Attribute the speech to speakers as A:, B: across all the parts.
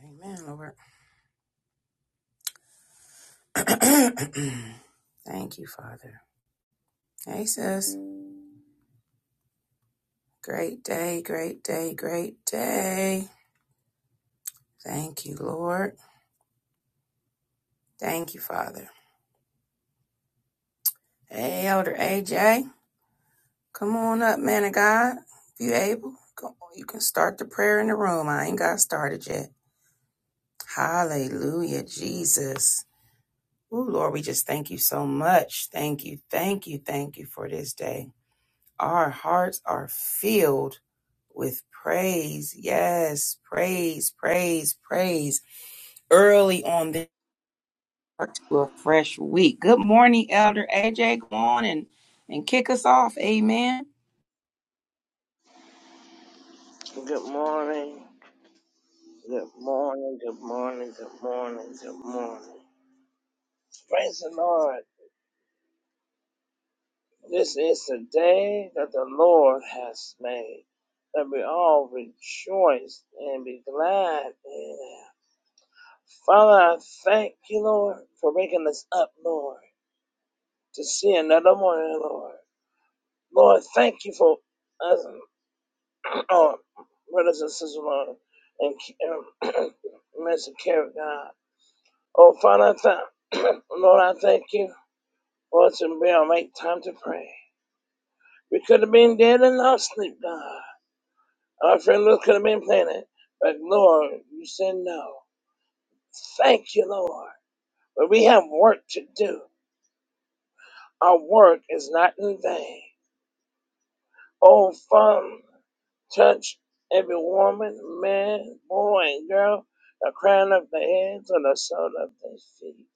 A: Amen, Lord. Thank you, Father. Hey, sis. Great day, great day, great day. Thank you, Lord. Thank you, Father. Hey, Elder AJ. Come on up, man of God. If you able, come on. You can start the prayer in the room. I ain't got started yet. Hallelujah, Jesus. Ooh, Lord, we just thank you so much. Thank you, thank you, thank you for this day. Our hearts are filled with praise. Yes, praise, praise, praise. Early on the to a fresh week. Good morning, Elder AJ. Go on and, and kick us off. Amen.
B: Good morning, good morning, good morning, good morning, good morning. Praise the Lord. This is the day that the Lord has made. That we all rejoice and be glad in it. Father, I thank you, Lord, for waking us up, Lord, to see another morning, Lord. Lord, thank you for us, oh, brothers and sisters, Lord, and, and Mr. Carrot God. Oh, Father, I thank Lord, I thank you for us to be on make time to pray. We could have been dead and lost sleep, God. Our friend Lord could have been planted, but Lord, you said no. Thank you, Lord. But we have work to do. Our work is not in vain. Oh, Father, touch every woman, man, boy, and girl, the crown of their heads and the sole of their feet.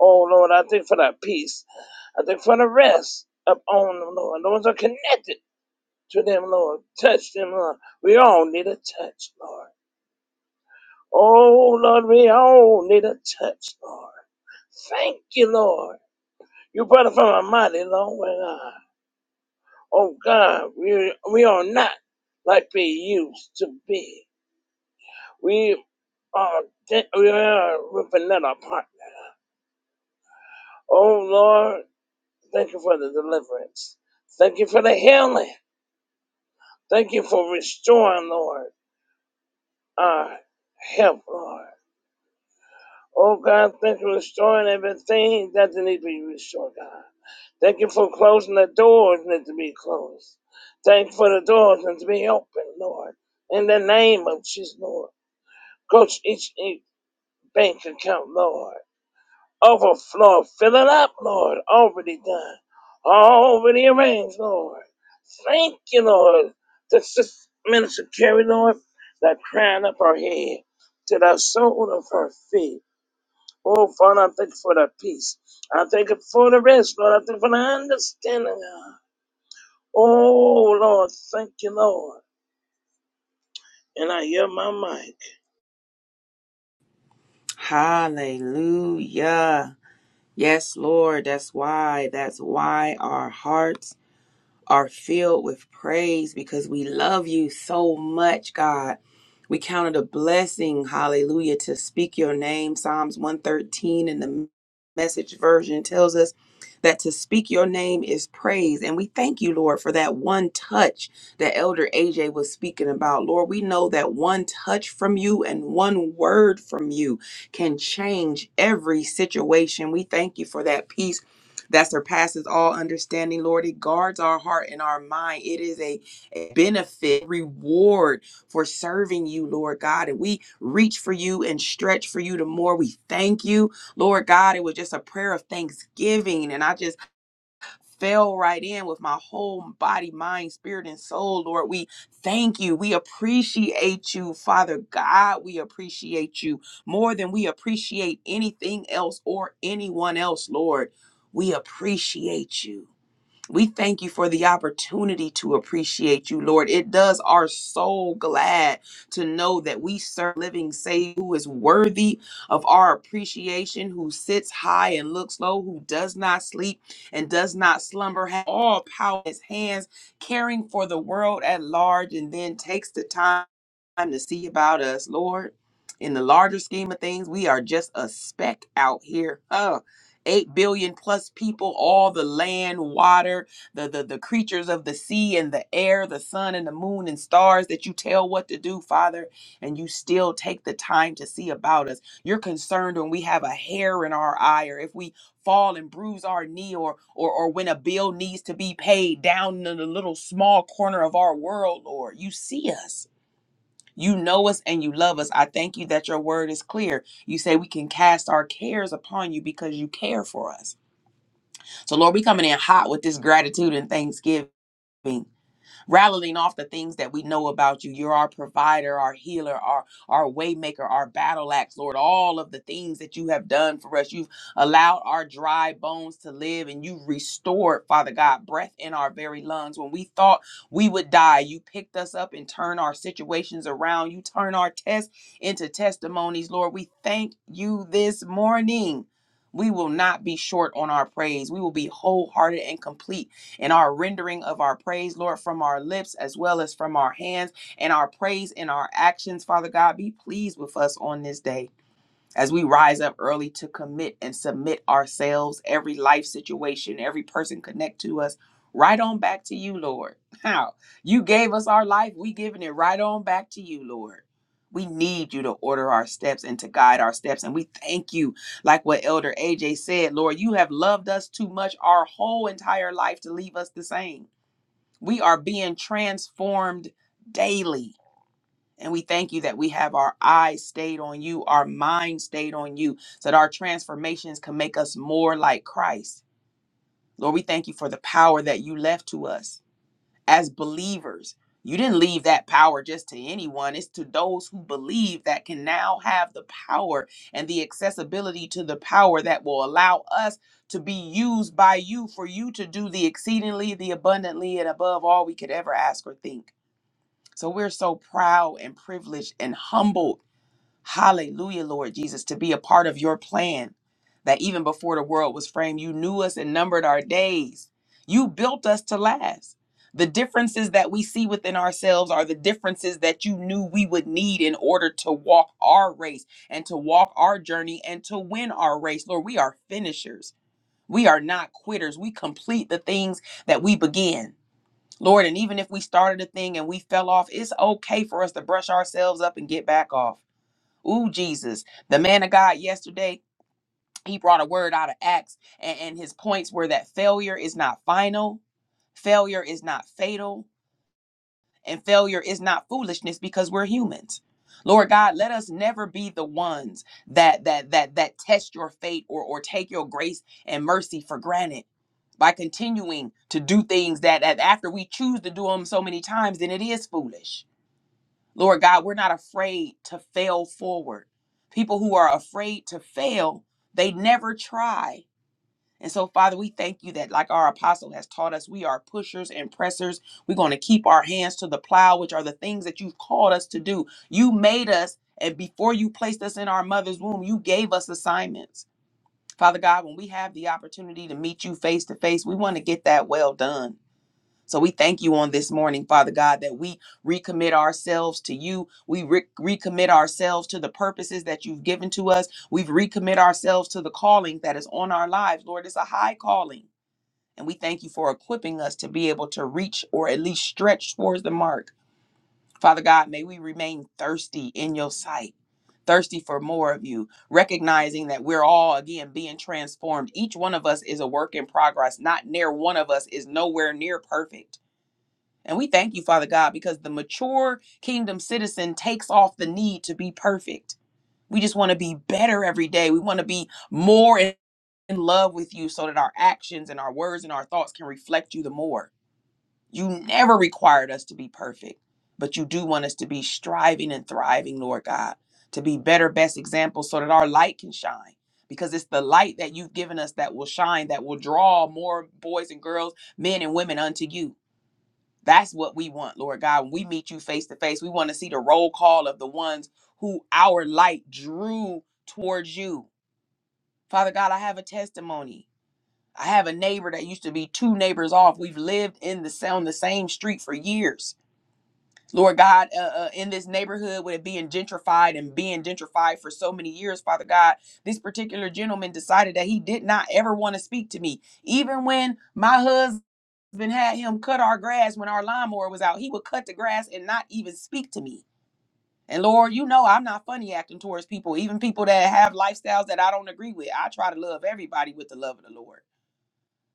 B: Oh Lord, I thank for that peace. I thank for the rest upon them, Lord. Those are connected. to them, Lord. Touch them, Lord. We all need a touch, Lord. Oh, Lord, we all need a touch, Lord. Thank you, Lord. You brought us from a mighty long way, God. Oh, God, we, we are not like we used to be. We are, de- we are ripping that apart. Oh, Lord, thank you for the deliverance. Thank you for the healing. Thank you for restoring, Lord, our health, Lord. Oh God, thank you for restoring everything that needs to be restored, God. Thank you for closing the doors that to be closed. Thank you for the doors that to be open, Lord. In the name of Jesus, Lord. Coach each, each bank account, Lord. Overflow, fill it up, Lord. Already done. Already arranged, Lord. Thank you, Lord. This is Minister Carrie, Lord, that crown up her head to the sole of her feet. Oh, Father, I thank you for that peace. I thank you for the rest, Lord. I thank you for the understanding. God. Oh, Lord, thank you, Lord. And I hear my mind.
A: Hallelujah. Yes, Lord. That's why. That's why our hearts are filled with praise because we love you so much, God. We count it a blessing, hallelujah, to speak your name. Psalms 113 in the message version tells us that to speak your name is praise. And we thank you, Lord, for that one touch that Elder AJ was speaking about. Lord, we know that one touch from you and one word from you can change every situation. We thank you for that peace that surpasses all understanding. Lord, it guards our heart and our mind. It is a, a benefit, reward for serving you, Lord God. And we reach for you and stretch for you the more we thank you, Lord God. It was just a prayer of thanksgiving. And I just fell right in with my whole body, mind, spirit, and soul. Lord, we thank you. We appreciate you, Father God. We appreciate you more than we appreciate anything else or anyone else, Lord. We appreciate you. We thank you for the opportunity to appreciate you, Lord. It does our soul glad to know that we serve a living Savior who is worthy of our appreciation, who sits high and looks low, who does not sleep and does not slumber, has all power in his hands, caring for the world at large, and then takes the time to see about us, Lord. In the larger scheme of things, we are just a speck out here. Huh. 8 billion plus people all the land water the, the the creatures of the sea and the air the sun and the moon and stars that you tell what to do father and you still take the time to see about us you're concerned when we have a hair in our eye or if we fall and bruise our knee or or or when a bill needs to be paid down in the little small corner of our world lord you see us you know us and you love us. I thank you that your word is clear. You say we can cast our cares upon you because you care for us. So, Lord, we coming in hot with this gratitude and thanksgiving rattling off the things that we know about you. You're our provider, our healer, our our waymaker, our battle axe, Lord. All of the things that you have done for us, you've allowed our dry bones to live, and you restored, Father God, breath in our very lungs. When we thought we would die, you picked us up and turned our situations around. You turn our tests into testimonies, Lord. We thank you this morning. We will not be short on our praise. We will be wholehearted and complete and our rendering of our praise, Lord, from our lips as well as from our hands, and our praise and our actions, Father God, be pleased with us on this day as we rise up early to commit and submit ourselves, every life situation, every person connect to us, right on back to you, Lord. How? You gave us our life, we giving it right on back to you, Lord. We need you to order our steps and to guide our steps. And we thank you, like what Elder AJ said, Lord, you have loved us too much our whole entire life to leave us the same. We are being transformed daily and we thank you that we have our eyes stayed on you, our mind stayed on you, so that our transformations can make us more like Christ. Lord, we thank you for the power that you left to us as believers. You didn't leave that power just to anyone. It's to those who believe that can now have the power and the accessibility to the power that will allow us to be used by you for you to do the exceedingly, the abundantly, and above all we could ever ask or think. So we're so proud and privileged and humbled Hallelujah, Lord Jesus, to be a part of your plan that even before the world was framed, you knew us and numbered our days. You built us to last. The differences that we see within ourselves are the differences that you knew we would need in order to walk our race and to walk our journey and to win our race. Lord, we are finishers. We are not quitters. We complete the things that we begin. Lord, and even if we started a thing and we fell off, it's okay for us to brush ourselves up and get back off. Ooh, Jesus, the man of God yesterday, he brought a word out of Acts, and, and his points were that failure is not final, failure is not fatal, and failure is not foolishness because we're humans. Lord God, let us never be the ones that that that that test your fate or or take your grace and mercy for granted by continuing to do things that that after we choose to do them so many times, then it is foolish. Lord God, we're not afraid to fail forward. People who are afraid to fail, they never try. And so, Father, we thank you that, like our apostle has taught us, we are pushers and pressers. We're going to keep our hands to the plow, which are the things that you've called us to do. You made us, and before you placed us in our mother's womb, you gave us assignments. Father God, when we have the opportunity to meet you face to face, we want to get that well done. So we thank you on this morning, Father God, that we recommit ourselves to you. We re- recommit ourselves to the purposes that you've given to us. We've recommit ourselves to the calling that is on our lives. Lord, it's a high calling. And we thank you for equipping us to be able to reach or at least stretch towards the mark. Father God, may we remain thirsty in your sight. Thirsty for more of you, recognizing that we're all again being transformed. Each one of us is a work in progress. Not near one of us is nowhere near perfect. And we thank you, Father God, because the mature kingdom citizen takes off the need to be perfect. We just want to be better every day. We want to be more in in love with you so that our actions and our words and our thoughts can reflect you the more. You never required us to be perfect, but you do want us to be striving and thriving, Lord God, to be better, best examples so that our light can shine. Because it's the light that you've given us that will shine, that will draw more boys and girls, men and women unto you. That's what we want, Lord God. When we meet you face to face, we want to see the roll call of the ones who our light drew towards you. Father God, I have a testimony. I have a neighbor that used to be two neighbors off. We've lived in the sa- on the same street for years. Lord God, uh, uh, in this neighborhood, with it being gentrified and being gentrified for so many years, Father God, this particular gentleman decided that he did not ever want to speak to me, even when my husband husband had him cut our grass when our lawnmower was out. He would cut the grass and not even speak to me. And Lord, you know I'm not funny acting towards people, even people that have lifestyles that I don't agree with. I try to love everybody with the love of the Lord.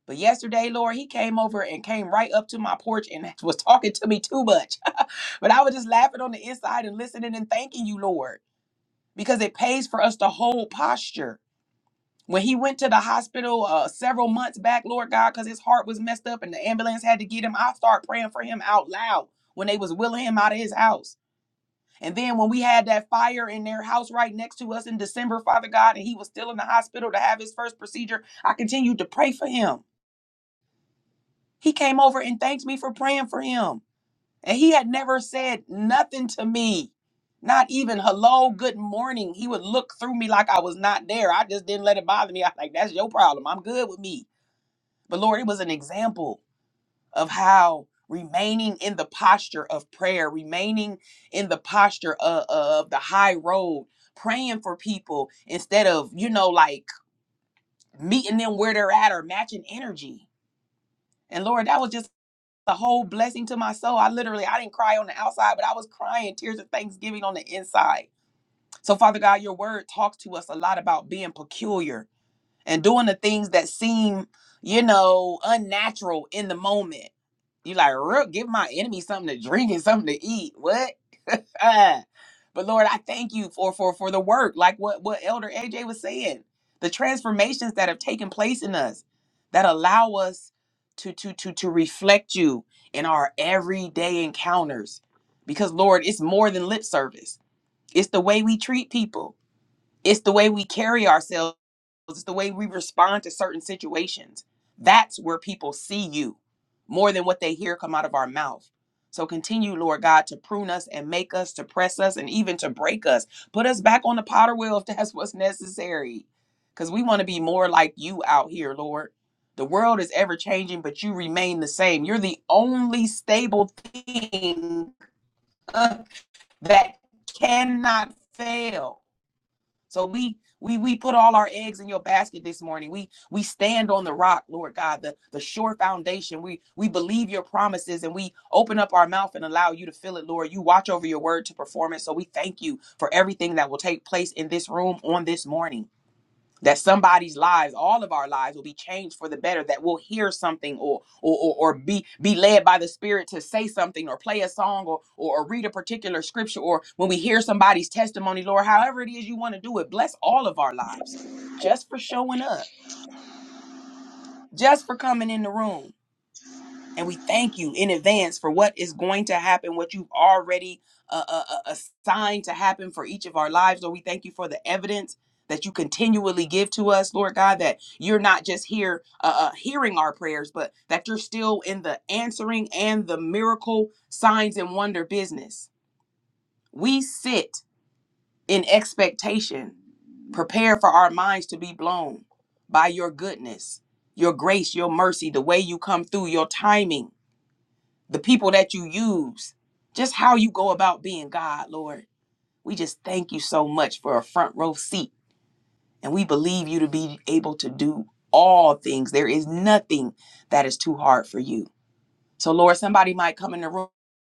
A: But yesterday, Lord, he came over and came right up to my porch and was talking to me too much. But I was just laughing on the inside and listening and thanking you, Lord, because it pays for us to hold posture when he went to the hospital uh, several months back, Lord God, because his heart was messed up and the ambulance had to get him, I start praying for him out loud when they was wheeling him out of his house. And then when we had that fire in their house right next to us in December, Father God, and he was still in the hospital to have his first procedure, I continued to pray for him. He came over and thanked me for praying for him. And he had never said nothing to me, not even hello, good morning. He would look through me like I was not there. I just didn't let it bother me. I like, that's your problem. I'm good with me. But Lord, it was an example of how remaining in the posture of prayer, remaining in the posture of, of the high road, praying for people instead of, you know, like meeting them where they're at or matching energy. And Lord, that was just a whole blessing to my soul. I literally, I didn't cry on the outside, but I was crying tears of thanksgiving on the inside. So, Father God, your word talks to us a lot about being peculiar and doing the things that seem you know, unnatural in the moment. You like, Rook, give my enemy something to drink and something to eat. What? but Lord, I thank you for for for the work, like what what Elder AJ was saying, the transformations that have taken place in us that allow us to to to to reflect you in our everyday encounters. Because Lord, it's more than lip service. It's the way we treat people. It's the way we carry ourselves it's the way we respond to certain situations. That's where people see you more than what they hear come out of our mouth. So continue, Lord God, to prune us and make us, to press us, and even to break us. Put us back on the potter wheel if that's what's necessary. Because we want to be more like you out here, Lord. The world is ever changing, but you remain the same. You're the only stable thing uh, that cannot fail. So we we we put all our eggs in your basket this morning. We we stand on the rock, Lord God, the the sure foundation. We we believe your promises and we open up our mouth and allow you to fill it, Lord. You watch over your word to perform it. So we thank you for everything that will take place in this room on this morning that somebody's lives all of our lives will be changed for the better that we'll hear something or or or, or be be led by the spirit to say something or play a song or, or or read a particular scripture or when we hear somebody's testimony lord however it is you want to do it bless all of our lives just for showing up just for coming in the room and we thank you in advance for what is going to happen, what you've already uh, uh, uh, assigned to happen for each of our lives. Lord, we thank you for the evidence that you continually give to us, Lord God, that you're not just here uh, uh, hearing our prayers, but that you're still in the answering and the miracle signs and wonder business. We sit in expectation, prepare for our minds to be blown by your goodness, your grace, your mercy, the way you come through, your timing the people that you use, just how you go about being God, Lord. We just thank you so much for a front row seat. And we believe you to be able to do all things. There is nothing that is too hard for you. So, Lord, somebody might come in the room.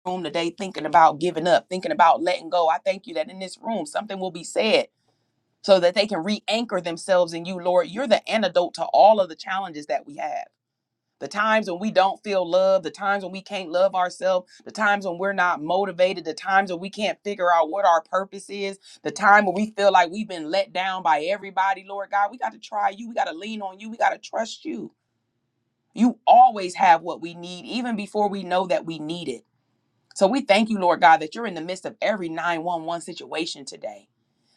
A: Room today, thinking about giving up, thinking about letting go. I thank you that in this room something will be said so that they can re anchor themselves in you, Lord. You're the antidote to all of the challenges that we have the times when we don't feel love, the times when we can't love ourselves, the times when we're not motivated, the times when we can't figure out what our purpose is, the time when we feel like we've been let down by everybody, Lord God, we got to try you. We got to lean on you. We got to trust you. You always have what we need, even before we know that we need it. So we thank you, Lord God, that you're in the midst of every 911 situation today.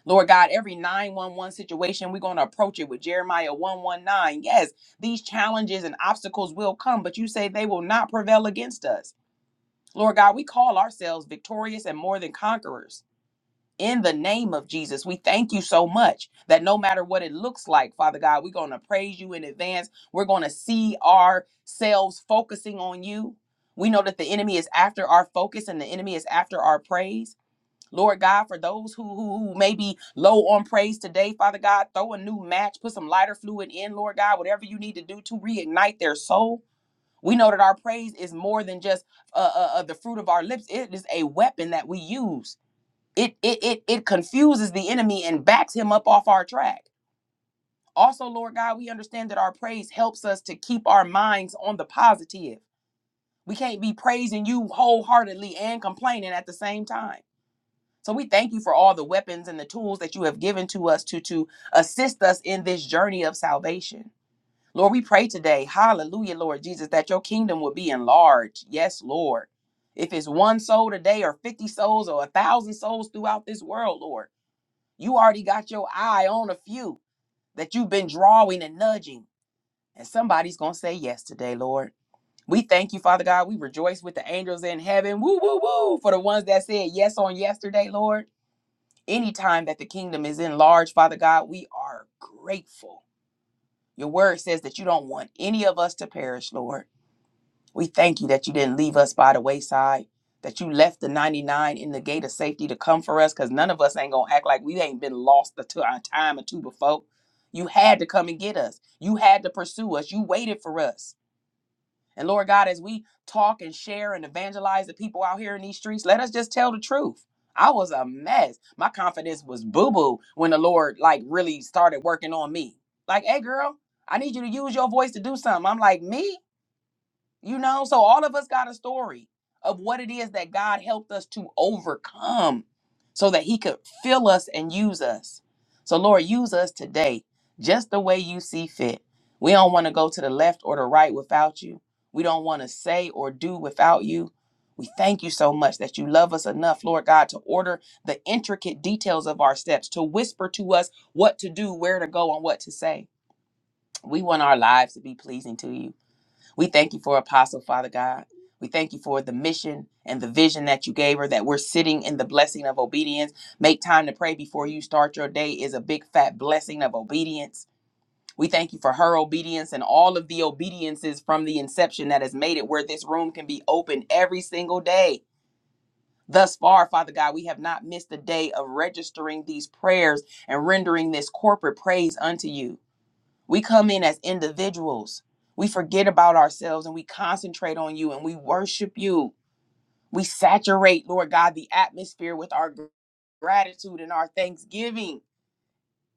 A: Lord God, every 911 situation, we're going to approach it with Jeremiah 119. Yes, these challenges and obstacles will come, but you say they will not prevail against us. Lord God, we call ourselves victorious and more than conquerors. In the name of Jesus, we thank you so much that no matter what it looks like, Father God, we're going to praise you in advance. We're going to see ourselves focusing on you. We know that the enemy is after our focus and the enemy is after our praise. Lord God, for those who, who, who may be low on praise today, Father God, throw a new match, put some lighter fluid in, Lord God, whatever you need to do to reignite their soul. We know that our praise is more than just uh, uh, uh, the fruit of our lips. It is a weapon that we use. It, it it it confuses the enemy and backs him up off our track. Also, Lord God, we understand that our praise helps us to keep our minds on the positive. We can't be praising you wholeheartedly and complaining at the same time. So we thank you for all the weapons and the tools that you have given to us to to assist us in this journey of salvation. Lord, we pray today, hallelujah, Lord Jesus, that your kingdom will be enlarged. Yes, Lord. If it's one soul today or 50 souls or a thousand souls throughout this world, Lord, you already got your eye on a few that you've been drawing and nudging. And somebody's gonna say yes today, Lord. We thank you, Father God. We rejoice with the angels in heaven. Woo, woo, woo, for the ones that said yes on yesterday, Lord anytime that the kingdom is enlarged, Father God, we are grateful. Your word says that you don't want any of us to perish, Lord. We thank you that you didn't leave us by the wayside, that you left the 99 in the gate of safety to come for us, because none of us ain't going to act like we ain't been lost a t- a time or two before. You had to come and get us. You had to pursue us. You waited for us. And Lord God, as we talk and share and evangelize the people out here in these streets, let us just tell the truth. I was a mess. My confidence was boo boo when the Lord like really started working on me. Like, hey, girl, I need you to use your voice to do something. I'm like, me? You know, so all of us got a story of what it is that God helped us to overcome so that He could fill us and use us. So, Lord, use us today just the way you see fit. We don't want to go to the left or the right without you. We don't want to say or do without you. We thank you so much that you love us enough, Lord God, to order the intricate details of our steps, to whisper to us what to do, where to go, and what to say. We want our lives to be pleasing to you. We thank you for Apostle, Father God. We thank you for the mission and the vision that you gave her, that we're sitting in the blessing of obedience. Make time to pray before you start your day is a big fat blessing of obedience. We thank you for her obedience and all of the obediences from the inception that has made it where this room can be open every single day. Thus far, Father God, we have not missed a day of registering these prayers and rendering this corporate praise unto you. We come in as individuals. We forget about ourselves and we concentrate on you and we worship you. We saturate, Lord God, the atmosphere with our gratitude and our thanksgiving.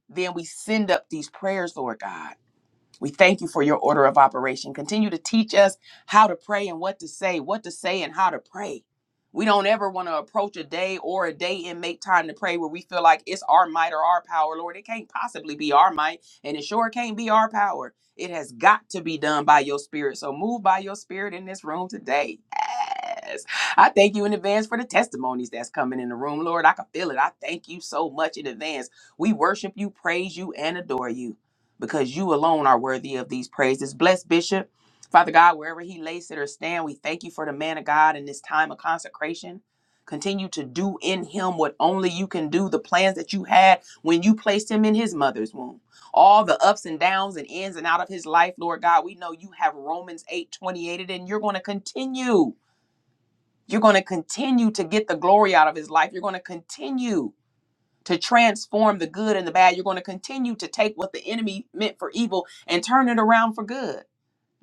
A: Then we send up these prayers, Lord God. We thank you for your order of operation. Continue to teach us how to pray and what to say, what to say and how to pray. We don't ever want to approach a day or a day and make time to pray where we feel like it's our might or our power, Lord. It can't possibly be our might, and it sure can't be our power. It has got to be done by your spirit. So move by your spirit in this room today. Yes. I thank you in advance for the testimonies that's coming in the room, Lord. I can feel it. I thank you so much in advance. We worship you, praise you, and adore you because you alone are worthy of these praises. Bless Bishop, Father God, wherever he lays it or stand, we thank you for the man of God in this time of consecration. Continue to do in him what only you can do, the plans that you had when you placed him in his mother's womb. All the ups and downs and ins and out of his life, Lord God, we know you have Romans 8 28, it, and you're going to continue. You're going to continue to get the glory out of his life. You're going to continue to transform the good and the bad. You're going to continue to take what the enemy meant for evil and turn it around for good.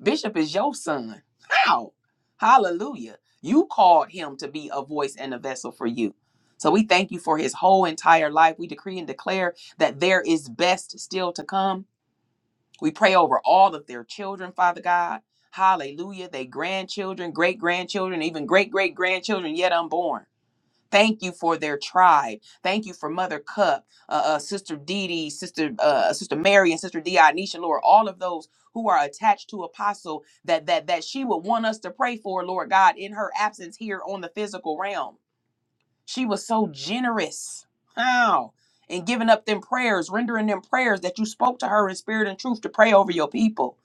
A: Bishop is your son. How? Hallelujah. You called him to be a voice and a vessel for you. So we thank you for his whole entire life. We decree and declare that there is best still to come. We pray over all of their children, Father God. Hallelujah. They grandchildren, great grandchildren, even great great grandchildren yet unborn. Thank you for their tribe. Thank you for Mother Cup, uh, uh, Sister Dee Dee, Sister uh, Sister Mary, and Sister Dionysia, Lord. All of those who are attached to Apostle that that that she would want us to pray for, Lord God, in her absence here on the physical realm. She was so generous. How? And giving up them prayers, rendering them prayers that you spoke to her in spirit and truth to pray over your people.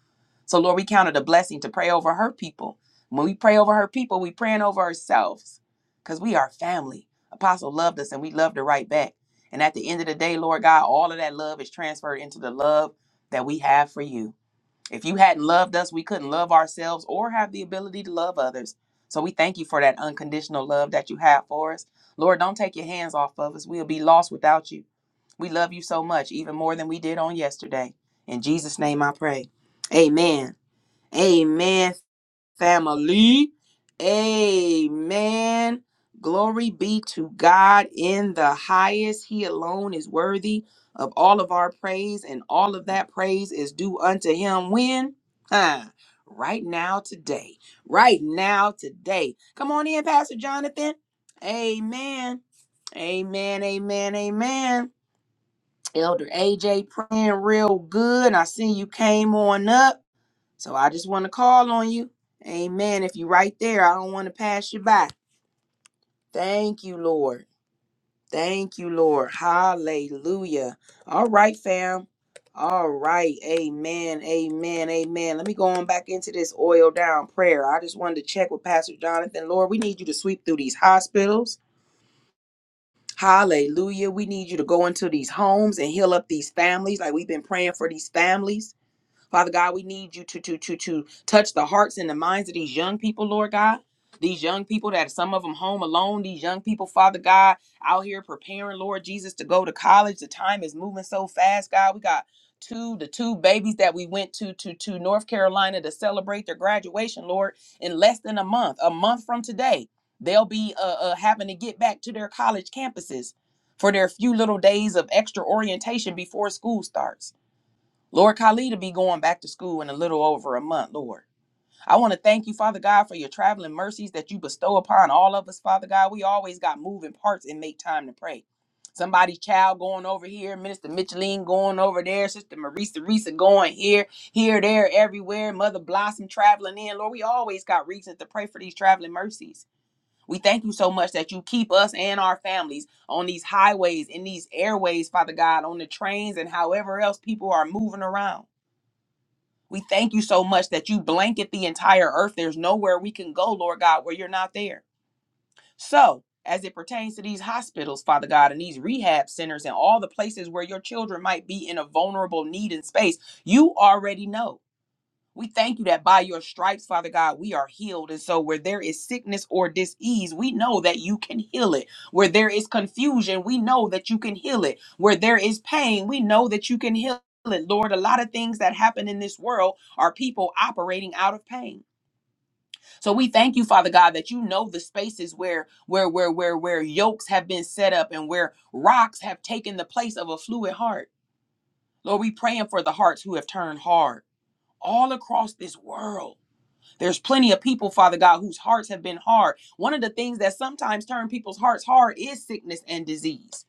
A: So, Lord, we count it a blessing to pray over her people. When we pray over her people, we praying over ourselves because we are family. Apostle loved us and we loved her right back. And at the end of the day, Lord God, all of that love is transferred into the love that we have for you. If you hadn't loved us, we couldn't love ourselves or have the ability to love others. So we thank you for that unconditional love that you have for us. Lord, don't take your hands off of us. We'll be lost without you. We love you so much, even more than we did on yesterday. In Jesus' name I pray. Amen. Amen family. Amen. Glory be to God in the highest. He alone is worthy of all of our praise, and all of that praise is due unto him when? Huh. Right now, today. Right now, today. Come on in, Pastor Jonathan. Amen. Amen. Amen. Amen. Elder AJ praying real good. I see you came on up. So I just want to call on you. Amen. If you're right there, I don't want to pass you by. Thank you, Lord. Thank you, Lord. Hallelujah. All right, fam. All right. Amen. Amen. Amen. Let me go on back into this oil down prayer. I just wanted to check with Pastor Jonathan. Lord, we need you to sweep through these hospitals. Hallelujah. We need you to go into these homes and heal up these families like we've been praying for these families. Father God, we need you to to to to touch the hearts and the minds of these young people, Lord God. These young people that some of them home alone, these young people, Father God, out here preparing, Lord Jesus, to go to college. The time is moving so fast, God. We got two, the two babies that we went to to to North Carolina to celebrate their graduation, Lord, in less than a month, a month from today. They'll be uh, uh, having to get back to their college campuses for their few little days of extra orientation before school starts. Lord, Khalid will be going back to school in a little over a month, Lord. I want to thank you, Father God, for your traveling mercies that you bestow upon all of us, Father God. We always got moving parts and make time to pray. Somebody's child going over here, Minister Micheline going over there, Sister Marisa Risa going here, here, there, everywhere, Mother Blossom traveling in. Lord, we always got reasons to pray for these traveling mercies. We thank you so much that you keep us and our families on these highways, in these airways, Father God, on the trains, and however else people are moving around. We thank you so much that you blanket the entire earth. There's nowhere we can go, Lord God, where you're not there. So, as it pertains to these hospitals, Father God, and these rehab centers and all the places where your children might be in a vulnerable need and space, you already know. We thank you that by your stripes, Father God, we are healed. And so, where there is sickness or disease, we know that you can heal it. Where there is confusion, we know that you can heal it. Where there is pain, we know that you can heal it. Lord, a lot of things that happen in this world are people operating out of pain. So we thank you, Father God, that you know the spaces where where where where where yokes have been set up and where rocks have taken the place of a fluid heart. Lord, we praying for the hearts who have turned hard all across this world there's plenty of people, Father God, whose hearts have been hard. One of the things that sometimes turn people's hearts hard is sickness and disease.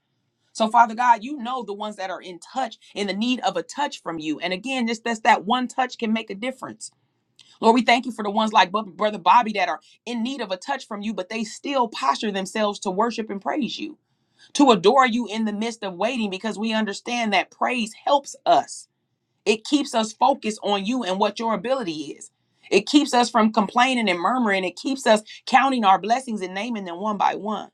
A: So, Father God, you know the ones that are in touch, in the need of a touch from you. And again, just that's that one touch can make a difference. Lord, we thank you for the ones like Bu- Brother Bobby that are in need of a touch from you, but they still posture themselves to worship and praise you, to adore you in the midst of waiting, because we understand that praise helps us. It keeps us focused on you and what your ability is. It keeps us from complaining and murmuring. It keeps us counting our blessings and naming them one by one.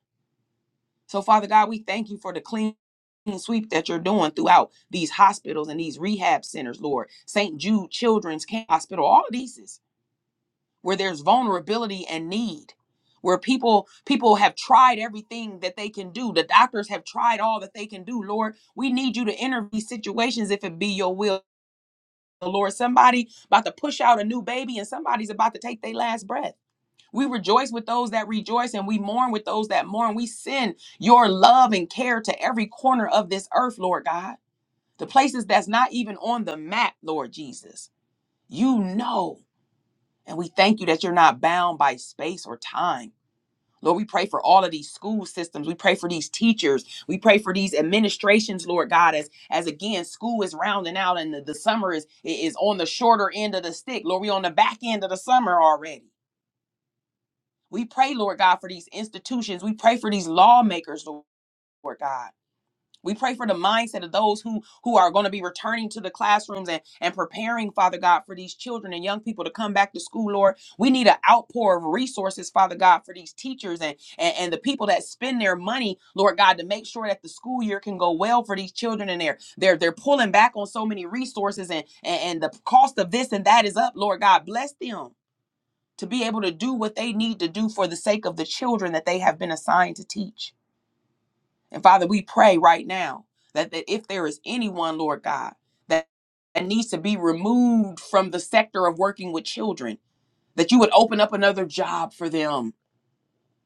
A: So, Father God, we thank you for the clean sweep that you're doing throughout these hospitals and these rehab centers, Lord. St. Jude Children's Camp Hospital, all of these is where there's vulnerability and need. Where people people have tried everything that they can do. The doctors have tried all that they can do. Lord, we need you to enter these situations if it be your will the Lord. Somebody about to push out a new baby and somebody's about to take their last breath. We rejoice with those that rejoice and we mourn with those that mourn. We send your love and care to every corner of this earth, Lord God, the places that's not even on the map, Lord Jesus. You know, and we thank you that you're not bound by space or time. Lord, we pray for all of these school systems. We pray for these teachers. We pray for these administrations, Lord God, as as again school is rounding out and the, the summer is is on the shorter end of the stick. Lord, we on the back end of the summer already. We pray, Lord God, for these institutions. We pray for these lawmakers, Lord God. We pray for the mindset of those who who are going to be returning to the classrooms and and preparing, Father God, for these children and young people to come back to school, Lord. We need an outpour of resources, Father God, for these teachers and, and and the people that spend their money, Lord God, to make sure that the school year can go well for these children and they're they're they're pulling back on so many resources and and, and the cost of this and that is up, Lord God. Bless them to be able to do what they need to do for the sake of the children that they have been assigned to teach. And Father, we pray right now that, that if there is anyone, Lord God, that, that needs to be removed from the sector of working with children, that you would open up another job for them,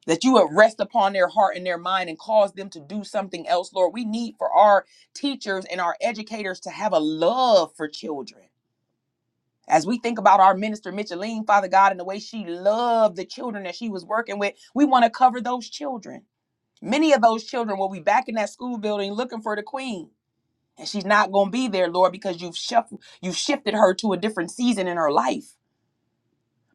A: that you would rest upon their heart and their mind and cause them to do something else, Lord. We need for our teachers and our educators to have a love for children. As we think about our minister, Micheline, Father God, and the way she loved the children that she was working with, we want to cover those children. Many of those children will be back in that school building looking for the queen and she's not going to be there lord because you've shuffled you've shifted her to a different season in her life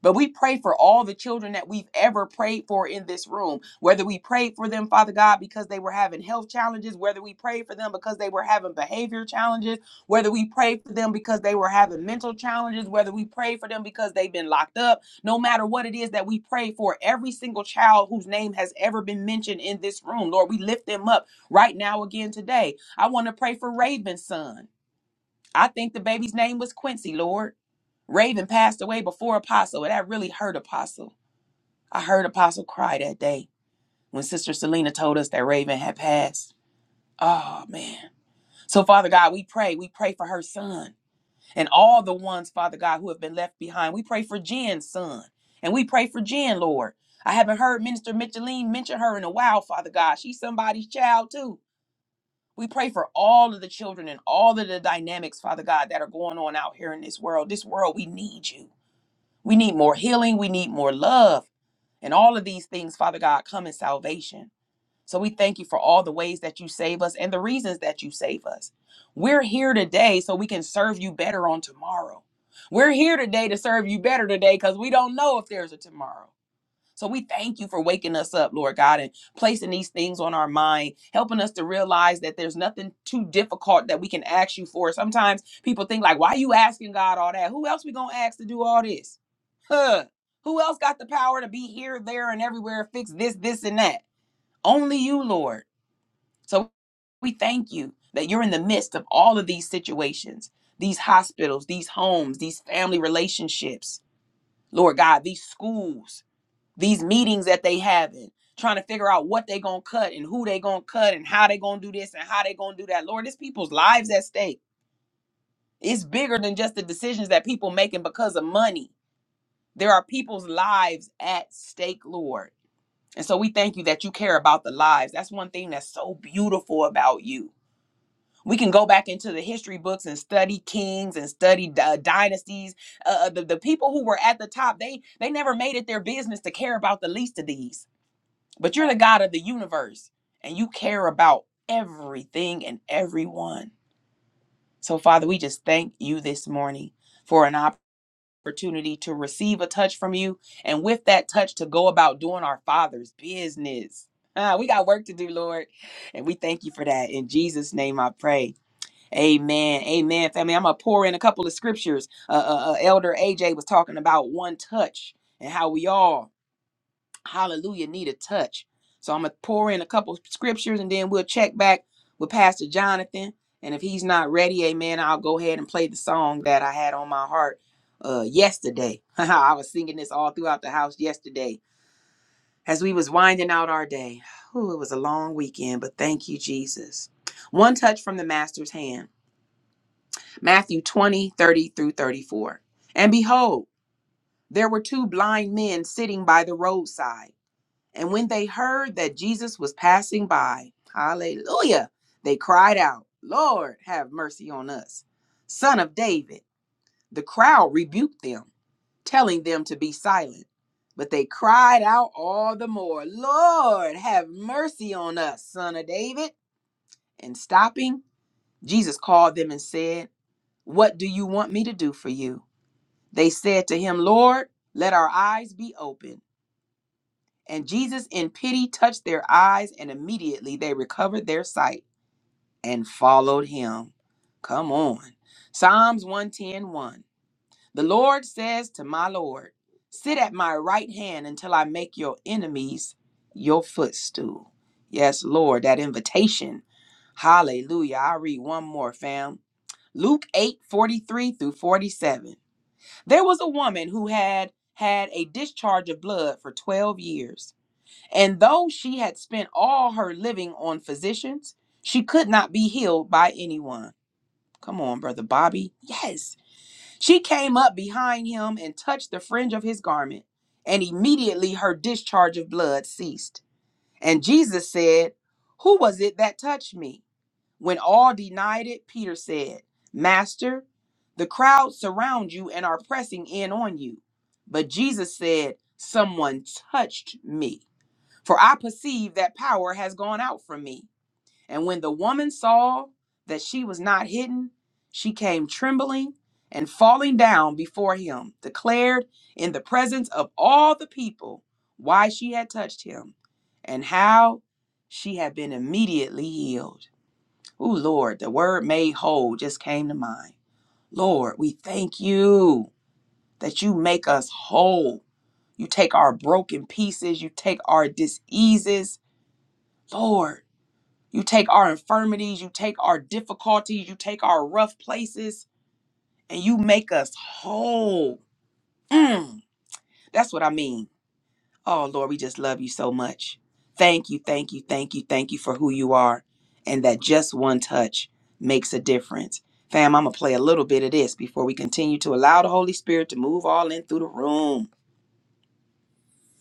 A: but we pray for all the children that we've ever prayed for in this room whether we prayed for them father god because they were having health challenges whether we prayed for them because they were having behavior challenges whether we prayed for them because they were having mental challenges whether we prayed for them because they've been locked up no matter what it is that we pray for every single child whose name has ever been mentioned in this room lord we lift them up right now again today i want to pray for raven's son I think the baby's name was Quincy, Lord. Raven passed away before Apostle, and that really hurt Apostle. I heard Apostle cry that day when Sister Selena told us that Raven had passed. Oh, man. So, Father God, we pray. We pray for her son and all the ones, Father God, who have been left behind. We pray for Jen's son, and we pray for Jen, Lord. I haven't heard Minister Micheline mention her in a while, Father God. She's somebody's child, too. We pray for all of the children and all of the dynamics, Father God, that are going on out here in this world. This world, we need you. We need more healing. We need more love. And all of these things, Father God, come in salvation. So we thank you for all the ways that you save us and the reasons that you save us. We're here today so we can serve you better on tomorrow. We're here today to serve you better today because we don't know if there's a tomorrow. So we thank you for waking us up, Lord God, and placing these things on our mind, helping us to realize that there's nothing too difficult that we can ask you for. Sometimes people think like, why are you asking God all that? Who else we going to ask to do all this? Huh? Who else got the power to be here, there, and everywhere, fix this, this, and that? Only you, Lord. So we thank you that you're in the midst of all of these situations, these hospitals, these homes, these family relationships, Lord God, these schools these meetings that they having trying to figure out what they gonna cut and who they gonna cut and how they gonna do this and how they gonna do that lord it's people's lives at stake it's bigger than just the decisions that people making because of money there are people's lives at stake lord and so we thank you that you care about the lives that's one thing that's so beautiful about you we can go back into the history books and study kings and study uh, dynasties uh, uh, the, the people who were at the top they they never made it their business to care about the least of these But you're the God of the universe and you care about everything and everyone. So, Father, we just thank you this morning for an opportunity to receive a touch from you and with that touch to go about doing our Father's business. Ah, we got work to do, Lord. And we thank you for that. In Jesus' name I pray. Amen. Amen, family. I'm going to pour in a couple of scriptures. Uh, uh, uh, Elder AJ was talking about one touch and how we all hallelujah, need a touch. So I'm going to pour in a couple of scriptures and then we'll check back with Pastor Jonathan. And if he's not ready, amen, I'll go ahead and play the song that I had on my heart uh, yesterday. I was singing this all throughout the house yesterday as we was winding out our day. Ooh, it was a long weekend, but thank you, Jesus. One touch from the master's hand. Matthew 20:30 through 34. And behold, there were two blind men sitting by the roadside. And when they heard that Jesus was passing by, hallelujah, they cried out, Lord, have mercy on us. Son of David. The crowd rebuked them, telling them to be silent. But they cried out all the more, Lord, have mercy on us, son of David. And stopping, Jesus called them and said, What do you want me to do for you? They said to him, Lord, let our eyes be opened." And Jesus, in pity, touched their eyes, and immediately they recovered their sight and followed him. Come on. Psalms one ten one. The Lord says to my Lord, Sit at my right hand until I make your enemies your footstool. Yes, Lord, that invitation. Hallelujah. I'll read one more, fam. Luke 8 43 through 47. There was a woman who had had a discharge of blood for 12 years. And though she had spent all her living on physicians, she could not be healed by anyone. Come on, Brother Bobby. Yes. She came up behind him and touched the fringe of his garment, and immediately her discharge of blood ceased. And Jesus said, Who was it that touched me? When all denied it, Peter said, Master, the crowd surround you and are pressing in on you. But Jesus said, Someone touched me for I perceive that power has gone out from me. And when the woman saw that she was not hidden, she came trembling and falling down before him, declared in the presence of all the people why she had touched him and how she had been immediately healed. Oh, Lord, the word made whole just came to mind. Lord, we thank you that you make us whole. You take our broken pieces, you take our diseases. Lord, you take our infirmities, you take our difficulties, you take our rough places, and you make us whole. Mm, that's what I mean. Oh, Lord, we just love you so much. Thank you, thank you, thank you, thank you for who you are and that just one touch makes a difference. Fam, I'm going to play a little bit of this before we continue to allow the Holy Spirit to move all in through the room.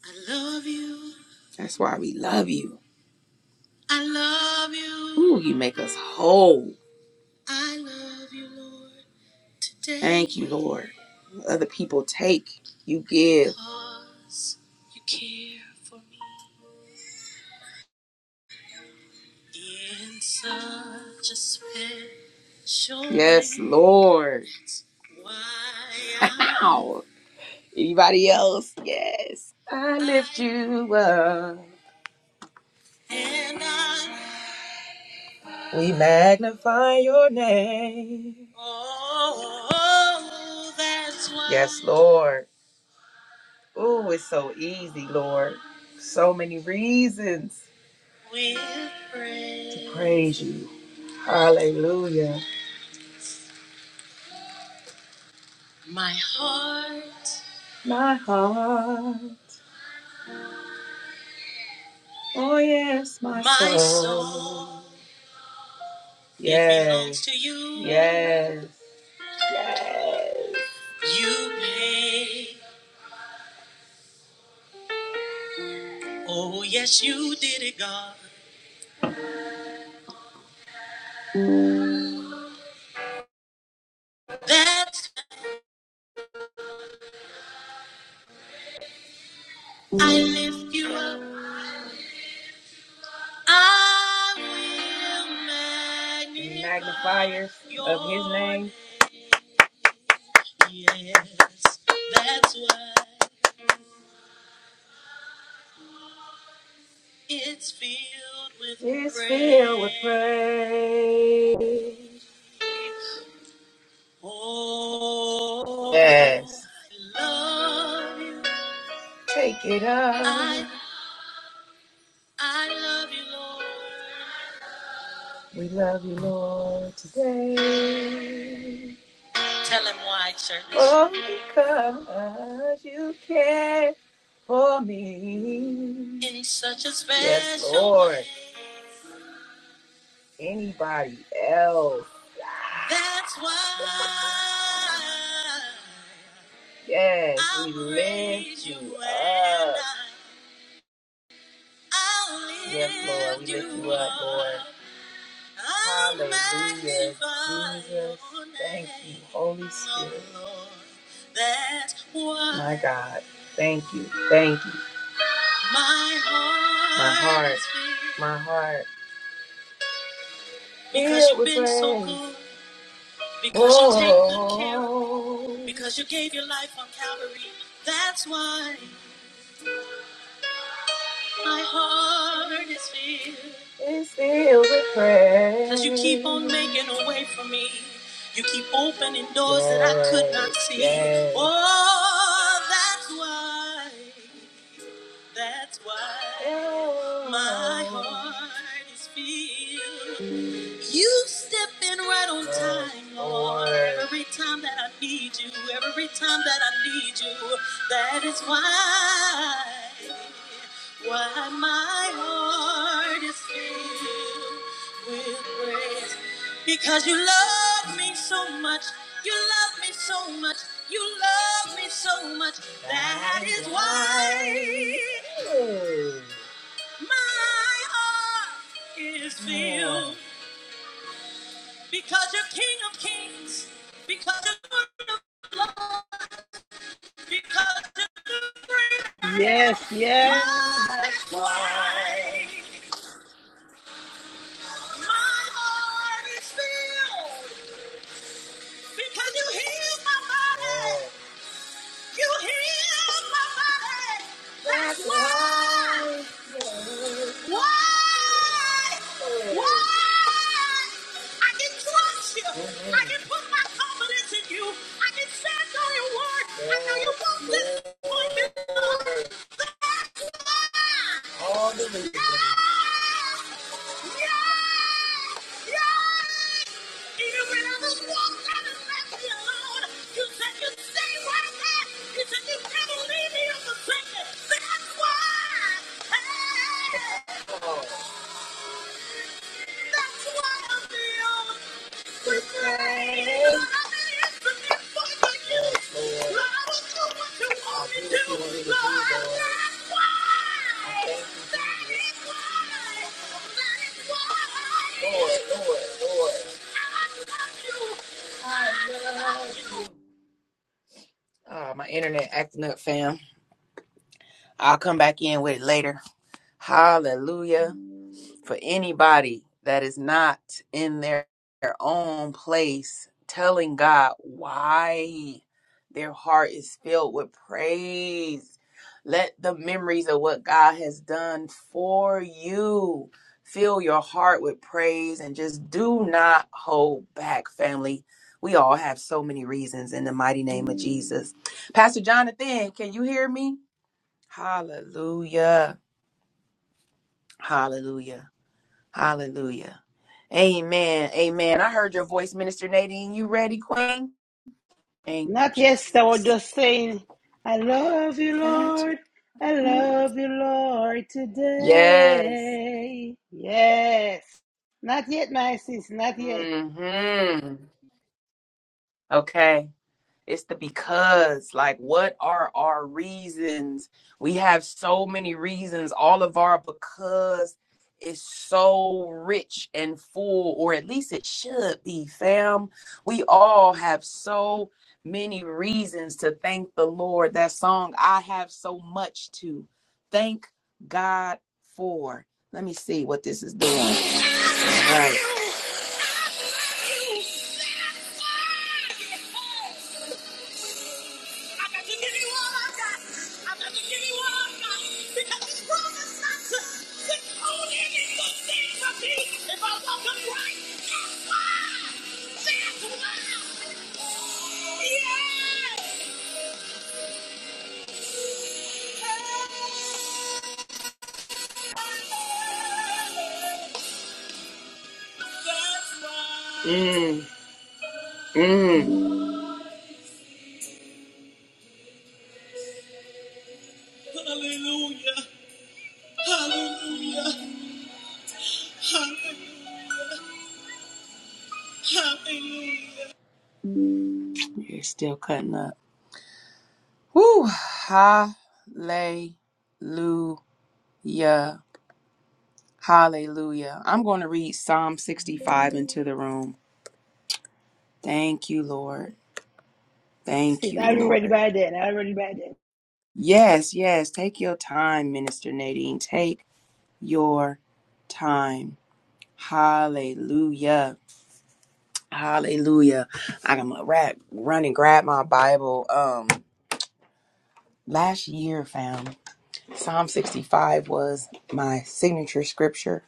A: I love you. That's why we love you. I love you. Ooh, you make us whole. I love you, Lord. Thank you, Lord. Other people take, you give. Because You care for me in such a special Yes, Lord. Why Anybody else? Yes. I lift you up. And I We magnify your name. Oh, that's why. Yes, Lord. Oh, it's so easy, Lord. So many reasons With praise. to praise you. Hallelujah. My heart. My heart. Oh, yes, my, my soul. soul. It belongs Yes. to you. Yes. Yes. You pay. Oh, yes, you did it, God. That's I lift you up. I will magnify magnifiers of his name. Yes, that's why it's filled with it's praise. filled with praise. Oh, yes. I love you. Take it up. I, I love you, Lord. We love you, Lord, today. Tell him why, Shirley. Oh, because you care for me. In such a special Yes, Lord. way. Anybody else? That's why Yes, we lift you up. Yes, Lord, we lift you up, Lord. Hallelujah. Jesus. Thank you, Holy Spirit. My God. Thank you. Thank you. My heart. My heart. Because filled you've with been so praise. good. Because you take good care. of me, Oh, Because you gave your life on Calvary. That's why. My heart is filled. is filled with praise. 'Cause you keep on making a way for me. You keep opening doors that I could not see. Yes. Oh, that's why, that's why my heart is filled. You step in right on time, Lord. Every time that I need you, every time that I need you, that is why, why my heart is filled with praise. Because you love me so much, you love me so much, you love me so much. That is why my heart is filled. Because you're King of Kings, because you're Lord of Lords, because you're the great I
C: Yes,
A: am.
C: yes.
A: Lord, that's why my heart is filled. Because you healed my body, you healed my body. That's why. Why? Why? I can trust you. I can put my confidence in you. I can stand on your word. I know you won't disappoint me. That's why. All the Yes! Yes! Yes! That's why I'm the only Oh, my internet acting up, fam. I'll come back in with it later. Hallelujah. for anybody that is not in their, their own place telling God why their heart is filled with praise. Let the memories of what God has done for you fill your heart with praise and just do not hold back, family. We all have so many reasons in the mighty name of Jesus. Pastor Jonathan, can you hear me? Hallelujah. Hallelujah. Hallelujah. Amen. Amen. I heard your voice, Minister Nadine. You ready, Queen? Thank you,
C: Not yes, I was
A: Jesus.
C: just saying, I love you,
A: That-
C: Lord. I love you, Lord,
A: Yes.
C: today. Yes. Not yet, my sis. Not yet.
A: Mm-hmm. Okay. It's the because. Like, what are our reasons? We have so many reasons. All of our because is so rich and full, or at least it should be, fam. We all have so many reasons to thank the Lord. That song, I have so much to thank God for. Let me see what this is doing. All right. Mm, mm. Hallelujah. Hallelujah. Hallelujah. You're still cutting up. Woo. Hallelujah. Hallelujah. I'm going to read Psalm 65 into the room. Thank you, Lord. Thank
C: Sis,
A: you,
C: I'll be ready
A: Lord.
C: by then. I'll be ready by then.
A: Yes, yes. Take your time, Minister Nadine. Take your time. Hallelujah. Hallelujah. I'm gonna run and grab my Bible. Um last year found Psalm 65 was my signature scripture.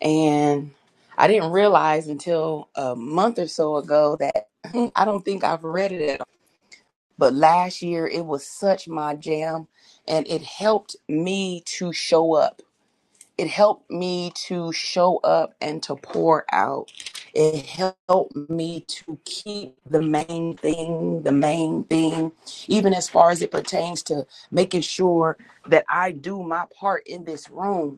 A: And I didn't realize until a month or so ago that I don't think I've read it at all. But last year it was such my jam and it helped me to show up it helped me to show up and to pour out. It helped me to keep the main thing, the main thing, even as far as it pertains to making sure that I do my part in this room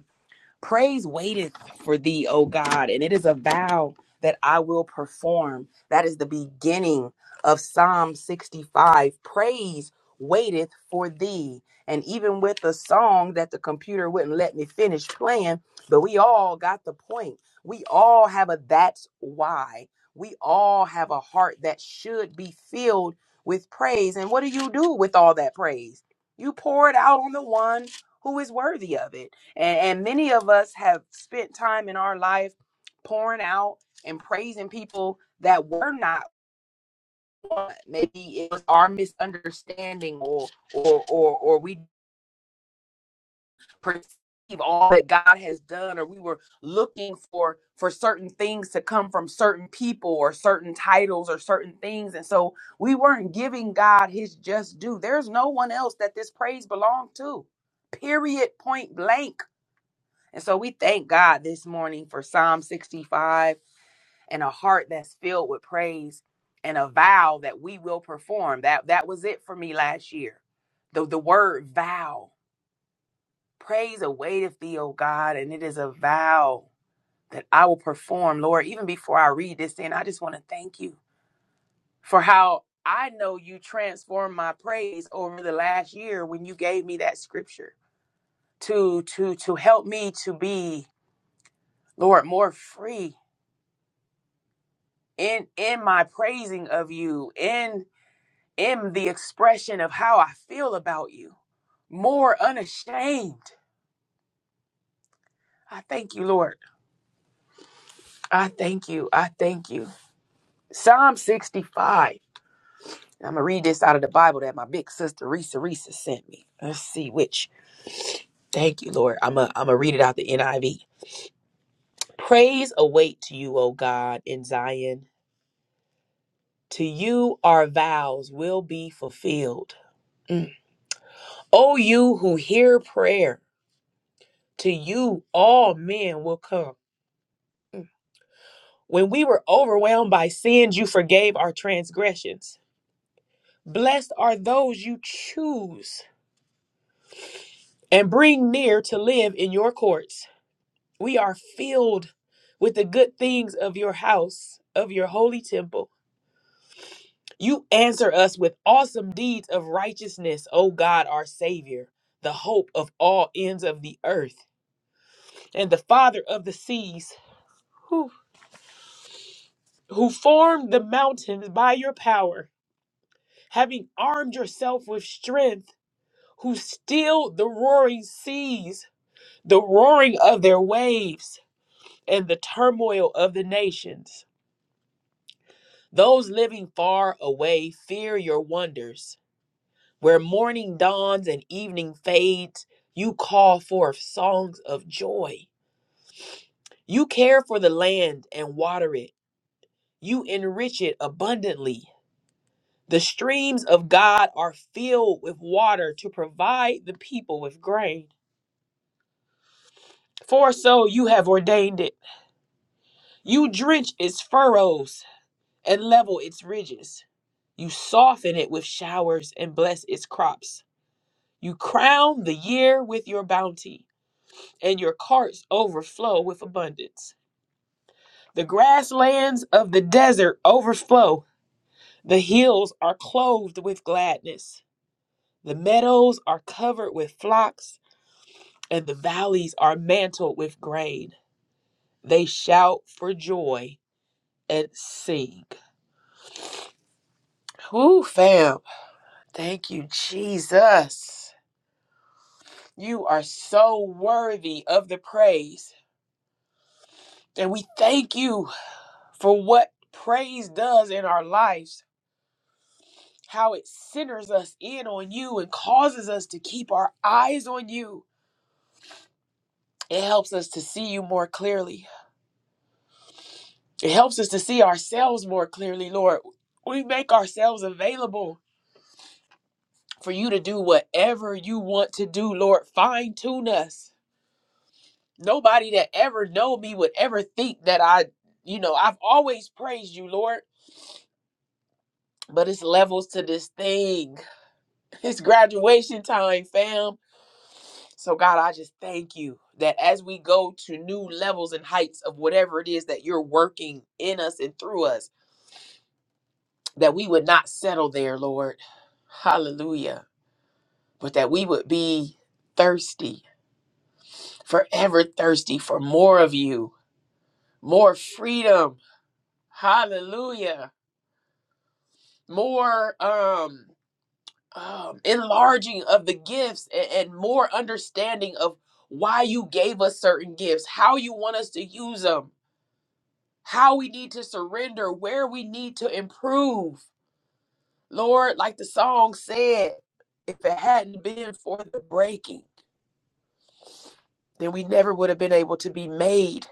A: Praise waiteth for thee, O God, and it is a vow that I will perform. That is the beginning of Psalm 65. Praise waiteth for thee. And even with the song that the computer wouldn't let me finish playing, but we all got the point. We all have a that's why. We all have a heart that should be filled with praise. And what do you do with all that praise? You pour it out on the one who is worthy of it. And, and many of us have spent time in our life pouring out and praising people that were not one. Maybe it was our misunderstanding or or or or we perceive all that God has done, or we were looking for for certain things to come from certain people or certain titles or certain things. And so we weren't giving God his just due. There's no one else that this praise belonged to. Period point blank. And so we thank God this morning for Psalm 65 and a heart that's filled with praise and a vow that we will perform. That that was it for me last year. The the word vow. Praise awaiteth thee, O God, and it is a vow that I will perform, Lord. Even before I read this in, I just want to thank you for how I know you transformed my praise over the last year when you gave me that scripture to to to help me to be, Lord, more free in in my praising of you in in the expression of how i feel about you more unashamed i thank you lord i thank you i thank you psalm 65 i'm gonna read this out of the bible that my big sister risa risa sent me let's see which thank you lord i'm gonna I'm gonna read it out the niv praise await to you o god in zion to you our vows will be fulfilled Mm. O you who hear prayer To you, all men will come. When we were overwhelmed by sins, you forgave our transgressions. Blessed are those you choose and bring near to live in your courts. We are filled with the good things of your house, of your holy temple. You answer us with awesome deeds of righteousness, O God, our Savior, the hope of all ends of the earth, and the Father of the seas, who, who formed the mountains by your power having armed yourself with strength, who still the roaring seas, the roaring of their waves, and the turmoil of the nations. Those living far away fear your wonders. Where morning dawns and evening fades, you call forth songs of joy. You care for the land and water it, you enrich it abundantly. The streams of God are filled with water to provide the people with grain. For so you have ordained it. You drench its furrows and level its ridges. You soften it with showers and bless its crops. You crown the year with your bounty, and your carts overflow with abundance. The grasslands of the desert overflow. The hills are clothed with gladness. The meadows are covered with flocks, and the valleys are mantled with grain. They shout for joy and sing. Woo, fam. Thank you, Jesus. You are so worthy of the praise. And we thank you for what praise does in our lives, how it centers us in on you and causes us to keep our eyes on you. It helps us to see you more clearly, it helps us to see ourselves more clearly. For you to do whatever you want to do, Lord, fine tune us. nobody that ever know me would ever think that I, you know, I've always praised you, Lord. But it's levels to this thing. It's graduation time, fam. So God, I just thank you that as we go to new levels and heights of whatever it is that you're working in us and through us, that we would not settle there, Lord. Hallelujah. But that we would be thirsty, forever thirsty for more of you, more freedom. Hallelujah more um, um enlarging of the gifts and, and more understanding of why you gave us certain gifts how you want us to use them how we need to surrender where we need to improve lord like the song said if it hadn't been for the breaking then we never would have been able to be made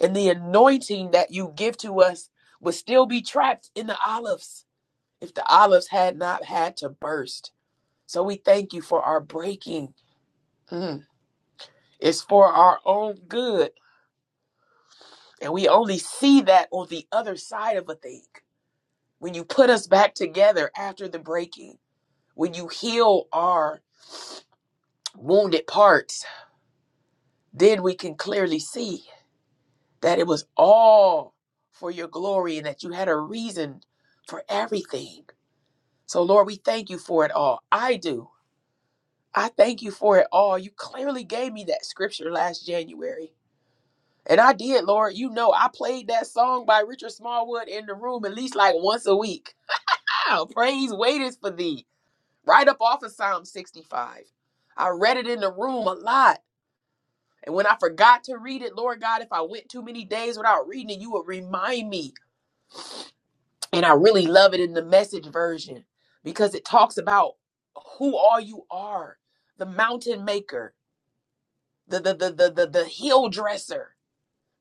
A: and the anointing that you give to us would still be trapped in the olives if the olives had not had to burst So we thank you for our breaking. Mm. It's for our own good. And we only see that on the other side of a thing. When you put us back together after the breaking, when you heal our wounded parts, then we can clearly see that it was all for your glory and that you had a reason for everything. So, Lord, we thank you for it all. I do. I thank you for it all. You clearly gave me that scripture last January And I did, Lord. You know, I played that song by Richard Smallwood in the room at least like once a week. Wow, praise waiters for thee. Right up off of Psalm 65. I read it in the room a lot. And when I forgot to read it, Lord God, if I went too many days without reading it, you would remind me. And I really love it in the message version because it talks about who all you are the mountain maker, the, the, the, the, the, the heel dresser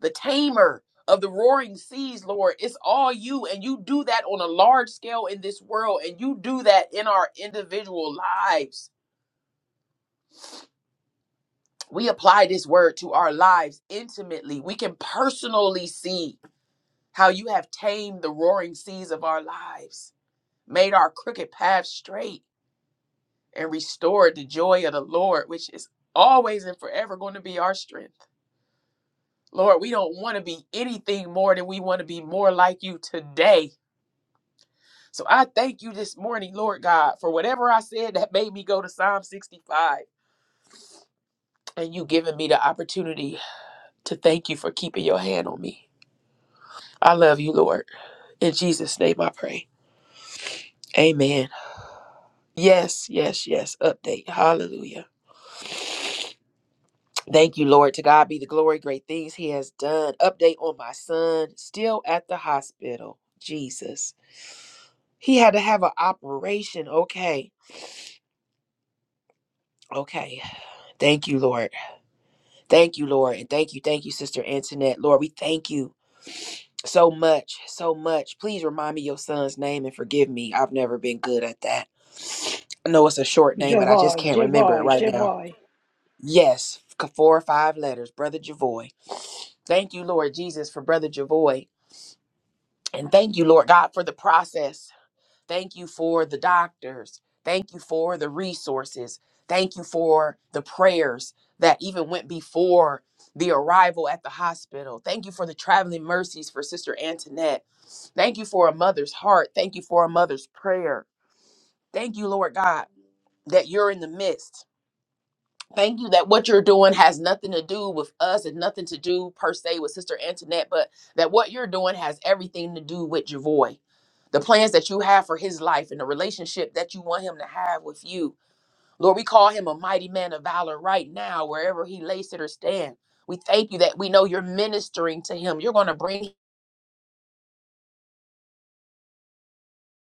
A: the tamer of the roaring seas, Lord. It's all you, and you do that on a large scale in this world, and you do that in our individual lives. We apply this word to our lives intimately. We can personally see how you have tamed the roaring seas of our lives, made our crooked path straight, and restored the joy of the Lord, which is always and forever going to be our strength. Lord, we don't want to be anything more than we want to be more like you today. So I thank you this morning, Lord God, for whatever I said that made me go to Psalm 65 and you giving me the opportunity to thank you for keeping your hand on me. I love you, Lord. In Jesus' name I pray. Amen. Yes, yes, yes. Update. Hallelujah. Thank you, Lord. To God be the glory. Great things He has done. Update on my son. Still at the hospital. Jesus. He had to have an operation. Okay. Okay. Thank you, Lord. Thank you, Lord. And thank you, thank you, Sister Antoinette. Lord, we thank you so much, so much. Please remind me your son's name and forgive me. I've never been good at that. I know it's a short name, but I just
C: Jehovah,
A: can't remember it
C: Jehovah,
A: right now.
C: Jehovah. Thank
A: Yes, c- four or five letters, Brother Javoy. Thank you, Lord Jesus, for Brother Javoy. And thank you, Lord God, for the process Thank you for the doctors. Thank you for the resources. Thank you for the prayers that even went before the arrival at the hospital. Thank you for the traveling mercies for Sister Antoinette. Thank you for a mother's heart. Thank you for a mother's prayer. Thank you, Lord God, that you're in the midst. Thank you that what you're doing has nothing to do with us and nothing to do per se with Sister Antoinette, but that what you're doing has everything to do with Javoy the plans that you have for his life and the relationship that you want him to have with you. Lord, we call him a mighty man of valor right now, wherever he lays it or stand. We thank you that we know you're ministering to him. You're going to bring,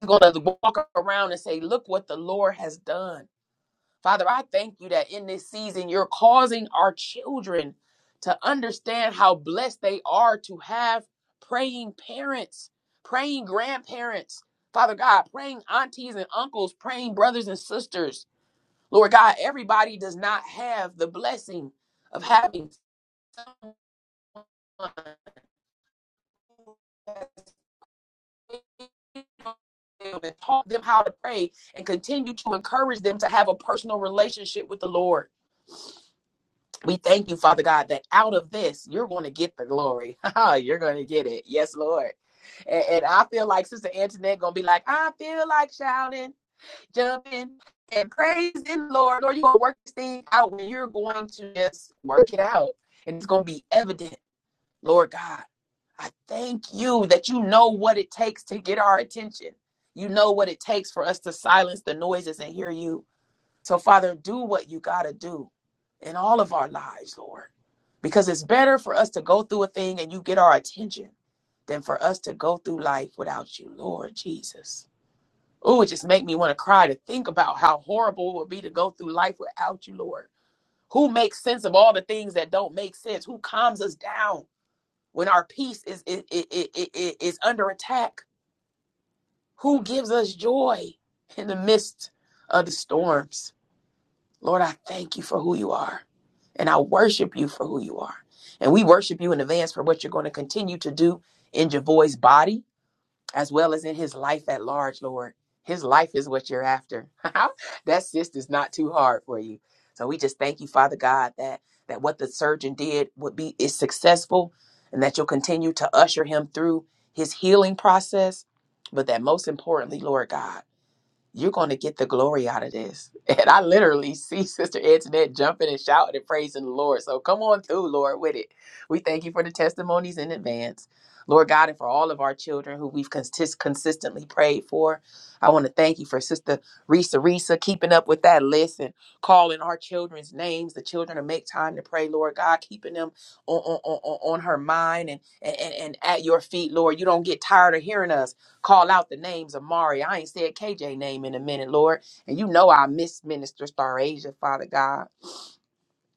A: you're going to walk around and say, Look what the Lord has done. Father, I thank you that in this season, you're causing our children to understand how blessed they are to have praying parents, praying grandparents, Father God, praying aunties and uncles, praying brothers and sisters. Lord God, everybody does not have the blessing of having someone and taught them how to pray and continue to encourage them to have a personal relationship with the Lord. We thank you, Father God, that out of this, you're going to get the glory. you're going to get it. Yes, Lord. And, and I feel like Sister Antoinette going to be like, I feel like shouting. jumping and praising Lord. Lord, you're gonna work this thing out when you're going to just work it out. And it's gonna be evident, Lord God. I thank you that you know what it takes to get our attention. You know what it takes for us to silence the noises and hear you. So, Father, do what you gotta do in all of our lives, Lord. Because it's better for us to go through a thing and you get our attention than for us to go through life without you, Lord Jesus. Oh, it just make me want to cry to think about how horrible it would be to go through life without you, Lord. Who makes sense of all the things that don't make sense? Who calms us down when our peace is is, is, is, is under attack? Who joy in the midst of the storms? Lord, I thank you for who you are, and I worship you for who you are. And we worship you in advance for what you're going to continue to do in Javoy's body as well as in his life at large, Lord. His life is what you're after. that cyst is not too hard for you. So we just thank you, Father God, that that what the surgeon did would be is successful and that you'll continue to usher him through his healing process. But that most importantly, Lord God you're going to get the glory out of this. And I literally see Sister Antoinette jumping and shouting and praising the Lord. So come on through, Lord, with it. We thank you for the testimonies in advance. Lord God, and for all of our children who we've consist- consistently prayed for, I want to thank you for Sister Risa Risa keeping up with that list and calling our children's names. The children to make time to pray, Lord God, keeping them on, on, on, on on her mind and, and, and, and at your feet, Lord. You don't get tired of hearing us call out the names of Mari. I ain't said KJ name in a minute, Lord. And you know I miss Minister Star Asia, Father God.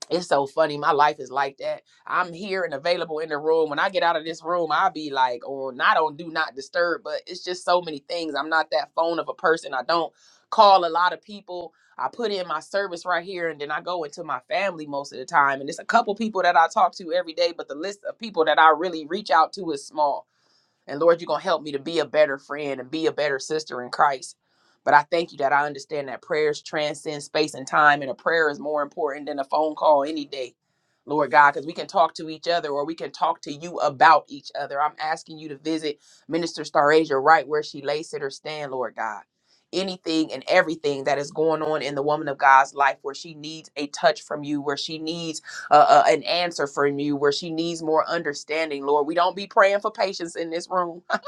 A: It's so funny. My life is like that. I'm here and available in the room. When I get out of this room, I'll be like, oh, not on do not disturb, but it's just so many things. I'm not that phone of a person. I don't call a lot of people. I put in my service right here and then I go into my family most of the time. And it's a couple people that I talk to every day, but the list of people that I really reach out to is small. And Lord, you're going to help me to be a better friend and be a better sister in Christ. But I thank you that I understand that prayers transcend space and time, and a prayer is more important than a phone call any day, Lord God, because we can talk to each other or we can talk to you about each other. I'm asking you to visit Minister Starasia right where she lays sit or stand, Lord God. Anything and everything that is going on in the woman of God's life where she needs a touch from you, where she needs uh, uh, an answer from you where she needs more understanding, Lord. We don't be praying for patience in this room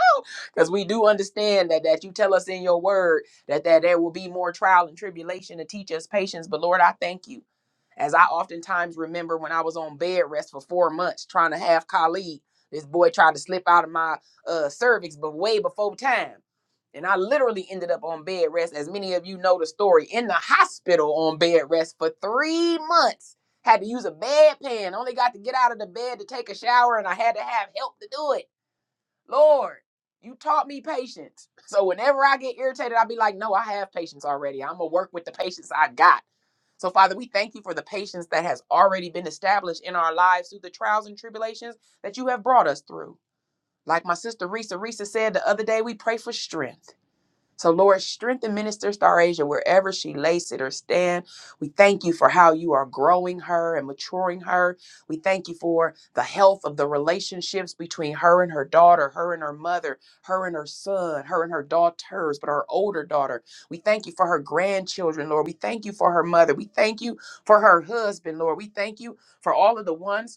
A: because we do understand that that you tell us in your word that that there will be more trial and tribulation to teach us patience. But Lord, I thank you. As I oftentimes remember when I was on bed rest for four months trying to have Khalid, this boy tried to slip out of my uh, cervix, but way before time. And I literally ended up on bed rest, as many of you know the story, in the hospital on bed rest for three months. Had to use a bedpan, only got to get out of the bed to take a shower, and I had to have help to do it. Lord, you taught me patience. So whenever I get irritated, I'll be like, no, I have patience already. I'm going to work with the patience I got. So, Father, we thank you for the patience that has already been established in our lives through the trials and tribulations that you have brought us through. Like my sister Risa, Risa said the other day, we pray for strength. So, Lord, strengthen Minister Star Asia wherever she lay, sit, or stand. We thank you for how you are growing her and maturing her. We thank you for the health of the relationships between her and her daughter, her and her mother, her and her son, her and her daughters, but her older daughter. We thank you for her grandchildren, Lord. We thank you for her mother. We thank you for her husband, Lord. We thank you for all of the ones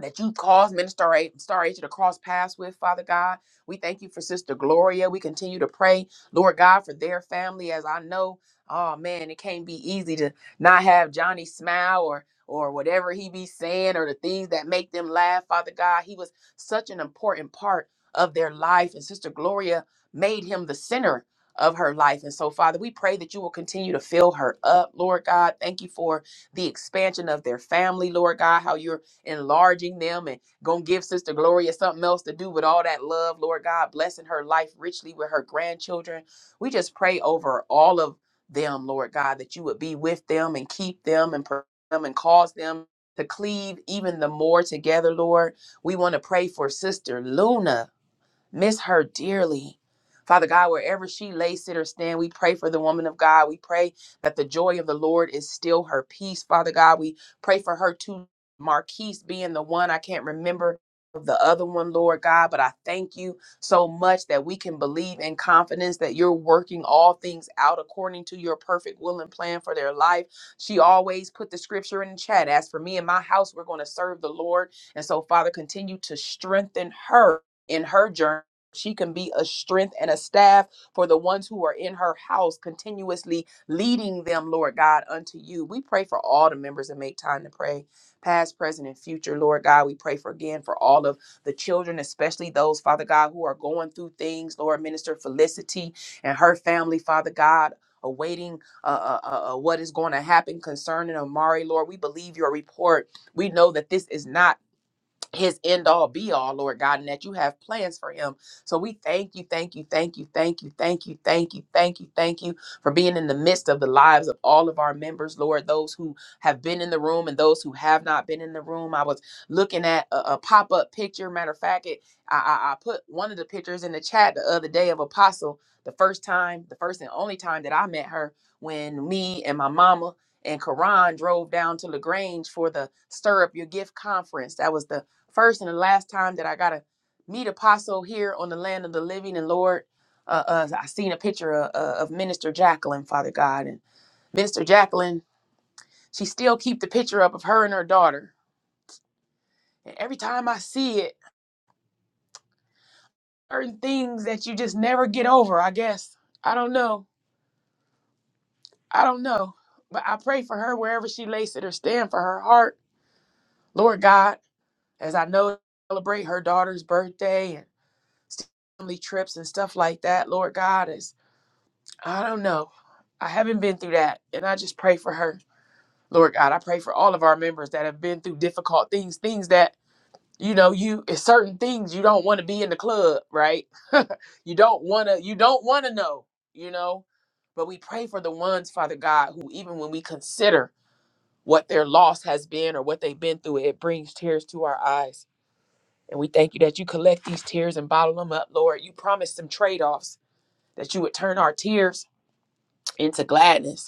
A: that you caused Minister A- Star Asia to cross paths with, Father God. We thank you for Sister Gloria. We continue to pray, Lord God, for their family. As I know, oh man, it can't be easy to not have Johnny smile or or whatever he be saying or the things that make them laugh, Father God. He was such an important part of their life, and Sister Gloria made him the center of her life. And so, Father, we pray that you will continue to fill her up, Lord God. Thank you for the expansion of their family, Lord God, how you're enlarging them and gonna give Sister Gloria something else to do with all that love, Lord God, blessing her life richly with her grandchildren. We just pray over all of them, Lord God, that you would be with them and keep them and protect them and cause them to cleave even the more together, Lord. We want to pray for Sister Luna. Miss her dearly. Father God, wherever she lay, sit, or stand, we pray for the woman of God. We pray that the joy of the Lord is still her peace. Father God, we pray for her too. Marquise being the one I can't remember of the other one, Lord God, but I thank you so much that we can believe in confidence that you're working all things out according to your perfect will and plan for their life. She always put the scripture in the chat. As for me and my house, we're going to serve the Lord. And so, Father, continue to strengthen her in her journey she can be a strength and a staff for the ones who are in her house, continuously leading them, Lord God, unto you. We pray for all the members and make time to pray, past, present, and future, Lord God. We pray for again for all of the children, especially those, Father God, who are going through things, Lord Minister Felicity and her family, Father God. Awaiting uh, uh, uh, uh, what is going to happen concerning Amari, Lord. We believe your report. We know that this is not his end all be all, Lord God, and that you have plans for him. So we thank you, thank you, thank you, thank you, thank you, thank you, thank you, thank you for being in the midst of the lives of all of our members, Lord, those who have been in the room and those who have not been in the room. I was looking at a, a pop up picture. Matter of fact, it, I, I, I put one of the pictures in the chat the other day of Apostle, the first time, the first and only time that I met her when me and my mama and Karan drove down to LaGrange for the Stir Up Your Gift conference. That was the first and the last time that I got to meet Apostle here on the land of the living. And Lord, uh, uh, I seen a picture of, uh, of Minister Jacqueline, Father God, and Minister Jacqueline. She still keep the picture up of her and her daughter. And every time I see it, certain things that you just never get over. I guess I don't know. I don't know. But I pray for her wherever she lays it or stand for her heart, Lord God, as I know celebrate her daughter's birthday and family trips and stuff like that, Lord God, As I don't know. I haven't been through that. And I just pray for her. Lord God, I pray for all of our members that have been through difficult things, things that, you know, you it's certain things you don't want to be in the club, right? You don't wanna you don't wanna know, you know. But we pray for the ones, Father God, who even when we consider what their loss has been or what they've been through, it brings tears to our eyes. And we thank you that you collect these tears and bottle them up, Lord. You promised some trade-offs that you would turn our tears into gladness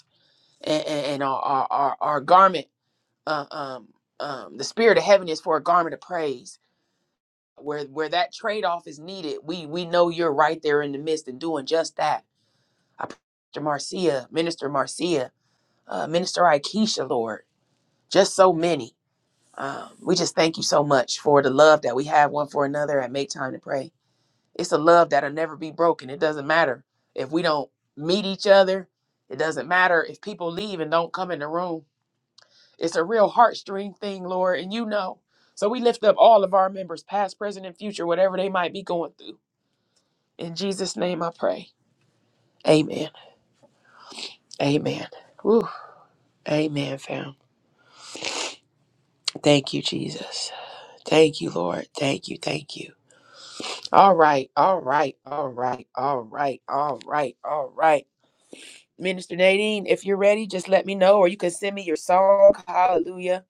A: and, and our, our, our, our garment, uh, um, um, the spirit of heaven is for a garment of praise. Where where that trade off is needed, we we know you're right there in the midst and doing just that. I pray Minister Marcia, Minister Marcia, uh, Minister Ikesha, Lord, just so many. Um, we just thank you so much for the love that we have one for another and make time to pray. It's a love that'll never be broken. It doesn't matter if we don't meet each other. It doesn't matter if people leave and don't come in the room It's a real heartstring thing, Lord, and you know. So we lift up all of our members, past, present, and future, whatever they might be going through. In Jesus' name I pray. Amen. Amen. Woo. Amen, fam. Thank you, Jesus. Thank you, Lord. Thank you. Thank you. All right. All right. All right. All right. All right. All right. Minister Nadine, if you're ready, just let me know, or you can send me your song. Hallelujah.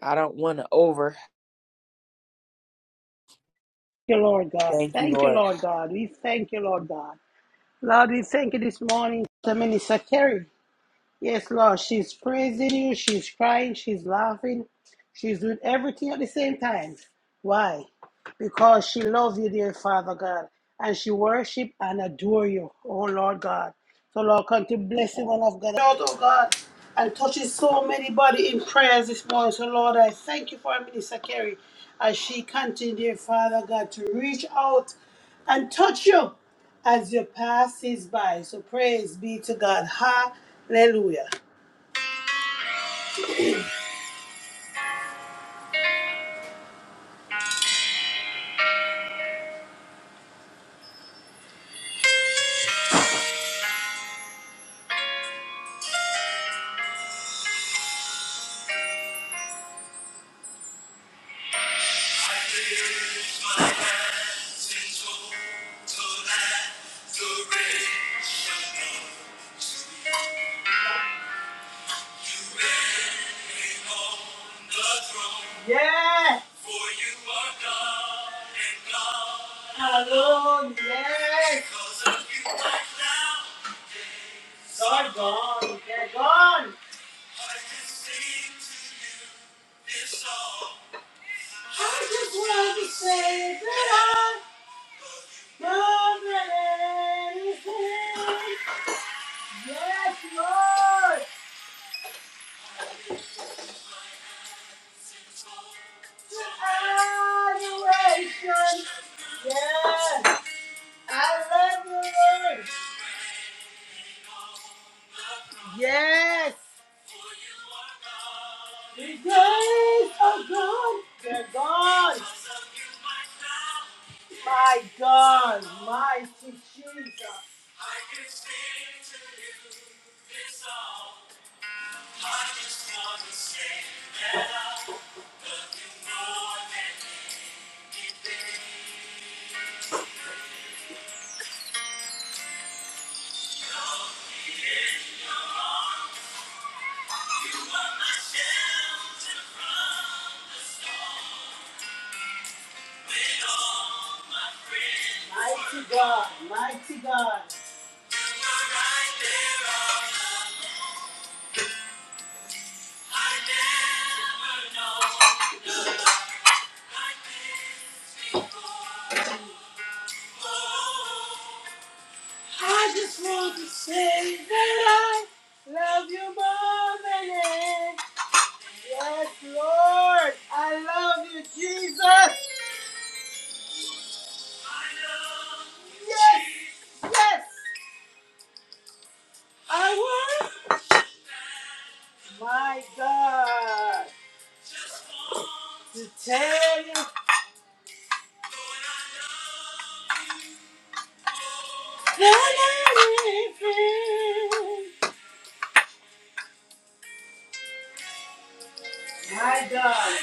A: I don't want to over.
C: you, Lord God.
A: Thank you,
C: Thank you,
A: Lord.
C: Lord God. We thank you, Lord God. Lord, we thank you this morning for Minister Kerry. Yes, Lord, she's praising you, she's crying, she's laughing, she's doing everything at the same time. Why? Because she loves you, dear Father God, and she worship and adore you, oh Lord God. So Lord, come to bless the one of God. Lord, oh God, and touches so many body in prayers this morning. So Lord, I thank you for Minister Kerry as she continue, dear Father God, to reach out and touch you as you passes by. So praise be to God. Hallelujah. I lift my hands in total adoration. You reign on the throne. Yeah. For you are God and God alone. Yes. Because of you right now. are gone. They're gone. I can sing to you this song. I just want to say that I love anything. Yes, Lord. To adoration. Yes. I love you, Lord. Yes. The days are gone. They're gone. My God, mighty Jesus. I can sing to you this song. I just want to say that I'm looking more than anything. Show me in your arms. Mighty God, mighty God. I just want to say that I love you more than anything. Yes, Lord, I love you, Jesus. Yes! Yes! I won. My God! To tell you, that I live in- My God!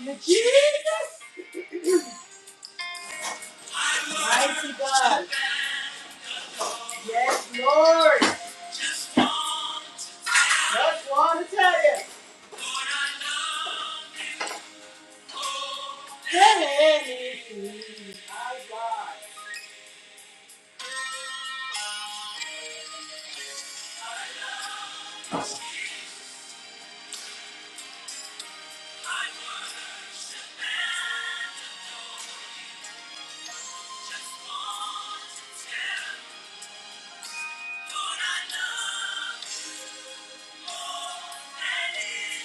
C: You Jesus! Mighty God! Yes, Lord! Just want to tell you. Lord, I love you. Oh, anything. I got. I love I worship and adore you. Just want to tell you. Lord, I love you. more than anything.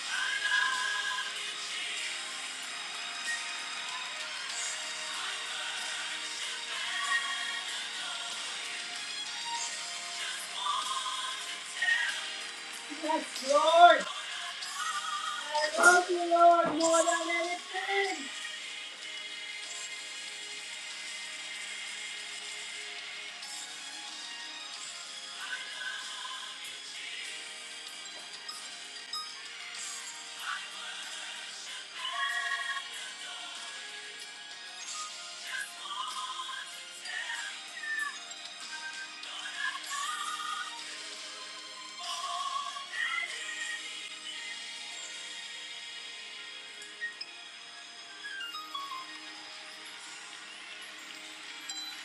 C: I love you Just want to Tell me. My you. Yes, Lord. I love you, Lord, more than anything.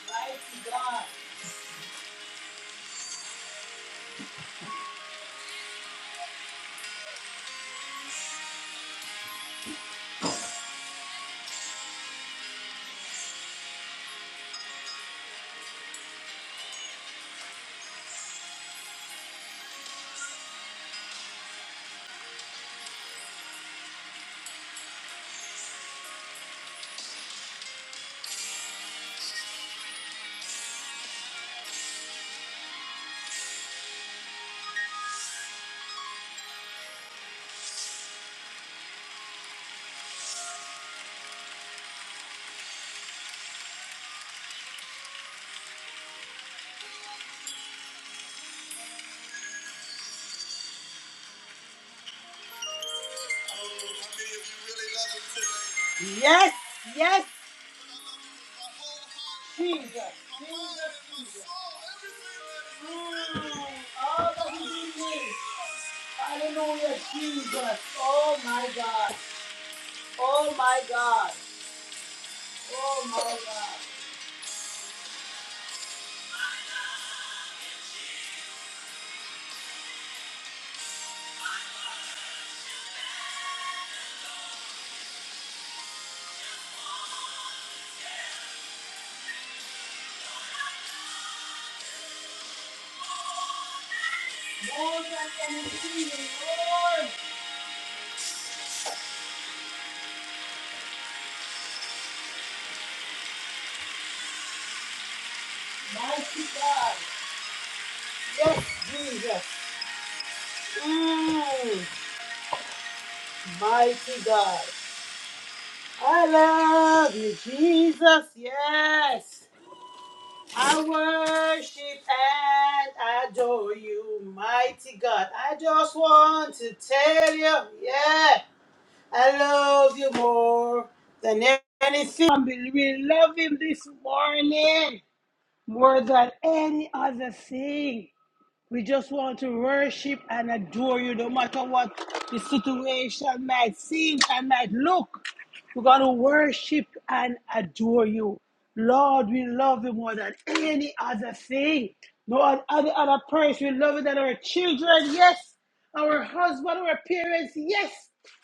C: Mighty God. Yes, yes, Jesus, Jesus, Jesus. Mm, all that you. did was- Hallelujah, Jesus. Oh my God. Oh my God. Oh my God. More than anything, Lord. Mighty God. Yes, Jesus. Mm, mighty God. I love you, Jesus. Yes. I worship and adore you, mighty God. I just want to tell you, yeah, I love you more than anything. We love him this morning more than any other thing. We just want to worship and adore you no matter what the situation might seem and might look. We're going to worship and adore you. Lord, we love you more than any other thing. No other, other person. We love you than our children, yes. Our husband, our parents, yes.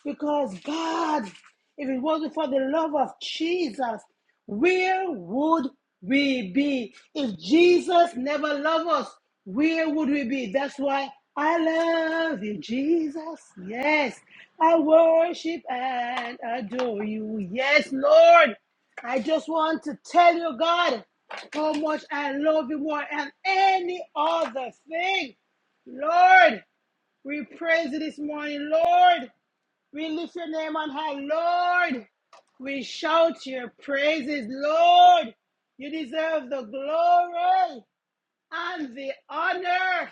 C: Because God, if it wasn't for the love of Jesus, where would we be if Jesus never loved us? Where would we be? That's why I love you, Jesus. Yes, I worship and adore you. Yes, Lord. I just want to tell you, God, how much I love you more than any other thing. Lord, we praise you this morning, Lord. We lift your name on high, Lord. We shout your praises, Lord. You deserve the glory and the honor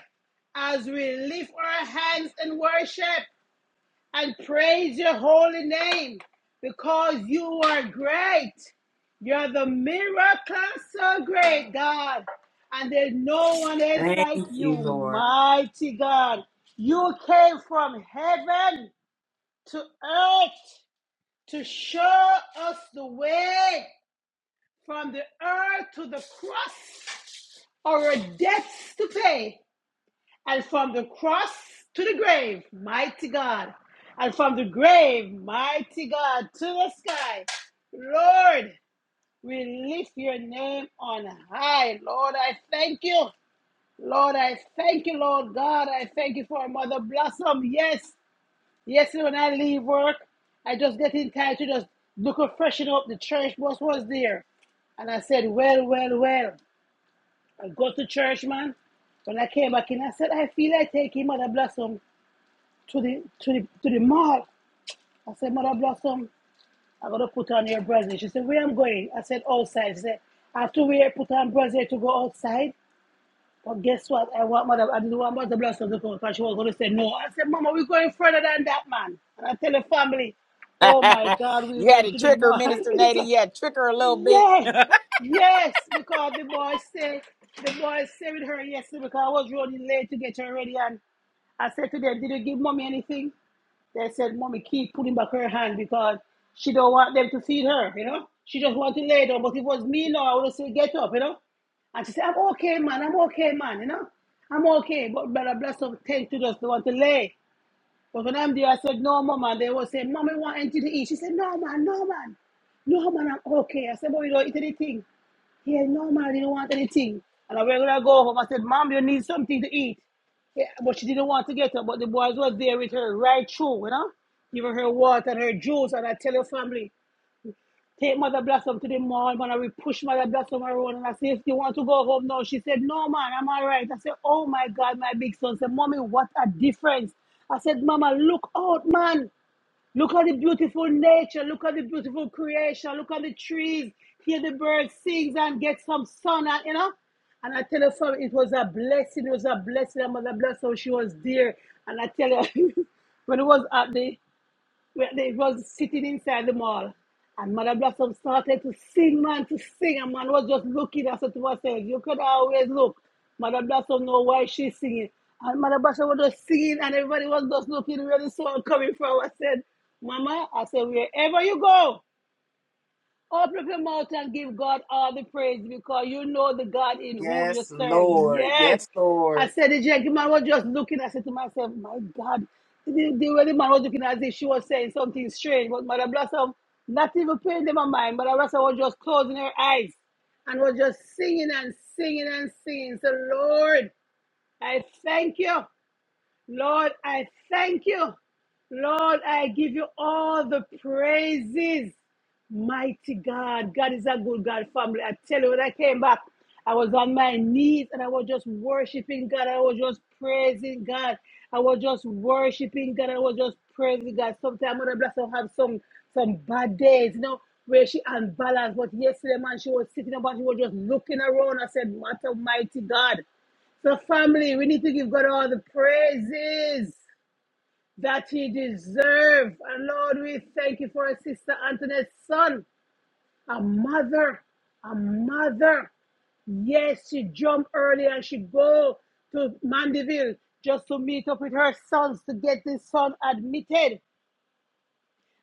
C: as we lift our hands and worship and praise your holy name because you are great. You're the miracle so great, God. And there's no one else like you, mighty God. You came from heaven to earth to show us the way from the earth to the cross, our debts to pay, and from the cross to the grave, mighty God, and from the grave, mighty God, to the sky. Lord, we lift your name on high. Lord, I thank you. Lord, I thank you, Lord God. I thank you for Mother Blossom. Yes. Yesterday when I leave work, I just get in time to just look and freshen up. The church bus was there. And I said, well, well, well. I go to church, man. When I came back in, I said, I feel like taking Mother Blossom to the to the to the mall. I said, Mother Blossom, I'm gonna put on your brazier. She said, Where I'm going? I said, outside. She said, I have to wear put on brazier to go outside. But guess what? I want mother, I knew I mother bless her because she was going to say no. I said, Mama, we're going further than that, man. And I tell the family, oh my God, we
A: you had
C: went
A: to
C: to the
A: trick her,
C: mall.
A: Minister
C: It's
A: Nada.
C: like,
A: You had to trick her a little bit.
C: Yes, yes, because the boy say the boy say with her yesterday because I was running late to get her ready and I said to them, Did you give mommy anything? They said, Mommy, keep putting back her hand because she don't want them to feed her, you know? She just want to lay down. But if it was me now, I would have said, get up, you know? And she said, I'm okay, man, I'm okay, man, you know? I'm okay. But brother bless them tend to just want to lay. But when I'm there, I said, no, mom. And they was saying, mommy want anything to eat. She said, no, man, no, man. No, man, I'm okay. I said, but we don't eat anything. Yeah, no, man, you don't want anything. And I was going to go home. I said, mom, you need something to eat. Yeah, but she didn't want to get her. But the boys was there with her right through, you know, giving her water and her juice. And I tell her family, Take Mother Blossom to the mall, man. And we push Mother Blossom around. And I say, if you want to go home now, she said, no, man, I'm all right. I said, oh, my God, my big son. I said, mommy, what a difference. I said, mama, look out, man. Look at the beautiful nature. Look at the beautiful creation. Look at the trees. Hear the birds sing and get some sun. And, you know, and I tell her, son, it was a blessing. It was a blessing. And Mother Blossom, she was there. And I tell her, when it was at the where they was sitting inside the mall. And Mother Blossom started to sing, man, to sing. And man was just looking. I said to myself, you could always look. Mother Blossom know why she's singing. And Mother Blossom was just singing and everybody was just looking where the song coming from. I said, Mama, I said, wherever you go. Open up your mouth and give God all the praise because you know the God in whom you serve. Yes. I said the gentleman was just looking. I said to myself, My God, the, the way the man was looking as if she was saying something strange. But Mother Blossom, not even paying them a mind. Mother Blossom was just closing her eyes and was just singing and singing and singing. So, Lord, I thank you. Lord, I thank you. Lord, I give you all the praises. Mighty God. God is a good God, family. I tell you, when I came back, I was on my knees and I was just worshiping God. I was just praising God. I was just worshiping God. I was just praising God. Sometimes Mother Bless will have some some bad days, you know, where she unbalanced. But yesterday, man, she was sitting up and she was just looking around. I said, "Mother, mighty God. So, family, we need to give God all the praises that He deserves. And Lord, we thank you for our sister Antoinette's son, a mother, a mother. Yes, she jumped early and she go to Mandeville just to meet up with her sons to get this son admitted.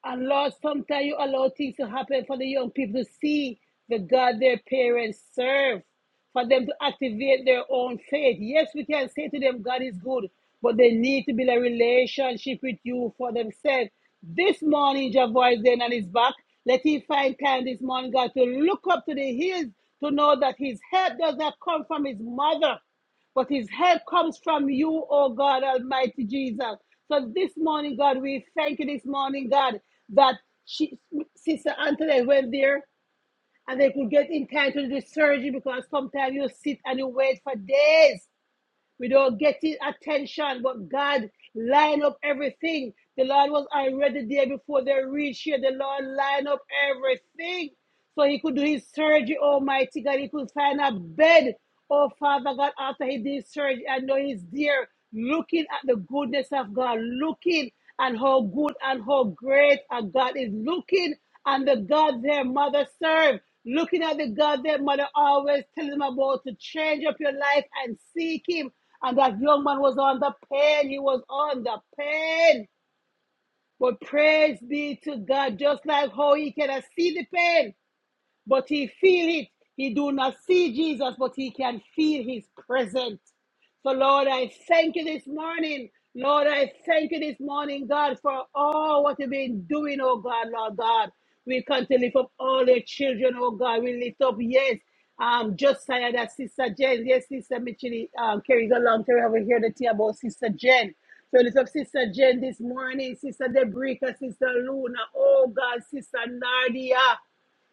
C: And Lord, sometimes you allow things to happen for the young people to see the God their parents serve, for them to activate their own faith. Yes, we can say to them, God is good, but they need to build a relationship with you for themselves. This morning, Jehovah is then on his back. Let him find time this morning, God, to look up to the hills to know that his help does not come from his mother. But his help comes from you, oh God, Almighty Jesus. So this morning, God, we thank you this morning, God, that she, Sister Antoinette went there and they could get in time to do the surgery because sometimes you sit and you wait for days we don't get his attention, but God line up everything. The Lord was already there before they reached here. The Lord line up everything. So he could do his surgery, Almighty God. He could find a bed, oh Father God, after he did surgery. I know he's there looking at the goodness of God, looking and how good and how great a God is looking and the God their mother served. Looking at the God their mother always telling them about to change up your life and seek Him. And that young man was on the pain. He was on the pain. But praise be to God, just like how He can see the pain but he feel it. He do not see Jesus, but he can feel his presence. So Lord, I thank you this morning. Lord, I thank you this morning, God, for all what you've been doing, oh God, Lord God. We come to lift up all your children, oh God. We lift up, yes, um, Josiah, that Sister Jen. Yes, Sister Mitchell um, carries along to over here the tea about Sister Jen. So lift up Sister Jen this morning, Sister Debrica, Sister Luna, oh God, Sister Nardia.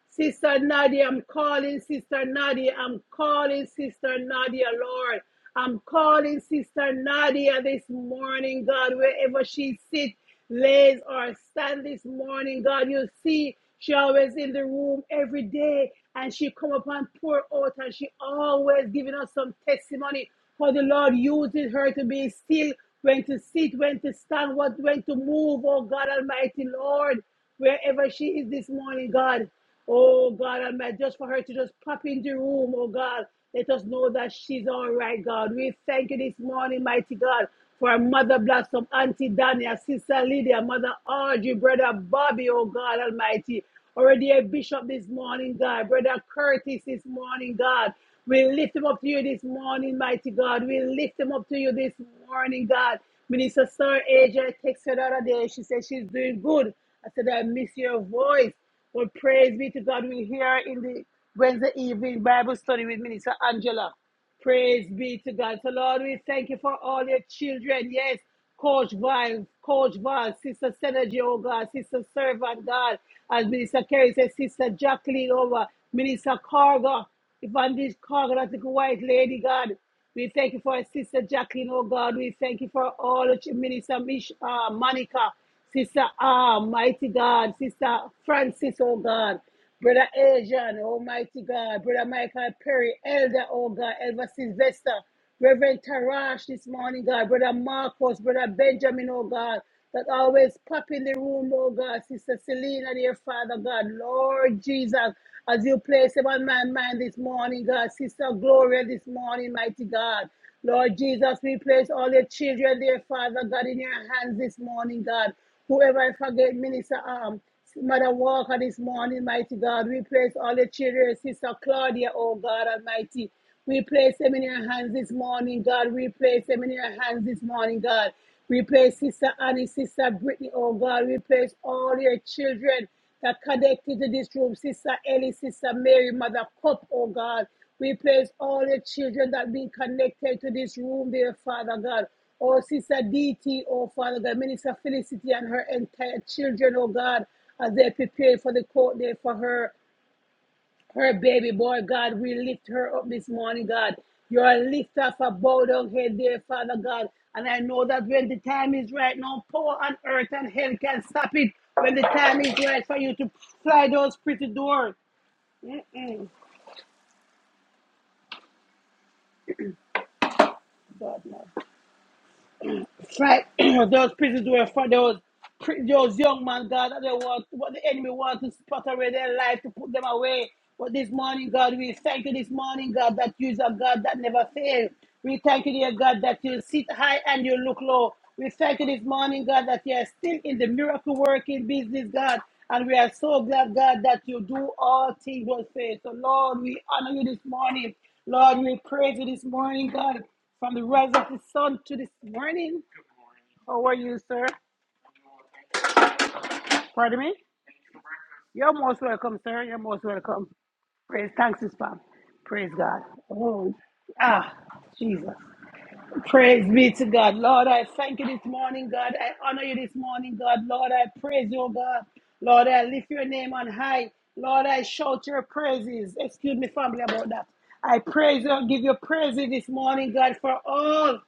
C: Sister Nadia, I'm calling Sister Nadia. I'm calling Sister Nadia, Lord. I'm calling Sister Nadia this morning, God, wherever she sits, lays, or stands, this morning, God. You see, she always in the room every day, and she come up and pour out, and she always giving us some testimony For the Lord uses her to be still, when to sit, when to stand, what when to move, oh God Almighty, Lord wherever she is this morning, God. Oh God Almighty, just for her to just pop in the room, oh God. Let us know that she's all right, God. We thank you this morning, mighty God, for our mother blossom, Auntie Dania, Sister Lydia, Mother Audrey, Brother Bobby, oh God Almighty. Already a bishop this morning, God. Brother Curtis this morning, God. We lift him up to you this morning, mighty God. We lift him up to you this morning, God. Minister Sir Asia texted her the other day. She said she's doing good. I said, I miss your voice. But praise be to God, we're here in the Wednesday evening Bible study with Minister Angela. Praise be to God. So, Lord, we thank you for all your children. Yes, Coach Vine, Coach Val, Sister Synergy, oh God, Sister Servant, God, as Minister Kerry said, Sister Jacqueline, over Minister Carga, Evangelist Carga, that little white lady, God. We thank you for Sister Jacqueline, oh God. We thank you for all the Minister Mish, uh, Monica. Sister Arm, Mighty God, Sister Francis, oh God, Brother Asian, Almighty God, Brother Michael Perry, Elder, oh God, Elder Sylvester, Reverend Tarash this morning, God, Brother Marcos, Brother Benjamin, oh God, that always pop in the room, oh God, Sister Selena, dear Father God, Lord Jesus, as you place him on my mind this morning, God, Sister Gloria this morning, mighty God. Lord Jesus, we place all your children, dear Father God, in your hands this morning, God. Whoever I forget, Minister Um, Mother Walker this morning, mighty God. We place all your children, Sister Claudia, oh God Almighty. We place them in your hands this morning, God. We place them in your hands this morning, God. We place Sister Annie, Sister Brittany, oh God. We place all your children that connected to this room, Sister Ellie, Sister Mary, Mother Cup, oh God. We praise all the children that been connected to this room, dear Father God. Oh, Sister DT, oh Father God, Minister Felicity and her entire children, oh God, as they prepare for the court day for her her baby boy, God. We lift her up this morning, God. You're a lift off a bowed down head there, Father God. And I know that when the time is right now, power on earth and hell can stop it. When the time is right for you to fly those pretty doors. Mm-mm, God, no. Right. those prisons were for those pri- those young man, God, that they want what the enemy wants to spot away their life to put them away. But this morning, God, we thank you this morning, God, that you are God that never fails. We thank you, dear God, that you sit high and you look low. We thank you this morning, God, that you are still in the miracle working business, God. And we are so glad, God, that you do all things with faith. So, Lord, we honor you this morning. Lord, we praise you this morning, God, from the rise of the sun to this morning. How are you, sir? Pardon me? You're most welcome, sir. You're most welcome. Praise thanks, is fam. Praise God. Oh, ah, Jesus. Praise be to God. Lord, I thank you this morning, God. I honor you this morning, God. Lord, I praise you, God. Lord, I lift your name on high. Lord, I shout your praises. Excuse me, family, about that. I praise you, give you praises this morning, God, for all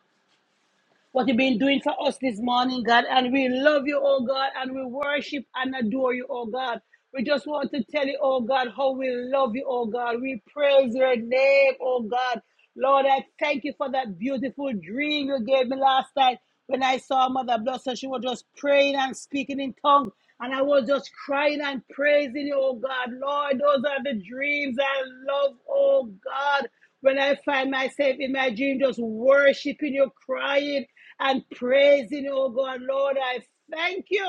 C: what you've been doing for us this morning, God. And we love you, oh God, and we worship and adore you, oh God. We just want to tell you, oh God, how we love you, oh God. We praise your name, oh God. Lord, I thank you for that beautiful dream you gave me last night when I saw Mother Blossom. She was just praying and speaking in tongues. And I was just crying and praising you, oh God. Lord, those are the dreams I love, oh God. When I find myself in my dream, just worshiping you, crying and praising you, oh God. Lord, I thank you.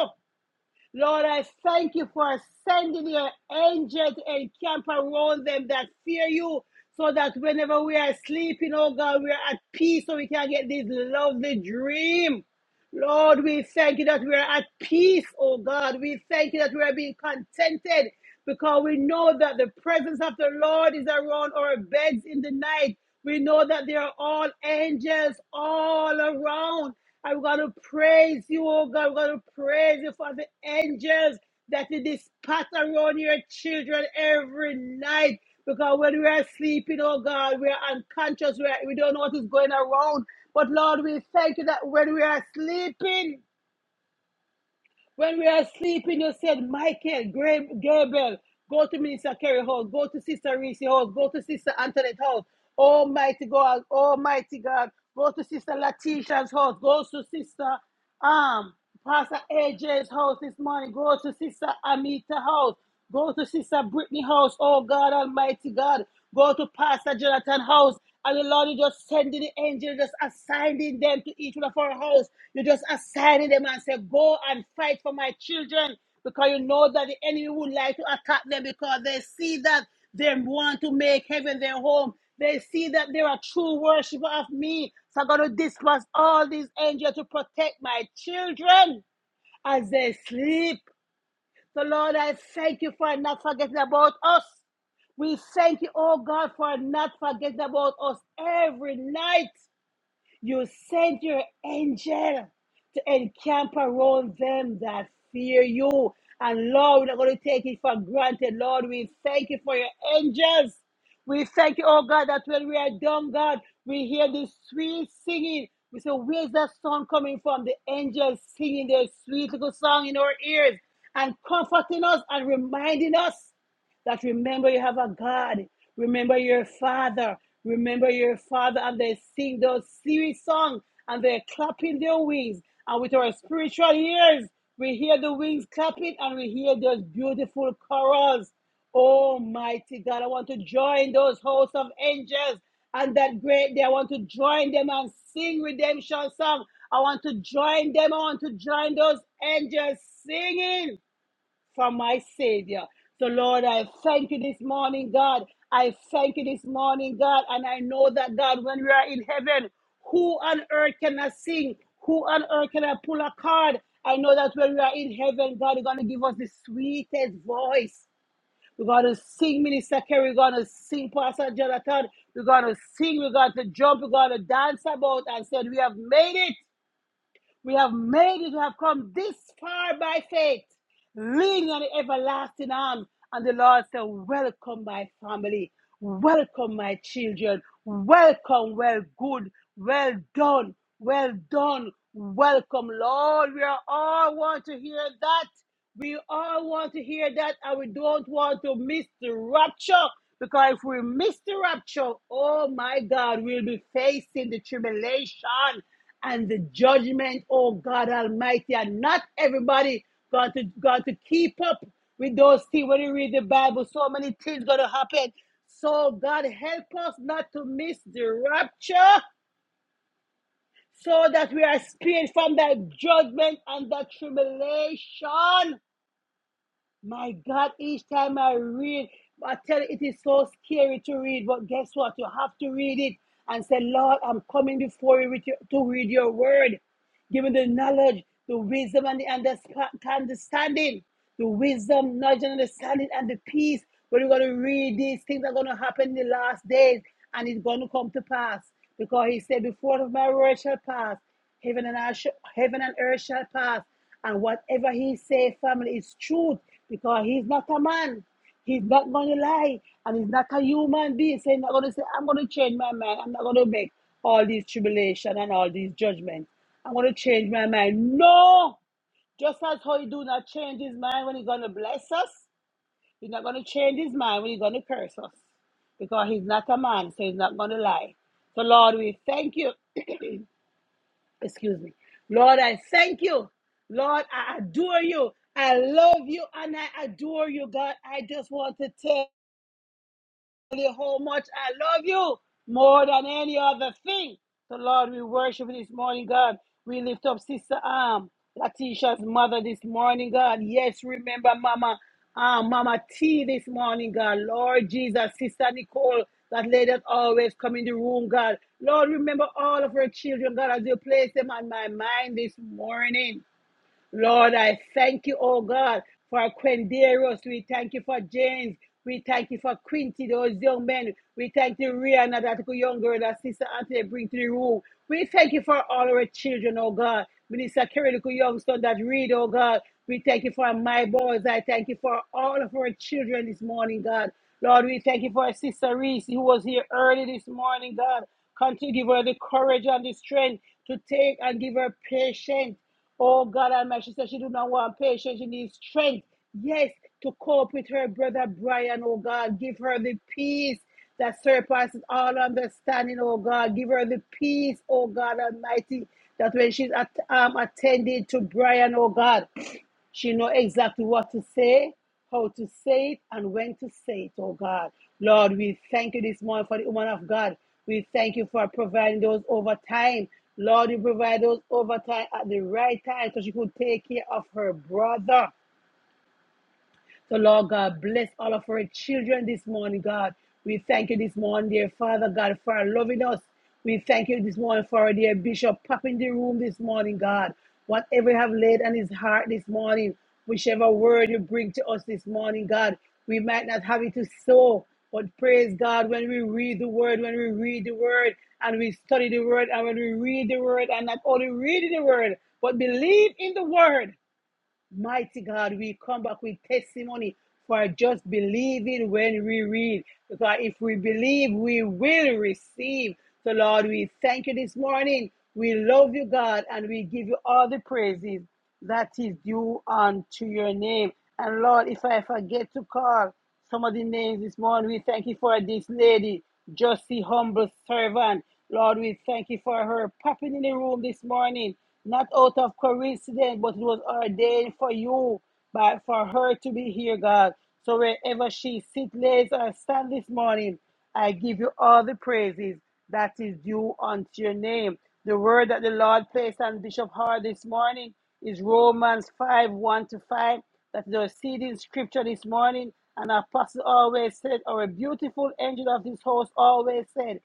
C: Lord, I thank you for sending your angels and camp around them that fear you, so that whenever we are sleeping, oh God, we are at peace, so we can get this lovely dream. Lord, we thank you that we are at peace, oh God. We thank you that we are being contented because we know that the presence of the Lord is around our beds in the night. We know that there are all angels all around. I'm going to praise you, oh God. I'm going to praise you for the angels that you dispatch around your children every night. Because when we are sleeping, oh God, we are unconscious. We, are, we don't know what is going around. But Lord, we thank you that when we are sleeping, when we are sleeping, you said, Michael, Gra- Gabriel, go to Minister Kerry Hall, go to Sister Reese Hall, go to Sister Antoinette Hall. Almighty God, Almighty God, go to Sister Latisha's house, go to Sister um Pastor AJ's house this morning, go to Sister Amita's house, go to Sister Brittany's house, oh God Almighty God. Go to Pastor Jonathan's house. And the Lord, you just sending the angels, just assigning them to each one of our house. you just assigning them and say, Go and fight for my children. Because you know that the enemy would like to attack them because they see that they want to make heaven their home. They see that they are true worshiper of me. So I'm going to dispatch all these angels to protect my children as they sleep. So, Lord, I thank you for not forgetting about us. We thank you, oh God, for not forgetting about us every night. You send your angel to encamp around them that fear you. And Lord, we're not going to take it for granted. Lord, we thank you for your angels. We thank you, oh God, that when we are done, God, we hear the sweet singing. We say, Where's that song coming from? The angels singing their sweet little song in our ears and comforting us and reminding us that remember you have a God, remember your father, remember your father, and they sing those serious songs and they're clapping their wings. And with our spiritual ears, we hear the wings clapping and we hear those beautiful chorals. Almighty God, I want to join those hosts of angels and that great day. I want to join them and sing redemption song. I want to join them. I want to join those angels singing from my Savior. So, Lord, I thank you this morning, God. I thank you this morning, God. And I know that, God, when we are in heaven, who on earth can I sing? Who on earth can I pull a card? I know that when we are in heaven, God, you're going to give us the sweetest voice. We're going to sing, Minister Kerry. We're going to sing, Pastor Jonathan. We're going to sing. We're going to jump. We're going to dance about and said, We have made it. We have made it, we have come this far by faith, leaning on the everlasting arm. And the Lord said, Welcome, my family. Welcome, my children. Welcome, well, good. Well done. Well done. Welcome, Lord. We are all want to hear that. We all want to hear that, and we don't want to miss the rapture. Because if we miss the rapture, oh my God, we'll be facing the tribulation and the judgment, oh God Almighty. And not everybody got to got to keep up with those things. When you read the Bible, so many things gonna happen. So God help us not to miss the rapture so that we are spared from that judgment and that tribulation. My God, each time I read, I tell you, it is so scary to read, but guess what? You have to read it and say, Lord, I'm coming before you with your, to read your word. Give me the knowledge, the wisdom, and the understanding. The wisdom, knowledge, and understanding, and the peace. But we're going to read these things that are going to happen in the last days, and it's going to come to pass. Because he said, Before my word shall pass, Heaven and, earth, sh- heaven and earth shall pass, and whatever he say, family, is truth, because he's not a man. He's not going to lie, and he's not a human being. So he's not going to say, I'm going to change my mind. I'm not going to make all these tribulation and all these judgments. I'm going to change my mind. No! Just as how he do not change his mind when he's going to bless us, he's not going to change his mind when he's going to curse us, because he's not a man, so he's not going to lie. So, Lord, we thank you. excuse me. Lord, I thank you. Lord, I adore you. I love you and I adore you, God. I just want to tell you how much I love you more than any other thing. So, Lord, we worship you this morning, God. We lift up Sister Arm, Latisha's mother this morning, God. Yes, remember Mama um, Mama T this morning, God. Lord Jesus, Sister Nicole, that lady that always come in the room, God. Lord, remember all of her children, God, as you place them on my mind this morning. Lord, I thank you, oh God, for Quenderos. We thank you for James. We thank you for Quinty, those young men. We thank you, Rihanna, that good young girl that Sister Anthony bring to the room. We thank you for all our children, oh God. Minister Kerry, the good young son that read, oh God. We thank you for my boys. I thank you for all of our children this morning, God. Lord, we thank you for our Sister Reese, who was here early this morning, God. Continue to give her the courage and the strength to take and give her patience Oh God Almighty, she said she do not want patience, she needs strength. Yes, to cope with her brother Brian, oh God, give her the peace that surpasses all understanding, oh God. Give her the peace, oh God Almighty, that when she's at, um, attending to Brian, oh God. She know exactly what to say, how to say it, and when to say it, oh God. Lord, we thank you this morning for the woman of God. We thank you for providing those overtime. Lord, you provide those overtime at the right time so she could take care of her brother. So, Lord God, bless all of our children this morning, God. We thank you this morning, dear Father God, for loving us. We thank you this morning for our dear Bishop popping the room this morning, God. Whatever you have laid on his heart this morning, whichever word you bring to us this morning, God, we might not have it to sow, but praise God when we read the word, when we read the word and we study the word, and when we read the word and not only reading the word, but believe in the word Mighty God, we come back with testimony for just believing when we read. Because if we believe, we will receive. So, Lord, we thank you this morning. We love you, God, and we give you all the praises that is due unto your name. And Lord, if I forget to call, some of the names this morning. We thank you for this lady, Justy Humble Servant. Lord, we thank you for her popping in the room this morning, not out of coincidence, but it was ordained for you, but for her to be here, God. So wherever she sits, lays, or stands this morning, I give you all the praises that is due unto your name. The word that the Lord placed on Bishop Hart this morning is Romans 5 1 to 5. That is our seed in scripture this morning. And our pastor always said, or a beautiful angel of this host always said,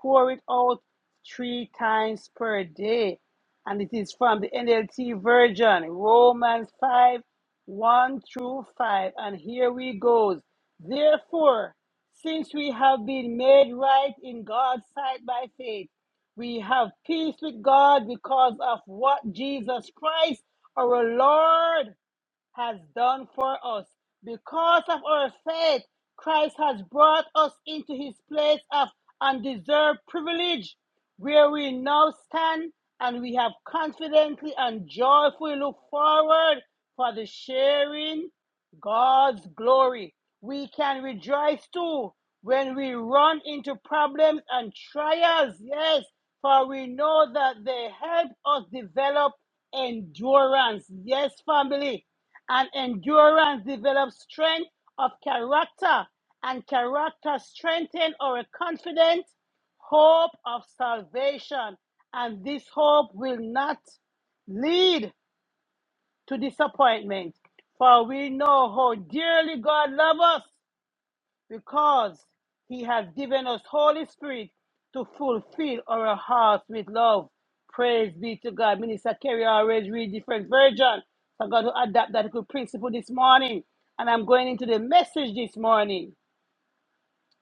C: pour it out three times per day. And it is from the NLT version, Romans 5 1 through 5. And here we go. Therefore, since we have been made right in God's sight by faith, we have peace with God because of what Jesus Christ, our Lord, has done for us. Because of our faith, Christ has brought us into his place of undeserved privilege, where we now stand and we have confidently and joyfully look forward for the sharing God's glory. We can rejoice too when we run into problems and trials. Yes, for we know that they help us develop endurance. Yes, family. And endurance develops strength of character, and character strengthens our confident hope of salvation. And this hope will not lead to disappointment. For we know how dearly God loves us because he has given us Holy Spirit to fulfill our hearts with love. Praise be to God. Minister Kerry always read different versions, So I'm going to adapt that good principle this morning. And I'm going into the message this morning.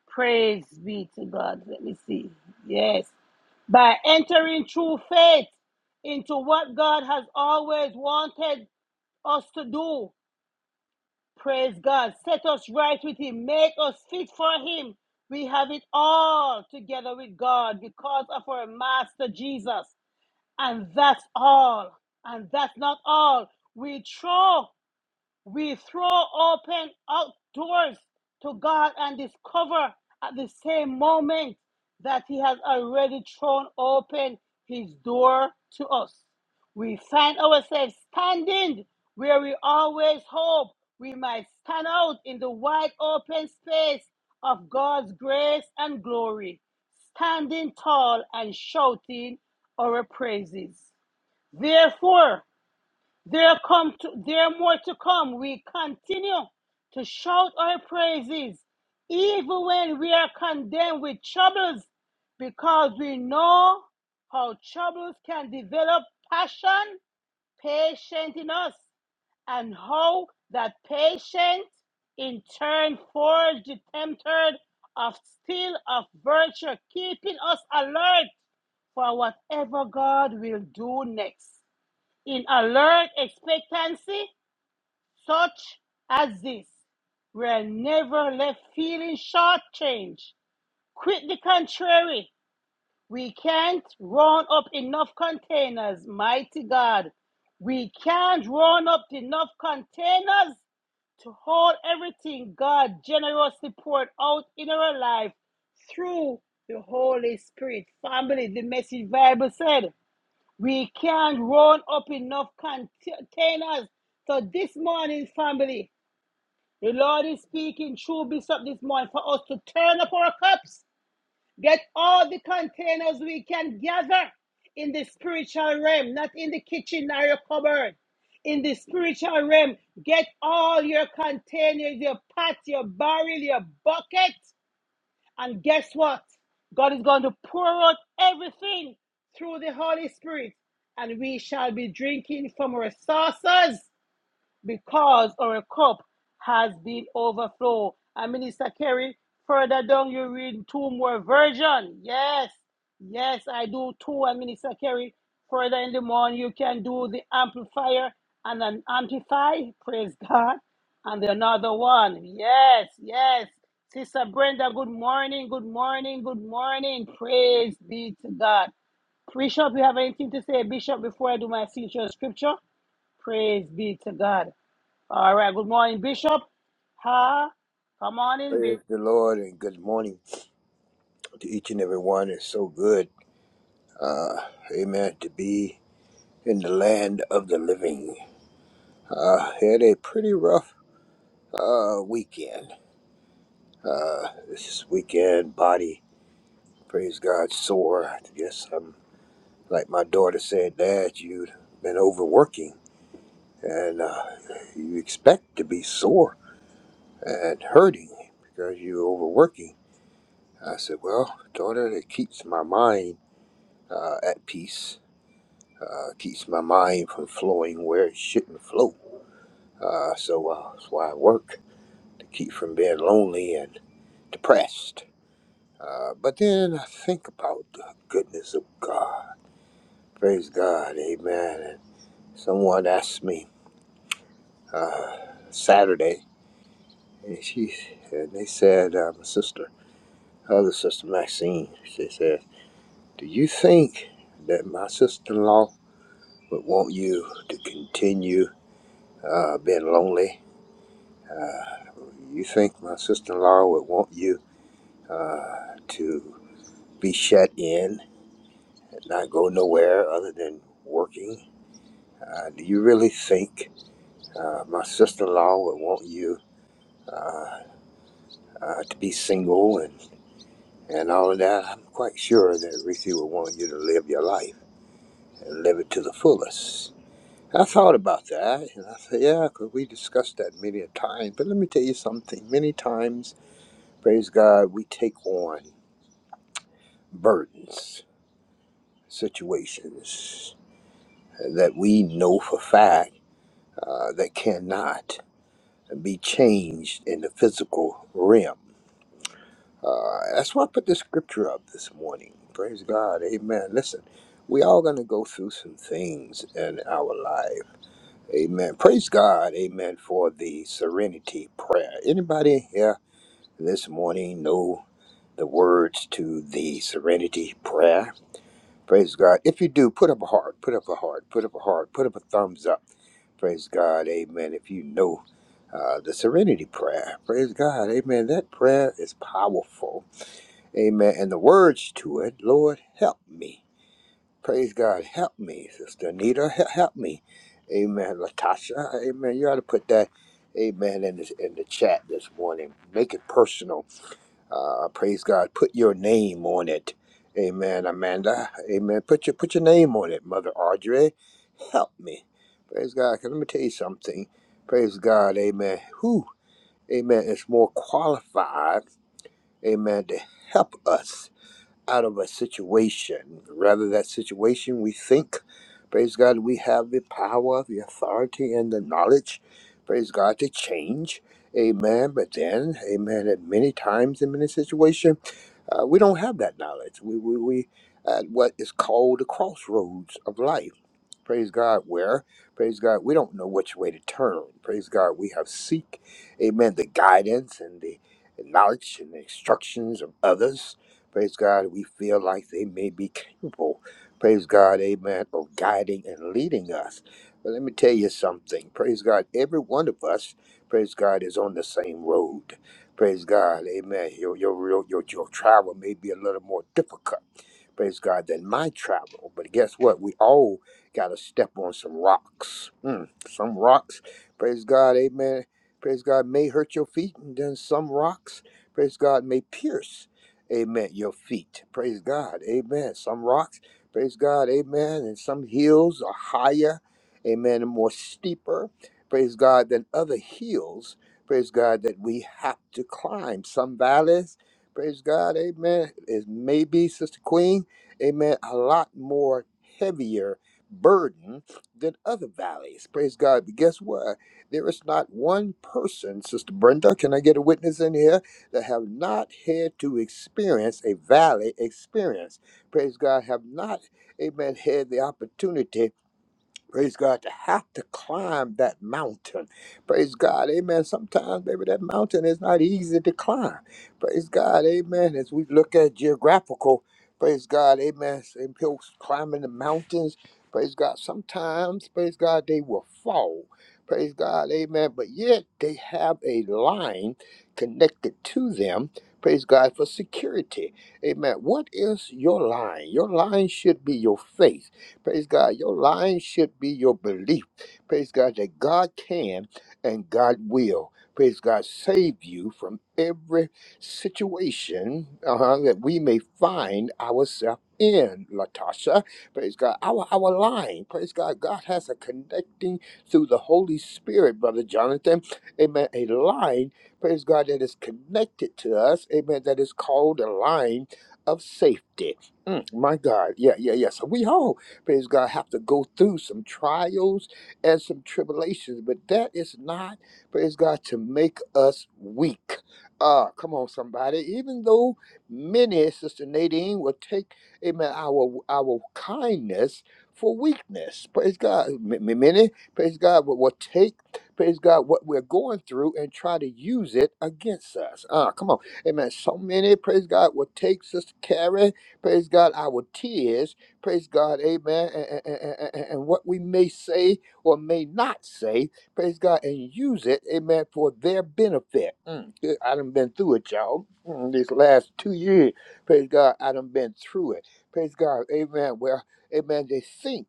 C: Praise be to God. Let me see. Yes by entering through faith into what God has always wanted us to do. Praise God. Set us right with Him. Make us fit for Him. We have it all together with God because of our Master Jesus. And that's all. And that's not all. We throw. We throw open outdoors to God and discover at the same moment that He has already thrown open His door to us. We find ourselves standing where we always hope we might stand out in the wide open space of God's grace and glory, standing tall and shouting our praises. Therefore, there come to, there are more to come. We continue to shout our praises, even when we are condemned with troubles, because we know how troubles can develop passion, patience in us, and how that patience in turn forged the tempter of steel of virtue, keeping us alert for whatever God will do next. In alert expectancy, such as this. We're never left feeling shortchanged. Quite the contrary, we can't run up enough containers, mighty God. We can't run up enough containers to hold everything God generously poured out in our life through the Holy Spirit. Family, the message Bible said, we can't run up enough containers. So this morning, family, the Lord is speaking through Bishop this morning for us to turn up our cups, get all the containers we can gather in the spiritual realm, not in the kitchen or your cupboard. In the spiritual realm, get all your containers, your pots, your barrel, your bucket, and guess what? God is going to pour out everything through the Holy Spirit, and we shall be drinking from our saucers because our cup has been overflow. And Minister Kerry, further down you read two more version. Yes, yes, I do too. And Minister Kerry, further in the morning you can do the amplifier and an amplify. Praise God. And another one. Yes, yes. Sister Brenda, good morning, good morning, good morning. Praise be to God. Bishop, you have anything to say, Bishop, before I do my signature scripture? Praise be to God. All right, good morning, Bishop. Ha, come on in,
D: Praise
C: Bishop.
D: the Lord and good morning to each and every one. It's so good, uh, amen, to be in the land of the living. Uh, had a pretty rough uh, weekend. Uh, this weekend, body, praise God, sore. I guess I'm, like my daughter said, Dad, you've been overworking and uh, you expect to be sore and hurting because you're overworking. I said, Well, daughter, it keeps my mind uh, at peace Uh, keeps my mind from flowing where it shouldn't flow. Uh, so uh, that's why I work to keep from being lonely and depressed. Uh, but then I think about the goodness of God. Praise God, Amen. And someone asked me uh, Saturday, and she and they said, uh, my sister, her other sister Maxine, she said, "Do you think that my sister-in-law would want you to continue uh, being lonely?" Uh, You think my sister-in-law would want you uh, to be shut in and not go nowhere other than working? Uh, do you really think uh, my sister-in-law would want you uh, uh, to be single and, and all of that? I'm quite sure that Ruthie would want you to live your life and live it to the fullest. I thought about that, and I said, "Yeah," because we discussed that many a time. But let me tell you something. Many times, praise God, we take on burdens situations that we know for fact uh, that cannot be changed in the physical realm. Uh, that's why I put this scripture up this morning. Praise God. Amen. Listen, we all going to go through some things in our life. Amen. Praise God. Amen for the serenity prayer. Anybody here this morning know the words to the serenity prayer? Praise God. If you do, put up a heart, put up a heart, put up a heart, put up a thumbs up. Praise God. Amen. If you know uh, the serenity prayer, praise God. Amen. That prayer is powerful. Amen. And the words to it, Lord, help me. Praise God. Help me, Sister Anita. He- Help me. Amen. Latasha. Amen. You ought to put that, amen, in, this, in the chat this morning. Make it personal uh, praise God, put your name on it. Amen, Amanda. Amen. Put your put your name on it, Mother Audrey. Help me. Praise God. 'Cause Let me tell you something. Praise God. Amen. Who, amen, is more qualified, amen, to help us out of a situation. Rather that situation we think, praise God, we have the power, the authority, and the knowledge, praise God, to change. Amen. But then, amen, at many times in many situations, uh, we don't have that knowledge. We, we, we at what is called the crossroads of life. Praise God, where? Praise God, we don't know which way to turn. Praise God, we have seek, amen, the guidance and the knowledge and the instructions of others. Praise God, we feel like they may be capable, praise God, amen, of guiding and leading us. But let me tell you something. Praise God, every one of us, praise God, is on the same road. Praise God, amen. Your, your, your, your, your travel may be a little more difficult praise God, than my travel. But guess what? We all got to step on some rocks. Mm, some rocks, praise God, amen. Praise God, may hurt your feet, and then some rocks, praise God, may pierce, amen, your feet. Praise God, amen. Some rocks, praise God, amen, and some hills are higher, amen, and more steeper, praise God, than other hills. Praise God that we have to climb some valleys. Praise God, amen. Is maybe, Sister Queen amen, a lot more heavier burden than other valleys. Praise God. But guess what? There is not one person, Sister Brenda, can I get a witness in here, that have not had to experience a valley experience. Praise God, have not, amen, had the opportunity Praise God, to have to climb that mountain. Praise God, amen. Sometimes, baby, that mountain is not easy to climb. Praise God, amen. As we look at geographical, praise God, amen. And people climbing the mountains, praise God. Sometimes, praise God, they will fall. Praise God, amen. But yet they have a line connected to them. Praise God for security. Amen. What is your line? Your line should be your faith. Praise God. Your line should be your belief. Praise God that God can and God will. Praise God, save you from every situation uh-huh, that we may find ourselves in, Latasha. Praise God. Our our line. Praise God. God has a connecting through the Holy Spirit, Brother Jonathan. Amen. A line, praise God, that is connected to us. Amen. That is called a line of safety. Mm, my God. Yeah, yeah, yeah. So we hope praise God, have to go through some trials and some tribulations. But that is not, praise God, to make us weak. Uh, come on, somebody. Even though many, Sister Nadine, will take, amen, our our kindness for weakness. Praise God. M- m- Many, praise God, will, will take, praise God, what we're going through and try to use it against us. Uh, come on. Amen. So many, praise God, will take Sister Carrie, praise God, our tears Praise God, amen. And, and, and, and and what we may say or may not say, praise God, and use it, amen, for their benefit. Mm. good. I done been through it, y'all. Mm, these last two years, praise God, I done been through it. Praise God, amen. Well, amen, they think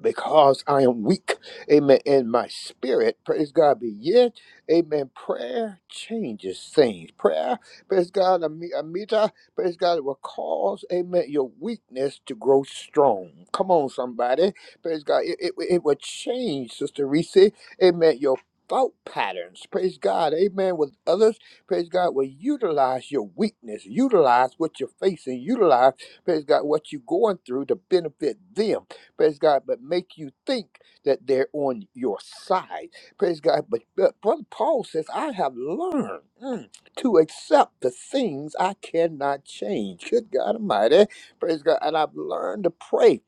D: because I am weak. Amen. In my spirit, praise God, be yet. Amen. Prayer changes things. Prayer, praise God, ami- Amita, praise God, it will cause, amen, your weakness to grow strong. Come on, somebody. Praise God. It, it, it will change, Sister Reese. Amen. Your thought patterns. Praise God. Amen. With others, praise God, will utilize your weakness, utilize what you're facing, utilize, praise God, what you're going through to benefit them praise God, but make you think that they're on your side, praise God. But, but Brother Paul says, I have learned mm, to accept the things I cannot change. Good God Almighty, praise God. And I've learned to pray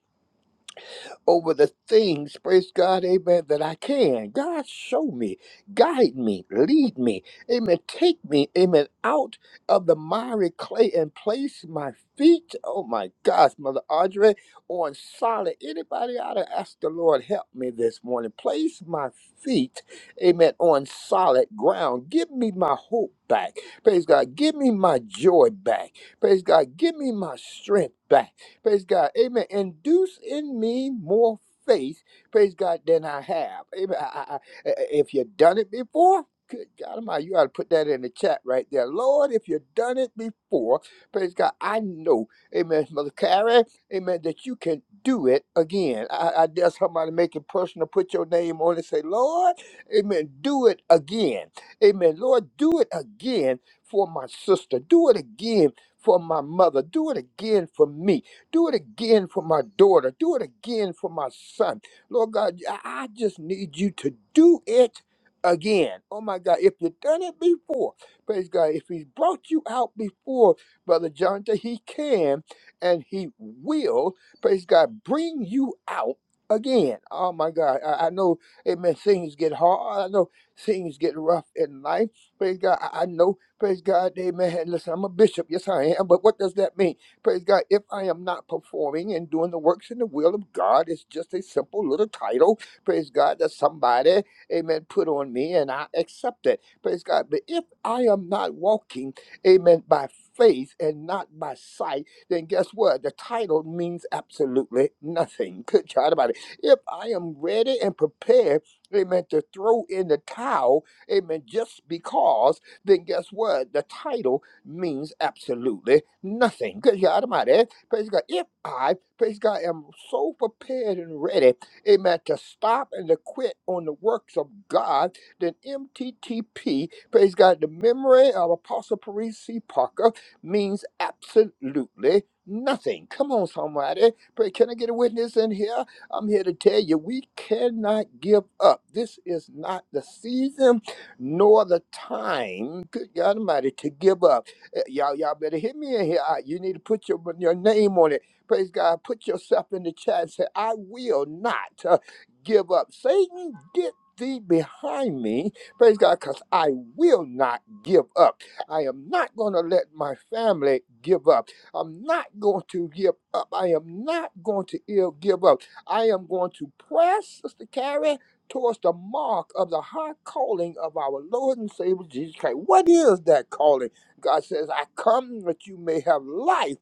D: over the things, praise God, amen, that I can. God, show me, guide me, lead me, amen. Take me, amen, out of the miry clay and place my feet, oh my gosh, Mother Audrey, on solid. Anybody ought to ask the Lord, help me this morning. Place my feet, amen, on solid ground. Give me my hope back. Praise God. Give me my joy back. Praise God. Give me my strength back. Praise God. Amen. Induce in me more faith. Praise God than I have. Amen. I, I, I- if you've done it before. Good God Almighty, you ought to put that in the chat right there. Lord, if you've done it before, praise God, I know, amen, Mother Carrie, amen, that you can do it again. I, I dare somebody make it personal, put your name on it, say, Lord, amen, do it again. Amen. Lord, do it again for my sister. Do it again for my mother. Do it again for me. Do it again for my daughter. Do it again for my son. Lord God, I I just need you to do it again. Oh my God, if you've done it before, praise God, if He's brought you out before, Brother Jonathan, He can and He will, praise God, bring you out. Again, oh my God, I, I know, amen, things get hard. I know things get rough in life. Praise God, I, I know Praise God, amen. Listen, I'm a bishop. Yes, I am. But what does that mean? Praise God. If I am not performing and doing the works in the will of God, it's just a simple little title. Praise God that somebody, amen, put on me and I accept it. Praise God. But if I am not walking, amen, by faith and not by sight, then guess what? The title means absolutely nothing. Good God about it. If I am ready and prepared, amen, to throw in the towel, amen, just because then guess what? The title means absolutely nothing. Because you're out of my head. Praise God. If I, praise God, am so prepared and ready, amen, to stop and to quit on the works of God, then MTTP, praise God, the memory of Apostle Paris C. Parker means absolutely nothing. Come on, somebody. Pray, can I get a witness in here? I'm here to tell you we cannot give up. This is not the season nor the time, good God Almighty, to give up. Eh, Y'all, y'all better hit me in here. I- You need to put your, your name on it. Praise God. Put yourself in the chat and say, I will not uh, give up. Satan, get thee behind me. Praise God, because I will not give up. I am not going to let my family give up. I'm not going to give up. I am not going to ill give up. I am going to press, Sister Carrie towards the mark of the high calling of our Lord and Savior Jesus Christ. What is that calling? God says, I come that you may have life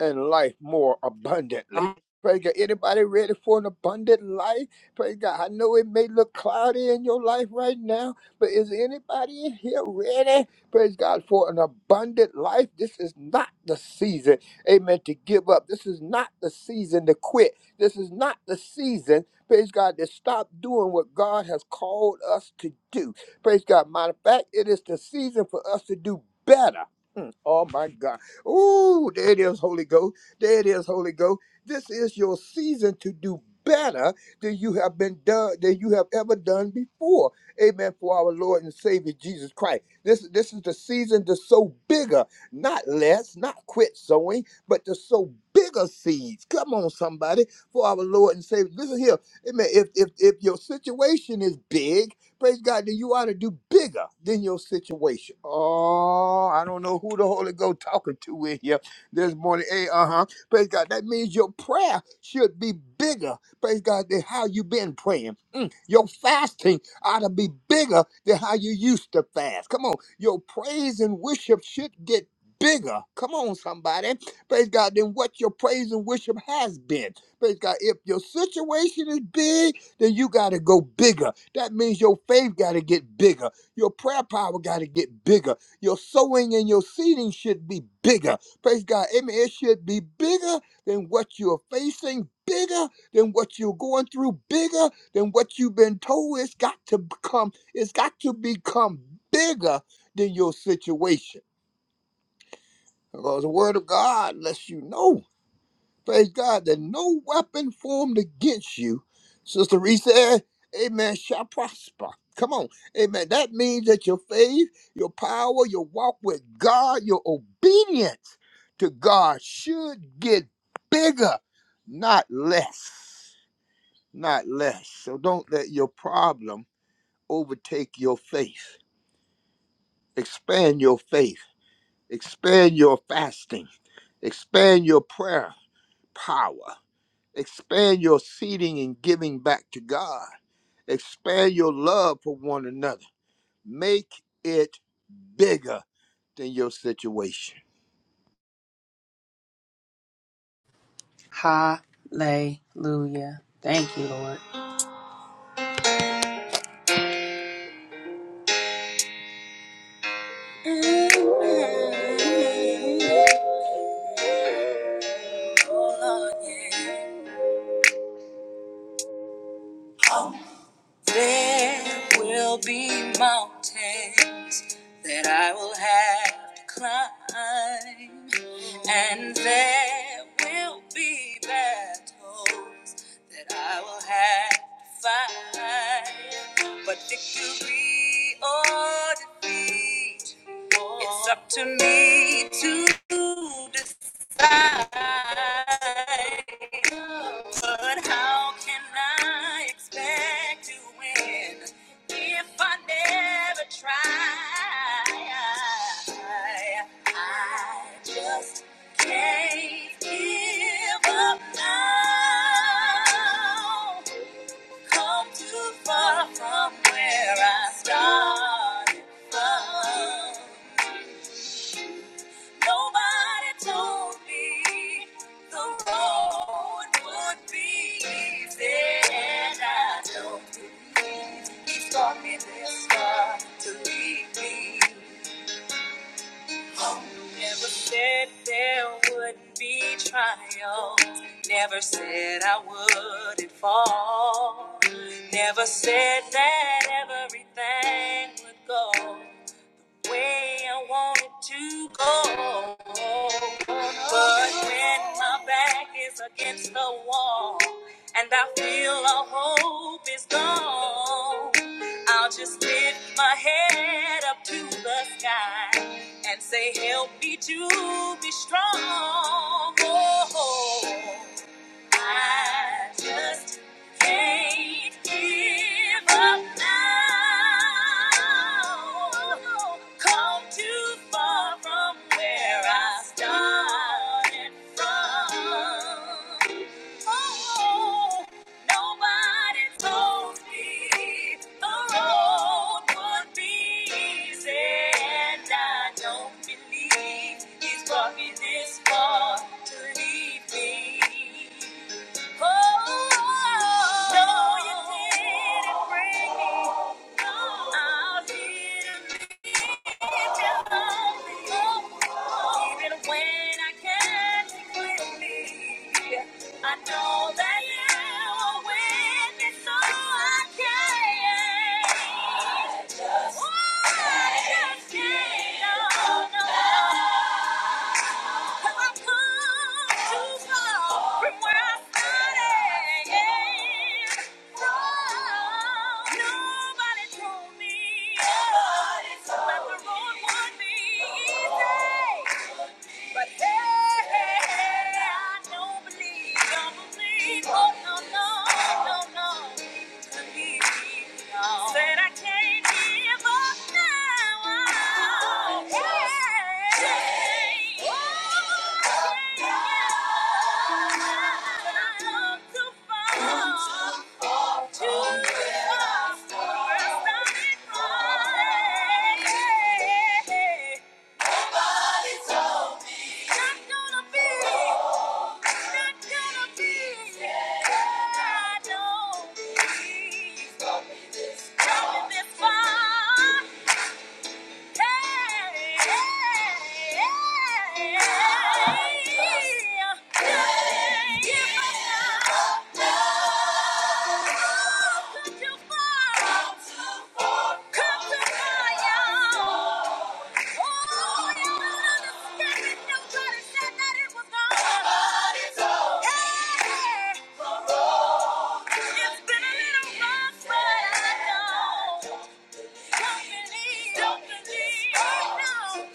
D: and life more abundantly. Praise God. Anybody ready for an abundant life? Praise God. I know it may look cloudy in your life right now, but is anybody in here ready? Praise God for an abundant life. This is not the season, amen, to give up. This is not the season to quit. This is not the season, praise God, to stop doing what God has called us to do. Praise God. Matter of fact, it is the season for us to do better. Mm, Oh my God. Ooh, there it is, Holy Ghost. There it is, Holy Ghost. This is your season to do better than you have been done than you have ever done before. Amen. For our Lord and Savior Jesus Christ. This this is the season to sow bigger, not less, not quit sowing, but to sow bigger seeds. Come on, somebody, for our Lord and Savior. Listen here. Amen. If if if your situation is big Praise God, then you ought to do bigger than your situation. Oh, I don't know who the Holy Ghost talking to in here this morning. Hey, uh-huh. Praise God. That means your prayer should be bigger. Praise God, than how you been praying. Mm, Your fasting ought to be bigger than how you used to fast. Come on. Your praise and worship should get bigger. Come on, somebody. Praise God, than what your praise and worship has been. Praise God. If your situation is big, then you got to go bigger. That means your faith got to get bigger. Your prayer power got to get bigger. Your sowing and your seeding should be bigger. Praise God. Amen. It should be bigger than what you're facing, bigger than what you're going through, bigger than what you've been told. It's got to become, it's got to become bigger than your situation. Because the word of God lets you know Praise God that no weapon formed against you, Sister Reese Amen, shall prosper. Come on. Amen. That means that your faith, your power, your walk with God, your obedience to God should get bigger, not less. Not less. So don't let your problem overtake your faith. Expand your faith. Expand your fasting. Expand your prayer power. Expand your seeding and giving back to God. Expand your love for one another. Make it bigger than your situation.
A: Hallelujah. Thank you, Lord. There will be mountains that I will have to climb, and there will be battles that I will have to fight. But victory or defeat. It's up to me to decide. But how can I expect to win if I never try? I just can't give up now. Come too far from where I started from. Nobody told me the road would be easy, and I don't believe he brought me this far to lead me. Never said there wouldn't be trial. Never said I wouldn't fall. Never said that everything would go way I wanted to go. But when my back is against the wall and I feel all hope is gone, I'll just lift my head up to the sky and say, Help me to be strong. Oh, I just can't give up now. Come too far from where I started from. Oh, nobody told me the road would be easy, and I don't believe he's brought me this far to leave me. I know that you were with me, so I can't. Oh, I just can't. Oh, no. I've come too far from where I started. yeah. Nobody told me Nobody told that the road would be easy. But hey, I don't believe, don't believe, oh no, no, no, no. Believe me, no. Said I can't give up now. Hey, oh, yeah. Yeah. Don't believe, don't believe, no.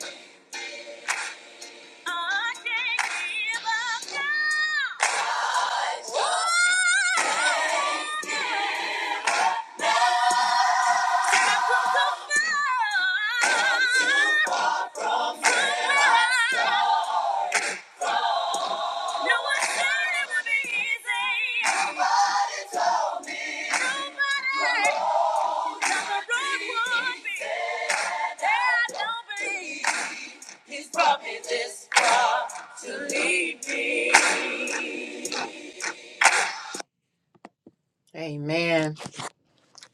A: Amen.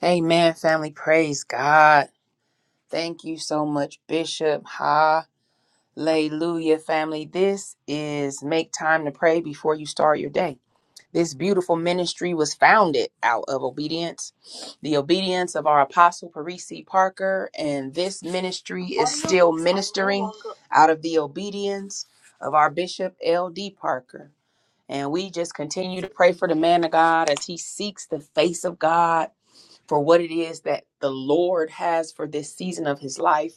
A: Amen, family. Praise God. Thank you so much, Bishop. Hallelujah, family. This is Make Time to Pray Before You Start Your Day. This beautiful ministry was founded out of obedience, the obedience of our apostle Parisi Parker, and this ministry is still ministering out of the obedience of our bishop L.D. Parker. And we just continue to pray for the man of God as he seeks the face of God for what it is that the Lord has for this season of his life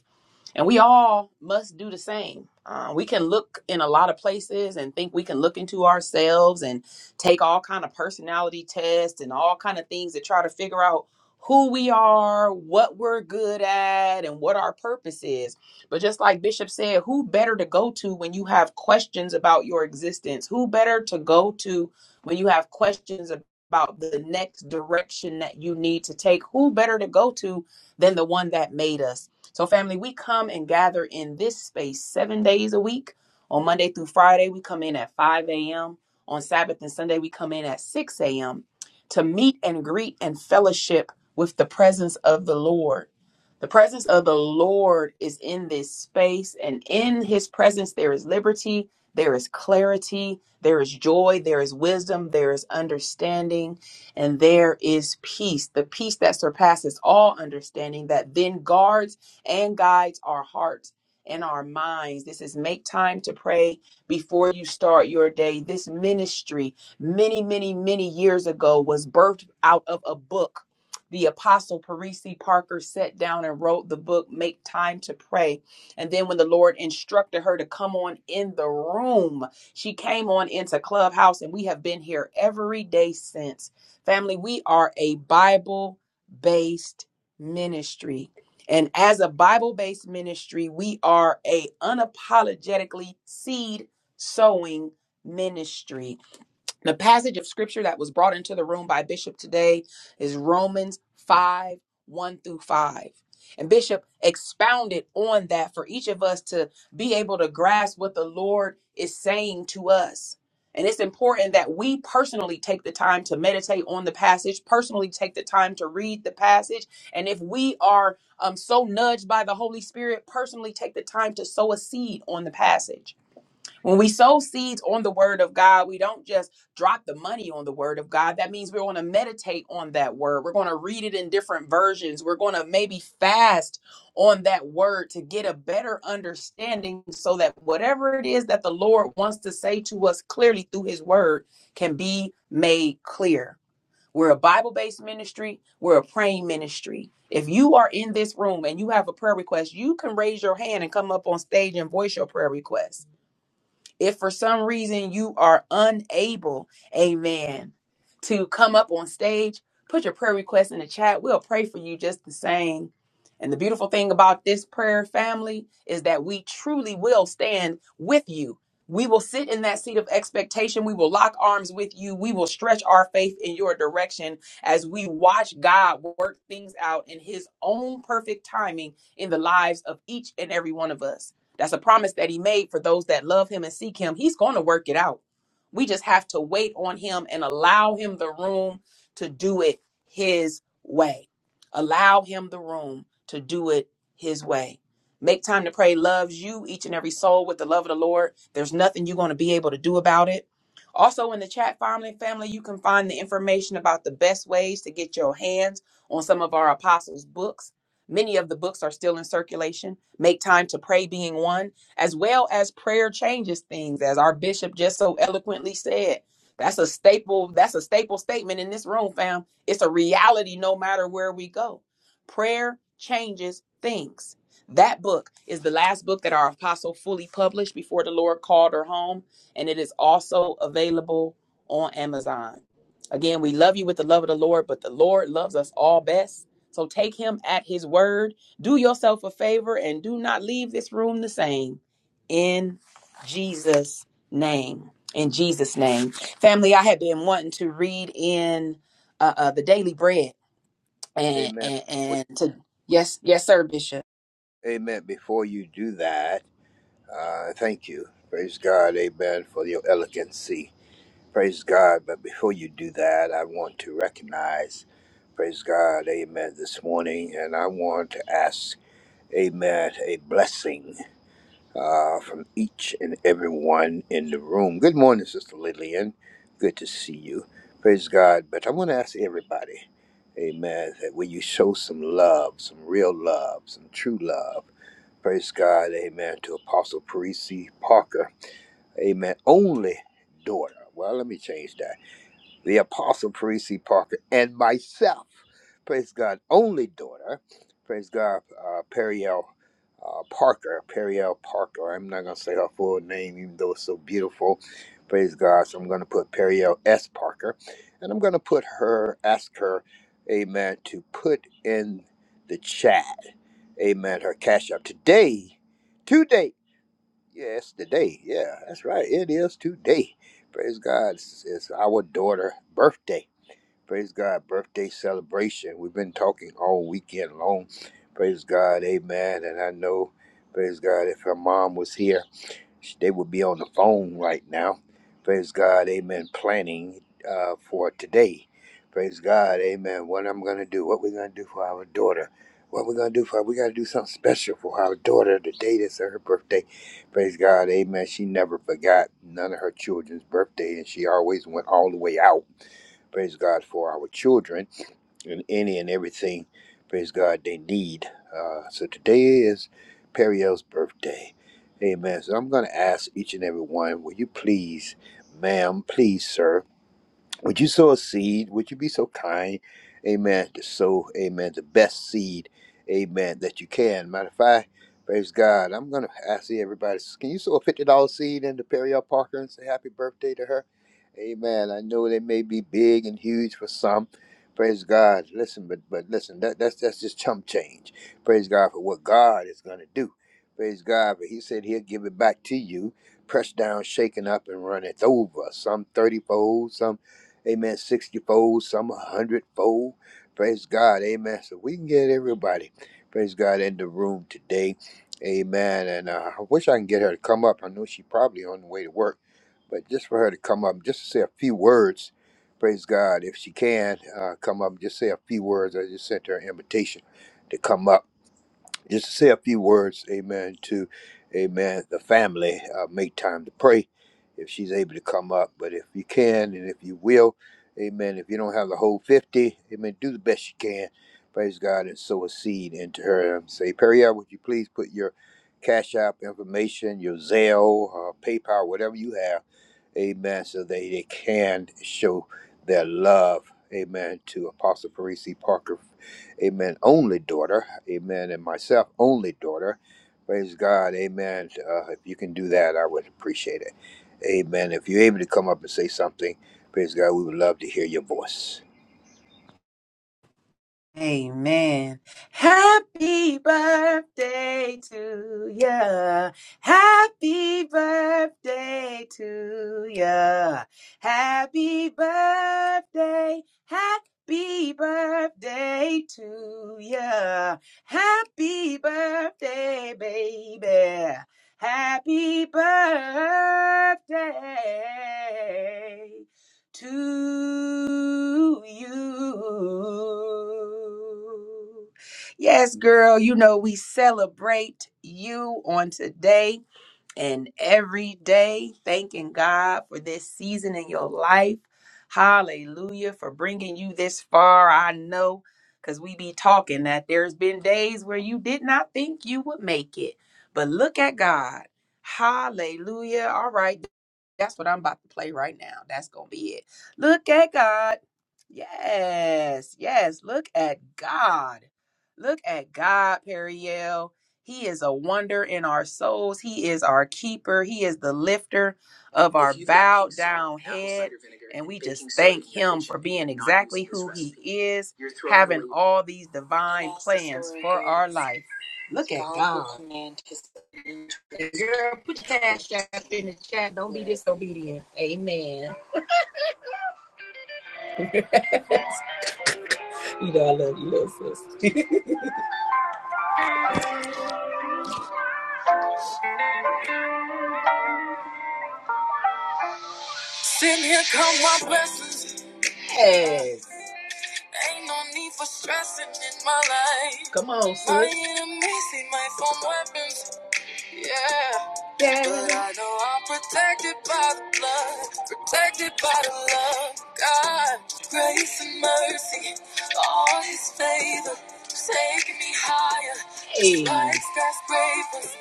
A: and we all must do the same. Uh, we can look in a lot of places and think we can look into ourselves and take all kind of personality tests and all kind of things to try to figure out who we are, what we're good at, and what our purpose is. But just like Bishop said, who better to go to when you have questions about your existence? Who better to go to when you have questions about the next direction that you need to take? Who better to go to than the one that made us? So, family, we come and gather in this space seven days a week. On Monday through Friday, we come in at 5 a.m. On Sabbath and Sunday, we come in at 6 a.m. to meet and greet and fellowship with the presence of the Lord. The presence of the Lord is in this space, and in his presence, there is liberty, there is clarity, there is joy, there is wisdom, there is understanding and there is peace, the peace that surpasses all understanding, that then guards and guides our hearts and our minds. This is make time to pray before you start your day. This ministry, many, many, many years ago, was birthed out of a book. The apostle Parisi Parker sat down and wrote the book, Make Time to Pray. And then, when the Lord instructed her to come on in the room, she came on into Clubhouse, and we have been here every day since. Family, we are a Bible based ministry. And as a Bible-based ministry, we are a unapologetically seed sowing ministry the passage of scripture that was brought into the room by Bishop today is Romans 5 1 through 5. And Bishop expounded on that for each of us to be able to grasp what the Lord is saying to us. And it's important that we personally take the time to meditate on the passage, personally take the time to read the passage. And if we are um, so nudged by the Holy Spirit, personally take the time to sow a seed on the passage when we sow seeds on the word of God, we don't just drop the money on the word of God. That means we're going to meditate on that word. We're going to read it in different versions. We're going to maybe fast on that word to get a better understanding so that whatever it is that the Lord wants to say to us clearly through his word can be made clear. We're a Bible based ministry, we're a praying ministry. If you are in this room and you have a prayer request, you can raise your hand and come up on stage and voice your prayer request if for some reason you are unable, amen, to come up on stage, put your prayer request in the chat. We'll pray for you just the same. And the beautiful thing about this prayer family is that we truly will stand with you. We will sit in that seat of expectation. We will lock arms with you. We will stretch our faith in your direction as we watch God work things out in his own perfect timing in the lives of each and every one of us. That's a promise that he made for those that love him and seek him. He's going to work it out. We just have to wait on him and allow him the room to do it his way. Allow him the room to do it his way. Make time to pray loves you, each and every soul, with the love of the Lord. There's nothing you're going to be able to do about it. Also, in the chat family, family, you can find the information about the best ways to get your hands on some of our apostles' books. Many of the books are still in circulation. Make time to pray being one as well as prayer changes things, as our bishop just so eloquently said. That's a staple, that's a staple statement in this room, fam. It's a reality no matter where we go. Prayer changes things. That book is the last book that our apostle fully published before the Lord called her home, and it is also available on Amazon. Again, we love you with the love of the Lord, but the Lord loves us all best. So take him at his word. Do yourself a favor and do not leave this room the same in Jesus' name. In Jesus' name, family. I have been wanting to read in uh, uh, the Daily Bread, and
D: Amen.
A: and, and to yes, yes, sir, Bishop.
D: Amen. Before you do that, uh, thank you. Praise God. Amen. For your elegancy. Praise God. But before you do that, I want to recognize, praise God. Amen. This morning. And I want to ask, Amen, a blessing. uh, from each and everyone in the room. Good morning, Sister Lillian. Good to see you. Praise God. But I want to ask everybody, amen, that will you show some love, some real love, some true love? Praise God, amen, to Apostle Parisi Parker, amen, only daughter. Well, let me change that the Apostle Parisi Parker, and myself. Praise God, only daughter. Praise God, uh, Periel uh, Parker. Periel Parker. I'm not going to say her full name, even though it's so beautiful. Praise God. So I'm going to put Periel S. Parker. And I'm going to put her, ask her, amen, to put in the chat, amen, her cash up. Today, today Yes, today. Yeah, that's right. It is today. Praise God. It's, it's our daughter' birthday. Praise God. Birthday celebration. We've been talking all weekend long. Praise God. Amen. And I know, praise God, if her mom was here, they would be on the phone right now. Praise God, amen. Planning uh, for today. Praise God, amen. What I'm going to do, what we're going to do for our daughter. What we're going to do for her, we got to do something special for our daughter the day that's her birthday. Praise God, amen. She never forgot none of her children's birthday, and she always went all the way out. Praise God for our children and any and everything, praise God, they need. Uh, so today is Periel's birthday. Amen. So I'm going to ask each and every one, will you please, ma'am, please, sir, would you sow a seed? Would you be so kind, amen, to sow, amen, the best seed, amen, that you can? Matter of fact, praise God, I'm going to ask everybody, can you sow a $50 seed into Periel Parker and say happy birthday to her? Amen. I know they may be big and huge for some. Praise God. Listen, but but listen, that, that's that's just chump change. Praise God for what God is going to do. Praise God, but He said He'll give it back to you, pressed down, shaken up, and run it over. Some thirty fold, some Amen. 60 fold, some 100 fold. Praise God. Amen. So we can get everybody. Praise God in the room today. Amen. And uh, I wish I can get her to come up. I know she probably on the way to work, but just for her to come up, just to say a few words. Praise God. If she can uh, come up, just say a few words. I just sent her an invitation to come up just to say a few words, amen, to, amen, the family. Uh, make time to pray if she's able to come up. But if you can and if you will, amen, if you don't have the whole 50, amen, do the best you can. Praise God and sow a seed into her. Um, Say, Perrier, would you please put your Cash App information, your Zelle, uh, PayPal, whatever you have, amen, so that they can show their love, amen, to Apostle Parisi Parker amen, only daughter, amen, and myself, only daughter. Praise God, amen. Uh, if you can do that, I would appreciate it. Amen. If you're able to come up and say something, praise God, we would love to hear your voice.
A: Amen. Happy birthday to ya. Happy birthday to ya. Happy birthday. Happy birthday to ya. Happy birthday, baby. Happy birthday to you. Yes, girl, you know we celebrate you on today and every day, thanking God for this season in your life. Hallelujah for bringing you this far. I know because we be talking that there's been days where you did not think you would make it, but look at God. Hallelujah. All right. That's what I'm about to play right now. That's going to be it. Look at God. Yes, yes. Look at God. Look at God, Periel. He is a wonder in our souls. He is our keeper. He is the lifter of our bowed down head. And we just thank Him for being exactly who He is, having all these divine plans for our life. Look at God. Cash app in the chat. Don't be this. Yeah. here come my blessings. Yes. Ain't no need for stressing in my life. Come through. My enemies see my phone weapons. Yeah. But I know I'm protected by the blood. Protected by the love. God, grace and mercy. All his favor. Taking me higher. Hey. Like skyscrapers.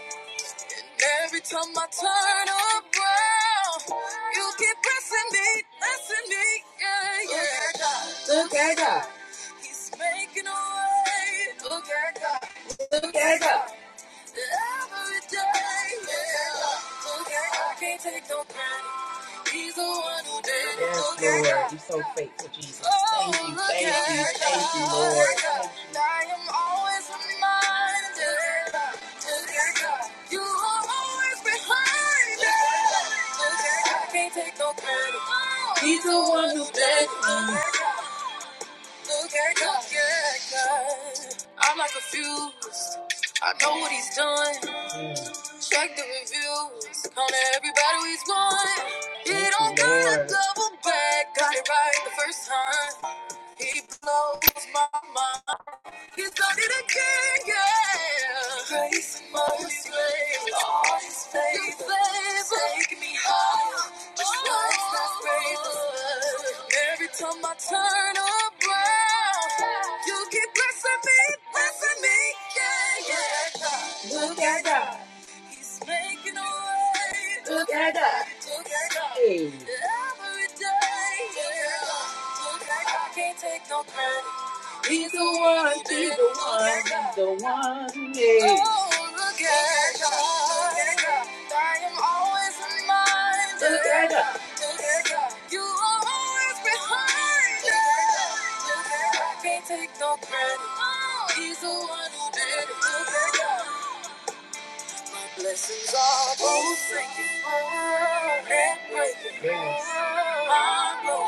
A: Every time I turn around, you keep blessing me, blessing me, yeah, yeah. Thank God. He's making a way. Look at God. Yeah, God. Every day. Yeah. Look at God. Can't take no credit. He's the one who did it. Yes, Look at Lord. God. Oh, Thank you, look thank at God. Look at God. Lord. I am always reminded. Look at God. You are always behind it. Look at God. Can't take no credit. He's the one who did it. I'm not confused. I know what he's done. Check the reviews. Count everybody he's won. He don't got a double back. Got it right the first time. He blows my mind. He's done it again, yeah. Grace, mercy, all his favor. Take me higher. Just oh, like that favor. Every time I turn around, you keep blessing me, blessing me, yeah, yeah. He's making a way. Together. Together. Hey. Every day, yeah. I can't take no credit. can the one. Take no credit. He's the one who did it. Blessings are both sinking and breaking. Yes. I know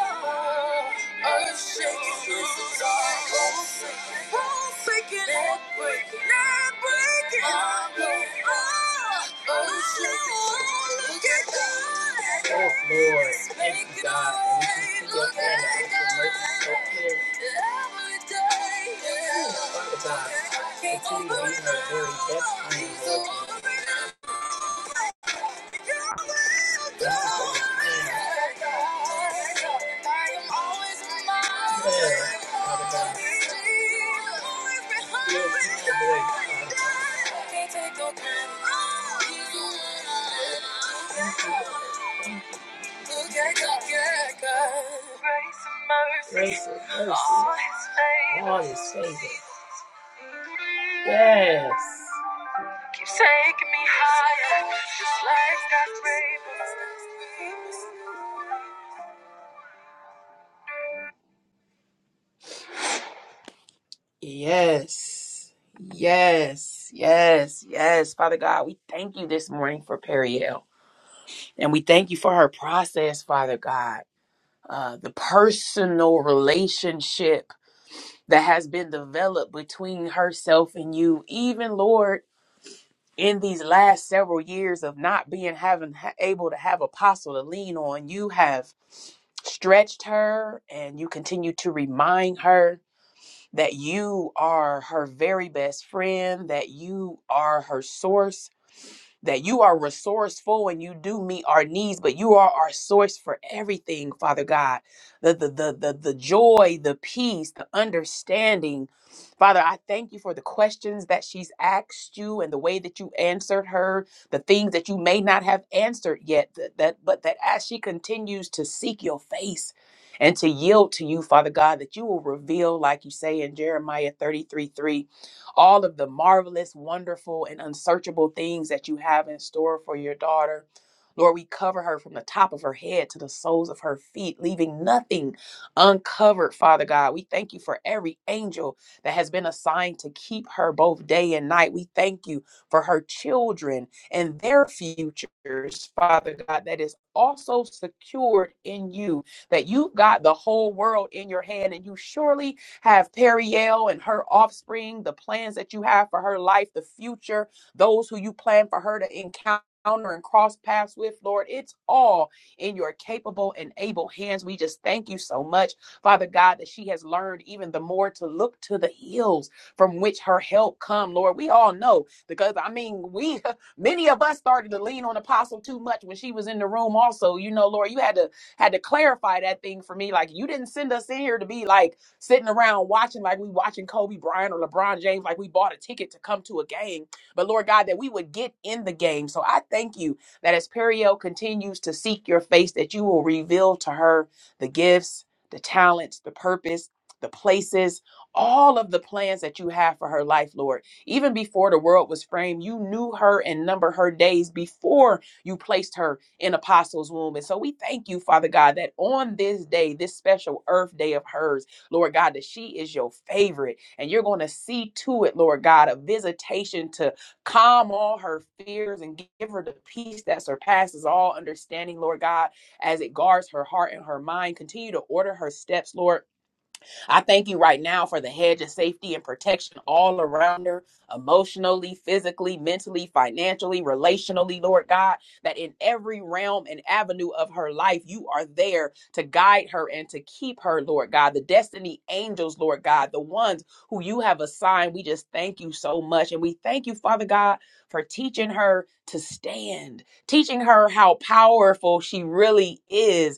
A: earth shaking. Blessings are both sinking, both sinking and breaking, and breaking. I know earth shaking. Look at God. Yes, Lord. Thank you, God. Look at God. Mercy, mercy. Oh, you saved it. Yes. Yes. Yes. Yes. Yes. Father God, we thank you this morning for Periel. And we thank you for her process, Father God. Uh, the personal relationship that has been developed between herself and you, even Lord, in these last several years of not being having ha- able to have apostle to lean on, you have stretched her and you continue to remind her that you are her very best friend, that you are her source, that you are resourceful and you do meet our needs, but you are our source for everything, Father God. The the the the, the joy, the peace, the understanding. Father, I thank you for the questions that she's asked you and the way that you answered her, the things that you may not have answered yet, that, that but that as she continues to seek your face and to yield to you, Father God, that you will reveal, like you say in Jeremiah 33 3, all of the marvelous, wonderful, and unsearchable things that you have in store for your daughter. Lord, we cover her from the top of her head to the soles of her feet, leaving nothing uncovered, Father God. We thank you for every angel that has been assigned to keep her both day and night. We thank you for her children and their futures, Father God, that is also secured in you, that you've got the whole world in your hand and you surely have Periel and her offspring, the plans that you have for her life, the future, those who you plan for her to encounter. And cross paths with Lord, it's all in your capable and able hands. We just thank you so much, Father God, that she has learned even the more to look to the hills from which her help come. Lord, we all know because I mean, we many of us started to lean on Apostle too much when she was in the room. Also, you know, Lord, you had to had to clarify that thing for me. Like you didn't send us in here to be like sitting around watching like we watching Kobe Bryant or LeBron James, like we bought a ticket to come to a game. But Lord God, that we would get in the game. So I thank you that as Periel continues to seek your face, that you will reveal to her the gifts, the talents, the purpose, the places, all of the plans that you have for her life, Lord. Even before the world was framed, you knew her and numbered her days before you placed her in Apostles' womb. And so we thank you, Father God, that on this day, this special earth day of hers, Lord God, that she is your favorite. And you're going to see to it, Lord God, a visitation to calm all her fears and give her the peace that surpasses all understanding, Lord God, as it guards her heart and her mind. Continue to order her steps, Lord I thank you right now for the hedge of safety and protection all around her, emotionally, physically, mentally, financially, relationally, Lord God, that in every realm and avenue of her life, you are there to guide her and to keep her, Lord God. The destiny angels, Lord God, the ones who you have assigned, we just thank you so much. And we thank you, Father God, for teaching her to stand, teaching her how powerful she really is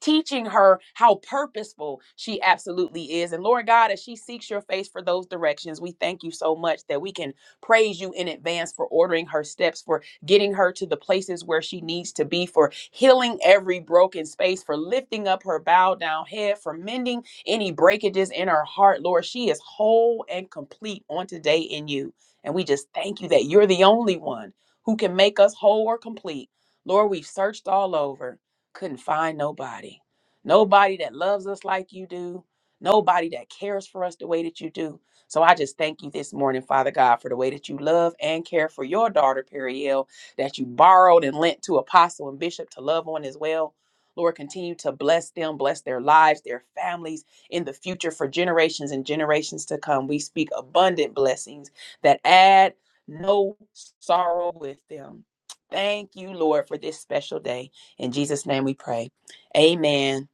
A: teaching her how purposeful she absolutely is. And Lord God, as she seeks your face for those directions, we thank you so much that we can praise you in advance for ordering her steps, for getting her to the places where she needs to be, for healing every broken space, for lifting up her bowed down head, for mending any breakages in her heart. Lord, she is whole and complete on today in you. And we just thank you that you're the only one who can make us whole or complete. Lord, we've searched all over couldn't find nobody. Nobody that loves us like you do. Nobody that cares for us the way that you do. So I just thank you this morning, Father God, for the way that you love and care for your daughter, Periel, that you borrowed and lent to Apostle and Bishop to love on as well. Lord, continue to bless them, bless their lives, their families in the future for generations and generations to come. We speak abundant blessings that add no sorrow with them. Thank you, Lord, for this special day. In Jesus' name we pray. Amen.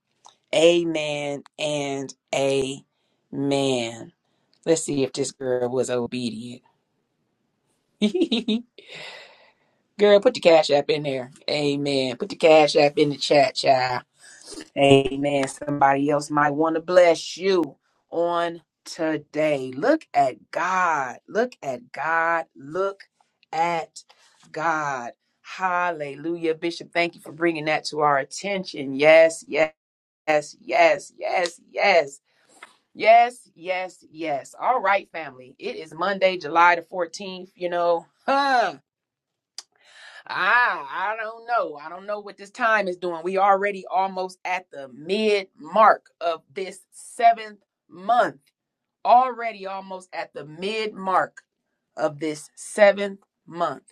A: Amen and amen. Let's see if this girl was obedient. girl, put the cash app in there. Amen. Put the cash app in the chat, child. Amen. Somebody else might want to bless you on today. Look at God. Look at God. Look at God. Hallelujah. Bishop, thank you for bringing that to our attention. Yes, yes. Yes, yes, yes, yes, yes, yes, yes. All right, family. It is Monday, July the 14th. You know, huh? I, I don't know. I don't know what this time is doing. We already almost at the mid mark of this seventh month. Already almost at the mid mark of this seventh month.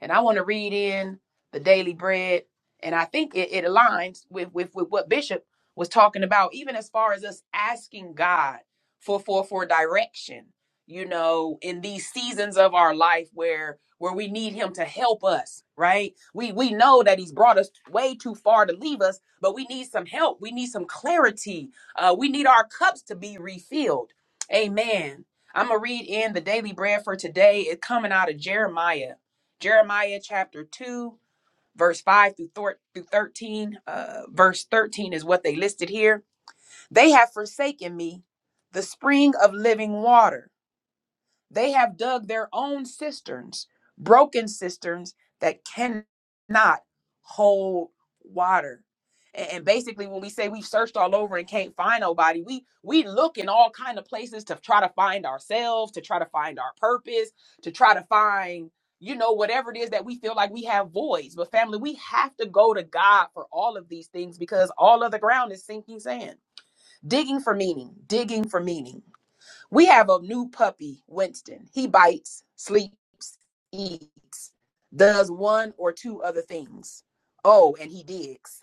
A: And I want to read in the daily bread. And I think it, it aligns with, with, with what Bishop was talking about, even as far as us asking God for, for, for direction, you know, in these seasons of our life where where we need him to help us, right? We we know that he's brought us way too far to leave us, but we need some help. We need some clarity. Uh, we need our cups to be refilled. Amen. I'm going to read in the daily bread for today. It's coming out of Jeremiah. Jeremiah chapter 2, verse 5 through, thir- through 13. Uh, verse 13 is what they listed here. They have forsaken me, the spring of living water. They have dug their own cisterns, broken cisterns that cannot hold water. A- And basically, when we say we've searched all over and can't find nobody, we we look in all kind of places to try to find ourselves, to try to find our purpose, to try to find you know whatever it is that we feel like we have voids. But family, we have to go to God for all of these things because all of the ground is sinking sand. Digging for meaning, digging for meaning. We have a new puppy, Winston. He bites, sleeps, eats, does one or two other things. Oh, and he digs.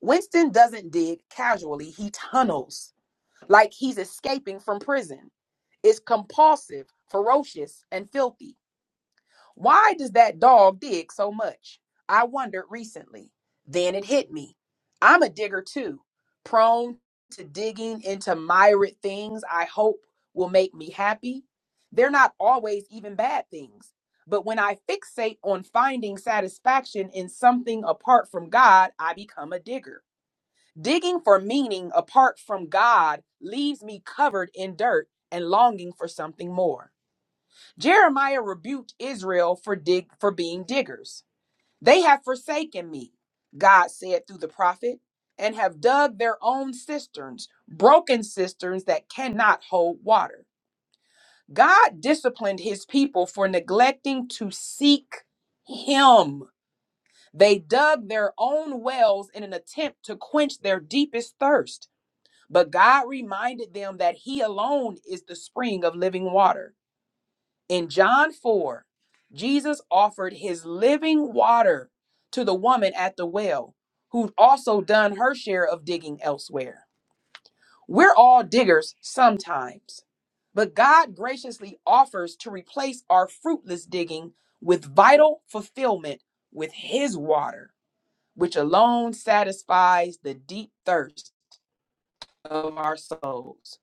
A: Winston doesn't dig casually, he tunnels like he's escaping from prison. It's compulsive, ferocious, and filthy. Why does that dog dig so much? I wondered recently. Then it hit me. I'm a digger too, prone to digging into myriad things I hope will make me happy. They're not always even bad things. But when I fixate on finding satisfaction in something apart from God, I become a digger. Digging for meaning apart from God leaves me covered in dirt and longing for something more. Jeremiah rebuked Israel for dig for being diggers. They have forsaken me, God said through the prophet, and have dug their own cisterns, broken cisterns that cannot hold water. God disciplined his people for neglecting to seek him. They dug their own wells in an attempt to quench their deepest thirst, but God reminded them that he alone is the spring of living water. In John 4, Jesus offered his living water to the woman at the well, who'd also done her share of digging elsewhere. We're all diggers sometimes, but God graciously offers to replace our fruitless digging with vital fulfillment with his water, which alone satisfies the deep thirst of our souls.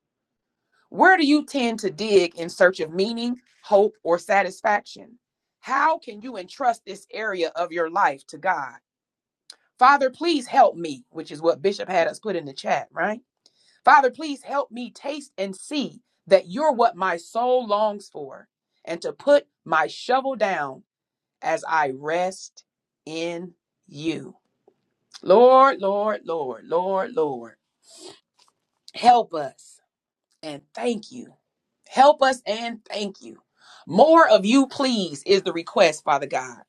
A: Where do you tend to dig in search of meaning, hope, or satisfaction? How can you entrust this area of your life to God? Father, please help me, which is what Bishop had us put in the chat, right? Father, please help me taste and see that you're what my soul longs for, and to put my shovel down as I rest in you. Lord, Lord, Lord, Lord, Lord, help us and thank you Help us and thank you. More of you, please, is the request, Father God.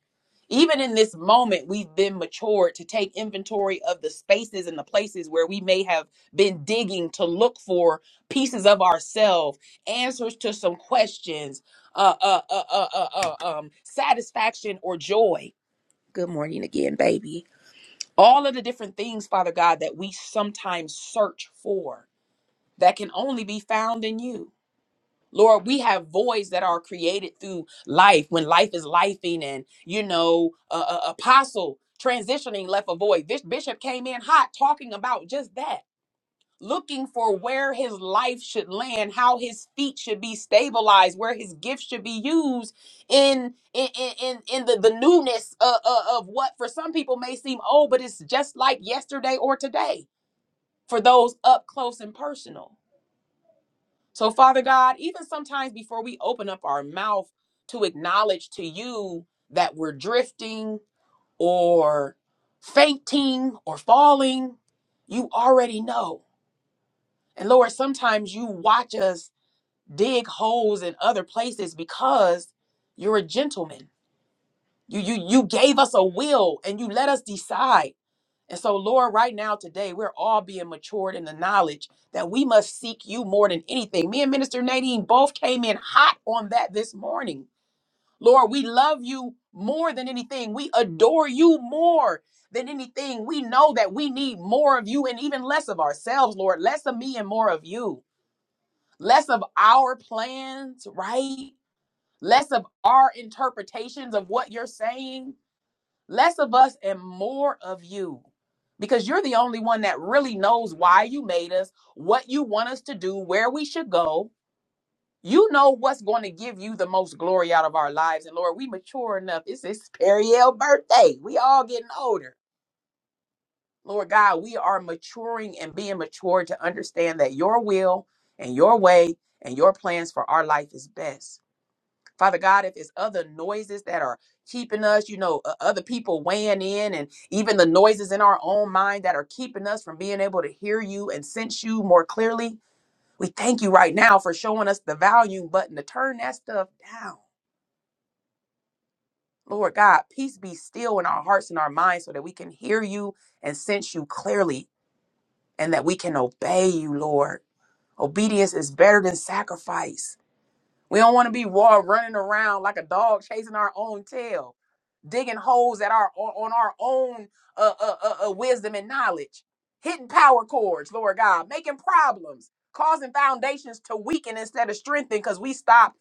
A: Even in this moment, we've been matured to take inventory of the spaces and the places where we may have been digging to look for pieces of ourselves, answers to some questions, uh, uh, uh, uh, uh, uh, um, satisfaction or joy. Good morning again, baby. All of the different things, Father God, that we sometimes search for that can only be found in you. Lord, we have voids that are created through life when life is lifing, and you know, uh, uh, apostle transitioning left a void. This bishop came in hot talking about just that, looking for where his life should land, how his feet should be stabilized, where his gifts should be used in in in, in in the the newness of of what for some people may seem old, but it's just like yesterday or today for those up close and personal. So, Father God, even sometimes before we open up our mouth to acknowledge to you that we're drifting or fainting or falling, you already know. And Lord, sometimes you watch us dig holes in other places because you're a gentleman. You, you, you gave us a will and you let us decide. And so, Lord, right now, today, we're all being matured in the knowledge that we must seek you more than anything. Me and Minister Nadine both came in hot on that this morning. Lord, we love you more than anything. We adore you more than anything. We know that we need more of you and even less of ourselves, Lord. Less of me and more of you. Less of our plans, right? Less of our interpretations of what you're saying less of us and more of you because you're the only one that really knows why you made us, what you want us to do, where we should go. You know what's going to give you the most glory out of our lives. And Lord, we mature enough. It's this Periel birthday. We all getting older. Lord God, we are maturing and being mature to understand that your will and your way and your plans for our life is best. Father God, if it's other noises that are keeping us, you know, o- other people weighing in and even the noises in our own mind that are keeping us from being able to hear you and sense you more clearly, we thank you right now for showing us the volume button to turn that stuff down. Lord God, peace be still in our hearts and our minds so that we can hear you and sense you clearly and that we can obey you, Lord. Obedience is better than sacrifice. We don't want to be raw running around like a dog chasing our own tail, digging holes at our on our own uh, uh, uh, uh, wisdom and knowledge, hitting power cords, Lord God, making problems, causing foundations to weaken instead of strengthen because we stop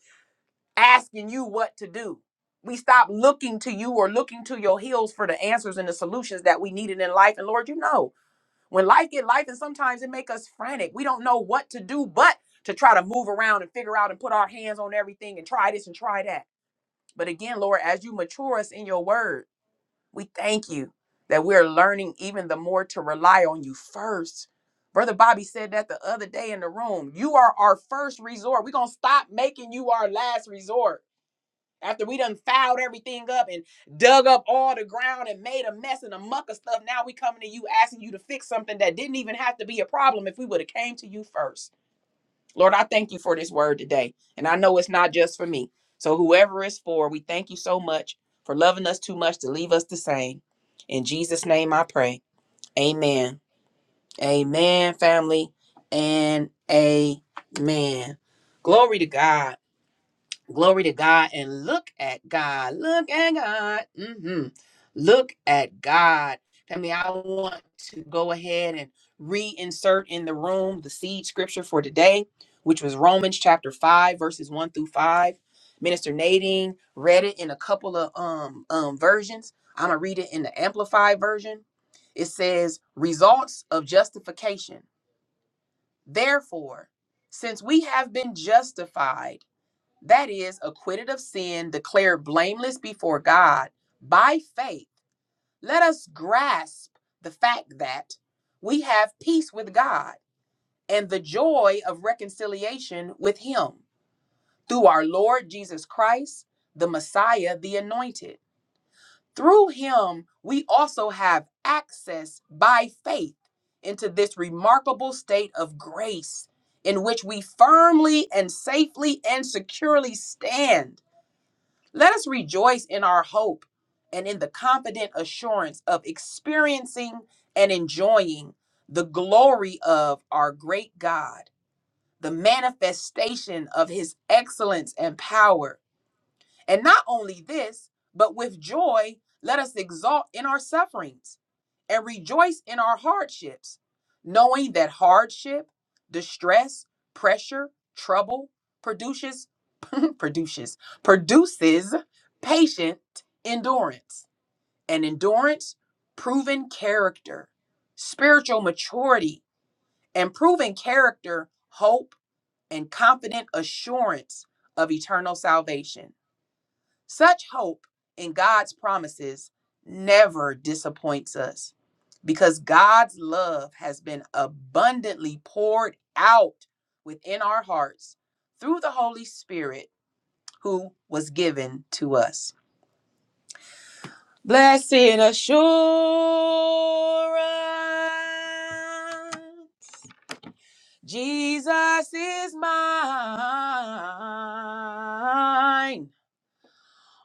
A: asking you what to do. We stop looking to you or looking to your heels for the answers and the solutions that we needed in life. And Lord, you know. When life get life, and sometimes it make us frantic. We don't know what to do but to try to move around and figure out and put our hands on everything and try this and try that. But again, Lord, as you mature us in your word, we thank you that we're learning even the more to rely on you first. Brother Bobby said that the other day in the room. You are our first resort. We're going to stop making you our last resort. After we done fouled everything up and dug up all the ground and made a mess and a muck of stuff, now we coming to you asking you to fix something that didn't even have to be a problem if we would have came to you first. Lord, I thank you for this word today. And I know it's not just for me. So whoever it's for, we thank you so much for loving us too much to leave us the same. In Jesus' name I pray. Amen. Amen, family. And amen. Glory to God glory to God and look at God. Look at God. hmm Look at God. I mean, I want to go ahead and reinsert in the room the seed scripture for today, which was Romans chapter 5, verses 1 through 5. Minister Nadine read it in a couple of um, um, versions. I'm going to read it in the Amplified version. It says, Results of justification. Therefore, since we have been justified, that is, acquitted of sin, declared blameless before God by faith, let us grasp the fact that we have peace with God and the joy of reconciliation with Him through our Lord Jesus Christ, the Messiah, the Anointed. Through Him, we also have access by faith into this remarkable state of grace in which we firmly and safely and securely stand Let us rejoice in our hope and in the confident assurance of experiencing and enjoying the glory of our great God, the manifestation of his excellence and power. And not only this, but with joy, let us exalt in our sufferings and rejoice in our hardships, knowing that hardship, distress, pressure, trouble, produces produces produces patient endurance and endurance proven character spiritual maturity and proven character hope and confident assurance of eternal salvation such hope in god's promises never disappoints us because god's love has been abundantly poured out within our hearts through the holy spirit who was given to us Blessed assurance, Jesus is mine.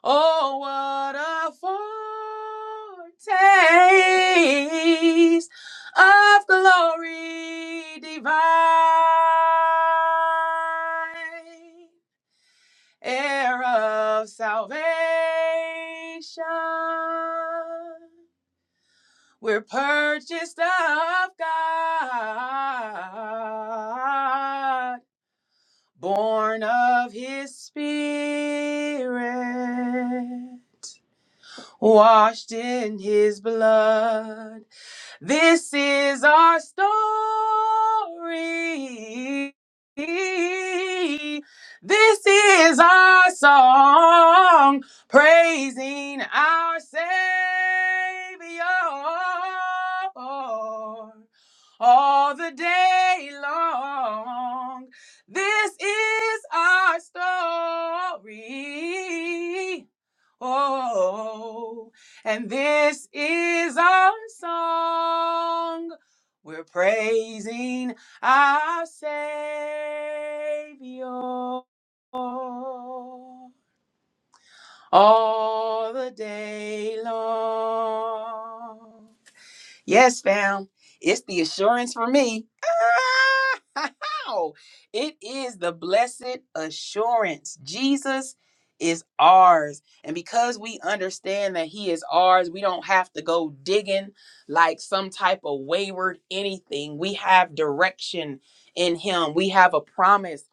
A: Oh, what a foretaste of glory divine, heir of salvation. We're purchased of God, born of his spirit, washed in his blood. This is our story. This is our song praising our Savior all the day long. This is our story. Oh, and this is our song. We're praising our Savior all the day long. Yes, fam. It's the assurance for me. Ah, It is the blessed assurance. Jesus is ours. And because we understand that he is ours, we don't have to go digging like some type of wayward anything. We have direction in him, we have a promise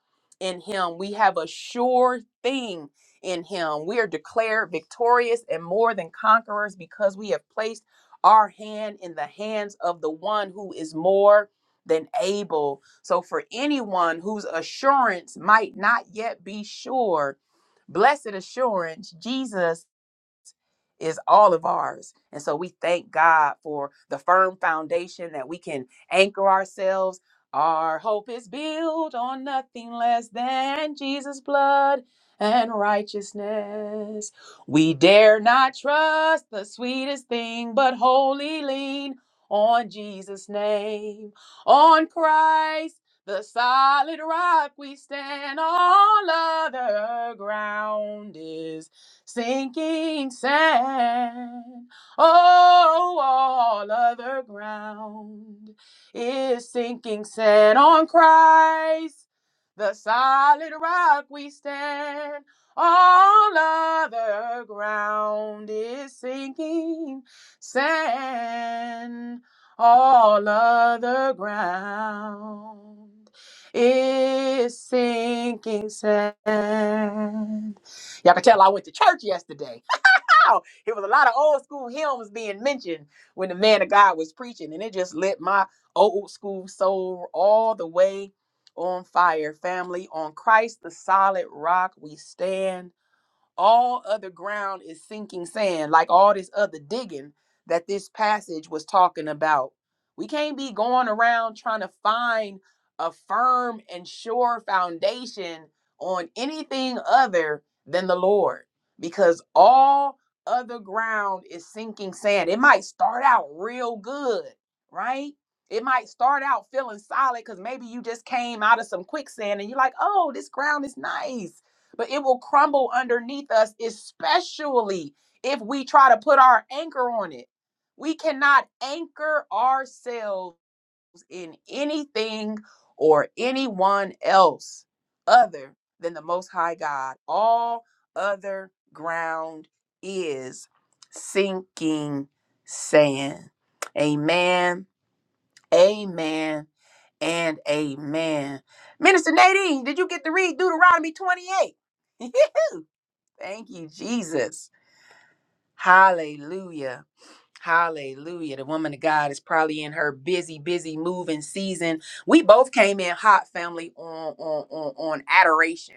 A: in him, we have a sure thing in him. We are declared victorious and more than conquerors because we have placed our hand in the hands of the one who is more than able. So, for anyone whose assurance might not yet be sure, blessed assurance, Jesus is all of ours. And so, we thank God for the firm foundation that we can anchor ourselves. Our hope is built on nothing less than Jesus' blood and righteousness. Jesus. We dare not trust the sweetest thing, but wholly lean on Jesus' name. On Christ, the solid rock we stand, all other ground is sinking sand. Oh, all other ground is sinking sand on Christ. The solid rock we stand all other ground is sinking sand. All other ground is sinking sand. Y'all can tell I went to church yesterday. How? It was a lot of old school hymns being mentioned when the man of God was preaching, and it just lit my old school soul all the way on fire. Family, on Christ, the solid rock, we stand all other ground is sinking sand, like all this other digging that this passage was talking about. We can't be going around trying to find a firm and sure foundation on anything other than the Lord, because all other ground is sinking sand. It might start out real good, right? It might start out feeling solid because maybe you just came out of some quicksand and you're like, oh, this ground is nice but it will crumble underneath us, especially if we try to put our anchor on it. We cannot anchor ourselves in anything or anyone else other than the Most High God. All other ground is sinking sand. Amen, amen, and amen. Minister Nadine, did you get to read Deuteronomy 28? Thank you, Jesus. Hallelujah. Hallelujah. The woman of God is probably in her busy, busy moving season. We both came in hot family on on on, on adoration.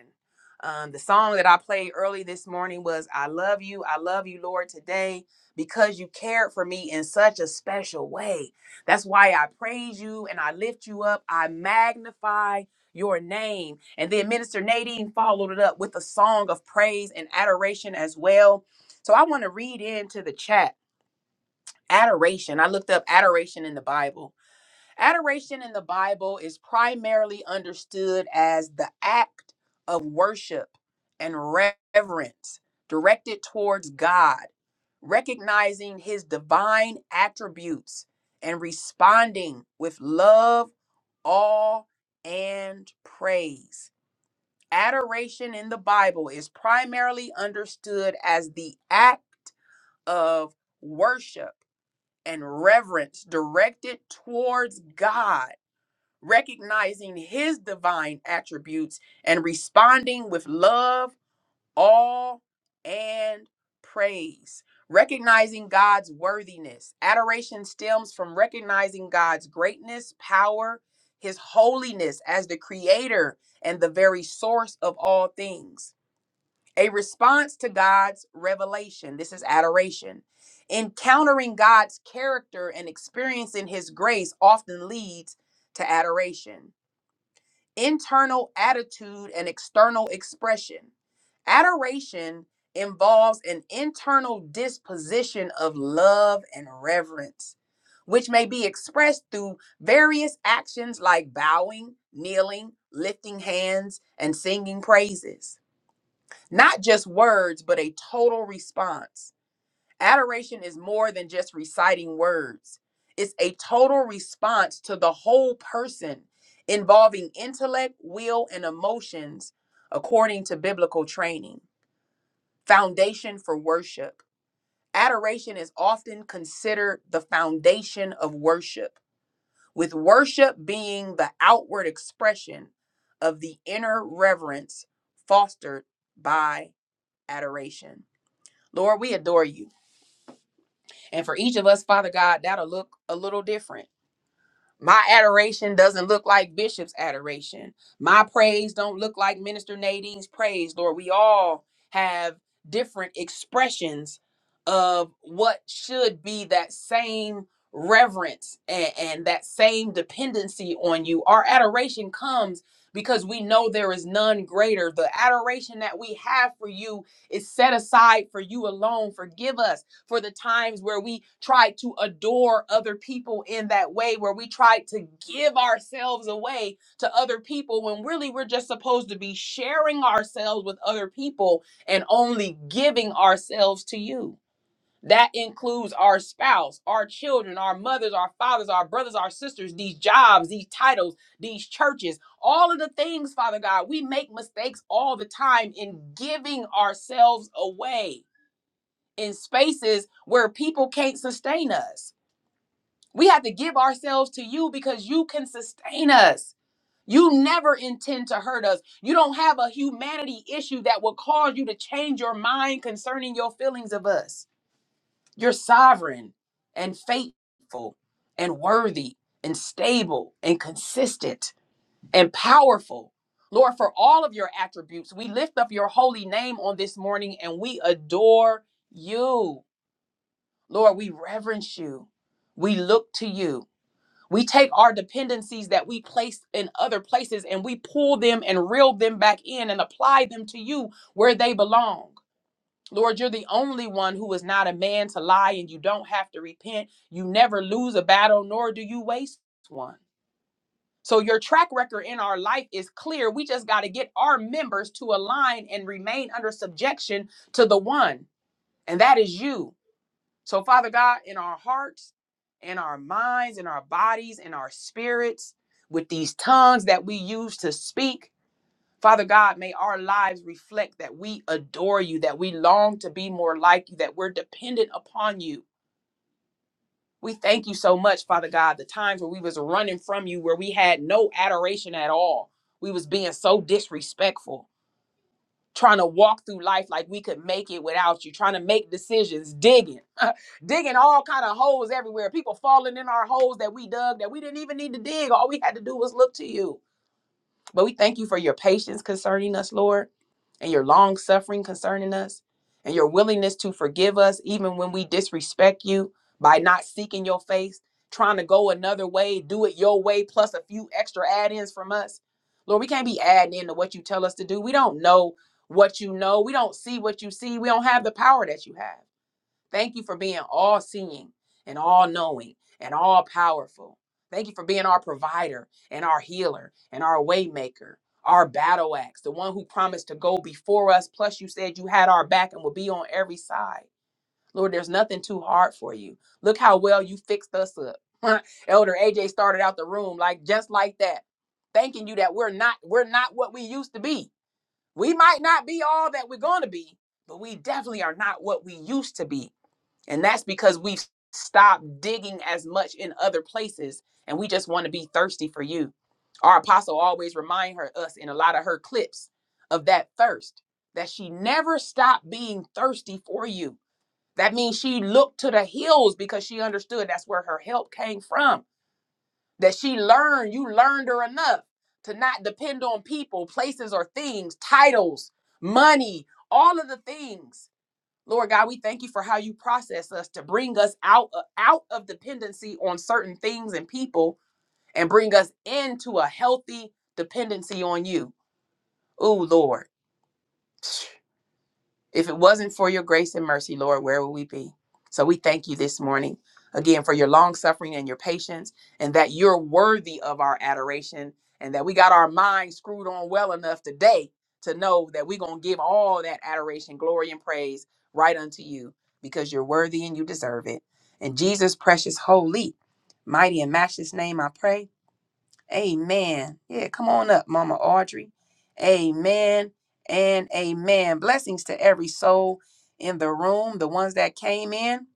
A: Um, the song that I played early this morning was I love you, I love you, Lord, today because you cared for me in such a special way. That's why I praise you and I lift you up. I magnify your name. And then Minister Nadine followed it up with a song of praise and adoration as well. So I want to read into the chat adoration. I looked up adoration in the Bible. Adoration in the Bible is primarily understood as the act of worship and reverence directed towards God, recognizing his divine attributes and responding with love, awe, and praise. Adoration in the Bible is primarily understood as the act of worship and reverence directed towards God, recognizing his divine attributes and responding with love, awe, and praise. Recognizing God's worthiness. Adoration stems from recognizing God's greatness, power, his holiness as the creator and the very source of all things a response to God's revelation. This is adoration. Encountering God's character and experiencing his grace often leads to adoration. Internal attitude and external expression. Adoration involves an internal disposition of love and reverence, which may be expressed through various actions like bowing, kneeling, lifting hands, and singing praises. Not just words, but a total response. Adoration is more than just reciting words, it's a total response to the whole person involving intellect, will, and emotions according to biblical training. Foundation for worship. Adoration is often considered the foundation of worship, with worship being the outward expression of the inner reverence fostered by adoration. Lord, we adore you. And for each of us, Father God, that'll look a little different. My adoration doesn't look like Bishop's adoration. My praise don't look like Minister Nadine's praise. Lord, we all have different expressions of what should be that same reverence and, and that same dependency on you. Our adoration comes because we know there is none greater. The adoration that we have for you is set aside for you alone. Forgive us for the times where we tried to adore other people in that way, where we tried to give ourselves away to other people when really we're just supposed to be sharing ourselves with other people and only giving ourselves to you. That includes our spouse, our children, our mothers, our fathers, our brothers, our sisters, these jobs, these titles, these churches, all of the things, Father God. We make mistakes all the time in giving ourselves away in spaces where people can't sustain us. We have to give ourselves to you because you can sustain us. You never intend to hurt us. You don't have a humanity issue that will cause you to change your mind concerning your feelings of us. You're sovereign and faithful and worthy and stable and consistent and powerful. Lord, for all of your attributes, we lift up your holy name on this morning and we adore you. Lord, we reverence you. We look to you. We take our dependencies that we place in other places and we pull them and reel them back in and apply them to you where they belong. Lord, you're the only one who is not a man to lie and you don't have to repent. You never lose a battle, nor do you waste one. So, your track record in our life is clear. We just got to get our members to align and remain under subjection to the one, and that is you. So, Father God, in our hearts, in our minds, in our bodies, in our spirits, with these tongues that we use to speak. Father God, may our lives reflect that we adore you, that we long to be more like you, that we're dependent upon you. We thank you so much, Father God, the times where we was running from you, where we had no adoration at all. We was being so disrespectful, trying to walk through life like we could make it without you, trying to make decisions, digging. digging all kind of holes everywhere. People falling in our holes that we dug that we didn't even need to dig. All we had to do was look to you. But we thank you for your patience concerning us, Lord, and your long suffering concerning us, and your willingness to forgive us even when we disrespect you by not seeking your face, trying to go another way, do it your way, plus a few extra add-ins from us. Lord, we can't be adding into what you tell us to do. We don't know what you know. We don't see what you see. We don't have the power that you have. Thank you for being all seeing and all knowing and all powerful. Thank you for being our provider and our healer and our waymaker, our battle axe, the one who promised to go before us. Plus, you said you had our back and would be on every side. Lord, there's nothing too hard for you. Look how well you fixed us up. Elder AJ started out the room like just like that, thanking you that we're not we're not what we used to be. We might not be all that we're going to be, but we definitely are not what we used to be and that's because we've stopped digging as much in other places and we just want to be thirsty for you. Our apostle always remind her us in a lot of her clips of that thirst that she never stopped being thirsty for you. That means she looked to the hills because she understood that's where her help came from. That she learned, you learned her enough to not depend on people, places or things, titles, money, all of the things Lord God, we thank you for how you process us to bring us out, uh, out of dependency on certain things and people and bring us into a healthy dependency on you. Oh, Lord. If it wasn't for your grace and mercy, Lord, where would we be? So we thank you this morning again for your long suffering and your patience, and that you're worthy of our adoration, and that we got our minds screwed on well enough today to know that we're going to give all that adoration, glory, and praise right unto you because you're worthy and you deserve it. In Jesus' precious, holy, mighty, and matchless name, I pray. Amen. Yeah, come on up, Mama Audrey. Amen and amen. Blessings to every soul in the room, the ones that came in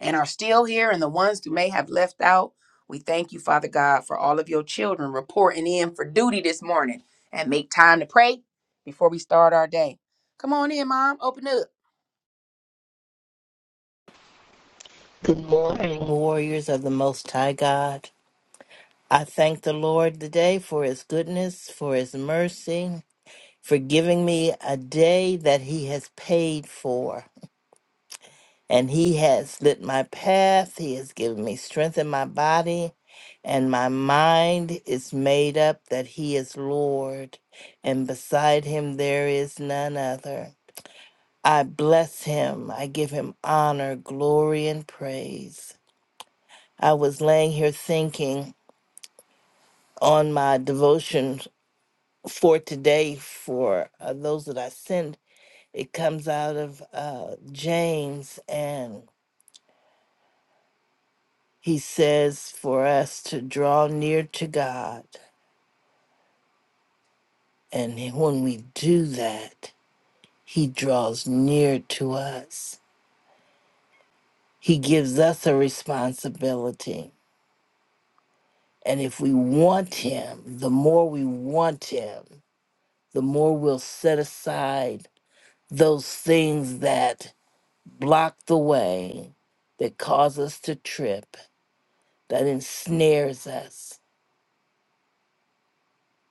A: and are still here, and the ones who may have left out. We thank you, Father God, for all of your children reporting in for duty this morning and make time to pray before we start our day. Come on in, Mom. Open up.
E: Good morning, warriors of the Most High God. I thank the Lord today for his goodness, for his mercy, for giving me a day that he has paid for. And he has lit my path, he has given me strength in my body, and my mind is made up that he is Lord, and beside him there is none other. I bless him, I give him honor, glory, and praise. I was laying here thinking. on my devotion for today for uh, those that I send. It comes out of uh, James, and he says for us to draw near to God. And when we do that, he draws near to us. He gives us a responsibility. And if we want him, the more we want him, the more we'll set aside those things that block the way that cause us to trip, that ensnares us.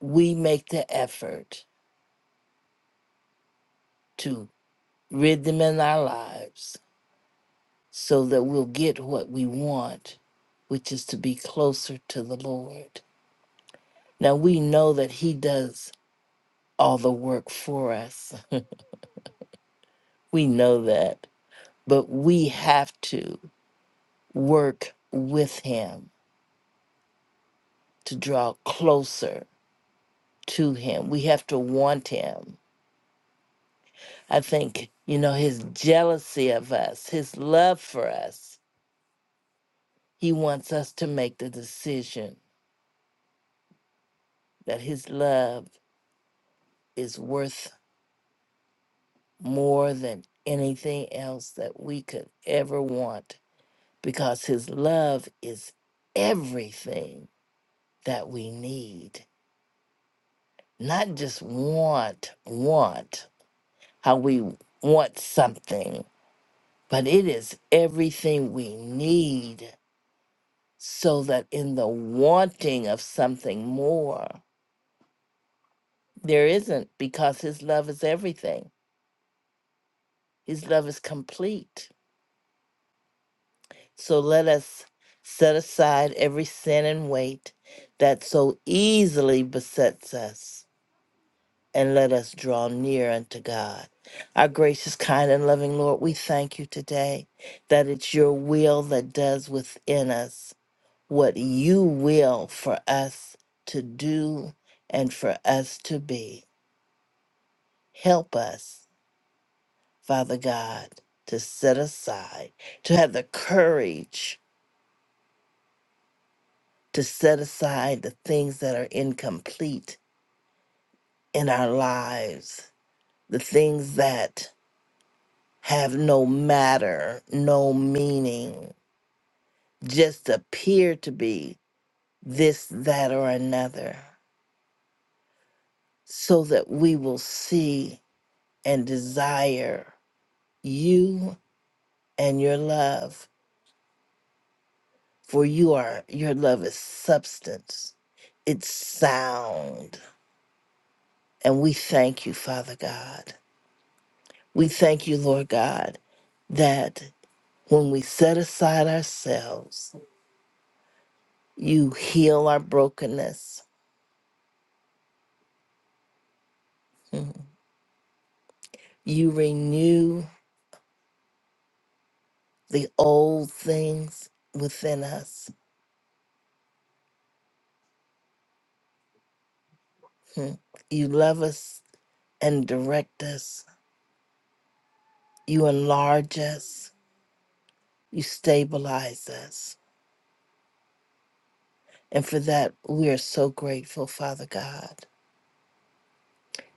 E: We make the effort to rid them in our lives so that we'll get what we want, which is to be closer to the Lord. Now we know that He does all the work for us. We know that. But we have to work with Him to draw closer to Him. We have to want Him I think, you know, his jealousy of us, his love for us, he wants us to make the decision that his love is worth more than anything else that we could ever want because his love is everything that we need, not just want, want, how we want something, but it is everything we need so that in the wanting of something more, there isn't, because His love is everything. His love is complete. So let us set aside every sin and weight that so easily besets us, and let us draw near unto God. Our gracious, kind, and loving Lord, we thank you today that it's your will that does within us what you will for us to do and for us to be. Help us, Father God, to set aside, to have the courage to set aside the things that are incomplete in our lives, the things that have no matter, no meaning, just appear to be this, that, or another, so that we will see and desire you and your love For you are your love is substance. It's sound. And we thank you, Father God. We thank you, Lord God, that when we set aside ourselves, you heal our brokenness. Mhm. You renew the old things within us. Mhm. You love us and direct us. You enlarge us. You stabilize us. And for that, we are so grateful, Father God.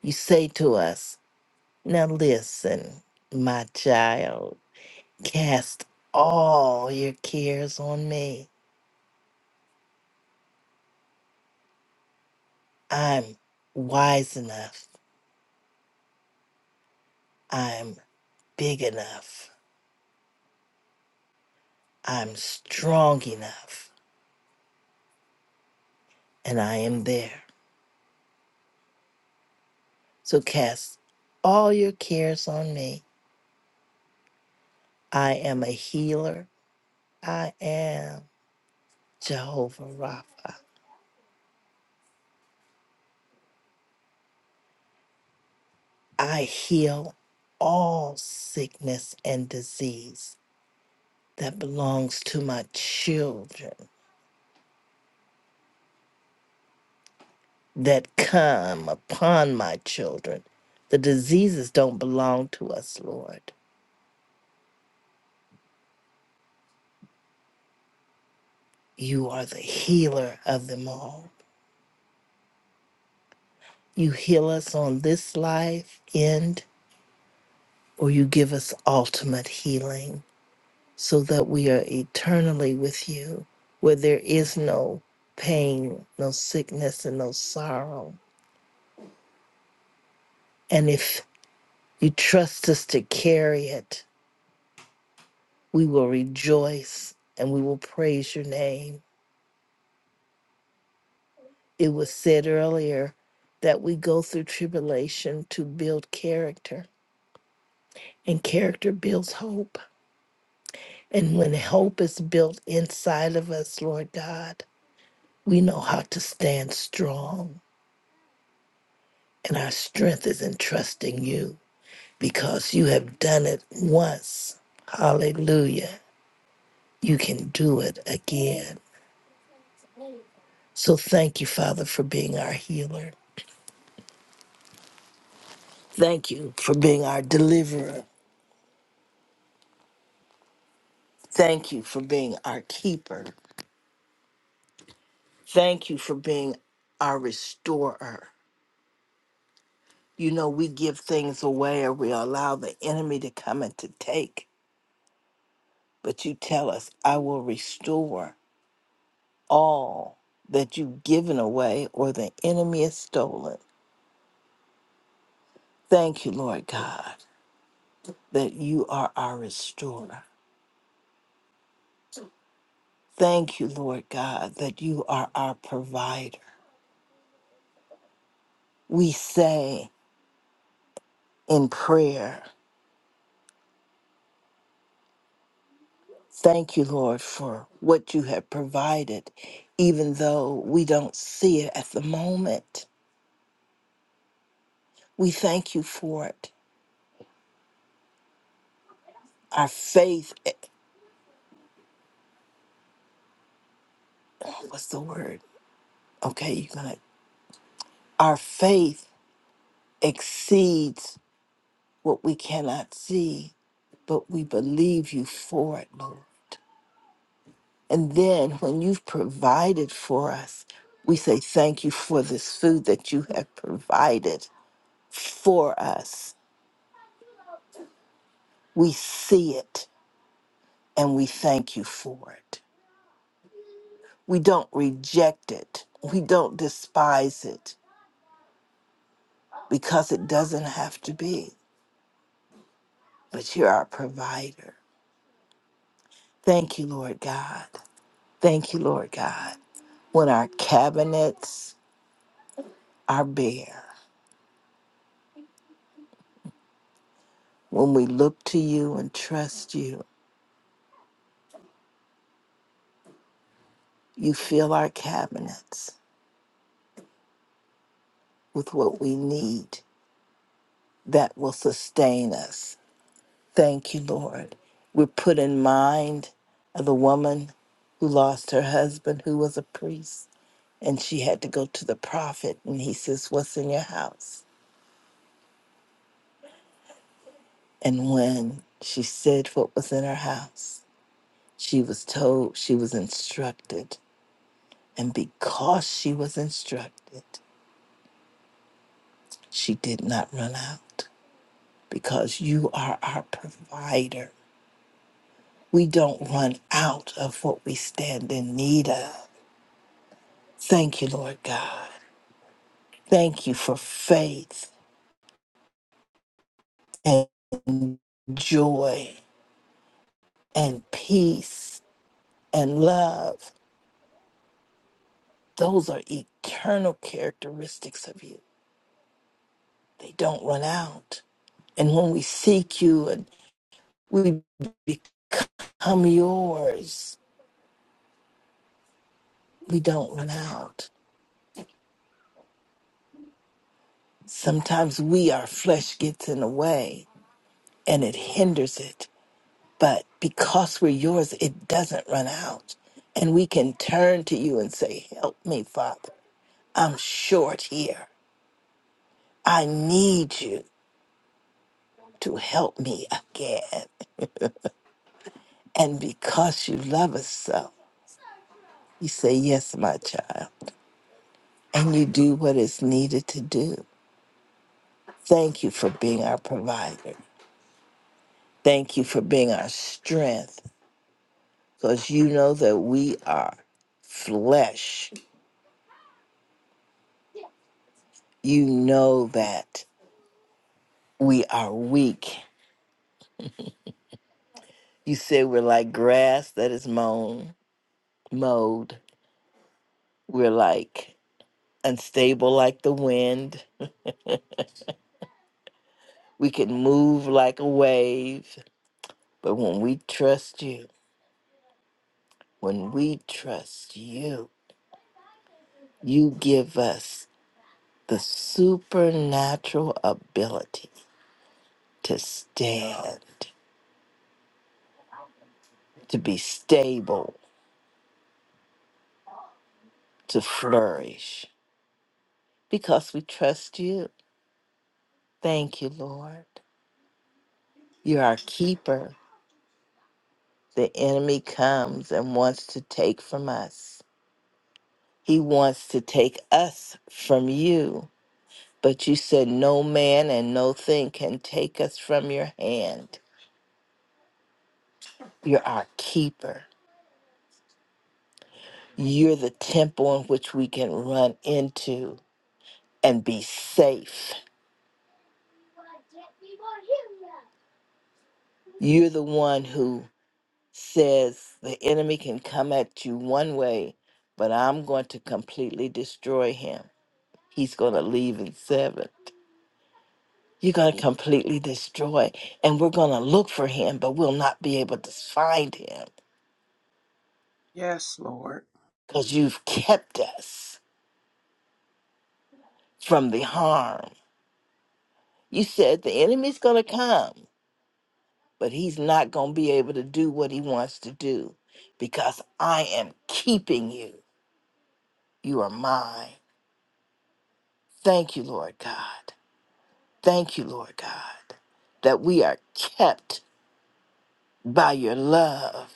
E: You say to us, Now listen, my child, cast all your cares on me. I'm wise enough, I'm big enough, I'm strong enough, and I am there. So cast all your cares on me. I am a healer, I am Jehovah Rapha. I heal all sickness and disease that belongs to my children, that come upon my children. The diseases don't belong to us, Lord. You are the healer of them all. You heal us on this life end, or you give us ultimate healing so that we are eternally with you, where there is no pain, no sickness, and no sorrow. And if You trust us to carry it. We will rejoice and we will praise your name. It was said earlier that we go through tribulation to build character, and character builds hope. And when hope is built inside of us, Lord God, we know how to stand strong. And our strength is in trusting you because you have done it once. Hallelujah. You can do it again. So thank you, Father, for being our healer. Thank you for being our deliverer. Thank you for being our keeper. Thank you for being our restorer. You know, we give things away or we allow the enemy to come and to take, but you tell us, I will restore all that you've given away or the enemy has stolen. Thank you, Lord God, that you are our restorer. Thank you, Lord God, that you are our provider. we say in prayer, Thank you, Lord, for what you have provided, even though we don't see it at the moment. We thank you for it. Our faith, e-" what's the word? Okay, you're going to, our faith exceeds what we cannot see, but we believe you for it, Lord. And then when you've provided for us, we say thank you for this food that you have provided for us We see it and we thank you for it. We don't reject it. We don't despise it because it doesn't have to be. But you're our provider. Thank you, Lord God. Thank you, Lord God. When our cabinets are bare, when we look to you and trust you, you fill our cabinets with what we need that will sustain us Thank you, Lord. We're put in mind of the woman who lost her husband, who was a priest, and she had to go to the prophet. And he says, What's in your house? And when she said what was in her house, she was told, she was instructed. And because she was instructed, she did not run out because you are our provider. We don't run out of what we stand in need of. Thank you, Lord God. Thank you for faith and joy and peace and love. Those are eternal characteristics of you. They don't run out. And when we seek you and we become yours, we don't run out. Sometimes we, our flesh gets in the way and it hinders it. But because we're yours, it doesn't run out. And we can turn to you and say, Help me, Father. I'm short here. I need you to help me again. And because you love us so, you say, Yes, my child. And you do what is needed to do. Thank you for being our provider. Thank you for being our strength because you know that we are flesh. You know that we are weak. You say we're like grass that is mown, mowed. We're like unstable like the wind We can move like a wave, but when we trust you, when we trust you, you give us the supernatural ability to stand, to be stable, to flourish, because we trust you. Thank you, Lord. You're our keeper. The enemy comes and wants to take from us. He wants to take us from you But you said, No man and no thing can take us from your hand. You're our keeper. You're the temple in which we can run into and be safe. You're the one who says the enemy can come at you one way, but I'm going to completely destroy him. He's going to leave in seven. You're going to completely destroy, and we're going to look for him, but we'll not be able to find him
A: Yes, Lord.
E: because you've kept us. from the harm. You said the enemy's going to come, but he's not going to be able to do what he wants to do because I am keeping you. You are mine. Thank you, Lord God. Thank you, Lord God, that we are kept by your love.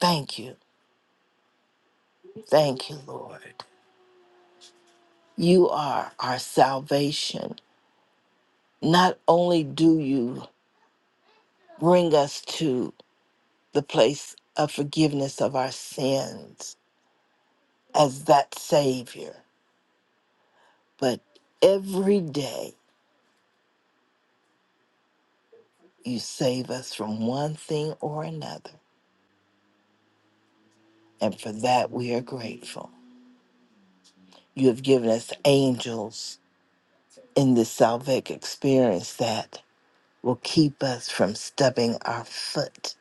E: Thank you. Thank you, Lord. You are our salvation. Not only do you bring us to the place of forgiveness of our sins, as that Savior. But every day you save us from one thing or another. And for that we are grateful. You have given us angels in this salvific experience that will keep us from stubbing our foot,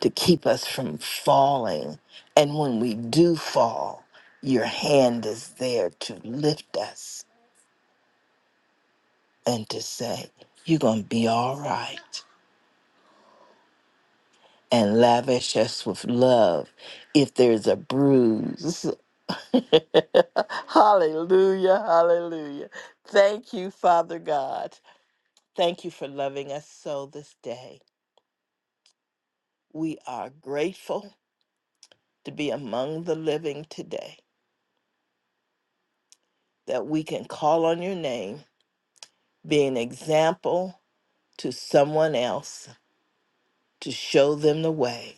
E: to keep us from falling. And when we do fall, your hand is there to lift us and to say, You're going to be all right. and lavish us with love if there's a bruise. hallelujah, hallelujah. Thank you, Father God. Thank you for loving us so this day. We are grateful to be among the living today, that we can call on your name, be an example to someone else to show them the way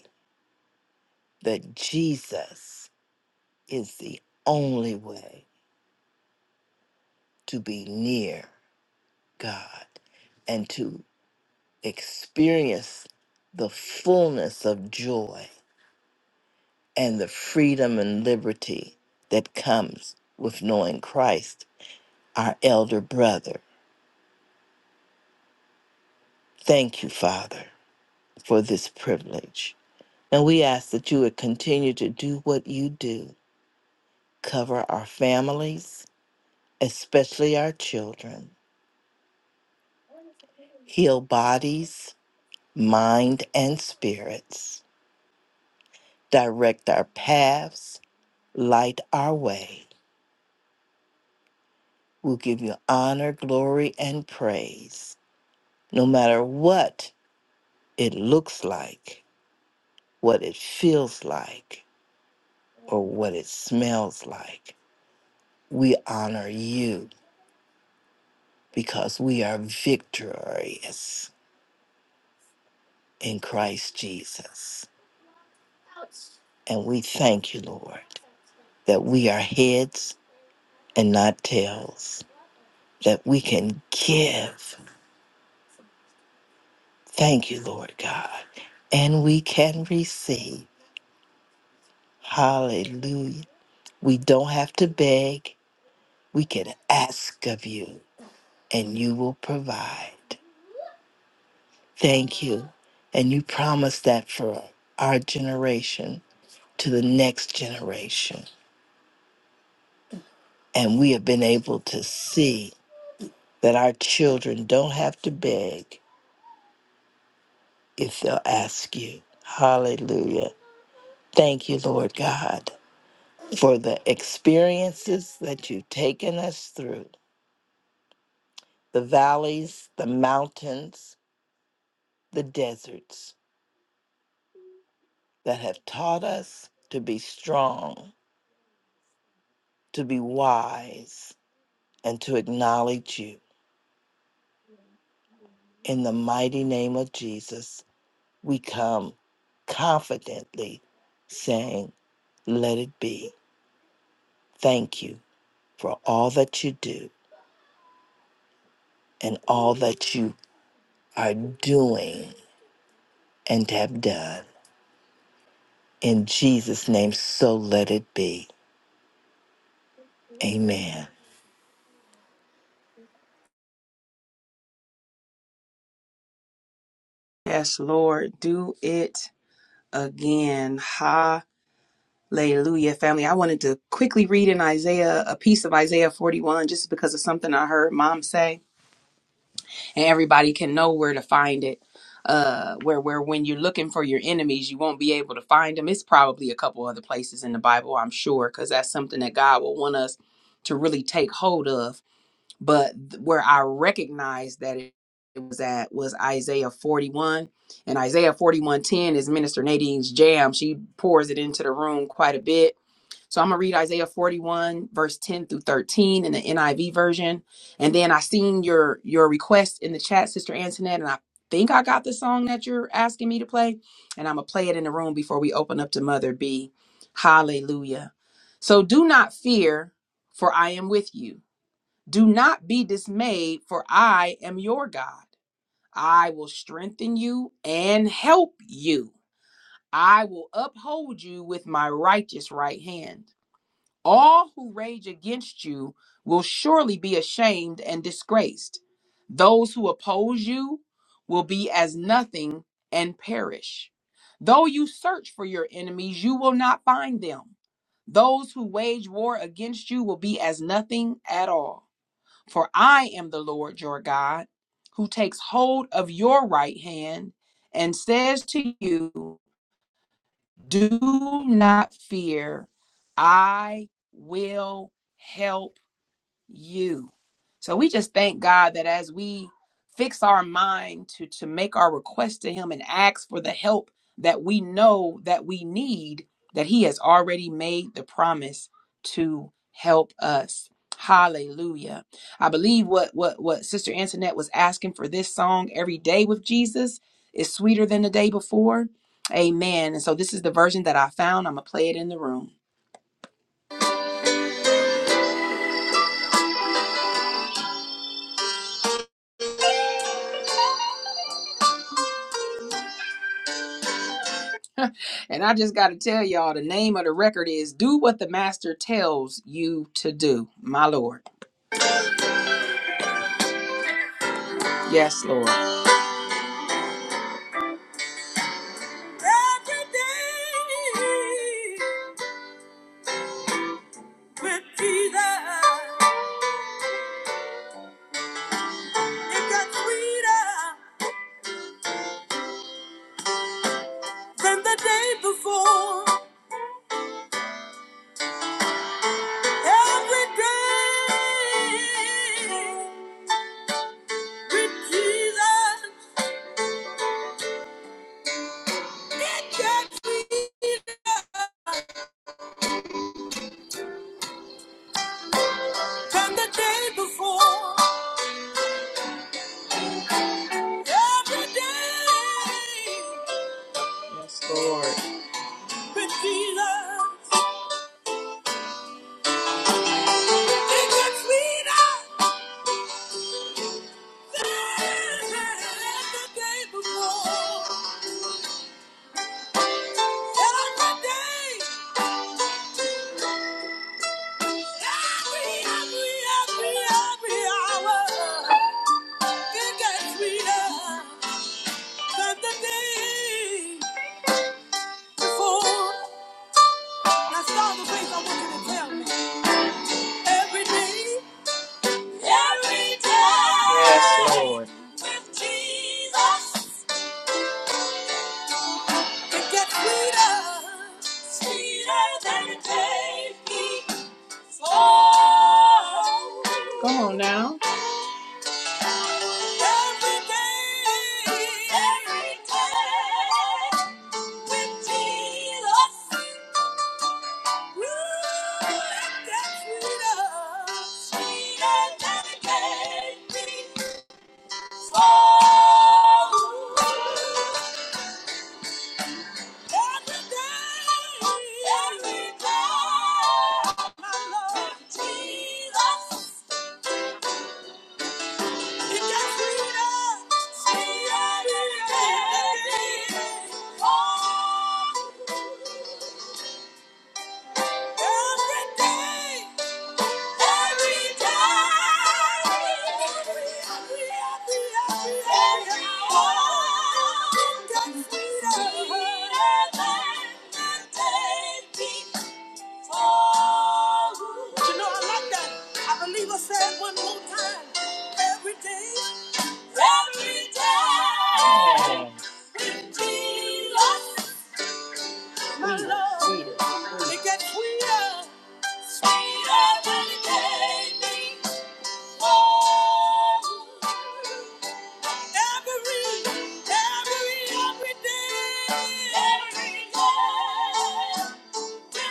E: that Jesus is the only way to be near God and to experience the fullness of joy and the freedom and liberty that comes with knowing Christ, our elder brother. Thank you, Father, for this privilege. And we ask that you would continue to do what you do, cover our families, especially our children, heal bodies, mind, and spirits, direct our paths, light our way. We'll give you honor, glory, and praise, no matter what it looks like, what it feels like, or what it smells like. We honor you because we are victorious in Christ Jesus. And we thank you, Lord, that we are heads and not tails, that we can give. Thank you, Lord God. And we can receive. Hallelujah. We don't have to beg. We can ask of you, and you will provide. Thank you. And you promise that for our generation to the next generation. And we have been able to see that our children don't have to beg if they'll ask you. Hallelujah. Thank you, Lord God, for the experiences that you've taken us through the valleys, the mountains, the deserts that have taught us to be strong, to be wise, and to acknowledge you. In the mighty name of Jesus, we come confidently saying, Let it be. Thank you for all that you do and all that you are doing and have done. In Jesus' name, so let it be. Amen.
A: Yes, Lord. Do it again. Hallelujah, family. I wanted to quickly read in Isaiah a piece of Isaiah 41 just because of something I heard mom say, and everybody can know where to find it. Uh, where where when you're looking for your enemies, you won't be able to find them. It's probably a couple other places in the Bible, I'm sure, because that's something that God will want us to really take hold of. But th- where I recognized that it it was at was Isaiah 41, and Isaiah 41:10 is Minister Nadine's jam. She pours it into the room quite a bit so I'm gonna read Isaiah 41, verse 10 through 13 in the NIV version. And then I seen your your request in the chat, Sister Antoinette, and I think I got the song that you're asking me to play. And I'm gonna play it in the room before we open up to Mother B. Hallelujah. So do not fear, for I am with you. Do not be dismayed, for I am your God. I will strengthen you and help you. I will uphold you with my righteous right hand. All who rage against you will surely be ashamed and disgraced. Those who oppose you will be as nothing and perish. Though you search for your enemies, you will not find them. Those who wage war against you will be as nothing at all. For I am the Lord your God, who takes hold of your right hand and says to you, do not fear. I will help you. So we just thank God that as we fix our mind to to make our request to him and ask for the help that we know that we need, that he has already made the promise to help us. Hallelujah. I believe what what what Sister Antoinette was asking for this song every day with Jesus is sweeter than the day before. Amen. And so this is the version that I found. I'm going to play it in the room. And I just got to tell y'all the name of the record is Do What the Master Tells You to Do, my Lord. Yes, Lord. Every day with Jesus, it got sweeter than the day before. Every day with Jesus, it got sweeter than the day before. Every day. it gets sweeter than the day before. Every day, every, hour, Every day, every day. Yes, Lord. With Jesus. It gets sweeter, sweeter than a baby. Oh. Come on now. Every day, every day, with Jesus. Ooh, it gets sweeter, sweeter than a baby. Oh. Thank you. But you know, I like that. I believe I said one more time. Every day, every day, with Jesus, my love, it gets sweeter, sweeter than it can be. Oh, every, every, every day, every day. Oh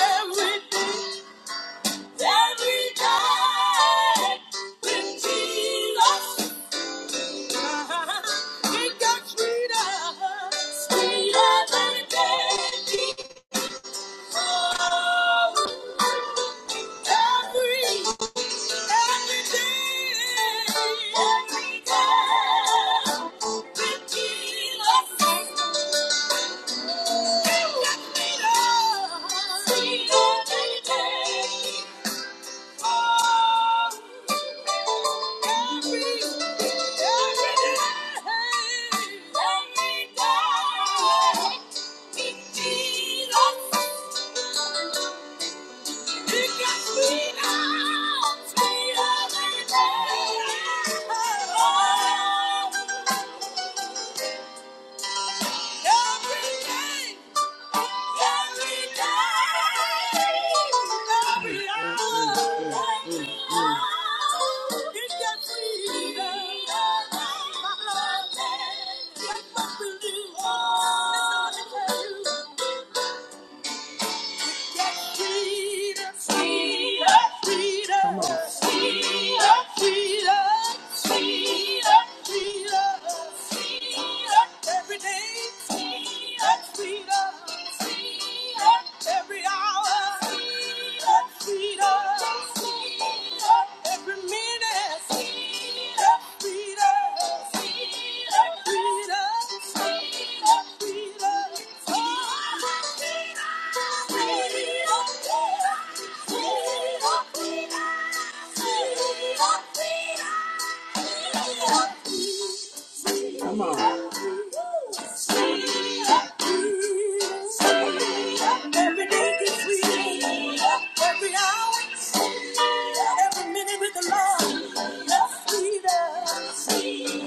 A: Every day with Jesus, it got sweeter, sweeter than candy. Thank you. Thank you. Come on. Every hour, every minute. Come on. Every minute with the Lord.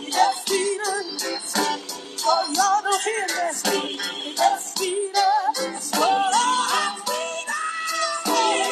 A: Yes, Peter. Oh, you're the healer. Yes, healer. Yes, Lord, I'm Hey.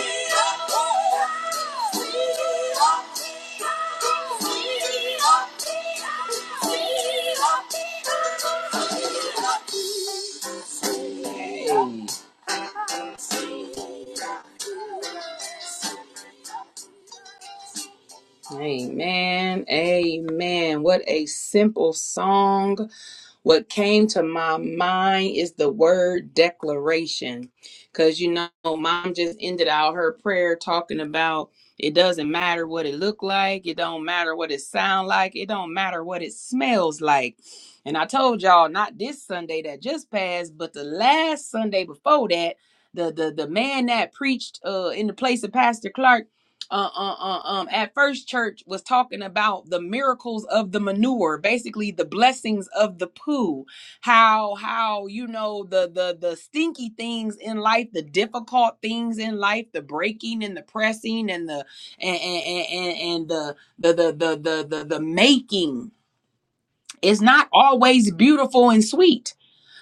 A: Amen. Amen. What a simple song. What came to my mind is the word declaration. Because, you know, mom just ended out her prayer talking about it doesn't matter what it look like. It don't matter what it sound like. It don't matter what it smells like. And I told y'all not this Sunday that just passed, but the last Sunday before that, the the the man that preached uh in the place of Pastor Clark uh, uh, uh, um, at first church was talking about the miracles of the manure, basically the blessings of the poo, how how you know the the the stinky things in life, the difficult things in life, the breaking and the pressing and the and and and, and the, the the the the the the making is not always beautiful and sweet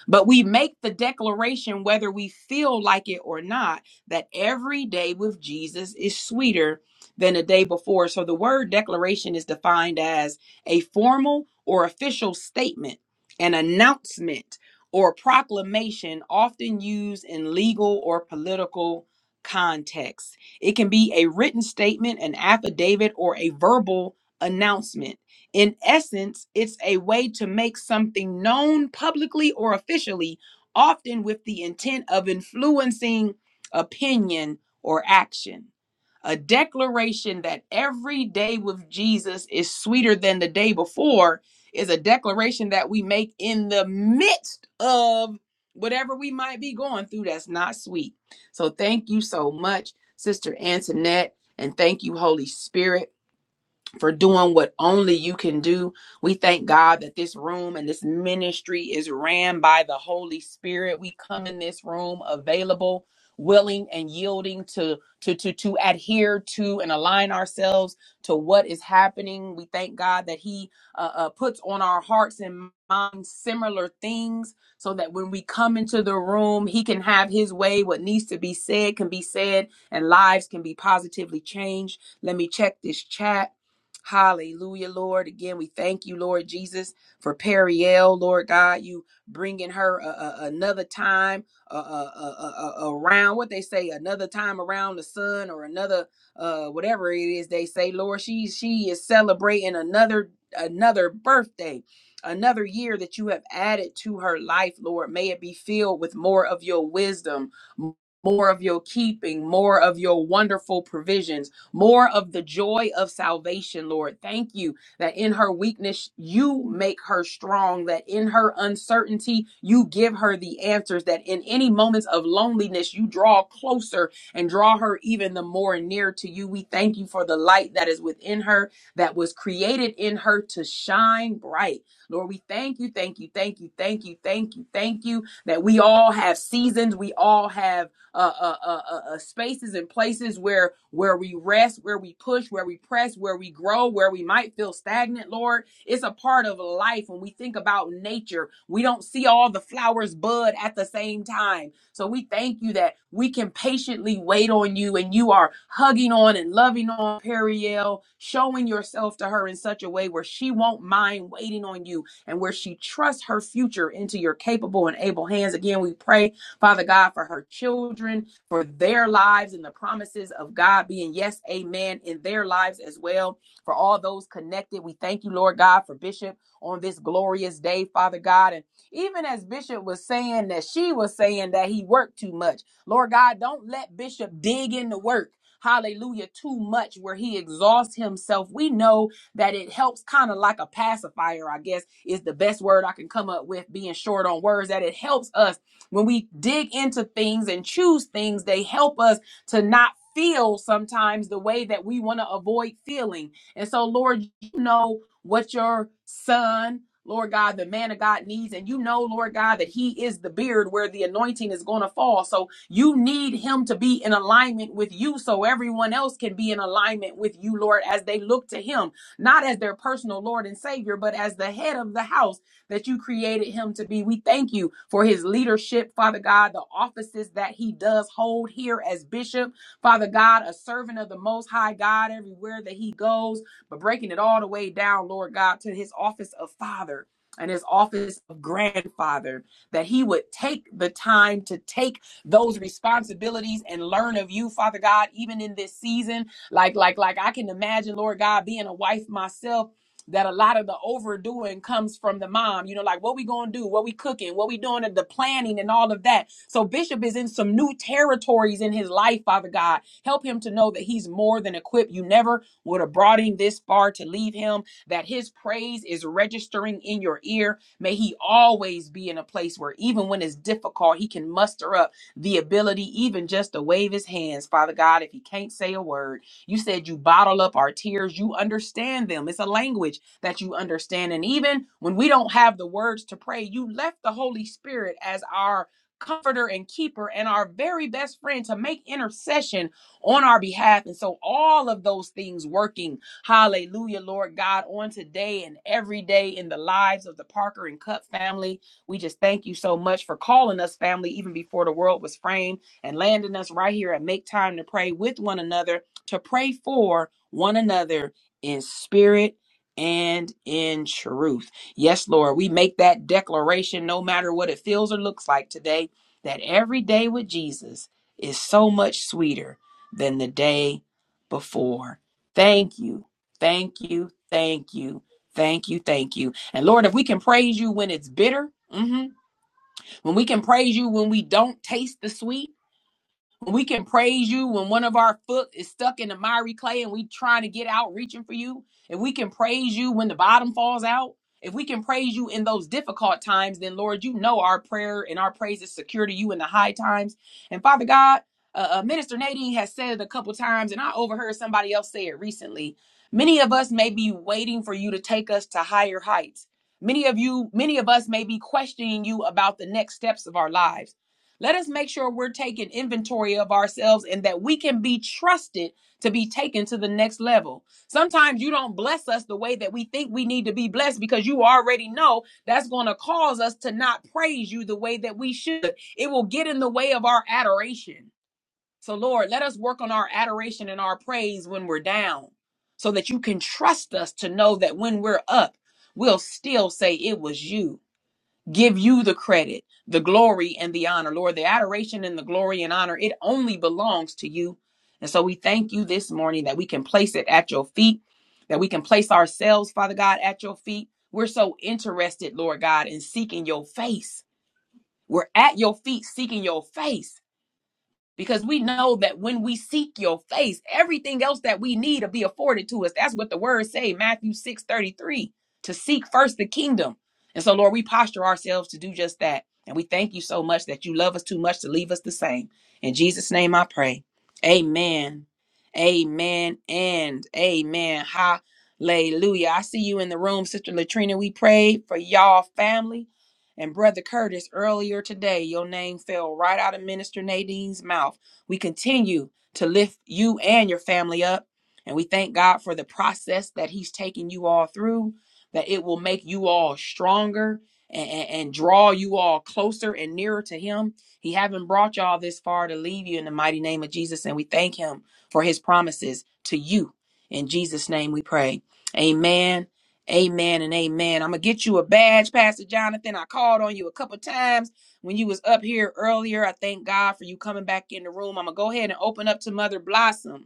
A: but we make the declaration, whether we feel like it or not, that every day with Jesus is sweeter than the day before. So the word declaration is defined as a formal or official statement, an announcement, or proclamation often used in legal or political contexts. It can be a written statement, an affidavit, or a verbal announcement. In essence, it's a way to make something known publicly or officially, often with the intent of influencing opinion or action. A declaration that every day with Jesus is sweeter than the day before is a declaration that we make in the midst of whatever we might be going through that's not sweet. So, thank you so much, Sister Antoinette, and thank you, Holy Spirit for doing what only you can do. We thank God that this room and this ministry is ran by the Holy Spirit. We come in this room available, willing and yielding to to to to adhere to and align ourselves to what is happening. We thank God that he uh, uh, puts on our hearts and minds similar things so that when we come into the room, he can have his way. What needs to be said can be said and lives can be positively changed. Let me check this chat. Hallelujah, Lord. Again, we thank you, Lord Jesus, for Periel, Lord God. You bringing her a, a- another time uh, uh, uh, uh, uh, around what they say, another time around the sun, or another uh, whatever it is they say. Lord, she she is celebrating another another birthday, another year that you have added to her life, Lord. May it be filled with more of your wisdom. m- More of your keeping, more of your wonderful provisions, more of the joy of salvation, Lord. Thank you that in her weakness, you make her strong, that in her uncertainty, you give her the answers, that in any moments of loneliness, you draw closer and draw her even the more near to you. We thank you for the light that is within her, that was created in her to shine bright. Lord, we thank you, thank you, thank you, thank you, thank you, thank you, that we all have seasons, we all have uh, uh, uh, uh, uh, spaces and places where where we rest, where we push, where we press, where we grow, where we might feel stagnant. Lord, it's a part of life. When we think about nature, we don't see all the flowers bud at the same time. So we thank you that we can patiently wait on you, and you are hugging on and loving on Periel, showing yourself to her in such a way where she won't mind waiting on you and where she trusts her future into your capable and able hands. Again, we pray Father God, for her children, for their lives and the promises of God being yes, amen, in their lives as well. For all those connected, we thank you, Lord God, for Bishop on this glorious day, Father God. And even as Bishop was saying that she was saying that he worked too much, Lord God, don't let Bishop dig into work. Hallelujah, too much where he exhausts himself. We know that it helps kind of like a pacifier, I guess is the best word I can come up with, being short on words, that it helps us when we dig into things and choose things, they help us to not feel sometimes the way that we want to avoid feeling. And so, Lord, you know what your son, Lord God, the man of God needs. And you know, Lord God, that he is the beard where the anointing is going to fall. So you need him to be in alignment with you so everyone else can be in alignment with you, Lord, as they look to him, not as their personal Lord and Savior, but as the head of the house that you created him to be. We thank you for his leadership, Father God, the offices that he does hold here as bishop, Father God, a servant of the Most High God everywhere that he goes, but breaking it all the way down, Lord God, to his office of father. And his office of grandfather, that he would take the time to take those responsibilities and learn of you, Father God, even in this season. Like, like, like I can imagine, Lord God, being a wife myself that a lot of the overdoing comes from the mom. You know, like what we gonna do, what we cooking, what we doing, and the planning and all of that. So Bishop is in some new territories in his life, Father God. Help him to know that he's more than equipped. You never would have brought him this far to leave him, that his praise is registering in your ear. May he always be in a place where even when it's difficult, he can muster up the ability, even just to wave his hands, Father God, if he can't say a word. You said you bottle up our tears, you understand them. It's a language that you understand. And even when we don't have the words to pray, you left the Holy Spirit as our comforter and keeper and our very best friend to make intercession on our behalf. And so all of those things working, hallelujah, Lord God, on today and every day in the lives of the Parker and Cup family. We just thank you so much for calling us family even before the world was framed and landing us right here and Make Time to Pray with one another, to pray for one another in spirit and in truth. Yes, Lord, we make that declaration no matter what it feels or looks like today that every day with Jesus is so much sweeter than the day before. Thank you. Thank you. Thank you. Thank you. Thank you. And Lord, if we can praise you when it's bitter, mhm, when we can praise you when we don't taste the sweet, when we can praise you when one of our foot is stuck in the miry clay and we trying to get out reaching for you. If we can praise you when the bottom falls out. If we can praise you in those difficult times, then Lord, you know our prayer and our praise is secure to you in the high times. And Father God, uh, uh, Minister Nadine has said it a couple times, and I overheard somebody else say it recently. Many of us may be waiting for you to take us to higher heights. Many of you, many of us may be questioning you about the next steps of our lives. Let us make sure we're taking inventory of ourselves and that we can be trusted to be taken to the next level. Sometimes you don't bless us the way that we think we need to be blessed because you already know that's going to cause us to not praise you the way that we should. It will get in the way of our adoration. So, Lord, let us work on our adoration and our praise when we're down so that you can trust us to know that when we're up, we'll still say it was you give you the credit, the glory, and the honor. Lord, the adoration and the glory and honor, it only belongs to you. And so we thank you this morning that we can place it at your feet, that we can place ourselves, Father God, at your feet. We're so interested, Lord God, in seeking your face. We're at your feet seeking your face because we know that when we seek your face everything else that we need will be afforded to us that's what the words say matthew six thirty-three, to seek first the kingdom and so lord we posture ourselves to do just that and we thank you so much that you love us too much to leave us the same in jesus name i pray amen amen and amen hallelujah i see you in the room sister latrina we pray for y'all family and Brother Curtis, earlier today, your name fell right out of Minister Nadine's mouth. We continue to lift you and your family up. And we thank God for the process that He's taking you all through, that it will make you all stronger and, and, and draw you all closer and nearer to Him. He haven't brought y'all this far to leave you in the mighty name of Jesus. And we thank Him for His promises to you. In Jesus' name we pray. Amen Amen and amen. I'm gonna get you a badge, Pastor Jonathan. I called on you a couple times when you was up here earlier. I thank God for you coming back in the room. I'm gonna go ahead and open up to Mother Blossom.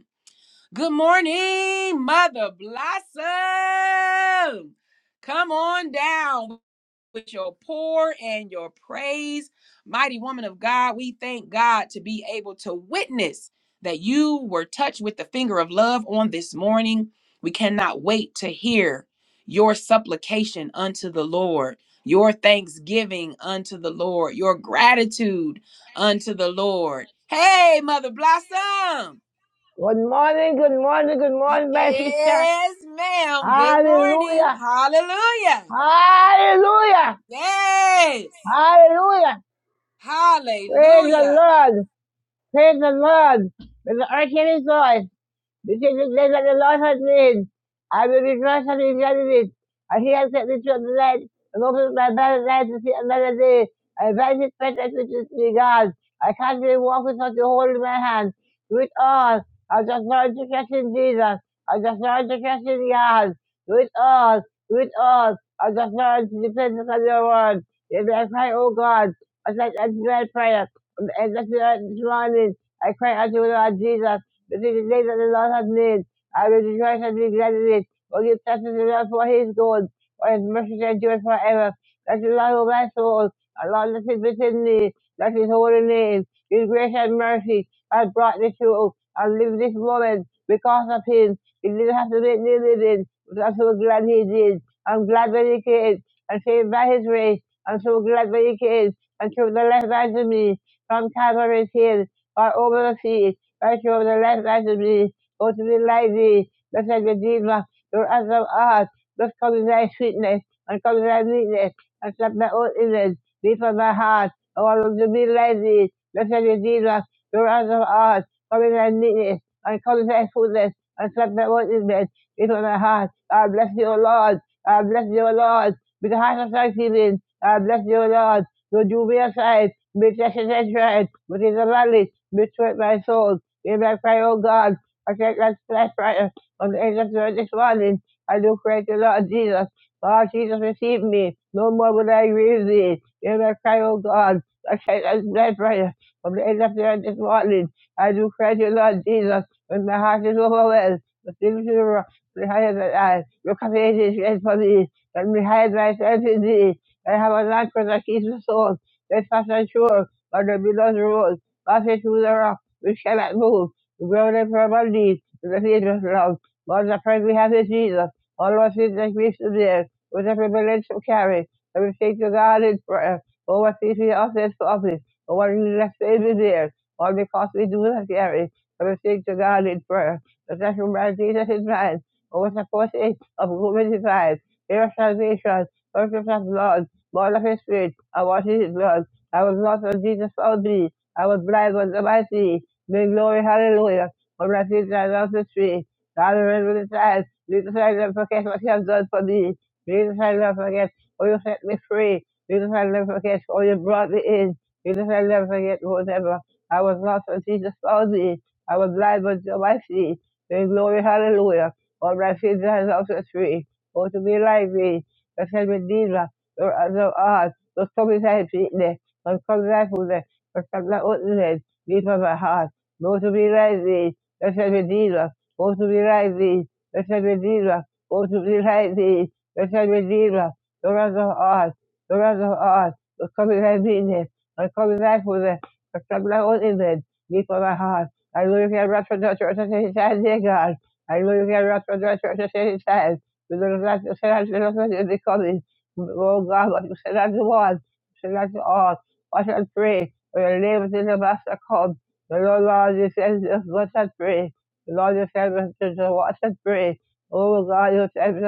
A: Good morning, Mother Blossom. Come on down with your pour and your praise. Mighty woman of God, we thank God to be able to witness that you were touched with the finger of love on this morning. We cannot wait to hear your supplication unto the Lord, your thanksgiving unto the Lord, your gratitude unto the Lord. Hey, Mother Blossom.
F: Good morning, good morning, good morning, my sister.
A: Yes, ma'am. Good morning.
F: Hallelujah.
A: Hallelujah.
F: Hallelujah.
A: Yes.
F: Hallelujah. Praise the
A: Hallelujah.
F: Lord. Praise the Lord. With the earth and his voice. Because the day that the Lord has made, I will rejoice and be glad in it. And he has set me through the night and opened my bad eyes to see another day. I bind his presence with his regard. I can't really walk without the hold in my hand. Do it all. I just learned to trust in Jesus. I just learned to trust in God. Do it all. Do it all. I just learned to depend upon your word. If I cry, oh God, I said, I do my prayer. And that's the this morning. I cry unto the Lord Jesus but it is they that the Lord has made, I will rejoice and be glad in it. For give thanks to the Lord for his good, for his mercy endures forever. That is all. Lord of my soul, and Lord, let it within me, that his holy name, his grace and mercy, has brought me through, and live this moment because of him. He didn't have to make me living, but I'm so glad he did. I'm glad that he came, and saved by his grace. I'm so glad that he came, and took the left hand of me, from Calvary's hill, or over the sea. Right over the left righteousness, go to the light thee, blessed Redeemer, your answer, of art, blessed comes thy sweetness, and comes thy meekness, and slap my own image, be from my heart, oh, I want to be like thee, blessed Redeemer, your answer, of art, comes thy meekness, and comes thy fullness, and slap my own image, be from my heart, I bless you, O Lord, I bless you, O Lord, with the heart of thanksgiving, I bless you, O Lord, so do me aside, be tested and tried, but in the valley, be sweat my soul, Give I pray, O God. I take that flesh right on the angels of this morning. I do pray to Lord Jesus. Lord Jesus, receive me. No more will I grieve thee. Give I pray, O God. I take that flesh right from the angels of this morning. I do pray to Lord Jesus. When my heart is overwhelmed, the things you are higher than I. Your command is great for me. Let me hide myself in thee. I have a lamp for the keys of soul. Let fast and sure. Under there below the road. Pass it through the rock. We cannot move. We grow in firm on knees in the feet of love. Lord, the praise we have is Jesus. All of us feet like we should there. With every village to carry. Every faith to God in prayer. Oh, what feet we offense to office. Oh, what we left faith is there. All because we do not carry. Every faith to God in prayer. The second man, Jesus is mine. Oh, what the forces of woman divine. Here of salvation. Perfect of blood. Born of his spirit. I wash in his blood. I was lost when Jesus found me. I was blind when the I see. Big glory, hallelujah. When I see that off the tree, God remember the time. Jesus, I never forget what you have done for me. Jesus, I never forget how you set me free. Jesus, I never forget how you brought me in. Jesus, I never forget whatever. I was lost, but Jesus found me. I was blind, but you my feet. Big glory, hallelujah. When I see that off the tree, oh, to be like me. The same Redeemer, your other art. The coming I feet there. The stomach I food there. The stomach I open Deep of my heart. Most to be rising, let's have a Jesus. Most to be rising, let's have a Jesus. Most to be rising, let's have a Jesus. The rest of us, the rest of us, the coming right business, am coming right for them, the coming right on in them, deep on my heart. I know you can run from the church at any time, dear God. I know you can run from the church at any time. We don't like to send out the message of the coming. Oh God, what you send out to one, you send out to all. Watch and pray, for your name is in the master come. The Lord God, you just watch and pray. The Lord, you said just watch and pray. Oh God, you said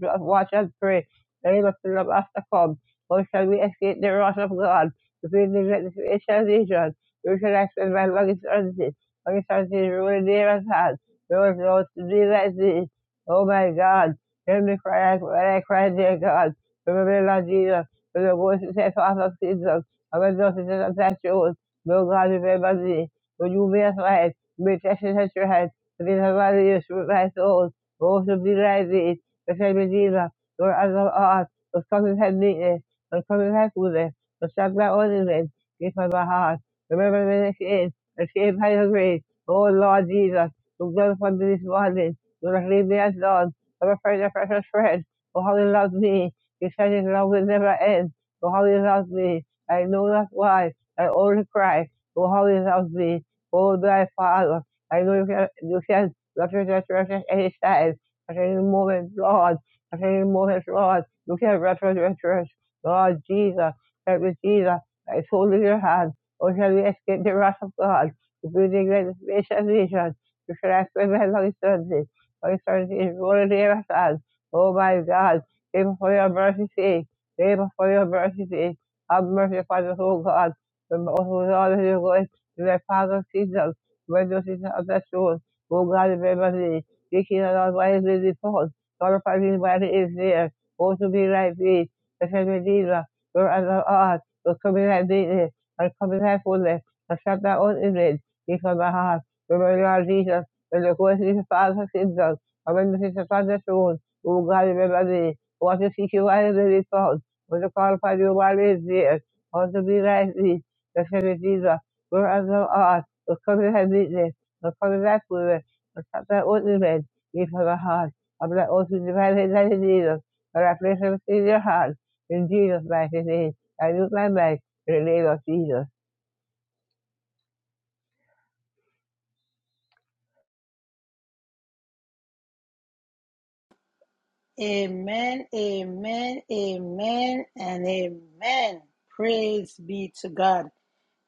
F: just watch and pray. The name of the Lord has to come. How shall we escape the wrath of God? If we neglect this ancient vision, we shall extend my long eternity. Long eternity is really near at hand. No one knows to be like thee. Oh my God, hear me cry when I cry, dear God. Remember me, Lord Jesus, with the voice that says, Father, Jesus, I'm a daughter of that truth. No God, remember thee but you be as light, be tested at your head, but in the valley you should my soul, also be like thee, the same Redeemer, your other art, the common head meekness, the common head goodness, the sharp that ornament, give my heart, remember me this is, and save by your grace, O Lord Jesus, who glorified me this morning, do not leave me as Lord, I'm afraid of precious friend, for how he loves me, he said his love will never end, for how he loves me, I know not why, I only cry, for how he loves me, O thy Father, I know you said, represent, represent any size, at any moment, Lord, at any moment, Lord, you can represent, represent, Lord Jesus, help me, Jesus, I soul in your hand, or shall we escape the wrath of God, if we neglect this gracious vision, you shall ask for my long eternity, long eternity is rolling near us, hand. oh my God, pray for your mercy, sake, pray for your mercy, sake, have mercy upon us, O God, the most of all that you go let Father Jesus, when you see of the soul, O God, remember me. We cannot why is the fall. Glorify me while he is there. Oh, to be like thee, the same Redeemer, your other art, will come in like thee, and come in like fullness, and shut thy own image before my heart. Remember, Lord Jesus, when the Holy Spirit, Father, Jesus, and when you see of the soul, O God, remember me. Want to seek you while he is found. Want to call upon you while he there. Want to be like thee, the same Jesus wherever thou art, will cover thy weakness, will cover thy fullness, will touch thy ornament, give her a heart, of thy oath to divine in thy Jesus, for I place them in your heart, in Jesus' mighty name, I use my mind, in the name of Jesus.
C: Amen, amen, amen, and amen. Praise be to God.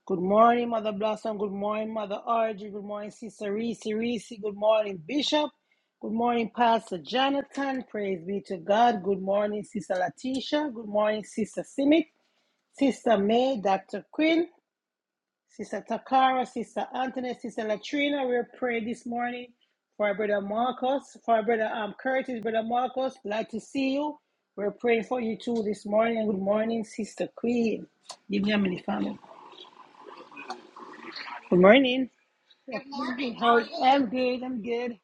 C: Good morning, Mother Blossom. Good morning, Mother Argy. Good morning, Sister Reese. Reese. Good morning, Bishop. Good morning, Pastor Jonathan. Praise be to God. Good morning, Sister Latisha. Good morning, Sister Simic. Sister May, Dr. Quinn. Sister Takara, Sister Anthony, Sister Latrina, we pray this morning for our brother Marcus, for our brother um, Curtis, brother Marcus. Glad to see you. We're praying for you too this morning. Good morning, Sister Queen. Give me a minute, family. Good morning. Good morning. How I'm good. I'm good.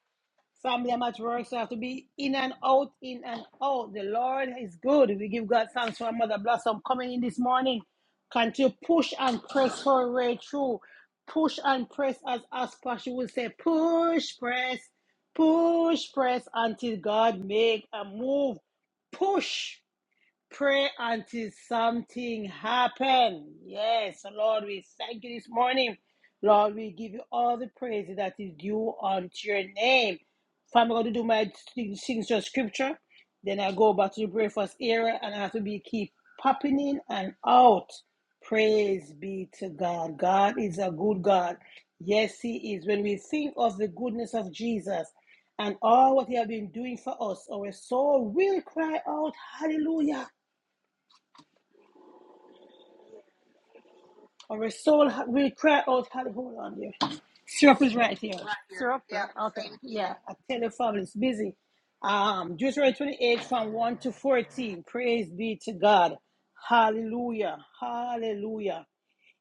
C: Family, much work so I have to be in and out, in and out. The Lord is good. We give God thanks for our Mother Blossom coming in this morning. Continue push and press her way through. Push and press as Aspa, she would say, push, press, push, press until God make a move. Push. Pray until something happen. Yes, Lord, we thank you this morning. Lord, we give you all the praise that is due unto your name. If I'm going to do my sing- signature scripture, then I go back to the breakfast area and I have to be keep popping in and out. Praise be to God. God is a good God. Yes, He is. When we think of the goodness of Jesus and all what He has been doing for us, our soul will cry out, Hallelujah. Our soul ha- will cry out, hallelujah. Hold on there. Syrup is right here. Right here. Syrup, Yeah. uh, okay. Thank you. Yeah, I tell your family it's busy. Um, Deuteronomy 28 from 1 to 14. Praise be to God. Hallelujah. Hallelujah.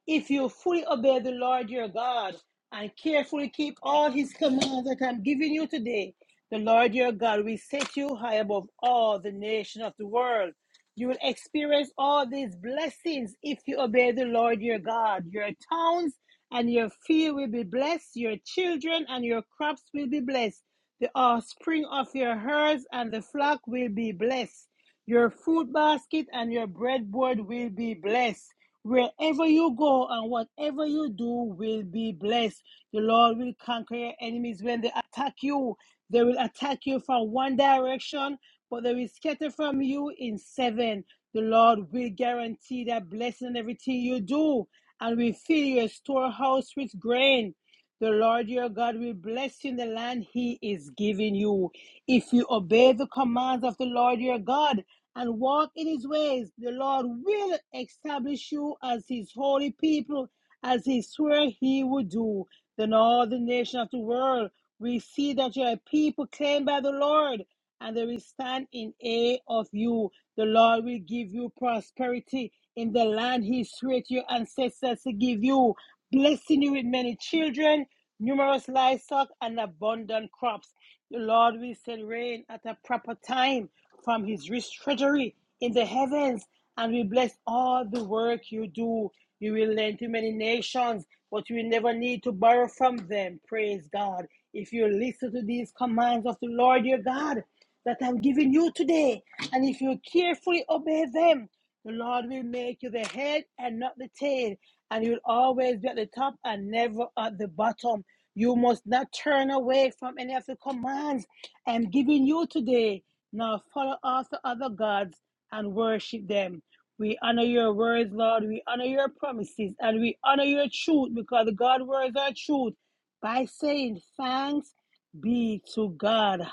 C: If you fully obey the Lord your God and carefully keep all his commands that I'm giving you today, the Lord your God will set you high above all the nations of the world. You will experience all these blessings if you obey the Lord your God. Your towns and your field will be blessed, your children and your crops will be blessed. The offspring of your herds and the flock will be blessed. Your fruit basket and your breadboard will be blessed. Wherever you go and whatever you do will be blessed. The Lord will conquer your enemies when they attack you. They will attack you from one direction, but they will scatter from you in seven. The Lord will guarantee that blessing in everything you do and will fill your storehouse with grain. The Lord your God will bless you in the land he is giving you. If you obey the commands of the Lord your God and walk in his ways, the Lord will establish you as his holy people, as he swore he would do. Then all the nations of the world will see that you are a people claimed by the Lord and they will stand in awe of you. The Lord will give you prosperity in the land He swore to your ancestors to give you, blessing you with many children, numerous livestock, and abundant crops. The Lord will send rain at a proper time from His rich treasury in the heavens, and we bless all the work you do. You will lend to many nations, but you will never need to borrow from them. Praise God. If you listen to these commands of the Lord your God that I'm giving you today, and if you carefully obey them, the Lord will make you the head and not the tail, and you'll always be at the top and never at the bottom. You must not turn away from any of the commands I'm giving you today. Now follow after other gods and worship them. We honor your words, Lord. We honor your promises and we honor your truth because God's words are truth by saying thanks be to God.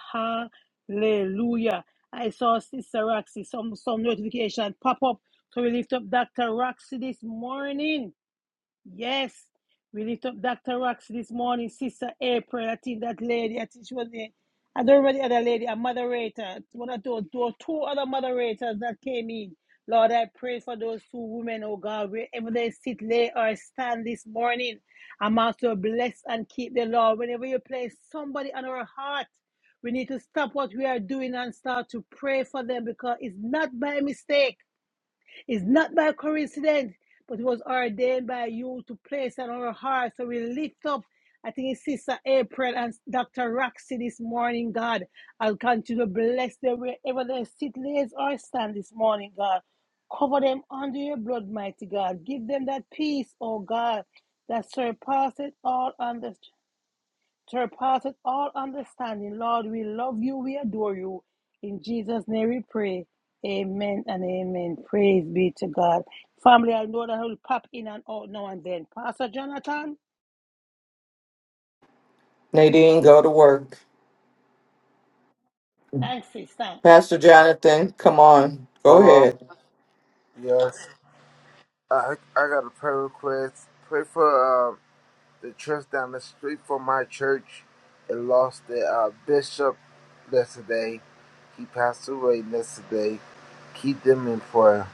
C: Hallelujah. I saw Sister Roxy, some, some notification pop up. So we lift up Dr. Roxy this morning. Yes. We lift up Dr. Rox this morning, Sister April. I think that lady, I think she was there. I don't remember the other lady, a moderator. One of those, those two other moderators that came in. Lord, I pray for those two women, oh God, wherever they sit, lay, or stand this morning. I'm also bless and keep the Lord. Whenever you place somebody on our heart, we need to stop what we are doing and start to pray for them because it's not by mistake. It's not by coincidence, but it was ordained by you to place on our hearts. So we lift up, I think it's Sister April and Dr. Roxy this morning, God. I'll continue to bless them wherever they sit, lays or stand this morning, God. Cover them under your blood, mighty God. Give them that peace, oh God, that surpasses all understanding surpasseth all understanding. Lord, we love you, we adore you. In Jesus' name we pray. Amen and amen. Praise be to God. Family, I know that I will pop in and out now and then. Pastor Jonathan,
G: Nadine, go to work.
C: thanks, sister.
G: Pastor Jonathan, come on. Go
H: Hello.
G: ahead.
H: Yes. I I got a prayer request. Pray for uh, the church down the street from my church. It lost their uh, bishop yesterday. He passed away yesterday. Keep them in prayer.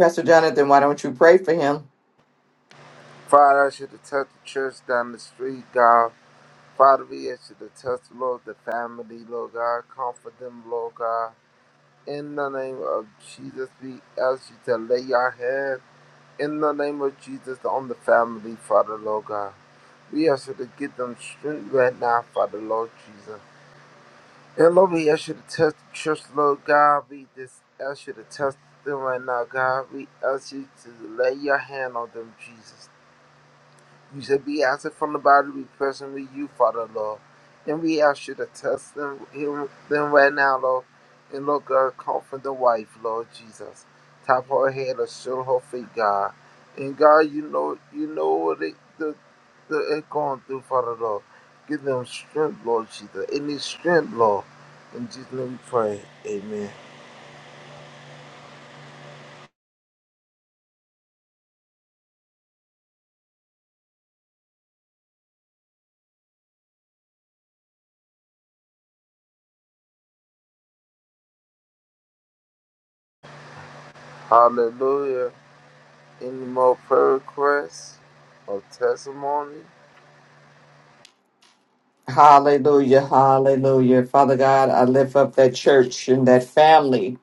G: Pastor Jonathan, why don't you pray for him?
H: Father, I ask you to touch the church down the street, God. Father, we ask you to touch, Lord, the family, Lord God. Comfort them, Lord God. In the name of Jesus, we ask you to lay your hand. In the name of Jesus on the family, Father, Lord God. We ask you to give them strength right now, Father, Lord Jesus. And Lord, we ask you to test the church, Lord God. We just ask you to test them right now, God. We ask you to lay your hand on them, Jesus. You said, Be absent from the body, be present with you, Father, Lord. And we ask you to test them, heal them right now, Lord. And Lord God, comfort the wife, Lord Jesus. Top her head or show her feet, God. And God, you know you know what they the the they're going through, Father Lord. Give them strength, Lord Jesus. Any strength, Lord. In Jesus' name we pray. Amen. Hallelujah. Any more prayer requests or testimony?
G: Hallelujah. Hallelujah. Father God, I lift up that church and that family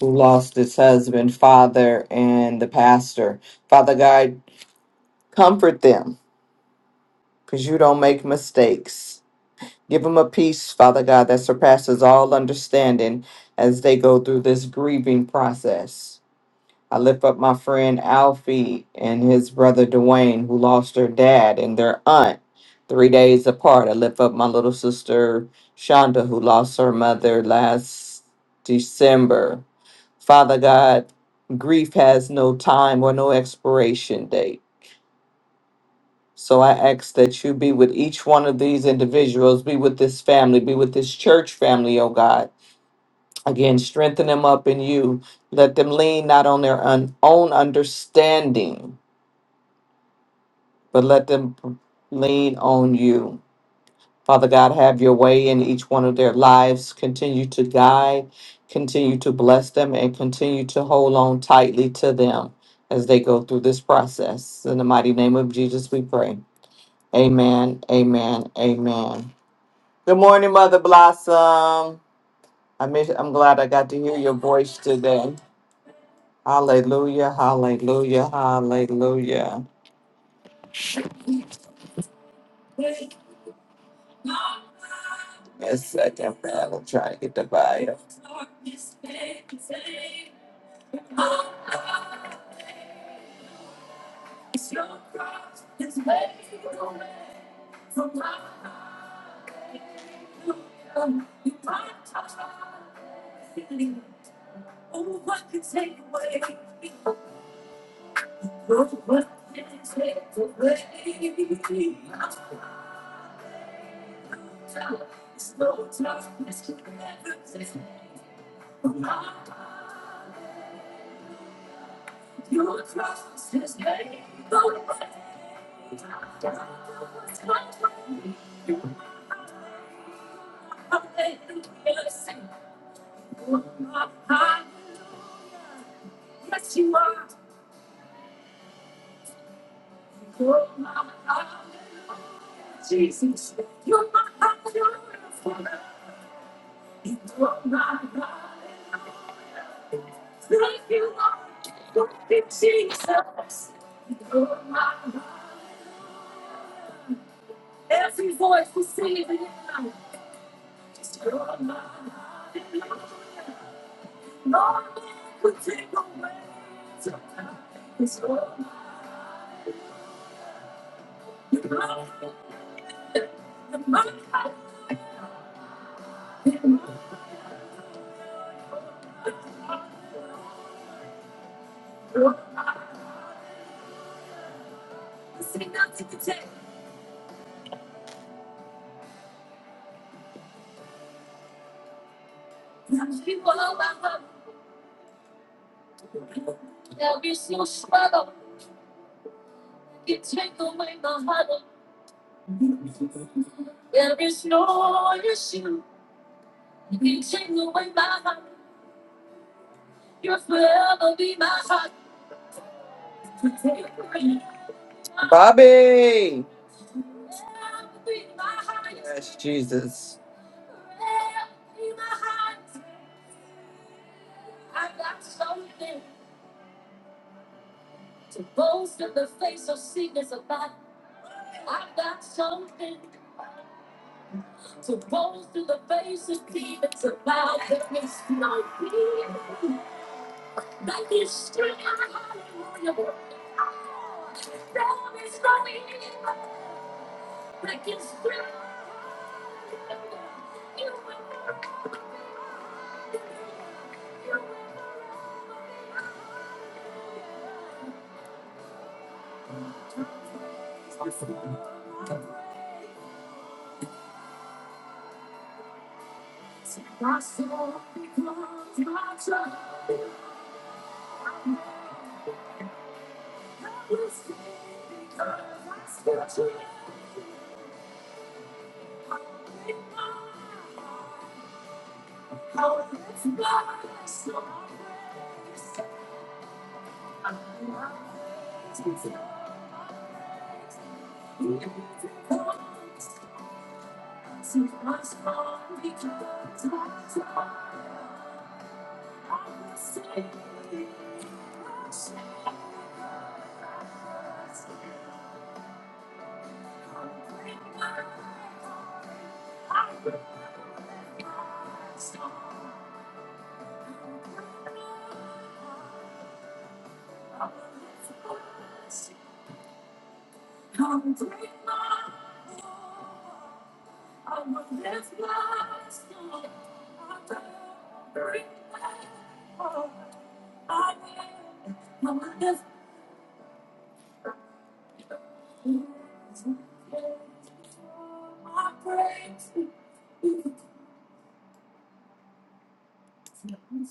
G: who lost its husband, father, and the pastor. Father God, comfort them because you don't make mistakes. Give them a peace, Father God, that surpasses all understanding as they go through this grieving process. I lift up my friend Alfie and his brother Dwayne, who lost their dad and their aunt three days apart. I lift up my little sister Shonda, who lost her mother last December. Father God, grief has no time or no expiration date. So I ask that you be with each one of these individuals, be with this family, be with this church family, oh God. Again, strengthen them up in you. Let them lean not on their un- own understanding but let them lean on you. Father God, have your way in each one of their lives. Continue to guide, continue to bless them, and continue to hold on tightly to them as they go through this process. In the mighty name of Jesus, we pray. Amen, amen, amen. Good morning, Mother Blossom. I miss, I'm glad I got to hear your voice today. Hallelujah, hallelujah, hallelujah. It's such A second battle trying to get the buyer. Bobby! Yes, Jesus.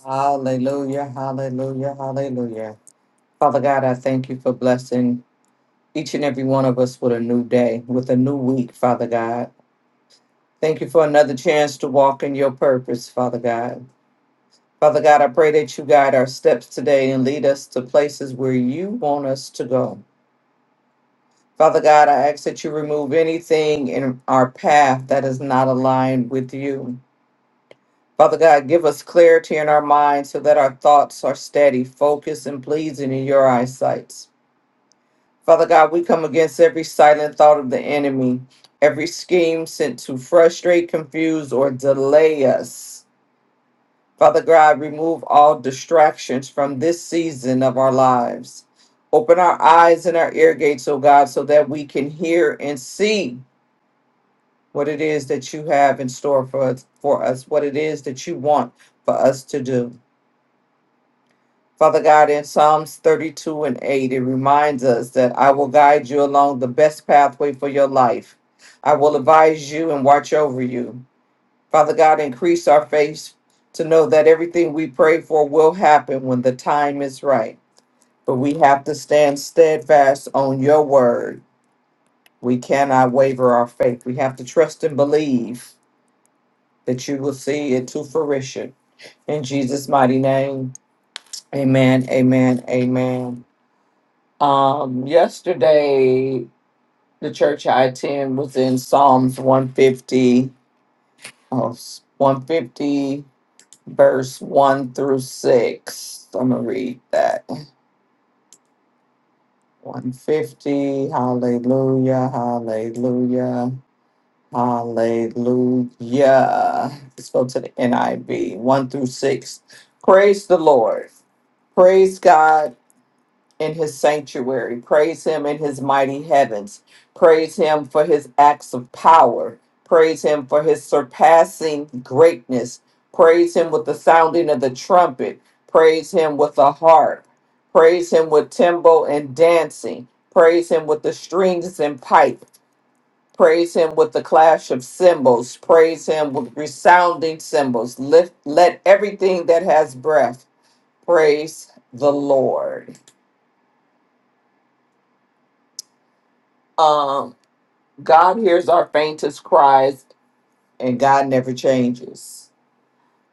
G: Hallelujah, hallelujah, hallelujah. Father God, I thank you for blessing each and every one of us with a new day, with a new week, Father God. Thank you for another chance to walk in your purpose, Father God. Father God, I pray that you guide our steps today and lead us to places where you want us to go. Father God, I ask that you remove anything in our path that is not aligned with you. Father God, give us clarity in our minds so that our thoughts are steady, focused, and pleasing in your eyesight. Father God, we come against every silent thought of the enemy, every scheme sent to frustrate, confuse, or delay us. Father God, remove all distractions from this season of our lives. Open our eyes and our ear gates, O God, so that we can hear and see what it is that you have in store for us, for us, what it is that you want for us to do. Father God, in Psalms 32 and 8, it reminds us that I will guide you along the best pathway for your life. I will advise you and watch over you. Father God, increase our faith to know that everything we pray for will happen when the time is right. But we have to stand steadfast on your word. We cannot waver our faith. We have to trust and believe that you will see it to fruition. In Jesus' mighty name, amen, amen, amen. Um, yesterday, the church I attend was in Psalms 150, oh, 150, verse 1 through 6. I'm going to read that. 150, hallelujah, hallelujah, hallelujah. Let's go to the NIV, 1 through 6. Praise the Lord. Praise God in his sanctuary. Praise him in his mighty heavens. Praise him for his acts of power. Praise him for his surpassing greatness. Praise him with the sounding of the trumpet. Praise him with the harp. Praise him with timbrel and dancing. Praise him with the strings and pipe. Praise him with the clash of cymbals. Praise him with resounding cymbals. Lift, let everything that has breath praise the Lord. Um, God hears our faintest cries, and God never changes.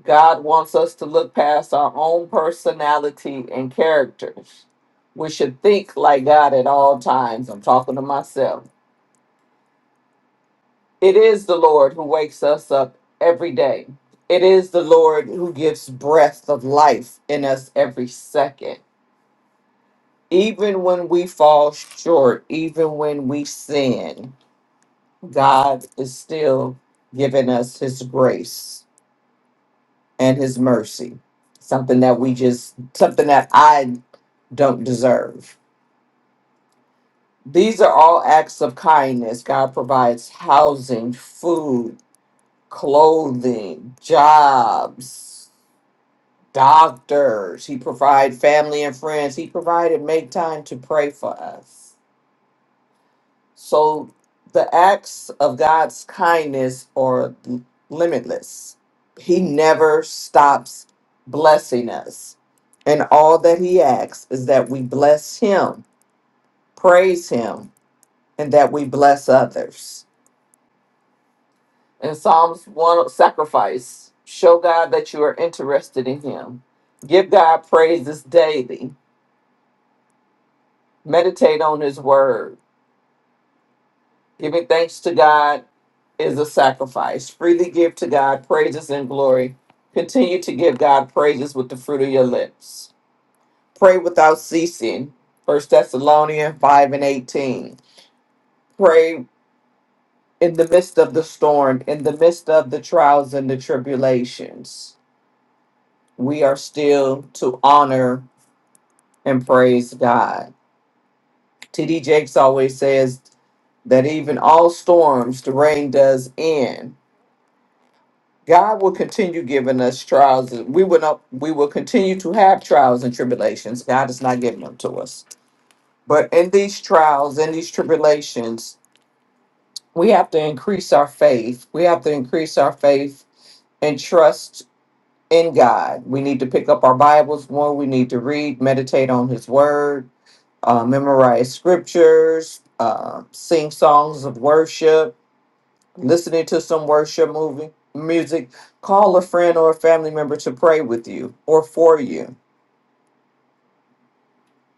G: God wants us to look past our own personality and characters. We should think like God at all times. I'm talking to myself. It is the Lord who wakes us up every day. It is the Lord who gives breath of life in us every second. Even when we fall short, even when we sin, God is still giving us his grace and his mercy. Something that we just something that I don't deserve. These are all acts of kindness. God provides housing, food, clothing, jobs, doctors. He provides family and friends. He provided make time to pray for us. So the acts of God's kindness are limitless. He never stops blessing us. And all that He asks is that we bless Him, praise Him, and that we bless others. In Psalms 1, sacrifice, show God that you are interested in Him. Give God praises daily. Meditate on His word Giving thanks to God is a sacrifice. Freely give to God praises and glory. Continue to give God praises with the fruit of your lips. Pray without ceasing. First Thessalonians 5 and 18. Pray in the midst of the storm, in the midst of the trials and the tribulations. We are still to honor and praise God. T.D. Jakes always says that even all storms, the rain does end God will continue giving us trials. We will not, we will continue to have trials and tribulations. God is not giving them to us. But in these trials, in these tribulations, we have to increase our faith. We have to increase our faith and trust in God. We need to pick up our Bibles more. We need to read, meditate on His Word, uh, memorize scriptures, uh, sing songs of worship listening to some worship movie music call a friend or a family member to pray with you or for you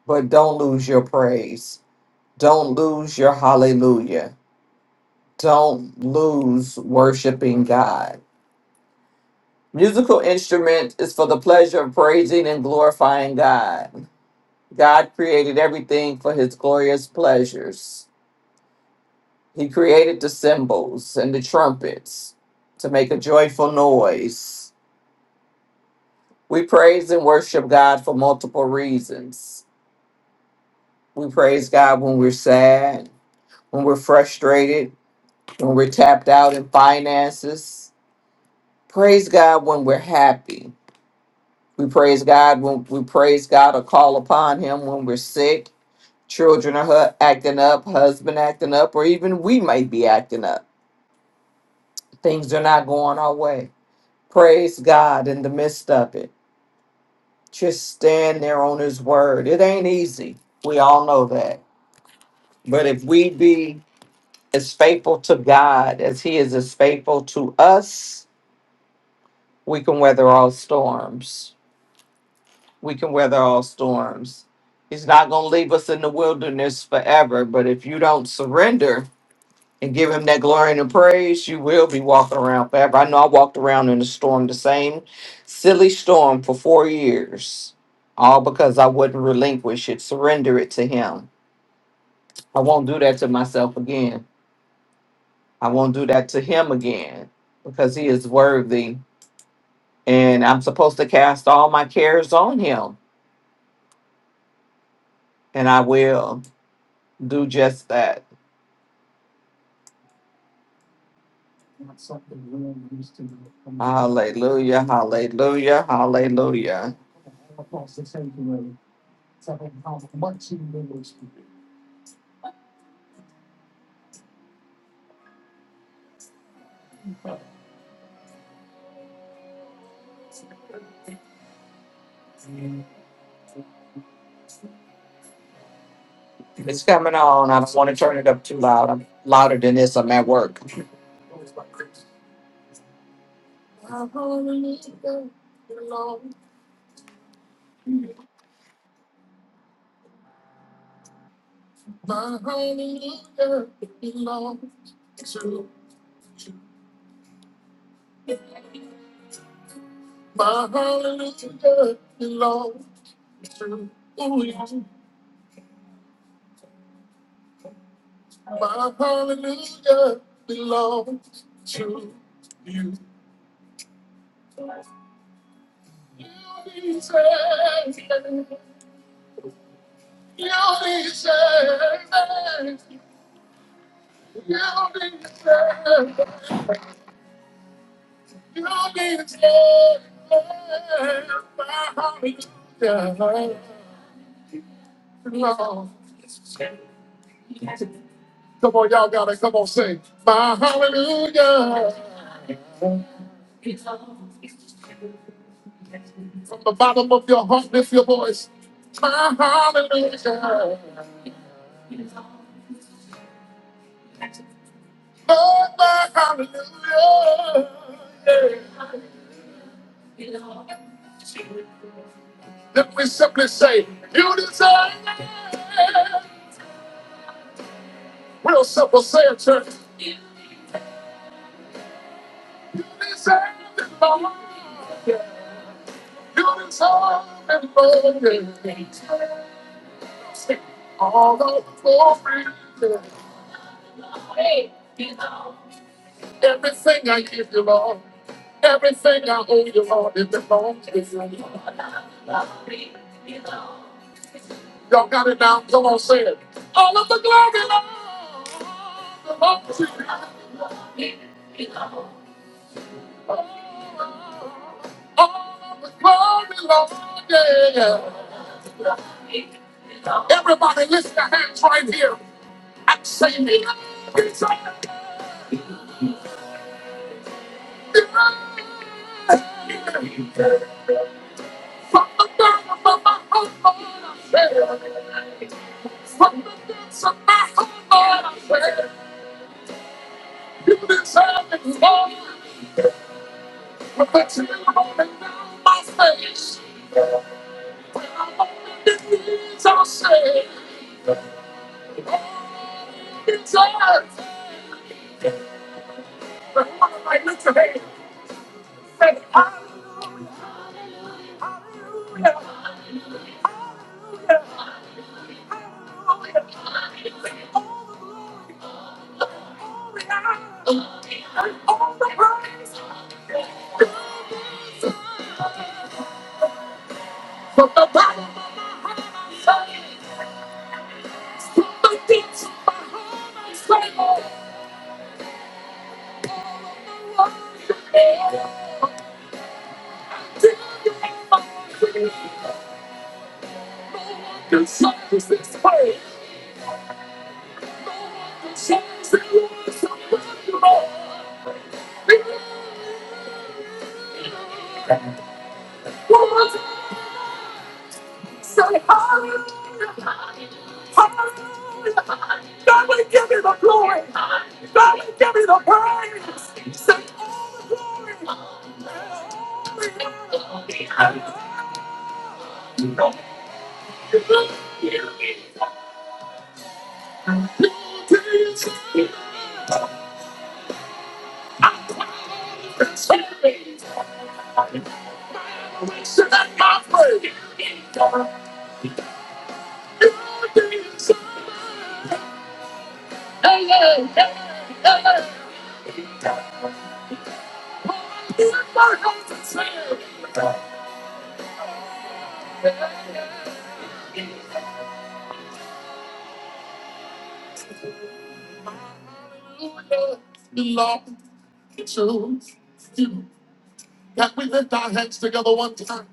G: but don't lose your praise don't lose your hallelujah don't lose worshiping god musical instrument is for the pleasure of praising and glorifying god god created everything for his glorious pleasures he created the cymbals and the trumpets to make a joyful noise We praise and worship God for multiple reasons. We praise God when we're sad, when we're frustrated, when we're tapped out in finances. Praise God when we're happy. We praise God when we praise God or call upon Him when we're sick, children are hu- acting up, husband acting up, or even we might be acting up. Things are not going our way. Praise God in the midst of it. Just stand there on His word. It ain't easy. We all know that But if we be as faithful to God as He is as faithful to us, we can weather all storms. We can weather all storms. He's not going to leave us in the wilderness forever. But if you don't surrender and give Him that glory and praise, you will be walking around forever. I know I walked around in a storm, the same silly storm for four years, all because I wouldn't relinquish it, surrender it to Him. I won't do that to myself again. I won't do that to him again because he is worthy. And I'm supposed to cast all my cares on him, and I will do just that. Hallelujah, hallelujah, hallelujah. It's coming on. I don't want to turn it up too loud. I'm louder than this. I'm at work. You need to say, you need to say, my hallelujah. Come on, y'all gotta come on, sing my hallelujah from the bottom of your heart. Lift your voice, my hallelujah, Lord, my hallelujah. Then we simply say, You deserve it. Real simple, say it, church. You deserve it, Lord. All for free. Everything I give you, Lord. Everything I owe you, Lord. It belongs to you. Y'all got it down. Come on, say it. All of the glory, Lord. belongs to you. All of the glory, Lord. Yeah. Everybody, lift your hands right here and say, "Me, Lord, it's all." God will give me the glory. God will give me the praise. Say, Hallelujah. Long to you. That we lift our hands together one time.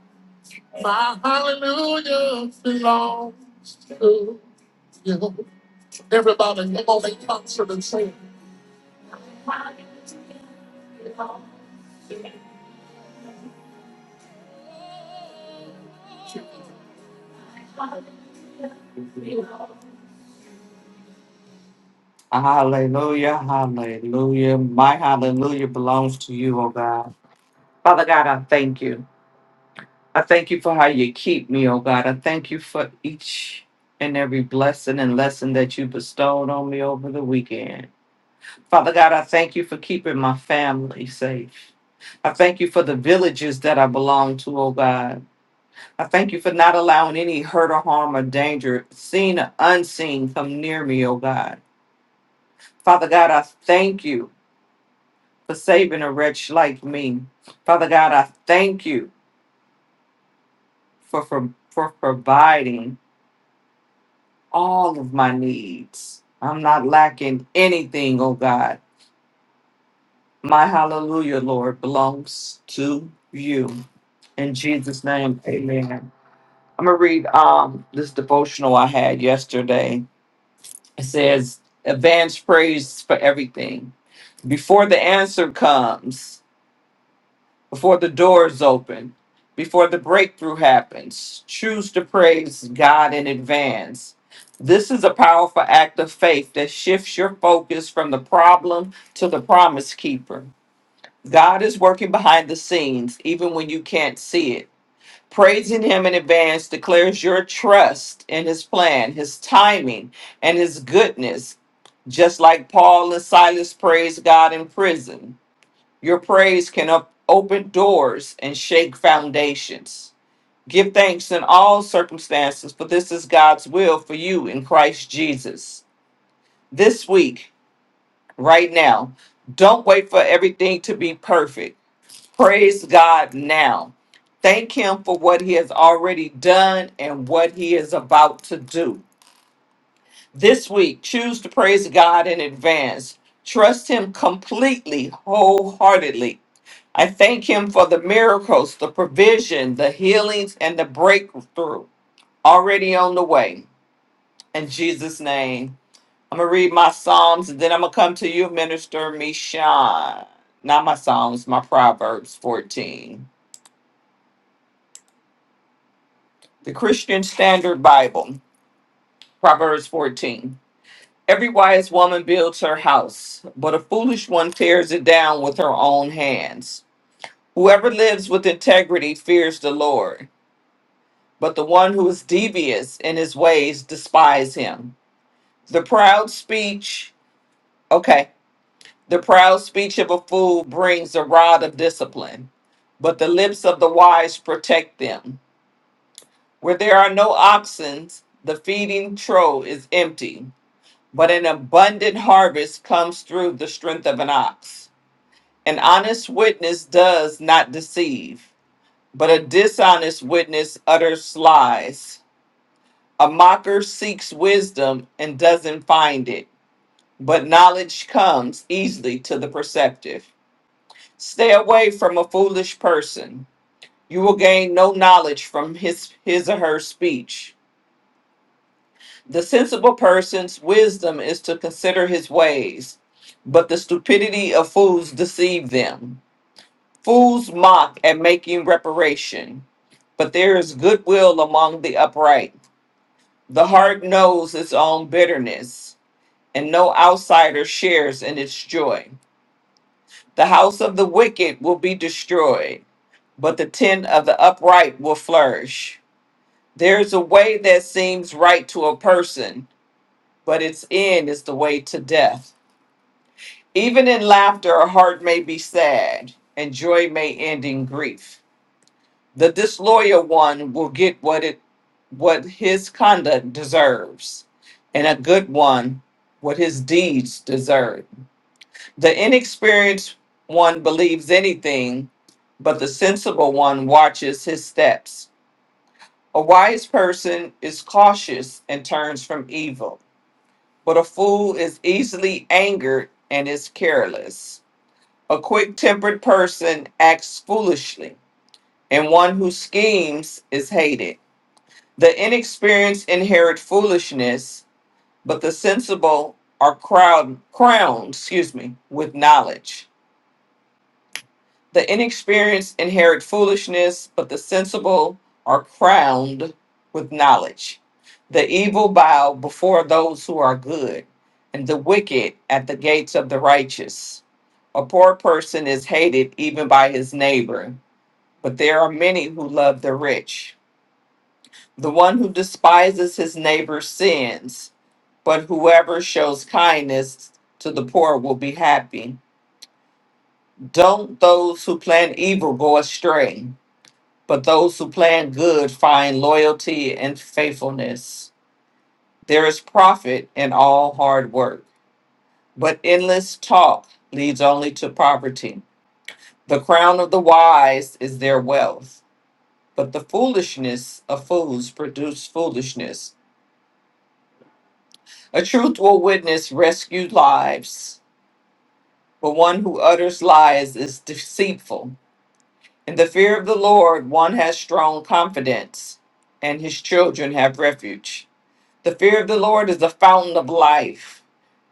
G: My hallelujah belongs to you. Everybody, come on in concert and sing. Hallelujah, hallelujah. My hallelujah belongs to you, oh God. Father God, I thank you. I thank you for how you keep me, oh God. I thank you for each and every blessing and lesson that you bestowed on me over the weekend. Father God, I thank you for keeping my family safe. I thank you for the villages that I belong to, oh God. I thank you for not allowing any hurt or harm or danger, seen or unseen, come near me, oh God. Father God, I thank you for saving a wretch like me. Father God, I thank you for, for, for providing all of my needs. I'm not lacking anything, oh God. My hallelujah, Lord, belongs to you. In Jesus' name, amen. I'm gonna read um this devotional I had yesterday. It says, Advance praise for everything. Before the answer comes, before the doors open, before the breakthrough happens. Choose to praise God in advance. This is a powerful act of faith that shifts your focus from the problem to the promise keeper. God is working behind the scenes, even when you can't see it. Praising Him in advance declares your trust in His plan, His timing, and His goodness, just like Paul and Silas praised God in prison. Your praise can up, open doors and shake foundations. Give thanks in all circumstances, for this is God's will for you in Christ Jesus. This week, right now, don't wait for everything to be perfect. Praise God now. Thank Him for what He has already done and what He is about to do. This week, choose to praise God in advance. Trust Him completely, wholeheartedly. I thank Him for the miracles, the provision, the healings, and the breakthrough already on the way. In Jesus' name, I'm going to read my Psalms and then I'm going to come to you, Minister Mishan. Not my Psalms, my Proverbs 14. The Christian Standard Bible, Proverbs 14. Every wise woman builds her house, but a foolish one tears it down with her own hands. Whoever lives with integrity fears the Lord, but the one who is devious in his ways despises him. The proud speech, okay, the proud speech of a fool brings a rod of discipline, but the lips of the wise protect them. Where there are no oxen, the feeding trough is empty, but an abundant harvest comes through the strength of an ox. An honest witness does not deceive, but a dishonest witness utters lies. A mocker seeks wisdom and doesn't find it, but knowledge comes easily to the perceptive. Stay away from a foolish person. You will gain no knowledge from his, his or her speech. The sensible person's wisdom is to consider his ways, but the stupidity of fools deceive them. Fools mock at making reparation, but there is goodwill among the upright. The heart knows its own bitterness, and no outsider shares in its joy. The house of the wicked will be destroyed, but the tent of the upright will flourish. There is a way that seems right to a person, but its end is the way to death. Even in laughter, a heart may be sad, and joy may end in grief. the disloyal one will get what it what his conduct deserves and a good one what his deeds deserve the inexperienced one believes anything but the sensible one watches his steps a wise person is cautious and turns from evil but a fool is easily angered and is careless a quick-tempered person acts foolishly and one who schemes is hated The inexperienced inherit foolishness, but the sensible are crowned, crowned, excuse me, with knowledge. The inexperienced inherit foolishness, but the sensible are crowned with knowledge. The evil bow before those who are good, and the wicked at the gates of the righteous. A poor person is hated even by his neighbor, but there are many who love the rich. The one who despises his neighbor sins but whoever shows kindness to the poor will be happy. Don't those who plan evil go astray, but those who plan good find loyalty and faithfulness. There is profit in all hard work, but endless talk leads only to poverty. The crown of the wise is their wealth, but the foolishness of fools produce foolishness. A truthful witness rescues lives, but one who utters lies is deceitful. In the fear of the Lord, one has strong confidence, and his children have refuge. The fear of the Lord is the fountain of life,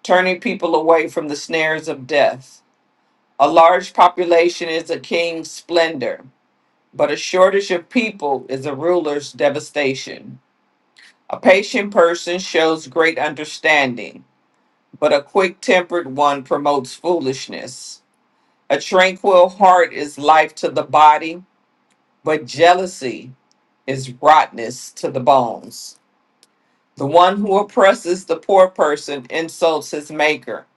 G: turning people away from the snares of death. A large population is a king's splendor, but a shortage of people is a ruler's devastation. A patient person shows great understanding, but a quick tempered one promotes foolishness. A tranquil heart is life to the body, but jealousy is rottenness to the bones. The one who oppresses the poor person insults his maker,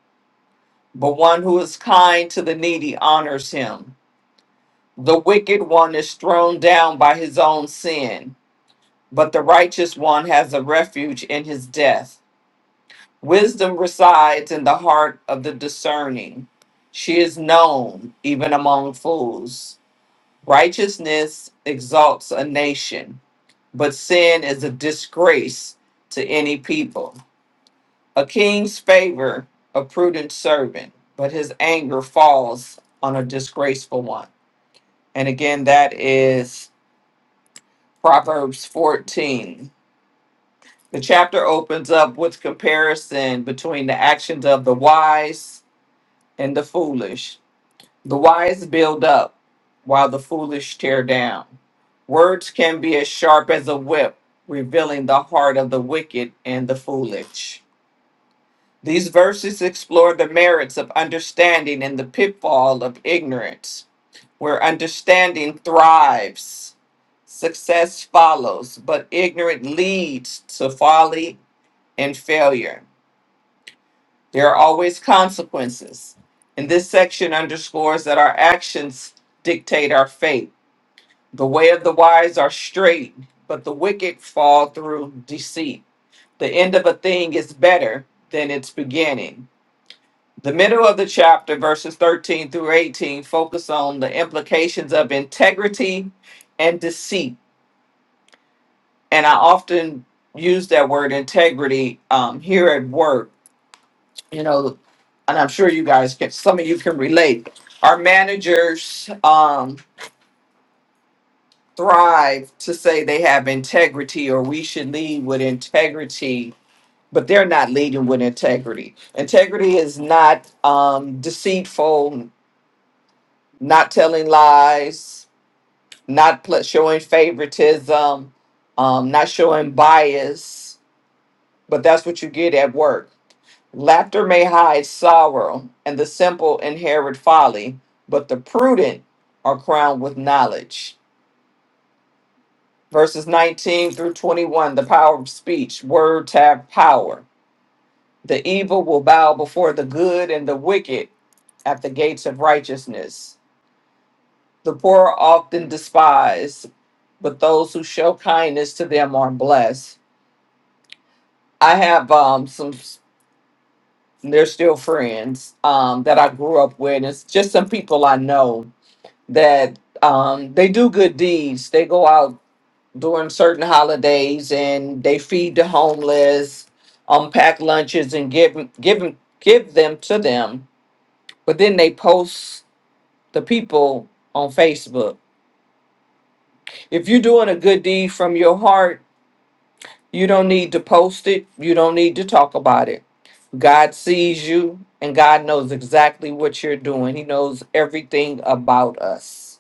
G: but one who is kind to the needy honors him. The wicked one is thrown down by his own sin, but the righteous one has a refuge in his death. Wisdom resides in the heart of the discerning. She is known even among fools. Righteousness exalts a nation, but sin is a disgrace to any people. A king's favor, a prudent servant, but his anger falls on a disgraceful one. And again, that is Proverbs 14. The chapter opens up with comparison between the actions of the wise and the foolish The wise build up, while the foolish tear down. Words can be as sharp as a whip, revealing the heart of the wicked and the foolish. These verses explore the merits of understanding and the pitfall of ignorance, where understanding thrives, success follows, but ignorance leads to folly and failure. There are always consequences, and this section underscores that our actions dictate our fate The way of the wise are straight, but the wicked fall through deceit. The end of a thing is better than its beginning. The middle of the chapter, verses 13 through 18, focus on the implications of integrity and deceit. And I often use that word integrity um, here at work, you know, and I'm sure you guys can, some of you can relate. Our managers, um, thrive to say they have integrity or we should lead with integrity but they're not leading with integrity integrity is not um, deceitful not telling lies not pl- showing favoritism um, not showing bias but that's what you get at work laughter may hide sorrow and the simple inherit folly but the prudent are crowned with knowledge verses 19 through 21, the power of speech, words have power. The evil will bow before the good and the wicked at the gates of righteousness. The poor are often despised, but those who show kindness to them are blessed. I have um some they're still friends um that I grew up with. It's just some people I know that um they do good deeds. They go out during certain holidays and they feed the homeless, unpack lunches and give give give them to them. But then they post the people on Facebook. If you're doing a good deed from your heart, you don't need to post it. You don't need to talk about it. God sees you and God knows exactly what you're doing. He knows everything about us.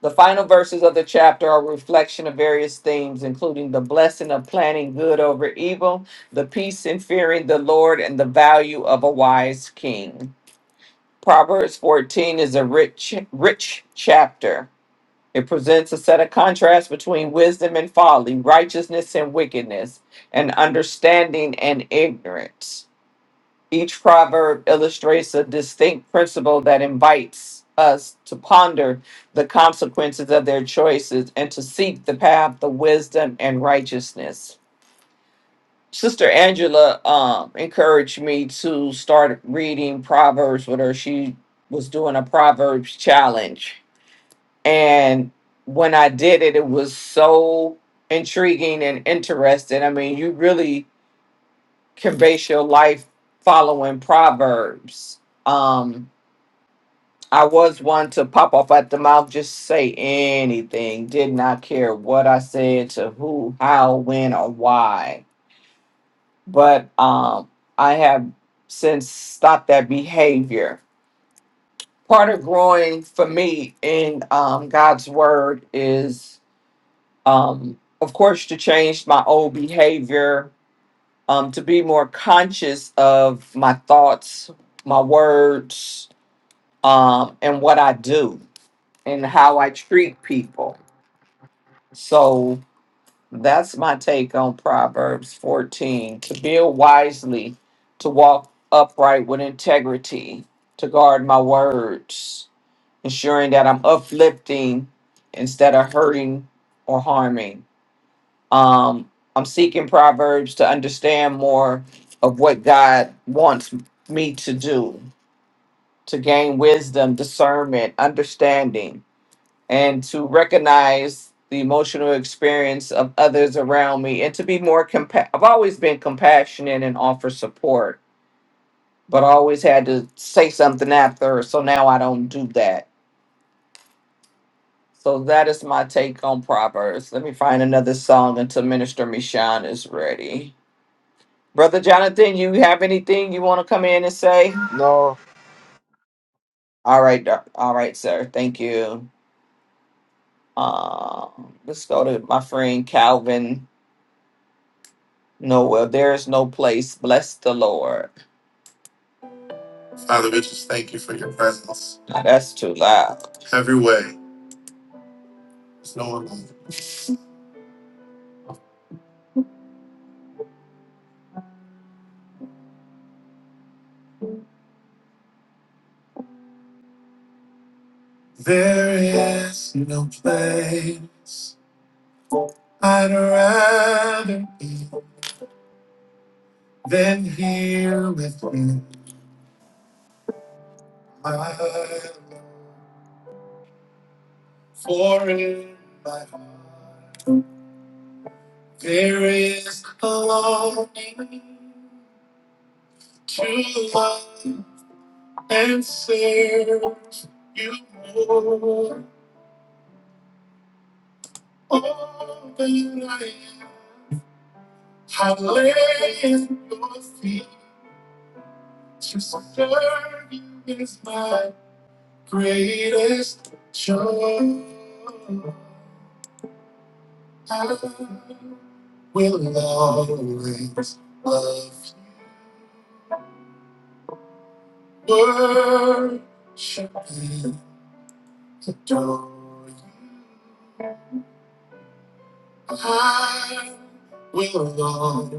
G: The final verses of the chapter are a reflection of various themes, including the blessing of planning good over evil, the peace in fearing the Lord, and the value of a wise king. Proverbs 14 is a rich, rich chapter. It presents a set of contrasts between wisdom and folly, righteousness and wickedness, and understanding and ignorance. Each proverb illustrates a distinct principle that invites us to ponder the consequences of their choices and to seek the path of wisdom and righteousness. Sister Angela um, encouraged me to start reading Proverbs with her. She was doing a Proverbs challenge. And when I did it, it was so intriguing and interesting. I mean, you really curvaceous life following proverbs. Um, I was one to pop off at the mouth, just say anything, did not care what I said to who, how, when, or why. But um, I have since stopped that behavior. Part of growing for me in um, God's word is, um, of course, to change my old behavior um, to be more conscious of my thoughts, my words, um, and what I do and how I treat people. So that's my take on Proverbs 14 to build wisely, to walk upright with integrity, to guard my words, ensuring that I'm uplifting instead of hurting or harming. Um, I'm seeking Proverbs to understand more of what God wants me to do, to gain wisdom, discernment, understanding, and to recognize the emotional experience of others around me and to be more compa- I've always been compassionate and offer support, but I always had to say something after, so now I don't do that. So that is my take on Proverbs. Let me find another song until Minister Michon is ready. Brother Jonathan, you have anything you want to come in and say?
H: No.
G: All right, doc- all right, sir. Thank you. Um, let's go to my friend Calvin Noel. There is no place. Bless the Lord. Father, we just thank you for your presence. Now that's too loud. Every way. There's no one like There is that there are for in my heart. There is a longing to love and serve you more. All that I am, I lay at your feet to serve you is my greatest joy. I will always love you, worship and adore you. I will always,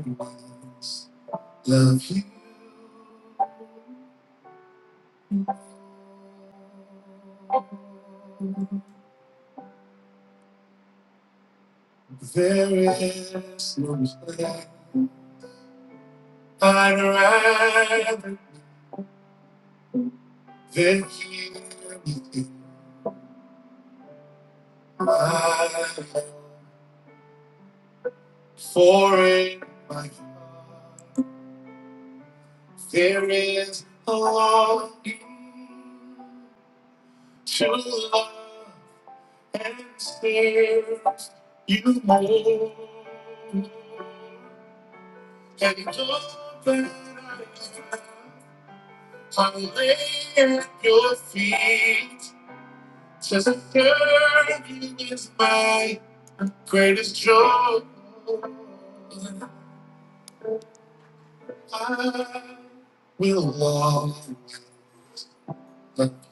G: there is none I'd rather than hear you in my For in my heart there is a longing to love and serve you more. And all that I have, I lay at your feet. Just to serve you is my greatest joy. I will love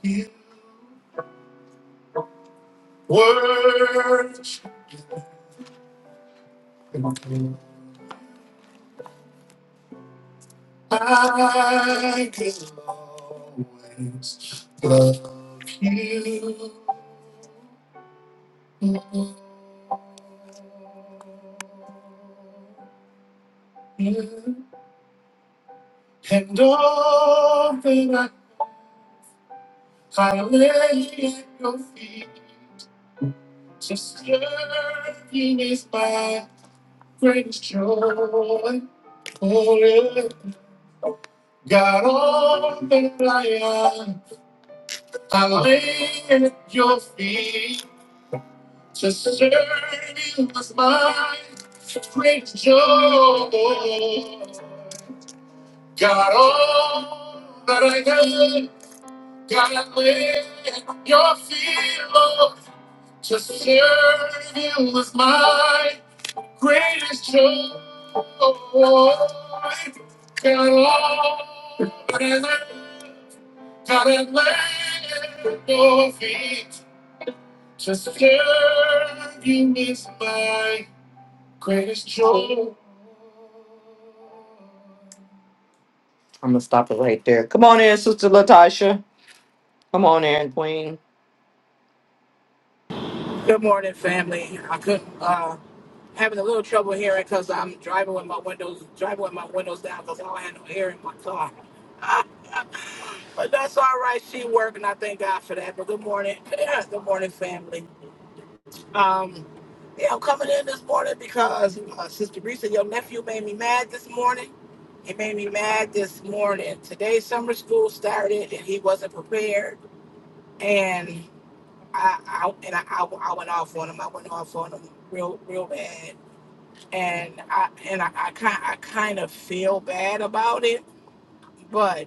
G: you. Worship. you, I will always love you. And all that I, I lay at your feet to serve you is my greatest joy. Oh, yeah. God, all that I am, I lay at your feet to serve you is my greatest joy. Got all that I had, got it in your feet, Lord. To serve you was my greatest joy. Got all that I had, got it laid at your feet. To serve you is my greatest joy. I'm gonna stop it right there. Come on in, Sister Latasha. Come on in, Queen.
I: Good morning, family. I couldn't uh, having a little trouble hearing because I'm driving with my windows driving with my windows down because I don't have no air in my car. But that's all right. She working. I thank God for that. But good morning, good morning, family. Um, yeah, I'm coming in this morning because uh, Sister Risa, your nephew made me mad this morning. He made me mad this morning. Today, summer school started, and he wasn't prepared. And I, I and I, I, I went off on him. I went off on him real, real bad and I and I, I kind I kind of feel bad about it, but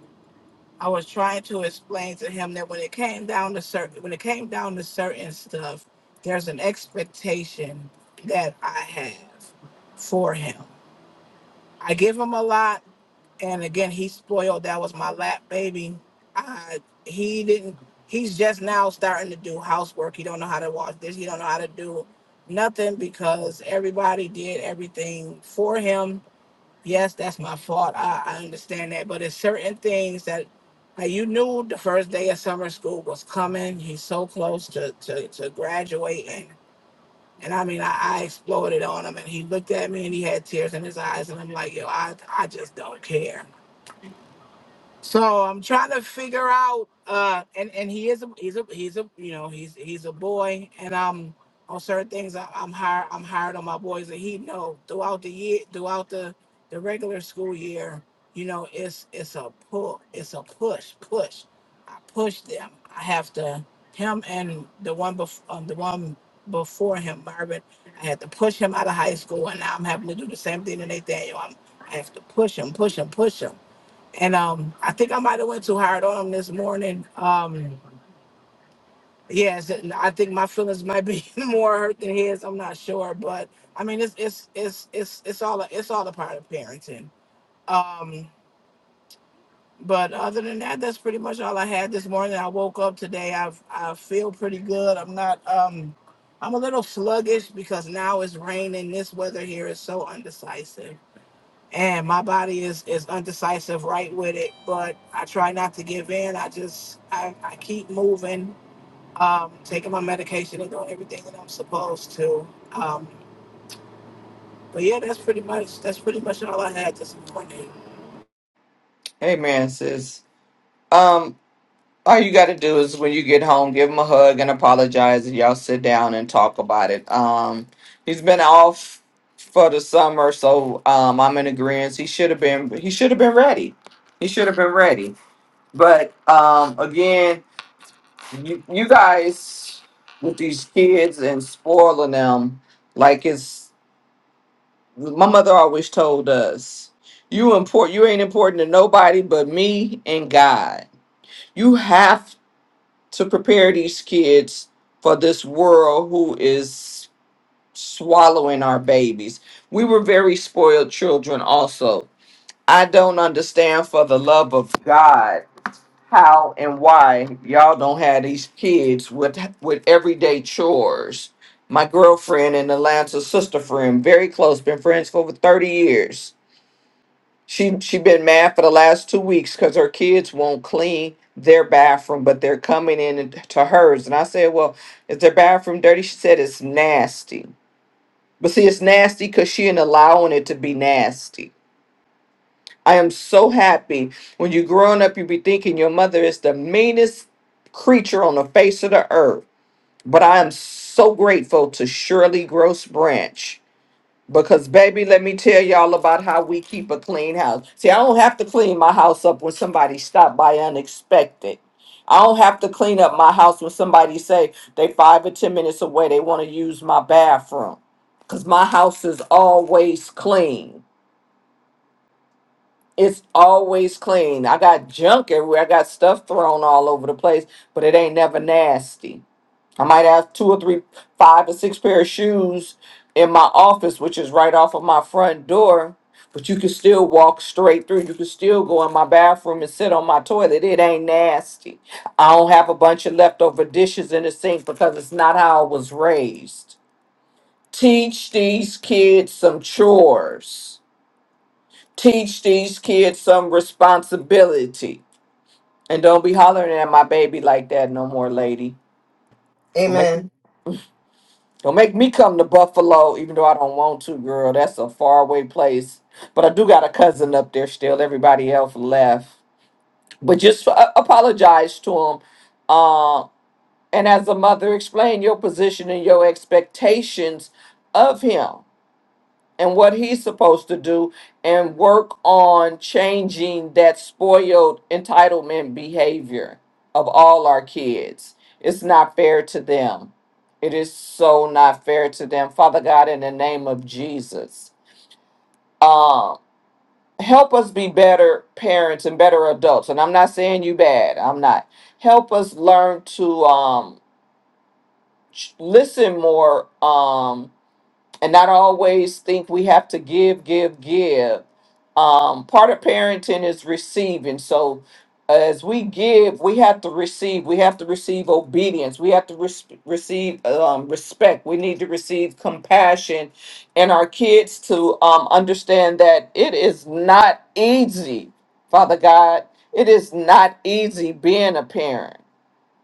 I: I was trying to explain to him that when it came down to certain when it came down to certain stuff, there's an expectation that I have for him. I give him a lot, and again, he's spoiled. That was my lap baby. I he didn't. He's just now starting to do housework. He don't know how to wash this. He don't know how to do nothing because everybody did everything for him yes, that's my fault. I, I understand that. But it's certain things that like you knew the first day of summer school was coming. He's so close to, to, to graduating. And I mean, I, I exploded on him and he looked at me and he had tears in his eyes. And I'm like, yo, I, I just don't care. So I'm trying to figure out, uh, and and he is a he's a he's a you know he's he's a boy, and um on certain things I, I'm hard I'm hard on my boys, and he know throughout the year throughout the the regular school year, you know it's it's a pull it's a push push, I push them. I have to him and the one bef- um, the one before him Marvin, I had to push him out of high school, and now I'm having to do the same thing to Nathaniel. I'm, I have to push him push him push him and um, I think I might have went too hard on him this morning. Um, yes, and I think my feelings might be more hurt than his. I'm not sure, but I mean, it's it's it's it's it's all a, it's all a part of parenting. Um, but other than that, that's pretty much all I had this morning. I woke up today. I I feel pretty good. I'm not. Um, I'm a little sluggish because now it's raining. This weather here is so undecisive. and my body is is undecisive right with it but i try not to give in i just i, I keep moving um taking my medication and doing everything that i'm supposed to um but yeah that's pretty much that's pretty much all i had this morning
G: Amen, sis. All you got to do is when you get home, give him a hug and apologize, and y'all sit down and talk about it. Um, he's been off for the summer, so um, I'm in agreement. He should have been. He should have been ready. He should have been ready. But um, again, you, you guys with these kids and spoiling them, like it's my mother always told us, you import. You ain't important to nobody but me and God. You have to prepare these kids for this world who is swallowing our babies. We were very spoiled children, also. I don't understand for the love of God how and why y'all don't have these kids with with everyday chores. My girlfriend in Atlanta, sister friend, very close, been friends for over 30 years she she been mad for the last two weeks because her kids won't clean their bathroom, but they're coming in and- to hers. And I said, "Well, is their bathroom dirty?" She said, "It's nasty." But see, it's nasty because she ain't allowing it to be nasty. I am so happy when you growing up, you be thinking your mother is the meanest creature on the face of the earth. But I am so grateful to Shirley Gross Branch because, baby, let me tell y'all about how we keep a clean house. See, I don't have to clean my house up when somebody stop by unexpected. I don't have to clean up my house when somebody say they five or ten minutes away, they want to use my bathroom. Because my house is always clean. It's always clean. I got junk everywhere. I got stuff thrown all over the place, but it ain't never nasty. I might have two or three, five or six pair of shoes in my office, which is right off of my front door. But you can still walk straight through. You can still go in my bathroom and sit on my toilet. It ain't nasty. I don't have a bunch of leftover dishes in the sink because it's not how I was raised. Teach these kids some chores. Teach these kids some responsibility. And don't be hollering at my baby like that no more, lady.
J: Amen.
G: Don't make me come to Buffalo, even though I don't want to, girl. That's a faraway place. But I do got a cousin up there still. Everybody else left. But just uh, apologize to him. Uh, and as a mother, explain your position and your expectations of him and what he's supposed to do and work on changing that spoiled entitlement behavior of all our kids. It's not fair to them. It is so not fair to them. Father God, in the name of Jesus, um, help us be better parents and better adults. And I'm not saying you bad. I'm not. Help us learn to um, ch- listen more. Um, and not always think we have to give, give, give. Um, part of parenting is receiving. So as we give, we have to receive. We have to receive obedience. We have to res- receive um, respect. We need to receive compassion, and our kids to um, understand that it is not easy, Father God. It is not easy being a parent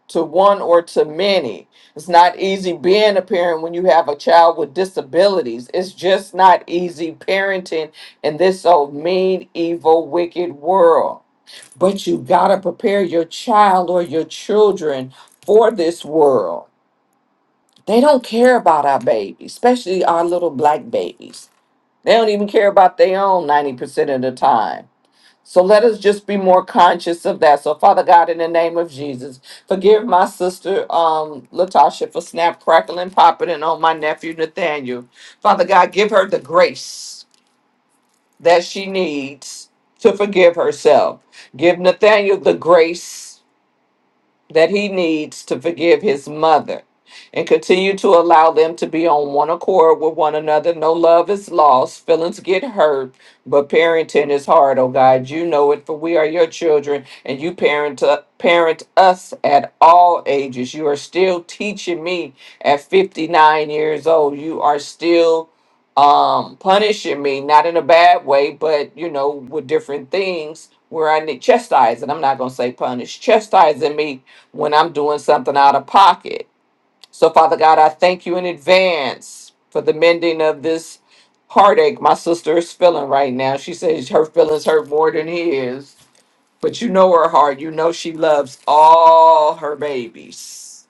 G: to one or to many. It's not easy being a parent when you have a child with disabilities. It's just not easy parenting in this old mean, evil, wicked world. But you gotta prepare your child or your children for this world. They don't care about our babies, especially our little black babies. They don't even care about their own 90% of the time. So let us just be more conscious of that. So, Father God, in the name of Jesus, forgive my sister um, Latasha for snap, crackling, popping, and on my nephew Nathaniel. Father God, give her the grace that she needs to forgive herself. Give Nathaniel the grace that he needs to forgive his mother and continue to allow them to be on one accord with one another. No love is lost, feelings get hurt, but parenting is hard, oh God. You know it, for we are your children and you parent, uh, parent us at all ages. You are still teaching me at 59 years old. You are still um punishing me not in a bad way but you know with different things where i need chastising i'm not going to say punish chastising me when I'm doing something out of pocket. So, Father God, I thank you in advance for the mending of this heartache my sister is feeling right now. She says her feelings hurt more than his, but you know her heart. You know she loves all her babies,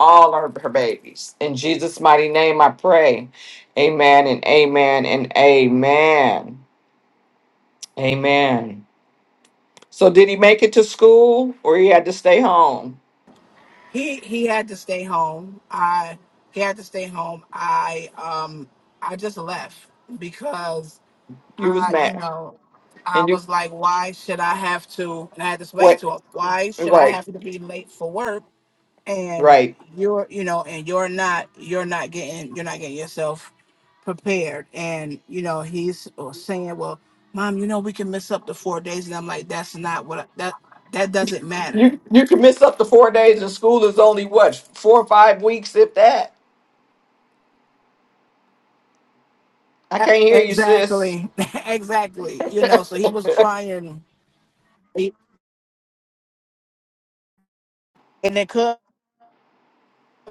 G: all her, her babies. In Jesus' mighty name, I pray. Amen and amen and amen. Amen. So, did he make it to school or he had to stay home?
I: he he had to stay home i he had to stay home i um i just left because
G: You was
I: i you
G: mad.
I: know I
G: And you,
I: was like, why should I have to? And I had to explain
G: what?
I: to him, why should I
G: Right.
I: have to be late for work and
G: Right.
I: you're you know and you're not you're not getting you're not getting yourself prepared and you know he's or saying well mom you know we can miss up to four days and i'm like that's not what I, that that doesn't matter
G: You you can miss up to four days and school is only what, four or five weeks if that. I
I: E-
G: can't hear you, sis.
I: exactly exactly you know so he was trying he- and it could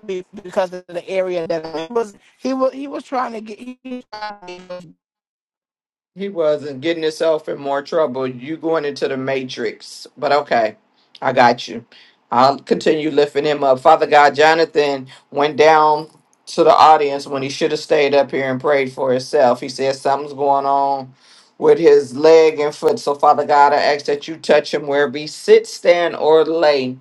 I: be because of the area that I was he was he was trying to get he was trying to get
G: he wasn't getting himself in more trouble. You going into the matrix. But okay. I got you. I'll continue lifting him up. Father God, Jonathan went down to the audience when he should have stayed up here and prayed for himself. He said something's going on with his leg and foot. So, Father God, I ask that you touch him wherever he sits, stand, or lay.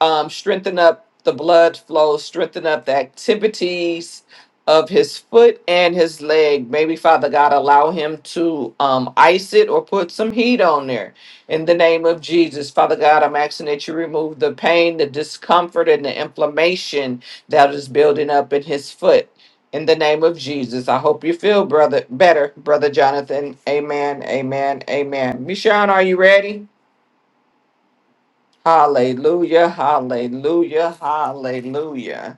G: um, strengthen up the blood flow, strengthen up the activities of his foot and his leg. Maybe Father God allow him to um, ice it or put some heat on there. In the name of Jesus, Father God, I'm asking that you remove the pain, the discomfort, and the inflammation that is building up in his foot. In the name of Jesus, I hope you feel brother better, brother Jonathan. Amen. Amen. Amen. Michonne, are you ready? Hallelujah, hallelujah, hallelujah.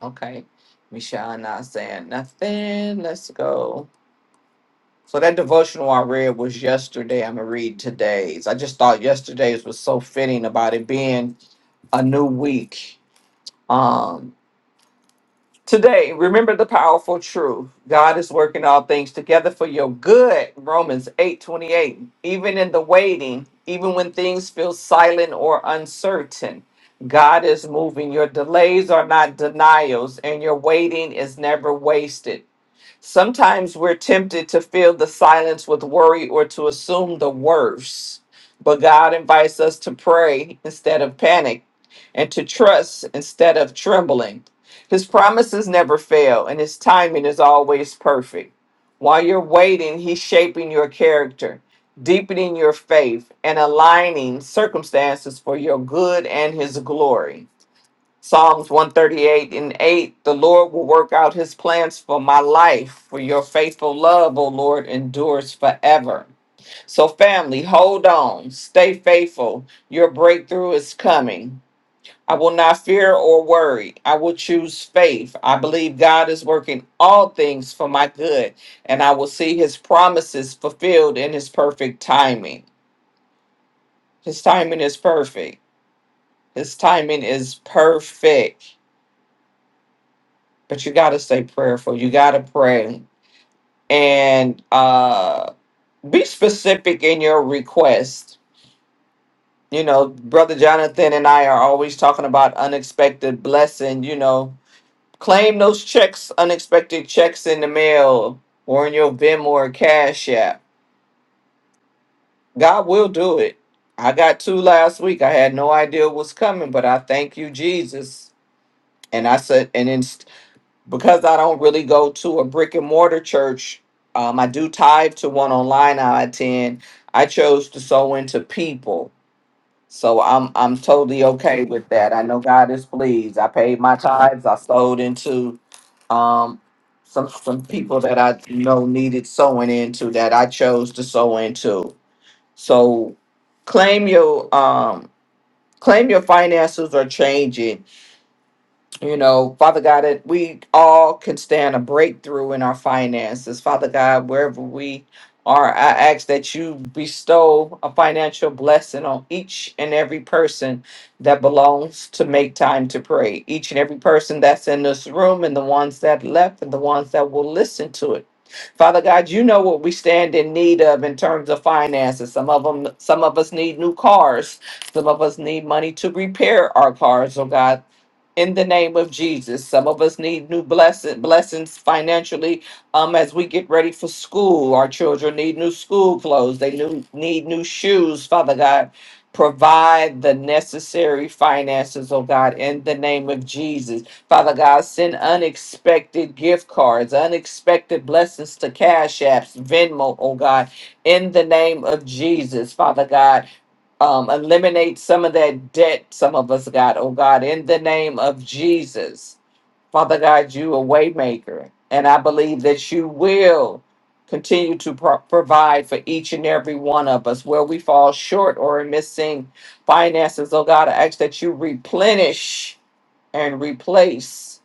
G: Okay, Michelle not saying nothing. Let's go. So that devotional I read was yesterday. I'm gonna read today's. I just thought yesterday's was so fitting about it being a new week. Um, Today, remember the powerful truth. God is working all things together for your good. Romans 8 28. Even in the waiting, even when things feel silent or uncertain, God is moving. Your delays are not denials, and your waiting is never wasted. Sometimes we're tempted to fill the silence with worry or to assume the worst, but God invites us to pray instead of panic and to trust instead of trembling. His promises never fail, and his timing is always perfect. While you're waiting, he's shaping your character, deepening your faith, and aligning circumstances for your good and his glory. Psalms 138 and 8 The Lord will work out his plans for my life, for your faithful love, O Lord, endures forever. So, family, hold on, stay faithful. Your breakthrough is coming. I will not fear or worry. I will choose faith. I believe God is working all things for my good, and I will see his promises fulfilled in his perfect timing. His timing is perfect. His timing is perfect. but you got to stay prayerful. You got to pray and uh, be specific in your request. You know, Brother Jonathan and I are always talking about unexpected blessing. You know, claim those checks, unexpected checks in the mail or in your Venmo or Cash App. God will do it. I got two last week. I had no idea what's coming, but I thank you, Jesus. And I said, and then because I don't really go to a brick and mortar church, um, I do tithe to one online I attend. I chose to sow into people. So I'm I'm totally okay with that. I know God is pleased. I paid my tithes. I sowed into um some some people that I know needed sowing into that I chose to sow into. So claim your um claim your finances are changing you know, Father God, that we all can stand a breakthrough in our finances. Father God, wherever we are, I ask that you bestow a financial blessing on each and every person that belongs to make time to pray. Each and every person that's in this room and the ones that left and the ones that will listen to it. Father God, you know what we stand in need of in terms of finances. Some of them, some of us need new cars. Some of us need money to repair our cars, oh God in the name of Jesus. Some of us need new blessing, blessings financially um, as we get ready for school. Our children need new school clothes, they new, need new shoes, Father God. Provide the necessary finances, oh God, in the name of Jesus. Father God, send unexpected gift cards, unexpected blessings to Cash Apps, Venmo, oh God, in the name of Jesus. Father God, um, eliminate some of that debt some of us got, oh God, in the name of Jesus. Father God, you a waymaker, and I believe that you will continue to pro- provide for each and every one of us where we fall short or are missing finances. Oh God, I ask that you replenish and replace.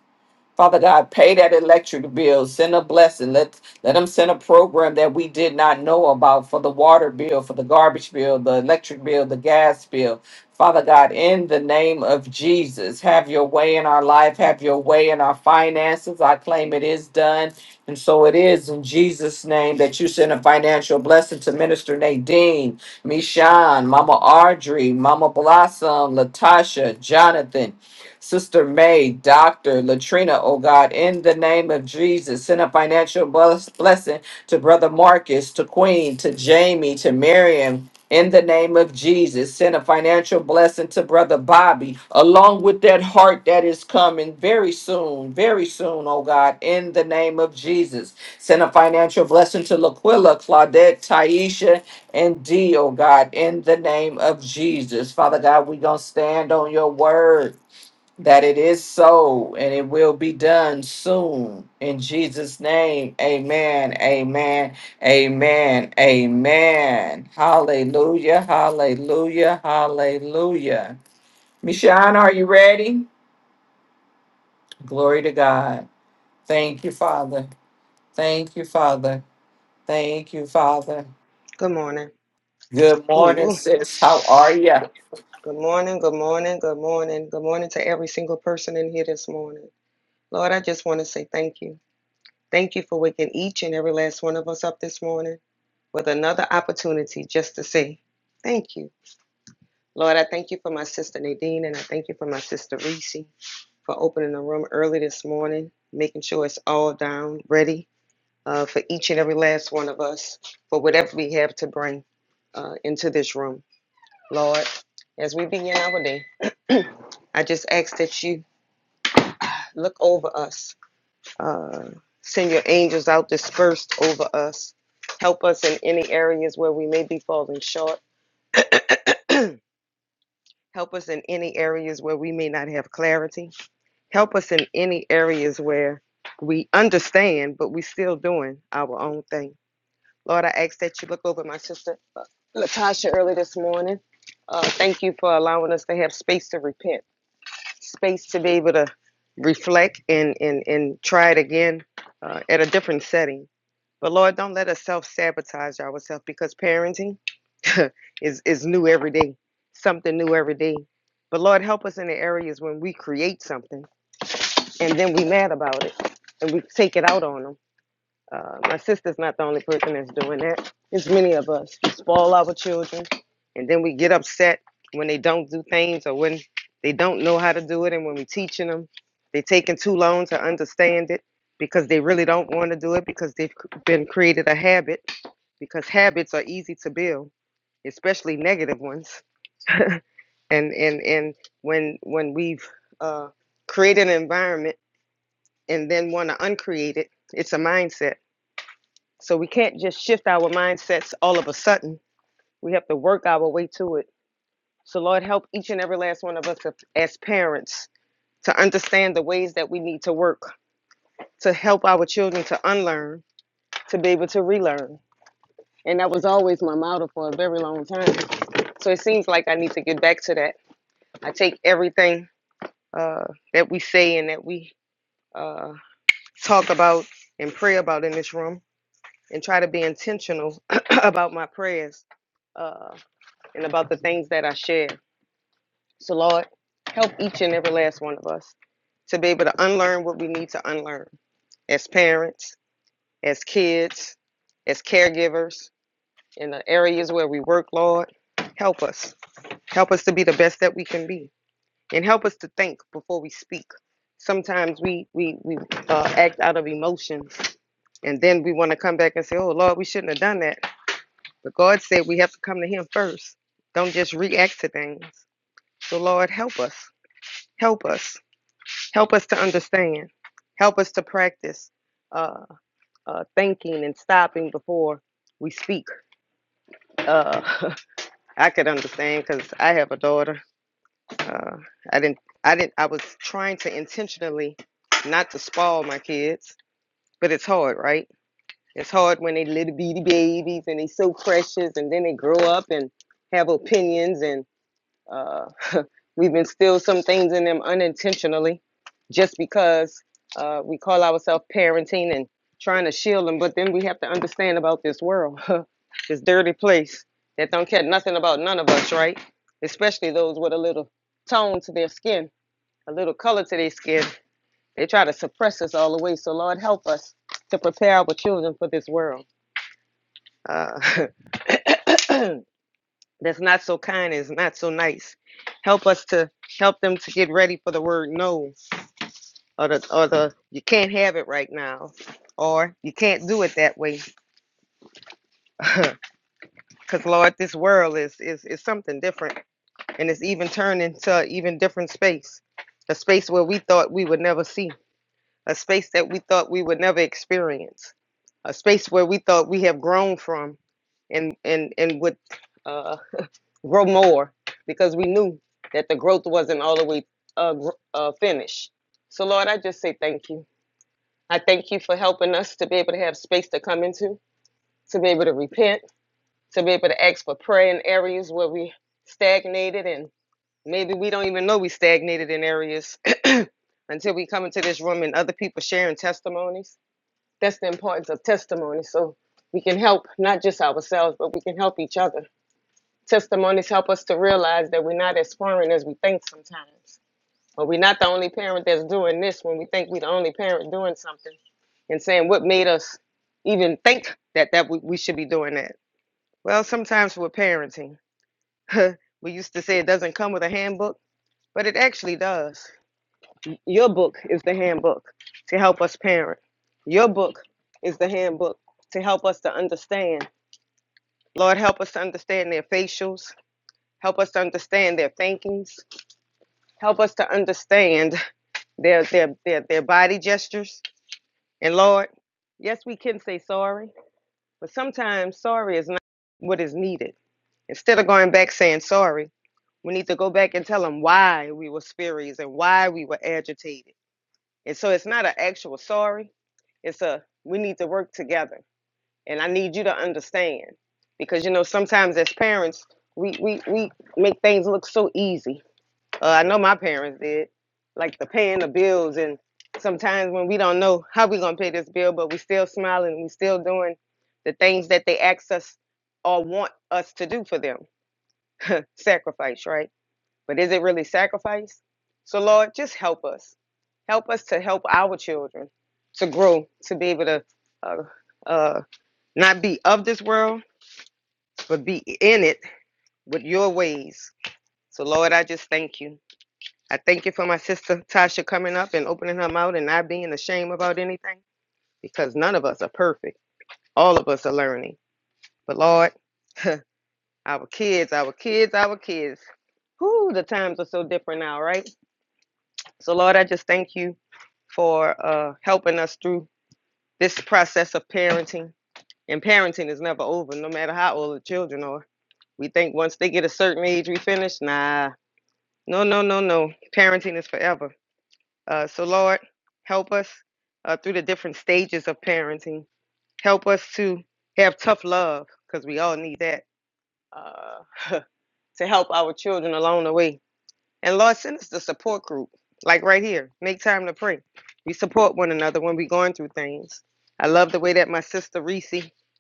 G: Father God, pay that electric bill, send a blessing. Let let them send a program that we did not know about for the water bill, for the garbage bill, the electric bill, the gas bill. Father God, in the name of Jesus, have your way in our life, have your way in our finances. I claim it is done. And so it is in Jesus' name that you send a financial blessing to Minister Nadine, Mishan, Mama Audrey, Mama Blossom, Latasha, Jonathan. Sister May, Dr. Latrina, oh God, in the name of Jesus, send a financial bless- blessing to Brother Marcus, to Queen, to Jamie, to Miriam. In the name of Jesus, send a financial blessing to Brother Bobby, along with that heart that is coming very soon, very soon, oh God, in the name of Jesus. Send a financial blessing to Laquilla, Claudette, Taisha, and D, oh God, in the name of Jesus. Father God, we going to stand on your word that it is so and it will be done soon. In Jesus' name, amen, amen, amen, amen. Hallelujah, hallelujah, hallelujah. Michonne, are you ready? Glory to God. Thank you, Father. Thank you, Father. Thank you, Father.
J: Good morning.
G: Good morning,
J: Ooh.
G: sis. How are you?
J: Good morning. Good morning. Good morning. Good morning to every single person in here this morning. Lord, I just want to say thank you. Thank you for waking each and every last one of us up this morning with another opportunity just to say thank you. Lord, I thank you for my sister Nadine and I thank you for my sister Reese for opening the room early this morning, making sure it's all down, ready uh, for each and every last one of us for whatever we have to bring uh, into this room. Lord, as we begin our day, I just ask that you look over us, uh, send your angels out dispersed over us. Help us in any areas where we may be falling short. Help us in any areas where we may not have clarity. Help us in any areas where we understand, but we are still doing our own thing. Lord, I ask that you look over my sister uh, Latasha early this morning. Uh, thank you for allowing us to have space to repent. space to be able to reflect and and and try it again uh, at a different setting. But Lord, don't let us self sabotage ourselves because parenting is is new every day, something new every day. But Lord, help us in the areas when we create something and then we mad about it and we take it out on them. Uh, my sister's not the only person that's doing that. It's many of us. We spoil our children, and then we get upset when they don't do things or when they don't know how to do it. And when we're teaching them, they're taking too long to understand it because they really don't want to do it because they've been created a habit. Because habits are easy to build, especially negative ones. And and and when when we've uh, created an environment and then want to uncreate it, it's a mindset So we can't just shift our mindsets all of a sudden. We have to work our way to it. So, Lord, help each and every last one of us to- as parents to understand the ways that we need to work to help our children to unlearn, to be able to relearn. And that was always my motto for a very long time. So it seems like I need to get back to that. I take everything uh, that we say and that we uh, talk about and pray about in this room and try to be intentional about my prayers Uh, and about the things that I share. So, Lord, help each and every last one of us to be able to unlearn what we need to unlearn as parents, as kids, as caregivers, in the areas where we work, Lord. Help us. Help us to be the best that we can be. And help us to think before we speak. Sometimes we, we, we uh, act out of emotions. And then we want to come back and say, oh, Lord, we shouldn't have done that. But God said we have to come to Him first. Don't just react to things. So, Lord, help us. Help us. Help us to understand. Help us to practice uh, uh, thinking and stopping before we speak. Uh, I could understand because I have a daughter. Uh, I didn't. I didn't. I was trying to intentionally not to spoil my kids, but it's hard, right? It's hard when they little bitty babies and they so precious, and then they grow up and have opinions and. Uh, we've instilled some things in them unintentionally just because uh, we call ourselves parenting and trying to shield them. But then we have to understand about this world, this dirty place that don't care nothing about none of us, right? Especially those with a little tone to their skin, a little color to their skin. They try to suppress us all the way. So Lord, help us to prepare our children for this world. Uh, that's not so kind and is not so nice. Help us to help them to get ready for the word no, or the or the you can't have it right now, or you can't do it that way. Cause Lord, this world is is is something different, and it's even turned into an even different space, a space where we thought we would never see, a space that we thought we would never experience, a space where we thought we have grown from, and and and with. grow more because we knew that the growth wasn't all the way uh, uh, finished. So, Lord, I just say thank you. I thank you for helping us to be able to have space to come into, to be able to repent, to be able to ask for prayer in areas where we stagnated and maybe we don't even know we stagnated in areas until we come into this room and other people sharing testimonies. That's the importance of testimony. So we can help not just ourselves, but we can help each other testimonies help us to realize that we're not as foreign as we think sometimes. Or we're not the only parent that's doing this when we think we're the only parent doing something and saying what made us even think that that we, we should be doing that. Well, sometimes with parenting, we used to say it doesn't come with a handbook, but it actually does. Your book is the handbook to help us parent. Your book is the handbook to help us to understand. Lord, help us to understand their facials, help us to understand their thinkings, Help us to understand their their their, their body gestures. And Lord, yes, we can say sorry, but sometimes sorry is not what is needed. Instead of going back saying sorry, we need to go back and tell them why we were spurious and why we were agitated. And so it's not an actual sorry. It's a we need to work together. And I need you to understand. Because you know, sometimes as parents, we we, we make things look so easy Uh, I know my parents did, like the paying the bills, and sometimes when we don't know how we are gonna pay this bill, but we still smiling, we still doing the things that they ask us or want us to do for them. sacrifice, right? But is it really sacrifice? So Lord, just help us, help us to help our children to grow, to be able to uh, uh, not be of this world, but be in it with your ways. So Lord, I just thank you. I thank you for my sister Tasha coming up and opening her mouth and not being ashamed about anything because none of us are perfect. All of us are learning. But Lord, our kids, our kids, our kids. Whoo, the times are so different now, right? So Lord, I just thank you for uh, helping us through this process of parenting. And parenting is never over, no matter how old the children are. We think once they get a certain age, we finish. Nah, no, no, no, no. Parenting is forever. Uh, so, Lord, help us uh, through the different stages of parenting. Help us to have tough love because we all need that uh, to help our children along the way. And Lord, send us the support group, like right here. Make time to pray. We support one another when we're going through things. I love the way that my sister Reese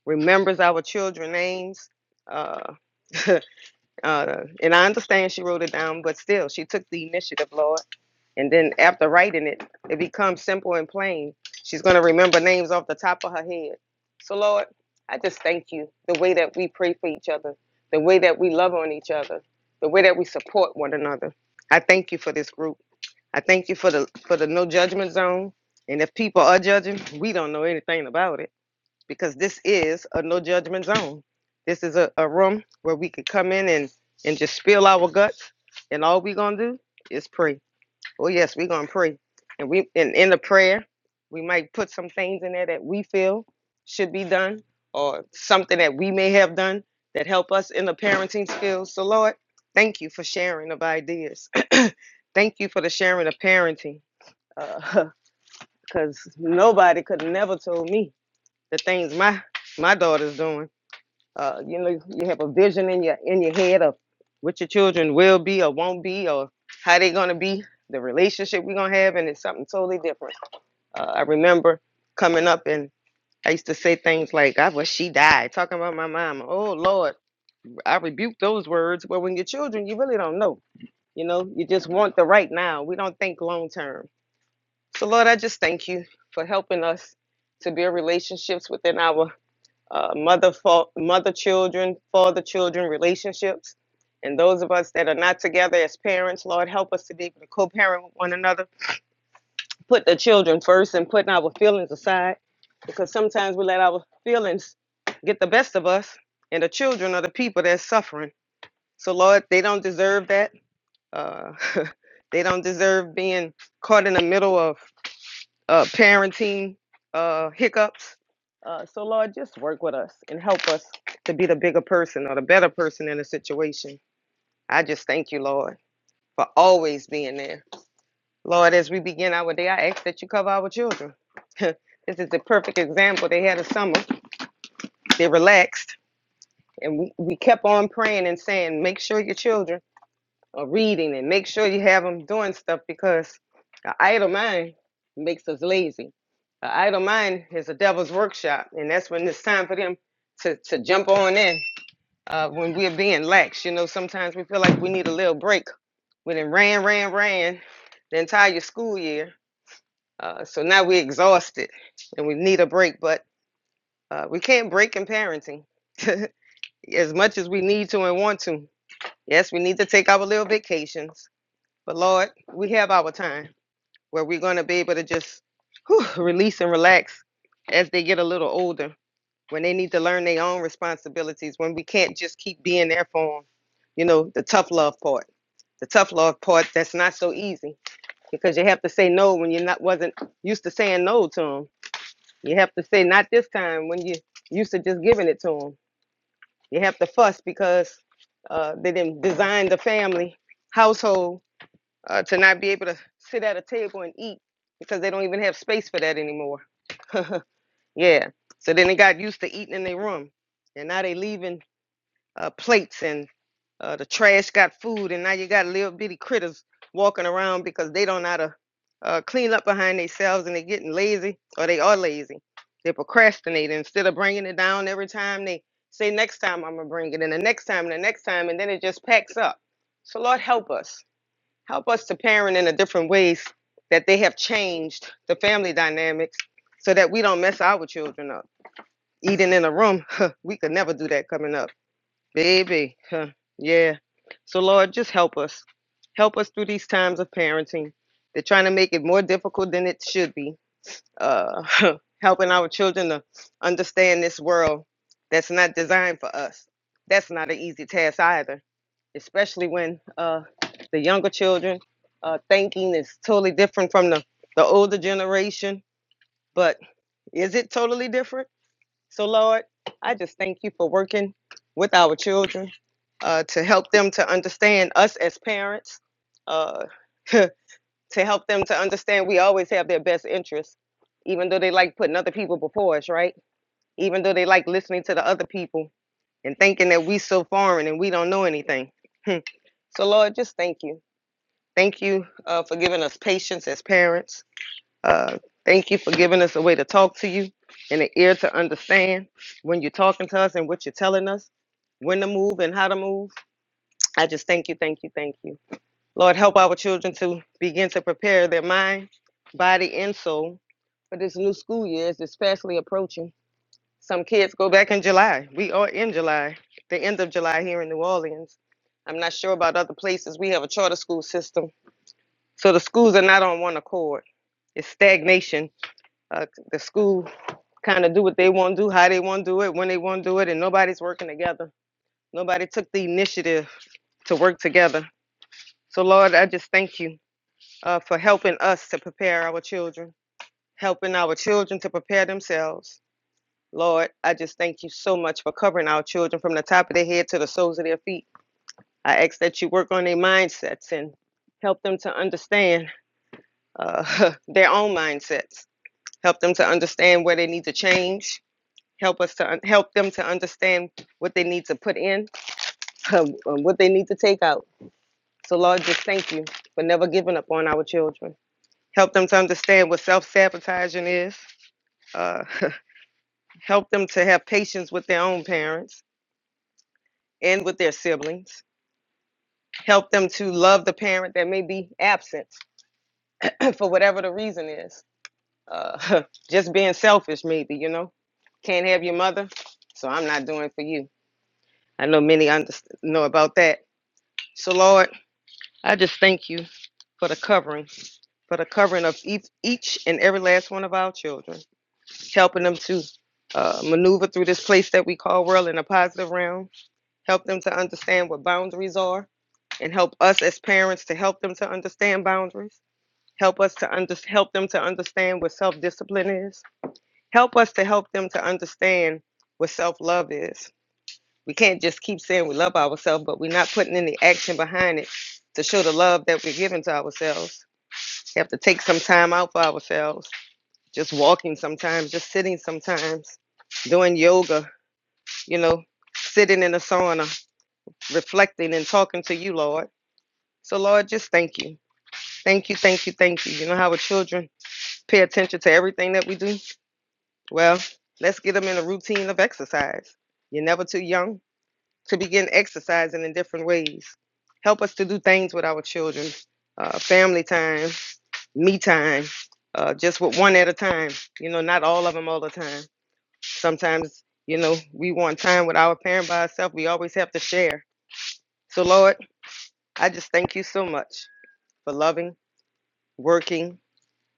J: remembers our children names. Uh, uh, and I understand she wrote it down, but still, she took the initiative, Lord. And then after writing it, it becomes simple and plain. She's going to remember names off the top of her head. So, Lord, I just thank you the way that we pray for each other, the way that we love on each other, the way that we support one another. I thank you for this group. I thank you for the for the no judgment zone. And if people are judging, we don't know anything about it because this is a no judgment zone. This is a, a room where we could come in and, and just spill our guts. And all we're going to do is pray. Oh yes, we're gonna pray, and we and in the prayer, we might put some things in there that we feel should be done, or something that we may have done that help us in the parenting skills. So Lord, thank you for sharing of ideas. thank you for the sharing of parenting, because nobody could never told me the things my my daughter's doing. Uh, you know, you have a vision in your in your head of what your children will be or won't be, or how they're gonna be, the relationship we're gonna have, and it's something totally different. Uh, I remember coming up and I used to say things like, "I wish she died," talking about my mama. Oh Lord, I rebuke those words. But when your children, you really don't know. You know, you just want the right now. We don't think long term. So Lord, I just thank you for helping us to build relationships within our uh, mother for mother children, father children relationships. And those of us that are not together as parents, Lord, help us to be able to co parent with one another. Put the children first and putting our feelings aside because sometimes we let our feelings get the best of us, and the children are the people that's suffering. So, Lord, they don't deserve that. Uh, they don't deserve being caught in the middle of uh, parenting uh, hiccups. Uh, so, Lord, just work with us and help us to be the bigger person or the better person in the situation. I just thank you, Lord, for always being there. Lord, as we begin our day, I ask that you cover our children. this is the perfect example. They had a summer, they relaxed, and we, we kept on praying and saying, Make sure your children. or reading and make sure you have them doing stuff because an idle mind makes us lazy. An idle mind is a devil's workshop, and that's when it's time for them to, to jump on in uh, when we're being lax. You know, sometimes we feel like we need a little break. We it ran, ran, ran the entire school year, uh, so now we're exhausted and we need a break, but uh, we can't break in parenting as much as we need to and want to. Yes, we need to take our little vacations but Lord, we have our time where we're going to be able to just whew, release and relax as they get a little older, when they need to learn their own responsibilities, when we can't just keep being there for them. You know, the tough love part, the tough love part that's not so easy because you have to say no when you're not wasn't used to saying no to them. You have to say not this time when you used to just giving it to them. You have to fuss because uh, they didn't design the family household uh, to not be able to sit at a table and eat because they don't even have space for that anymore. yeah. So then they got used to eating in their room, and now they leaving uh, plates and uh, the trash got food, and now you got little bitty critters walking around because they don't know how to uh, clean up behind themselves, and they're getting lazy, or they are lazy. They're procrastinating instead of bringing it down every time. They say next time I'm gonna bring it, and the next time, and the next time, and then it just packs up. So Lord help us. Help us to parent in a different ways that they have changed the family dynamics so that we don't mess our children up. Eating in a room, huh, we could never do that coming up. Baby, huh, yeah. So, Lord, just help us. Help us through these times of parenting. They're trying to make it more difficult than it should be. Uh, helping our children to understand this world that's not designed for us. That's not an easy task either especially when uh, the younger children uh, thinking is totally different from the, the older generation. But is it totally different? So, Lord, I just thank you for working with our children uh, to help them to understand us as parents, uh, to help them to understand we always have their best interests, even though they like putting other people before us, right? Even though they like listening to the other people and thinking that we so foreign and we don't know anything. so, Lord, just thank you Thank you uh, for giving us patience as parents. Uh, thank you for giving us a way to talk to you and an ear to understand when you're talking to us and what you're telling us, when to move and how to move. I just thank you, thank you, thank you. Lord, help our children to begin to prepare their mind, body, and soul for this new school year as it's fastly approaching. Some kids go back in July. We are in July, the end of July here in New Orleans. I'm not sure about other places. We have a charter school system so the schools are not on one accord. It's stagnation. Uh, the school kind of do what they want to do, how they want to do it, when they want to do it, and nobody's working together. Nobody took the initiative to work together. So Lord, I just thank you uh, for helping us to prepare our children, helping our children to prepare themselves. Lord, I just thank you so much for covering our children from the top of their head to the soles of their feet. I ask that you work on their mindsets and help them to understand uh, their own mindsets help them to understand where they need to change help us to un- help them to understand what they need to put in um, um, what they need to take out so lord just thank you for never giving up on our children help them to understand what self-sabotaging is uh, help them to have patience with their own parents and with their siblings help them to love the parent that may be absent for whatever the reason is uh, just being selfish maybe you know can't have your mother so i'm not doing it for you I know many under- know about that. So, Lord, I just thank you for the covering, for the covering of each, each and every last one of our children, helping them to uh, maneuver through this place that we call world in a positive realm, help them to understand what boundaries are, and help us as parents to help them to understand boundaries. Help us to under, help them to understand what self discipline is. Help us to help them to understand what self love is We can't just keep saying we love ourselves, but we're not putting any action behind it to show the love that we're giving to ourselves. We have to take some time out for ourselves, just walking sometimes, just sitting sometimes, doing yoga, you know, sitting in a sauna, reflecting and talking to you, Lord. So, Lord, just thank you. Thank you, thank you, thank you. You know how our children pay attention to everything that we do? Well, let's get them in a routine of exercise. You're never too young to begin exercising in different ways. Help us to do things with our children, uh, family time, me time, uh, just with one at a time. You know, not all of them all the time. Sometimes, you know, we want time with our parent by ourselves. We always have to share. So, Lord, I just thank you so much for loving, working,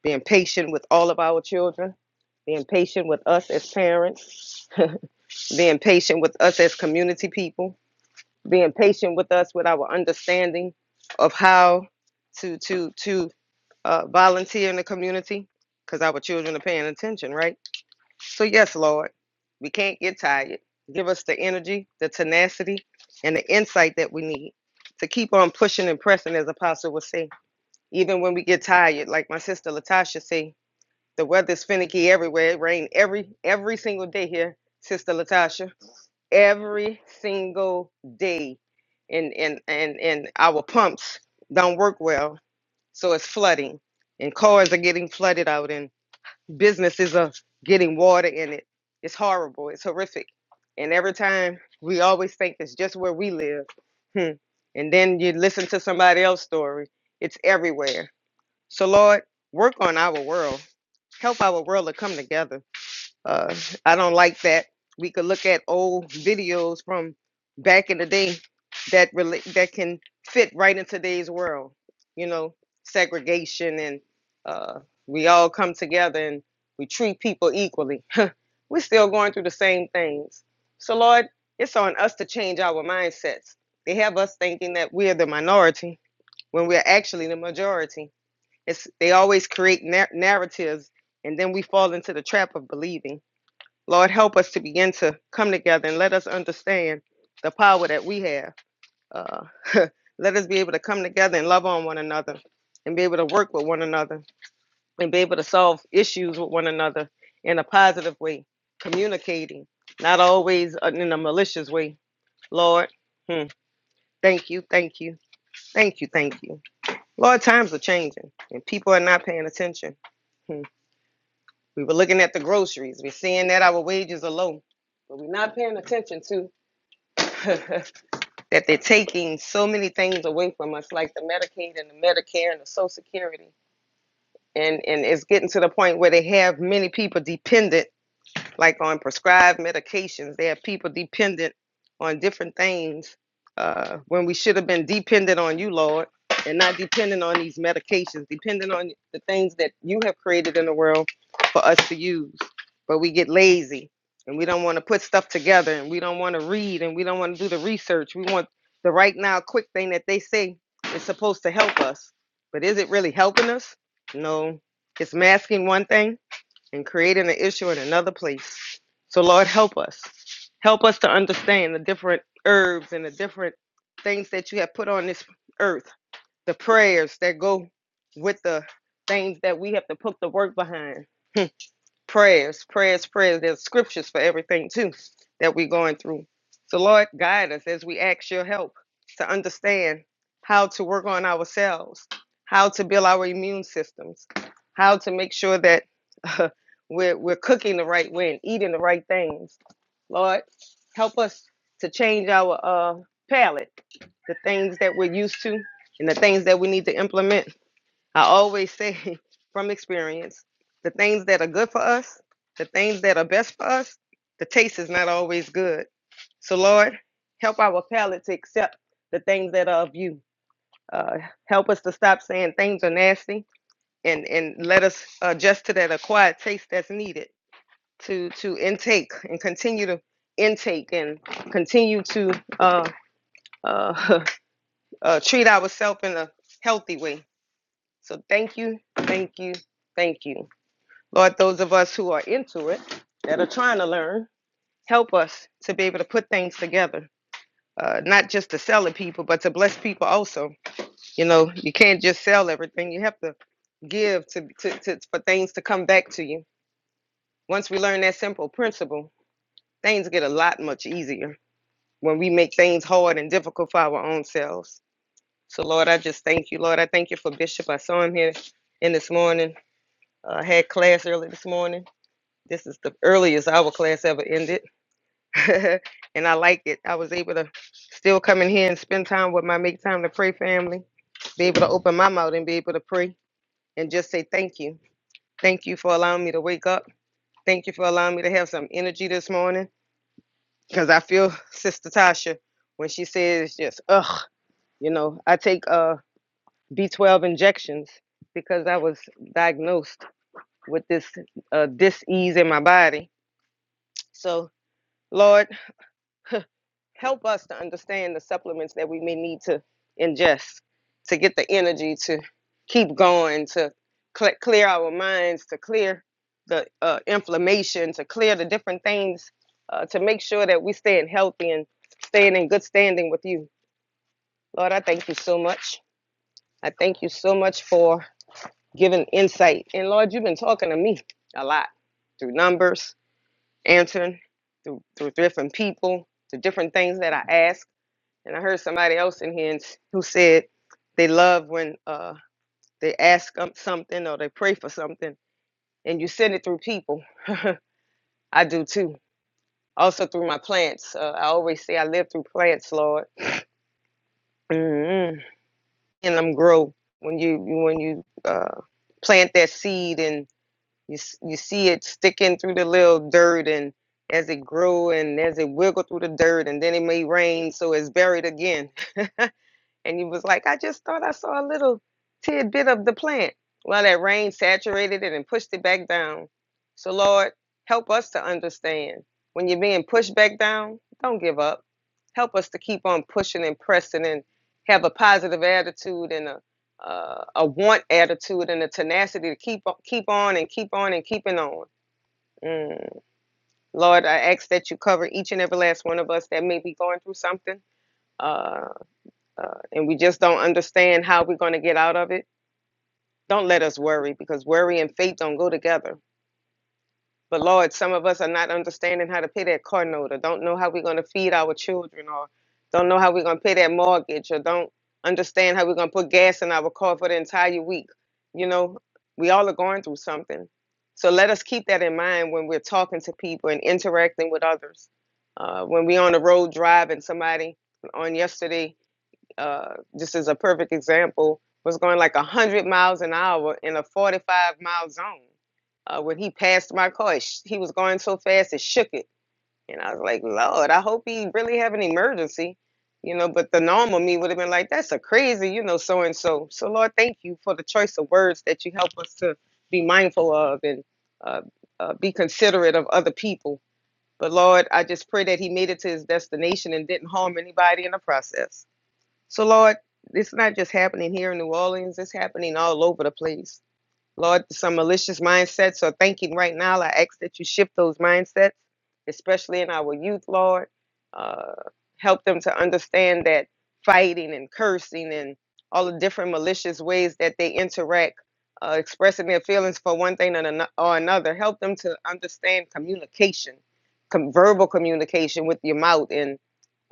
J: being patient with all of our children, being patient with us as parents, being patient with us as community people being patient with us with our understanding of how to to to uh, volunteer in the community because our children are paying attention right so yes lord we can't get tired give us the energy the tenacity and the insight that we need to keep on pushing and pressing as apostle would say even when we get tired like my sister latasha say the weather's finicky everywhere it rain every every single day here sister latasha every single day and and and and our pumps don't work well so it's flooding and cars are getting flooded out and businesses are getting water in it it's horrible it's horrific and every time we always think it's just where we live hmm. and then you listen to somebody else's story it's everywhere so lord work on our world help our world to come together uh, I don't like that. We could look at old videos from back in the day that relate that can fit right in today's world. You know, segregation and uh, we all come together and we treat people equally. We're still going through the same things. So Lord, it's on us to change our mindsets. They have us thinking that we're the minority when we're actually the majority. It's they always create nar- narratives and then we fall into the trap of believing. Lord, help us to begin to come together and let us understand the power that we have. Uh, let us be able to come together and love on one another and be able to work with one another and be able to solve issues with one another in a positive way, communicating, not always uh, in a malicious way. Lord, hmm, thank you, thank you, thank you, thank you. Lord, times are changing and people are not paying attention. Hmm. We were looking at the groceries, we're seeing that our wages are low, but we're not paying attention to that they're taking so many things away from us, like the Medicaid and the Medicare and the Social Security. And, and it's getting to the point where they have many people dependent like on prescribed medications. They have people dependent on different things uh, when we should have been dependent on you, Lord, and not dependent on these medications, dependent on the things that you have created in the world for us to use. But we get lazy and we don't want to put stuff together and we don't want to read and we don't want to do the research. We want the right now quick thing that they say is supposed to help us. But is it really helping us? No. It's masking one thing and creating an issue in another place. So, Lord, help us. Help us to understand the different herbs and the different things that you have put on this earth, the prayers that go with the things that we have to put the work behind prayers, prayers, prayers. There's scriptures for everything too that we're going through. So Lord, guide us as we ask your help to understand how to work on ourselves, how to build our immune systems, how to make sure that uh, we're we're cooking the right way and eating the right things. Lord, help us to change our uh, palate, the things that we're used to, and the things that we need to implement I always say from experience, the things that are good for us, the things that are best for us, the taste is not always good. So, Lord, help our palate to accept the things that are of you. Uh, help us to stop saying things are nasty and, and let us adjust to that acquired taste that's needed to, to intake and continue to intake and continue to uh, uh, uh, treat ourselves in a healthy way. So, thank you, thank you, thank you. Lord, those of us who are into it, that are trying to learn, help us to be able to put things together, uh, not just to sell to people, but to bless people also. You know, you can't just sell everything. You have to give to, to, to for things to come back to you. Once we learn that simple principle, things get a lot much easier when we make things hard and difficult for our own selves. So, Lord, I just thank you, Lord. I thank you for Bishop. I saw him here in this morning. I uh, had class early this morning. This is the earliest our class ever ended and I like it. I was able to still come in here and spend time with my make time to pray family, be able to open my mouth and be able to pray and just say thank you. Thank you for allowing me to wake up. Thank you for allowing me to have some energy this morning because I feel Sister Tasha when she says just ugh, you know, I take uh B12 injections because I was diagnosed with this uh dis-ease in my body. So, Lord, help us to understand the supplements that we may need to ingest to get the energy to keep going, to cle clear our minds, to clear the uh, inflammation, to clear the different things, uh, to make sure that we're staying healthy and staying in good standing with you. Lord, I thank you so much. I thank you so much for giving insight. And Lord, you've been talking to me a lot through numbers, answering, through, through different people, through different things that I ask. And I heard somebody else in here and s- who said they love when uh, they ask um, something or they pray for something and you send it through people. I do too. Also through my plants. Uh, I always say I live through plants, Lord. mm And them grow when you you- when you uh, plant that seed and you s- you see it sticking through the little dirt and as it grow and as it wiggle through the dirt and then it may rain so it's buried again And he was like, I just thought I saw a little tidbit of the plant. Well, that rain saturated it and pushed it back down. So, Lord, help us to understand. When you're being pushed back down, don't give up. Help us to keep on pushing and pressing and have a positive attitude and a uh, a want attitude and a tenacity to keep keep on and keep on and keeping on. Mm. Lord, I ask that you cover each and every last one of us that may be going through something. Uh, uh, and we just don't understand how we're going to get out of it, don't let us worry because worry and faith don't go together. But Lord, some of us are not understanding how to pay that car note or don't know how we're going to feed our children or don't know how we're going to pay that mortgage or don't understand how we're going to put gas in our car for the entire week. You know, we all are going through something. So let us keep that in mind when we're talking to people and interacting with others. Uh, when we're on the road driving, somebody on yesterday uh, just as a perfect example, was going like 100 miles an hour in a 45 mile zone. Uh, when he passed my car, he was going so fast it shook it. And I was like, Lord, I hope he really have an emergency, you know. But the normal me would have been like, that's a crazy, you know, so and so. So, Lord, thank you for the choice of words that you help us to be mindful of and uh, uh, be considerate of other people. But Lord, I just pray that he made it to his destination and didn't harm anybody in the process. So, Lord, it's not just happening here in New Orleans, it's happening all over the place. Lord, some malicious mindsets are thinking right now. I ask that you shift those mindsets, especially in our youth, Lord. Uh, help them to understand that fighting and cursing and all the different malicious ways that they interact, uh, expressing their feelings for one thing and ano- or another, help them to understand communication, com- verbal communication with your mouth and.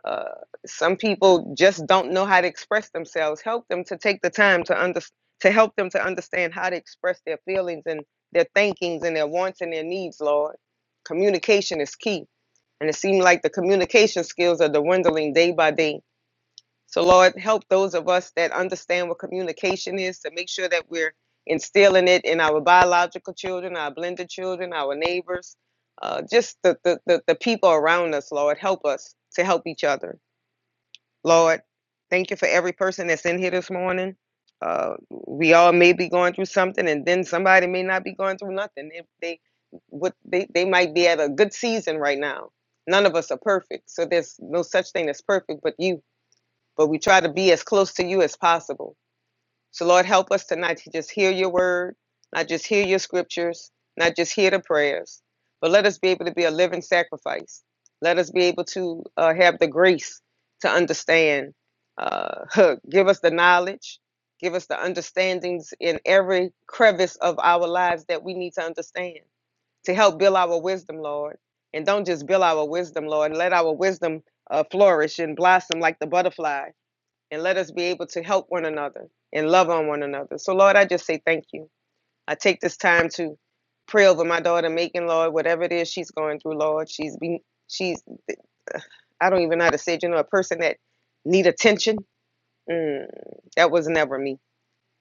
J: Uh, some people just don't know how to express themselves. Help them to take the time to under, to help them to understand how to express their feelings and their thinkings and their wants and their needs, Lord. Communication is key. And it seems like the communication skills are dwindling day by day. So, Lord, help those of us that understand what communication is to make sure that we're instilling it in our biological children, our blended children, our neighbors, uh, just the, the, the, the people around us, Lord. Help us to help each other. Lord, thank you for every person that's in here this morning. Uh, we all may be going through something, and then somebody may not be going through nothing. If they, what they, they might be at a good season right now. None of us are perfect, so there's no such thing as perfect, but you. But we try to be as close to you as possible. So, Lord, help us tonight to just hear your word, not just hear your scriptures, not just hear the prayers, but let us be able to be a living sacrifice. Let us be able to uh, have the grace to understand. Uh, give us the knowledge, give us the understandings in every crevice of our lives that we need to understand to help build our wisdom, Lord. And don't just build our wisdom, Lord. Let our wisdom uh, flourish and blossom like the butterfly and let us be able to help one another and love on one another. So, Lord, I just say thank you. I take this time to pray over my daughter, Macon, Lord, whatever it is she's going through, Lord. She's been, she's, I don't even know how to say it, you know, a person that need attention. Mm, that was never me.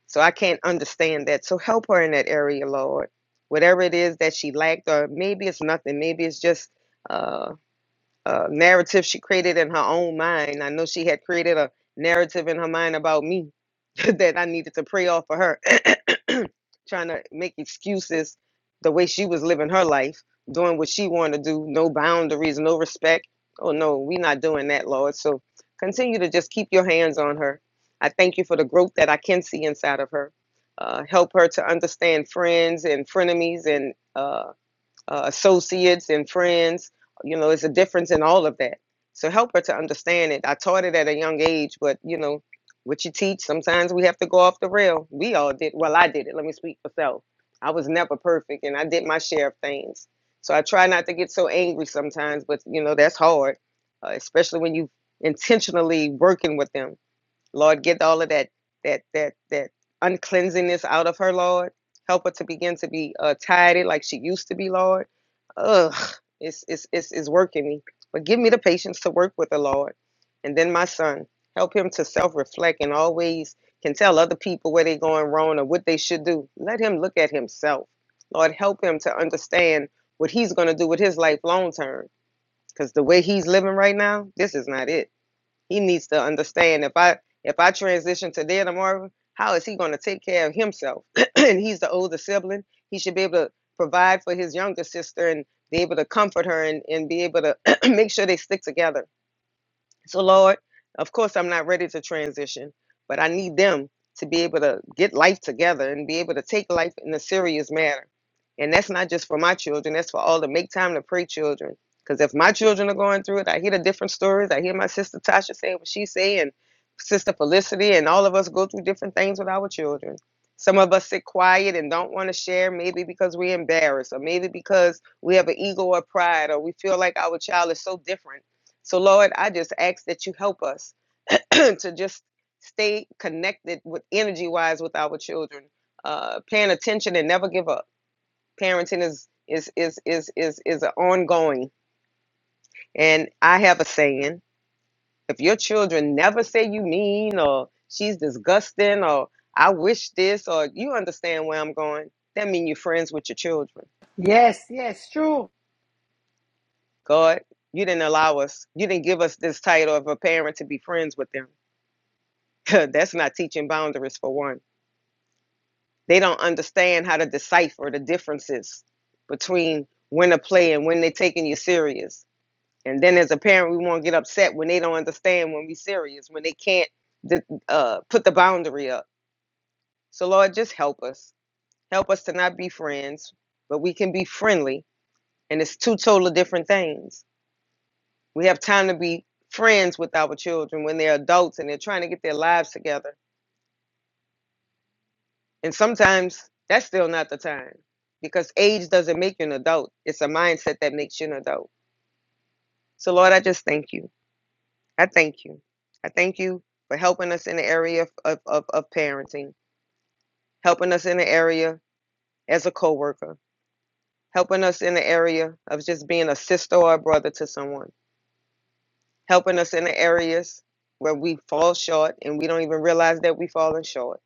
J: So I can't understand that. So help her in that area, Lord. Whatever it is that she lacked, or maybe it's nothing. Maybe it's just uh, uh, narrative she created in her own mind. I know she had created a narrative in her mind about me that I needed to pray off for her, trying to make excuses the way she was living her life, doing what she wanted to do, no boundaries, no respect. Oh no, we're not doing that, Lord. So continue to just keep your hands on her. I thank you for the growth that I can see inside of her. Uh, help her to understand friends and frenemies and uh, uh, associates and friends. You know, it's a difference in all of that. So help her to understand it. I taught it at a young age, but you know, what you teach, sometimes we have to go off the rail. We all did. Well, I did it. Let me speak for self. I was never perfect, and I did my share of things. So I try not to get so angry sometimes, but you know that's hard, uh, especially when you intentionally working with them Lord, get all of that that that that uncleansingness out of her, Lord. Help her to begin to be uh, tidy like she used to be, Lord. Ugh, it's it's it's it's working me. But give me the patience to work with the Lord, and then my son, help him to self-reflect and always can tell other people where they're going wrong or what they should do. Let him look at himself, Lord. Help him to understand what he's going to do with his life long term. Because the way he's living right now, this is not it. He needs to understand if I if I transition today or tomorrow, how is he going to take care of himself? and he's the older sibling. He should be able to provide for his younger sister and be able to comfort her and, and be able to make sure they stick together so, Lord, of course, I'm not ready to transition, but I need them to be able to get life together and be able to take life in a serious manner. And that's not just for my children, that's for all the make time to pray children. Because if my children are going through it, I hear the different stories. I hear my sister Tasha say what she say, and sister Felicity, and all of us go through different things with our children. Some of us sit quiet and don't want to share, maybe because we're embarrassed, or maybe because we have an ego or pride, or we feel like our child is so different so, Lord, I just ask that you help us to just stay connected with energy wise with our children, uh, paying attention and never give up. Parenting is is is is is is an ongoing. And I have a saying: if your children never say you mean or she's disgusting or I wish this or you understand where I'm going, that mean you're friends with your children.
C: Yes, yes, true.
J: God, you didn't allow us. You didn't give us this title of a parent to be friends with them. That's not teaching boundaries for one. They don't understand how to decipher the differences between when to play and when they're taking you serious. And then as a parent, we won't get upset when they don't understand when we are serious, when they can't uh, put the boundary up. So Lord, just help us. Help us to not be friends, but we can be friendly. And it's two totally different things. We have time to be friends with our children when they're adults and they're trying to get their lives together And sometimes that's still not the time because age doesn't make you an adult. It's a mindset that makes you an adult. So, Lord, I just thank you. I thank you. I thank you for helping us in the area of, of, of, parenting, helping us in the area as a coworker, helping us in the area of just being a sister or a brother to someone, helping us in the areas where we fall short and we don't even realize that we've fallen short.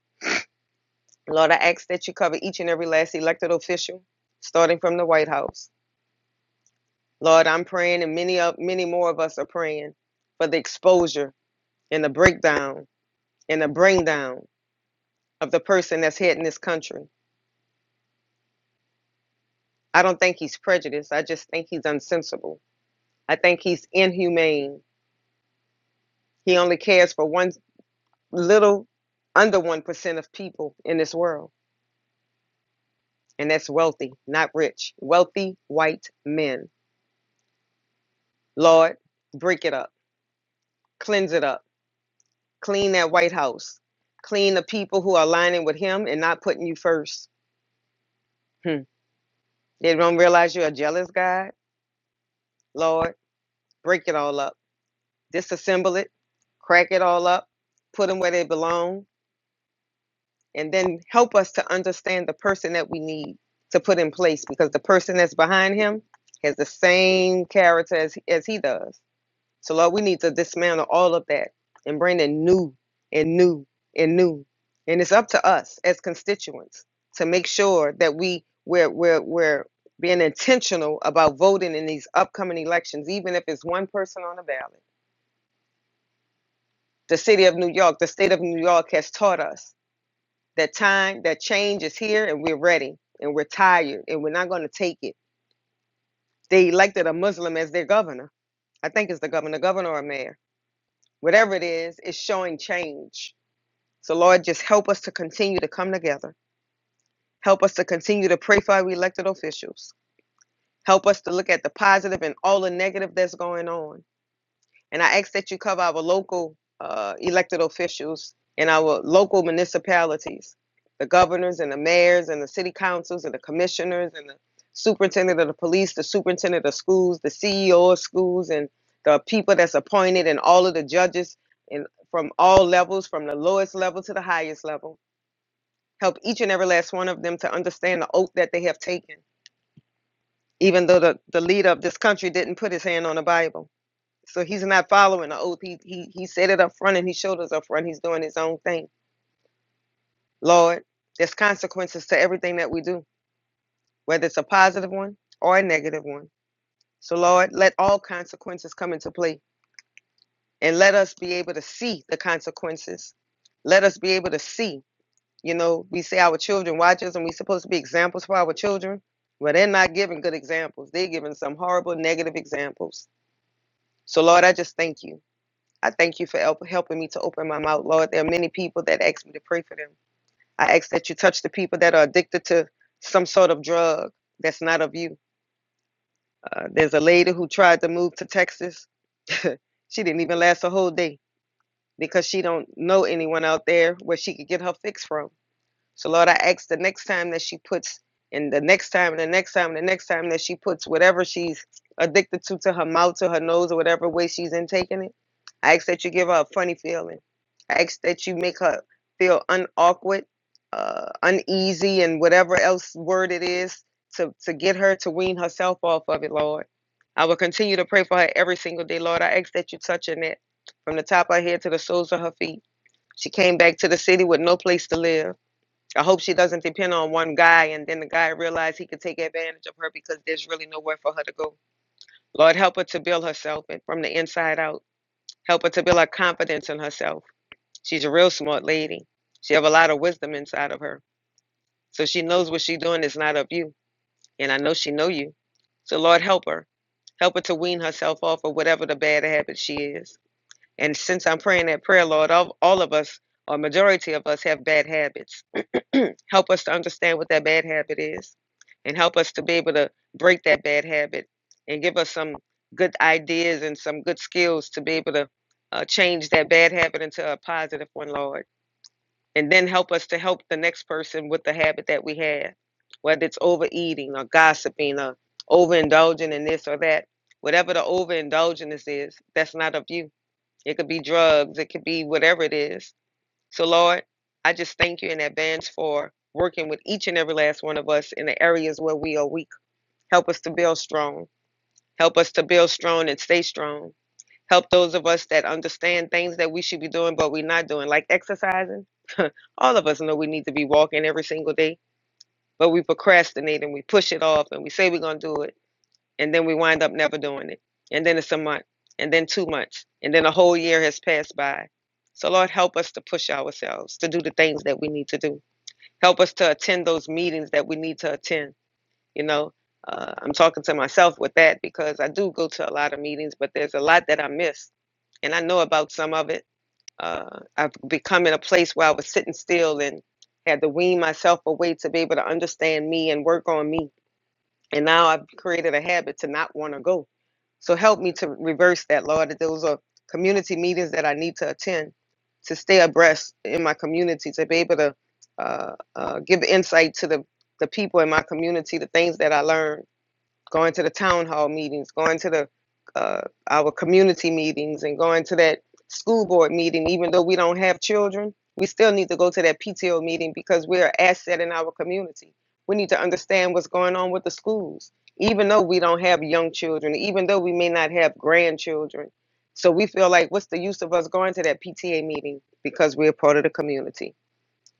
J: Lord, I ask that you cover each and every last elected official, starting from the White House Lord, I'm praying, and many of many more of us are praying for the exposure and the breakdown and the bring down of the person that's heading this country. I don't think he's prejudiced. I just think he's unsensible. I think he's inhumane. He only cares for one little under one percent of people in this world, and that's wealthy, not rich. Wealthy white men. Lord, break it up, cleanse it up, clean that White House, clean the people who are aligning with him and not putting you first. Hmm. They don't realize you're a jealous God. Lord, break it all up, disassemble it, crack it all up, put them where they belong, and then help us to understand the person that we need to put in place because the person that's behind him has the same character as, as he does. So, Lord, we need to dismantle all of that and bring in new and new and new. And it's up to us as constituents to make sure that we we're we're we're being intentional about voting in these upcoming elections, even if it's one person on the ballot. The city of New York, the state of New York has taught us that time, that change is here and we're ready and we're tired and we're not going to take it. They elected a Muslim as their governor. I think it's the governor, governor or mayor. Whatever it is, it's showing change So, Lord, just help us to continue to come together. Help us to continue to pray for our elected officials. Help us to look at the positive and all the negative that's going on. And I ask that you cover our local uh, elected officials and our local municipalities, the governors and the mayors and the city councils and the commissioners and the superintendent of the police, the superintendent of schools, the CEO of schools, and the people that's appointed and all of the judges and from all levels, from the lowest level to the highest level. Help each and every last one of them to understand the oath that they have taken, even though the, the leader of this country didn't put his hand on the Bible. So he's not following the oath. He, he, he said it up front and he showed us up front. He's doing his own thing. Lord, there's consequences to everything that we do, whether it's a positive one or a negative one. So, Lord, let all consequences come into play and let us be able to see the consequences. Let us be able to see You know, we say our children watch us and we are supposed to be examples for our children. Well, they're not giving good examples. They're giving some horrible negative examples. So, Lord, I just thank you. I thank you for help, helping me to open my mouth, Lord. There are many people that ask me to pray for them. I ask that you touch the people that are addicted to some sort of drug that's not of you. Uh, there's a lady who tried to move to Texas. she didn't even last a whole day because she don't know anyone out there where she could get her fix from So Lord, I ask the next time that she puts, and the next time, and the next time, and the next time that she puts whatever she's addicted to to her mouth, to her nose, or whatever way she's intaking it, I ask that you give her a funny feeling. I ask that you make her feel unawkward, uh, uneasy, and whatever else word it is to to get her to wean herself off of it, Lord. I will continue to pray for her every single day, Lord. I ask that you touch her net from the top of her head to the soles of her feet. She came back to the city with no place to live. I hope she doesn't depend on one guy and then the guy realize he could take advantage of her because there's really nowhere for her to go. Lord, help her to build herself and from the inside out. Help her to build her confidence in herself. She's a real smart lady. She have a lot of wisdom inside of her. So she knows what she's doing is not of you. And I know she know you. So Lord, help her. Help her to wean herself off of whatever the bad habit she is. And since I'm praying that prayer, Lord, all, all of us, or majority of us, have bad habits Help us to understand what that bad habit is and help us to be able to break that bad habit and give us some good ideas and some good skills to be able to uh, change that bad habit into a positive one, Lord. And then help us to help the next person with the habit that we have, whether it's overeating or gossiping or overindulging in this or that. Whatever the overindulgence is, that's not of you. It could be drugs, it could be whatever it is so, Lord, I just thank you in advance for working with each and every last one of us in the areas where we are weak. Help us to build strong. Help us to build strong and stay strong. Help those of us that understand things that we should be doing, but we're not doing, like exercising. All of us know we need to be walking every single day, but we procrastinate and we push it off and we say we're going to do it and then we wind up never doing it. And then it's a month, and then two months, and then a whole year has passed by. So, Lord, help us to push ourselves to do the things that we need to do. Help us to attend those meetings that we need to attend. You know, uh, I'm talking to myself with that because I do go to a lot of meetings, but there's a lot that I miss, and I know about some of it. Uh, I've become in a place where I was sitting still and had to wean myself away to be able to understand me and work on me and now I've created a habit to not want to go. So help me to reverse that, Lord. That those are community meetings that I need to attend to stay abreast in my community, to be able to uh, uh, give insight to the, the people in my community, the things that I learn going to the town hall meetings, going to the uh, our community meetings, and going to that school board meeting. Even though we don't have children, we still need to go to that PTO meeting because we're an asset in our community. We need to understand what's going on with the schools, even though we don't have young children, even though we may not have grandchildren. So we feel like, what's the use of us going to that PTA meeting because we're part of the community?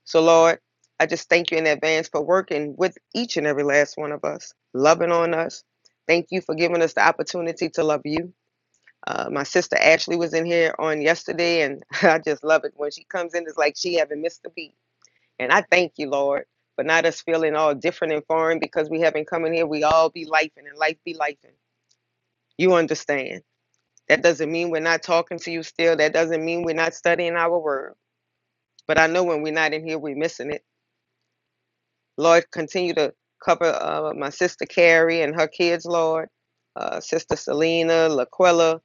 J: So, Lord, I just thank you in advance for working with each and every last one of us, loving on us. Thank you for giving us the opportunity to love you. Uh, my sister Ashley was in here on yesterday, and I just love it when she comes in. It's like she haven't missed a beat. And I thank you, Lord, for not us feeling all different and foreign because we haven't come in here. We all be lifing and life be lifing. You understand. That doesn't mean we're not talking to you still. That doesn't mean we're not studying our word. But I know when we're not in here, we're missing it. Lord, continue to cover uh, my sister Carrie and her kids, Lord. Uh, sister Selena, Laquella,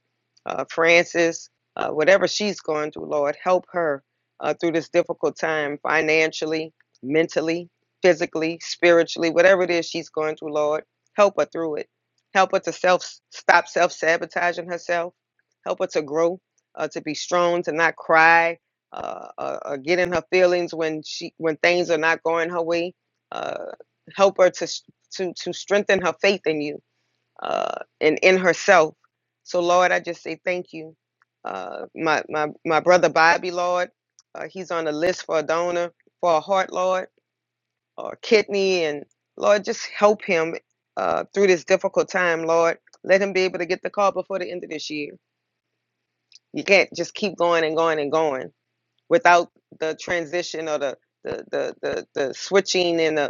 J: uh, Francis, uh, whatever she's going through, Lord, help her uh, through this difficult time financially, mentally, physically, spiritually, whatever it is she's going through, Lord. Help her through it. Help her to self stop self sabotaging herself. Help her to grow, uh, to be strong, to not cry, uh, uh, uh, get in her feelings when she when things are not going her way uh, help her to to to strengthen her faith in you uh, and in herself. So Lord, I just say thank you. Uh, my my my brother Bobby, Lord, uh, he's on the list for a donor for a heart, Lord, or kidney, and Lord, just help him uh, through this difficult time, Lord. Let him be able to get the call before the end of this year. You can't just keep going and going and going without the transition or the the the the, the switching and the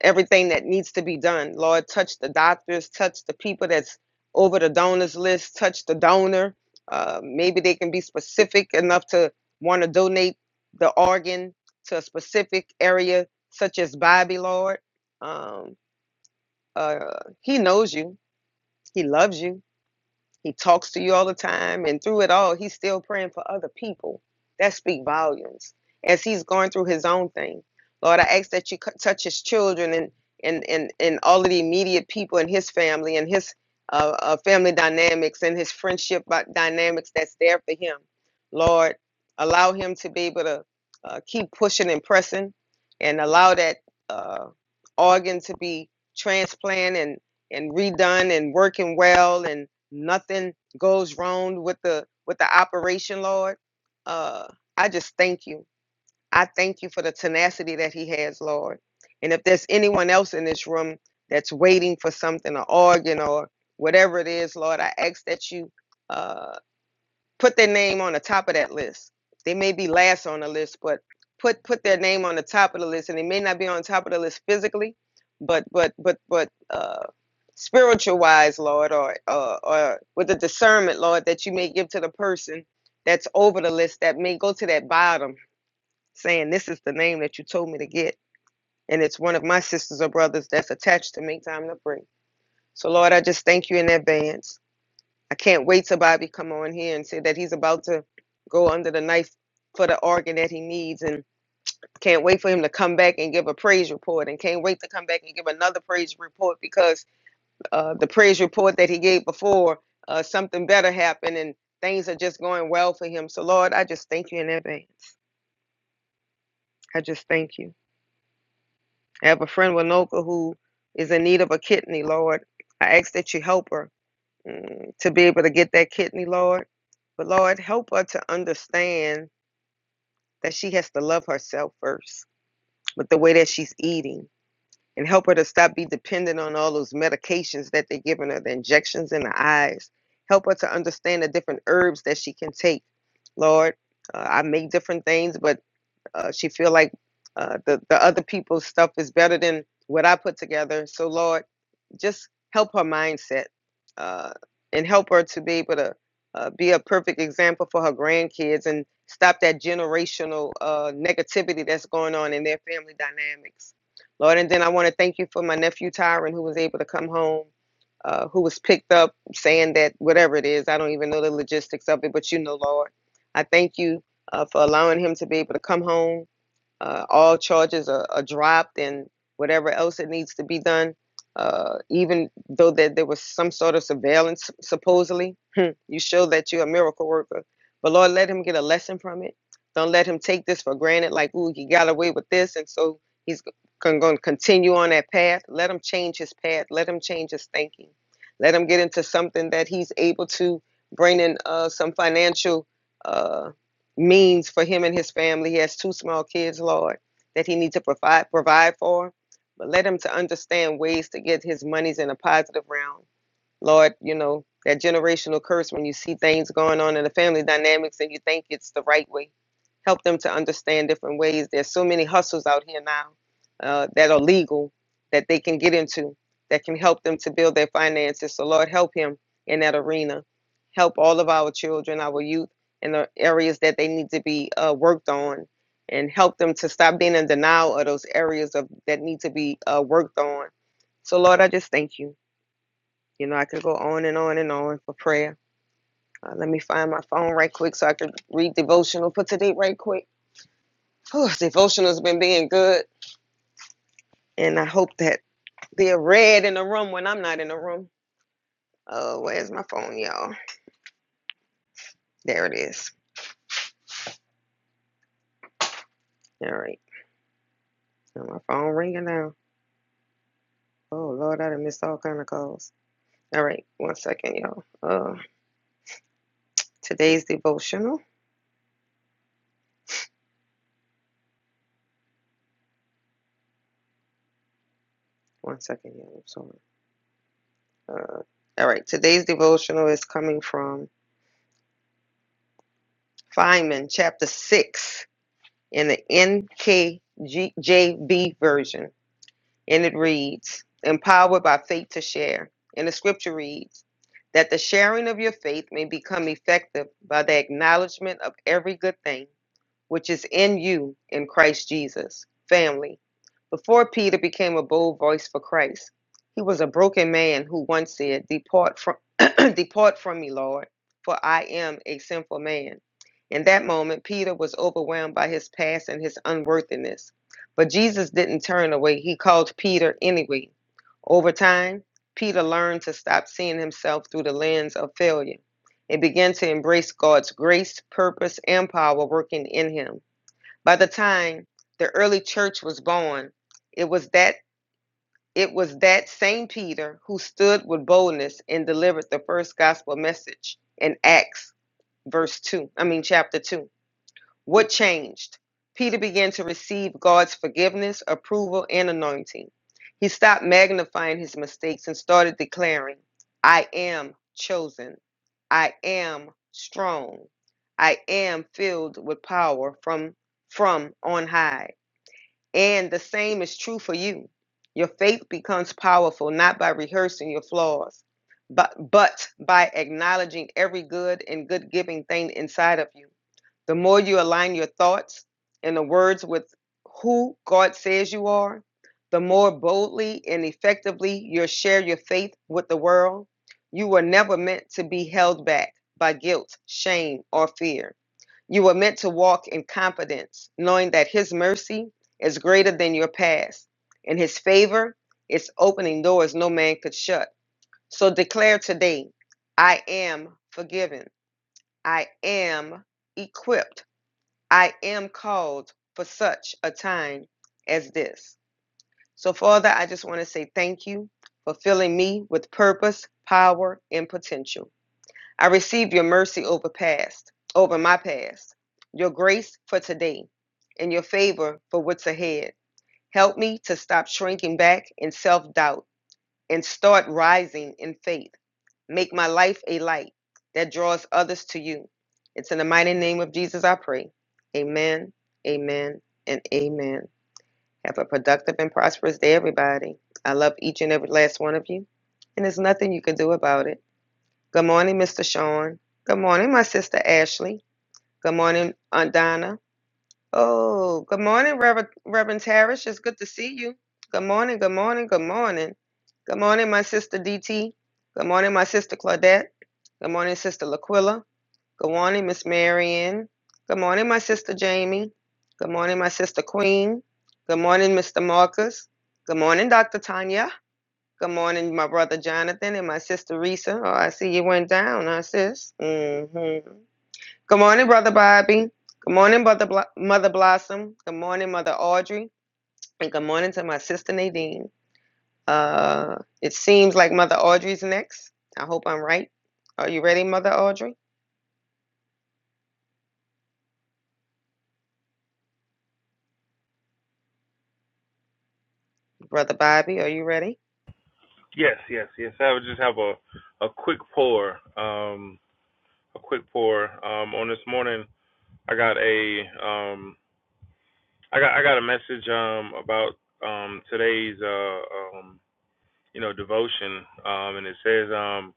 J: everything that needs to be done. Lord, touch the doctors, touch the people that's over the donors list, touch the donor. Uh, maybe they can be specific enough to want to donate the organ to a specific area, such as Bobby, Lord. Um, uh, he knows you, He loves you he talks to you all the time, and through it all, he's still praying for other people. That speak volumes. As he's going through his own thing, Lord, I ask that you touch his children and and and and all of the immediate people in his family and his uh, uh, family dynamics and his friendship dynamics that's there for him. Lord, allow him to be able to uh, keep pushing and pressing, and allow that uh, organ to be transplanted and and redone and working well and nothing goes wrong with the with the operation lord uh i just thank you i thank you for the tenacity that he has lord and if there's anyone else in this room that's waiting for something an organ or whatever it is lord i ask that you uh put their name on the top of that list. They may be last on the list, but put put their name on the top of the list, and they may not be on top of the list physically, but but but but uh, spiritual wise, Lord, or uh, or with the discernment, Lord, that you may give to the person that's over the list that may go to that bottom, saying, "This is the name that you told me to get," and it's one of my sisters or brothers that's attached to make time to pray. So, Lord, I just thank you in advance. I can't wait till Bobby come on here and say that he's about to go under the knife for the organ that he needs and can't wait for him to come back and give a praise report and can't wait to come back and give another praise report because uh, the praise report that he gave before uh, something better happened and things are just going well for him so lord i just thank you in advance i just thank you i have a friend winoka who is in need of a kidney lord i ask that you help her mm, to be able to get that kidney, Lord. But Lord, help her to understand that she has to love herself first with the way that she's eating and help her to stop be dependent on all those medications that they're giving her, the injections in the eyes. Help her to understand the different herbs that she can take. Lord, uh, I make different things, but uh, she feel like uh, the the other people's stuff is better than what I put together. So Lord, just help her mindset uh, and help her to be able to uh, be a perfect example for her grandkids and stop that generational uh, negativity that's going on in their family dynamics. Lord, and then I want to thank you for my nephew Tyron who was able to come home. Uh, who was picked up saying that whatever it is, I don't even know the logistics of it, but you know, Lord, I thank you uh, for allowing him to be able to come home. Uh, all charges are, are dropped and whatever else it needs to be done. Uh, even though that there was some sort of surveillance, supposedly, you show that you're a miracle worker. But Lord, let him get a lesson from it. Don't let him take this for granted, like, ooh, he got away with this. And so he's going to continue on that path. Let him change his path. Let him change his thinking. Let him get into something that he's able to bring in uh, some financial. Uh, means for him and his family. He has two small kids, Lord, that he needs to provide provide for. But let him to understand ways to get his monies in a positive realm. Lord, you know, that generational curse when you see things going on in the family dynamics and you think it's the right way. Help them to understand different ways. There's so many hustles out here now uh, that are legal that they can get into that can help them to build their finances. So, Lord, help him in that arena. Help all of our children, our youth, in the areas that they need to be uh, worked on and help them to stop being in denial of those areas of that need to be uh, worked on. So, Lord, I just thank you. You know, I could go on and on and on for prayer. Uh, let me find my phone right quick so I could read devotional for today right quick. Whew, devotional's been being good, and I hope that they're read in the room when I'm not in the room. Oh, where's my phone, y'all? There it is. All right, now my phone ringing now. Oh Lord, I done missed all kind of calls. All right, one second, y'all. Uh, today's devotional. One second, y'all. I'm sorry. Uh, all right, today's devotional is coming from Feynman, chapter six. in the NKJV version, and it reads, Empowered by faith to share. And the scripture reads, That the sharing of your faith may become effective by the acknowledgement of every good thing which is in you in Christ Jesus. Family. Before Peter became a bold voice for Christ, he was a broken man who once said, Depart from, Depart from me, Lord, for I am a sinful man. In that moment, Peter was overwhelmed by his past and his unworthiness. But Jesus didn't turn away, he called Peter anyway. Over time, Peter learned to stop seeing himself through the lens of failure they began to embrace God's grace, purpose, and power working in him. By the time the early church was born, it was that it was that same Peter who stood with boldness and delivered the first gospel message in Acts verse 2. I mean chapter 2. What changed? Peter began to receive God's forgiveness, approval, and anointing. He stopped magnifying his mistakes and started declaring, I am chosen. I am strong. I am filled with power from, from on high. And the same is true for you. Your faith becomes powerful not by rehearsing your flaws, but, but by acknowledging every good and good giving thing inside of you. The more you align your thoughts and the words with who God says you are, the more boldly and effectively you'll share your faith with the world. You were never meant to be held back by guilt, shame, or fear. You were meant to walk in confidence, knowing that His mercy is greater than your past, and His favor is opening doors no man could shut. So declare today I am forgiven, I am equipped, I am called for such a time as this. So, Father, I just want to say thank you for filling me with purpose, power, and potential. I receive your mercy over past, over my past, your grace for today, and your favor for what's ahead. Help me to stop shrinking back in self doubt and start rising in faith. Make my life a light that draws others to you. It's in the mighty name of Jesus I pray. Amen, amen, and amen. Have a productive and prosperous day, everybody. I love each and every last one of you, and there's nothing you can do about it. Good morning, Mr. Sean. Good morning, my sister Ashley. Good morning, Aunt Donna. Oh, good morning, Reverend, Reverend Tarish. It's good to see you. Good morning, good morning, good morning. Good morning, my sister DT. Good morning, my sister Claudette. Good morning, sister Laquilla. Good morning, Miss Marion. Good morning, my sister Jamie. Good morning, my sister Queen. Good morning, Mr. Marcus. Good morning, Dr. Tanya. Good morning, my brother Jonathan and my sister Risa. Oh, I see you went down, huh, sis? Mm-hmm. Good morning, brother Bobby. Good morning, brother Blo- Mother Blossom. Good morning, Mother Audrey. And good morning to my sister Nadine. Uh, it seems like Mother Audrey's next. I hope I'm right. Are you ready, Mother Audrey? Brother Bobby, are you ready?
K: Yes, yes, yes. I would just have a a quick pour, um, a quick pour. Um, on this morning, I got a um, I got I got a message um about um today's uh um you know devotion um and it says um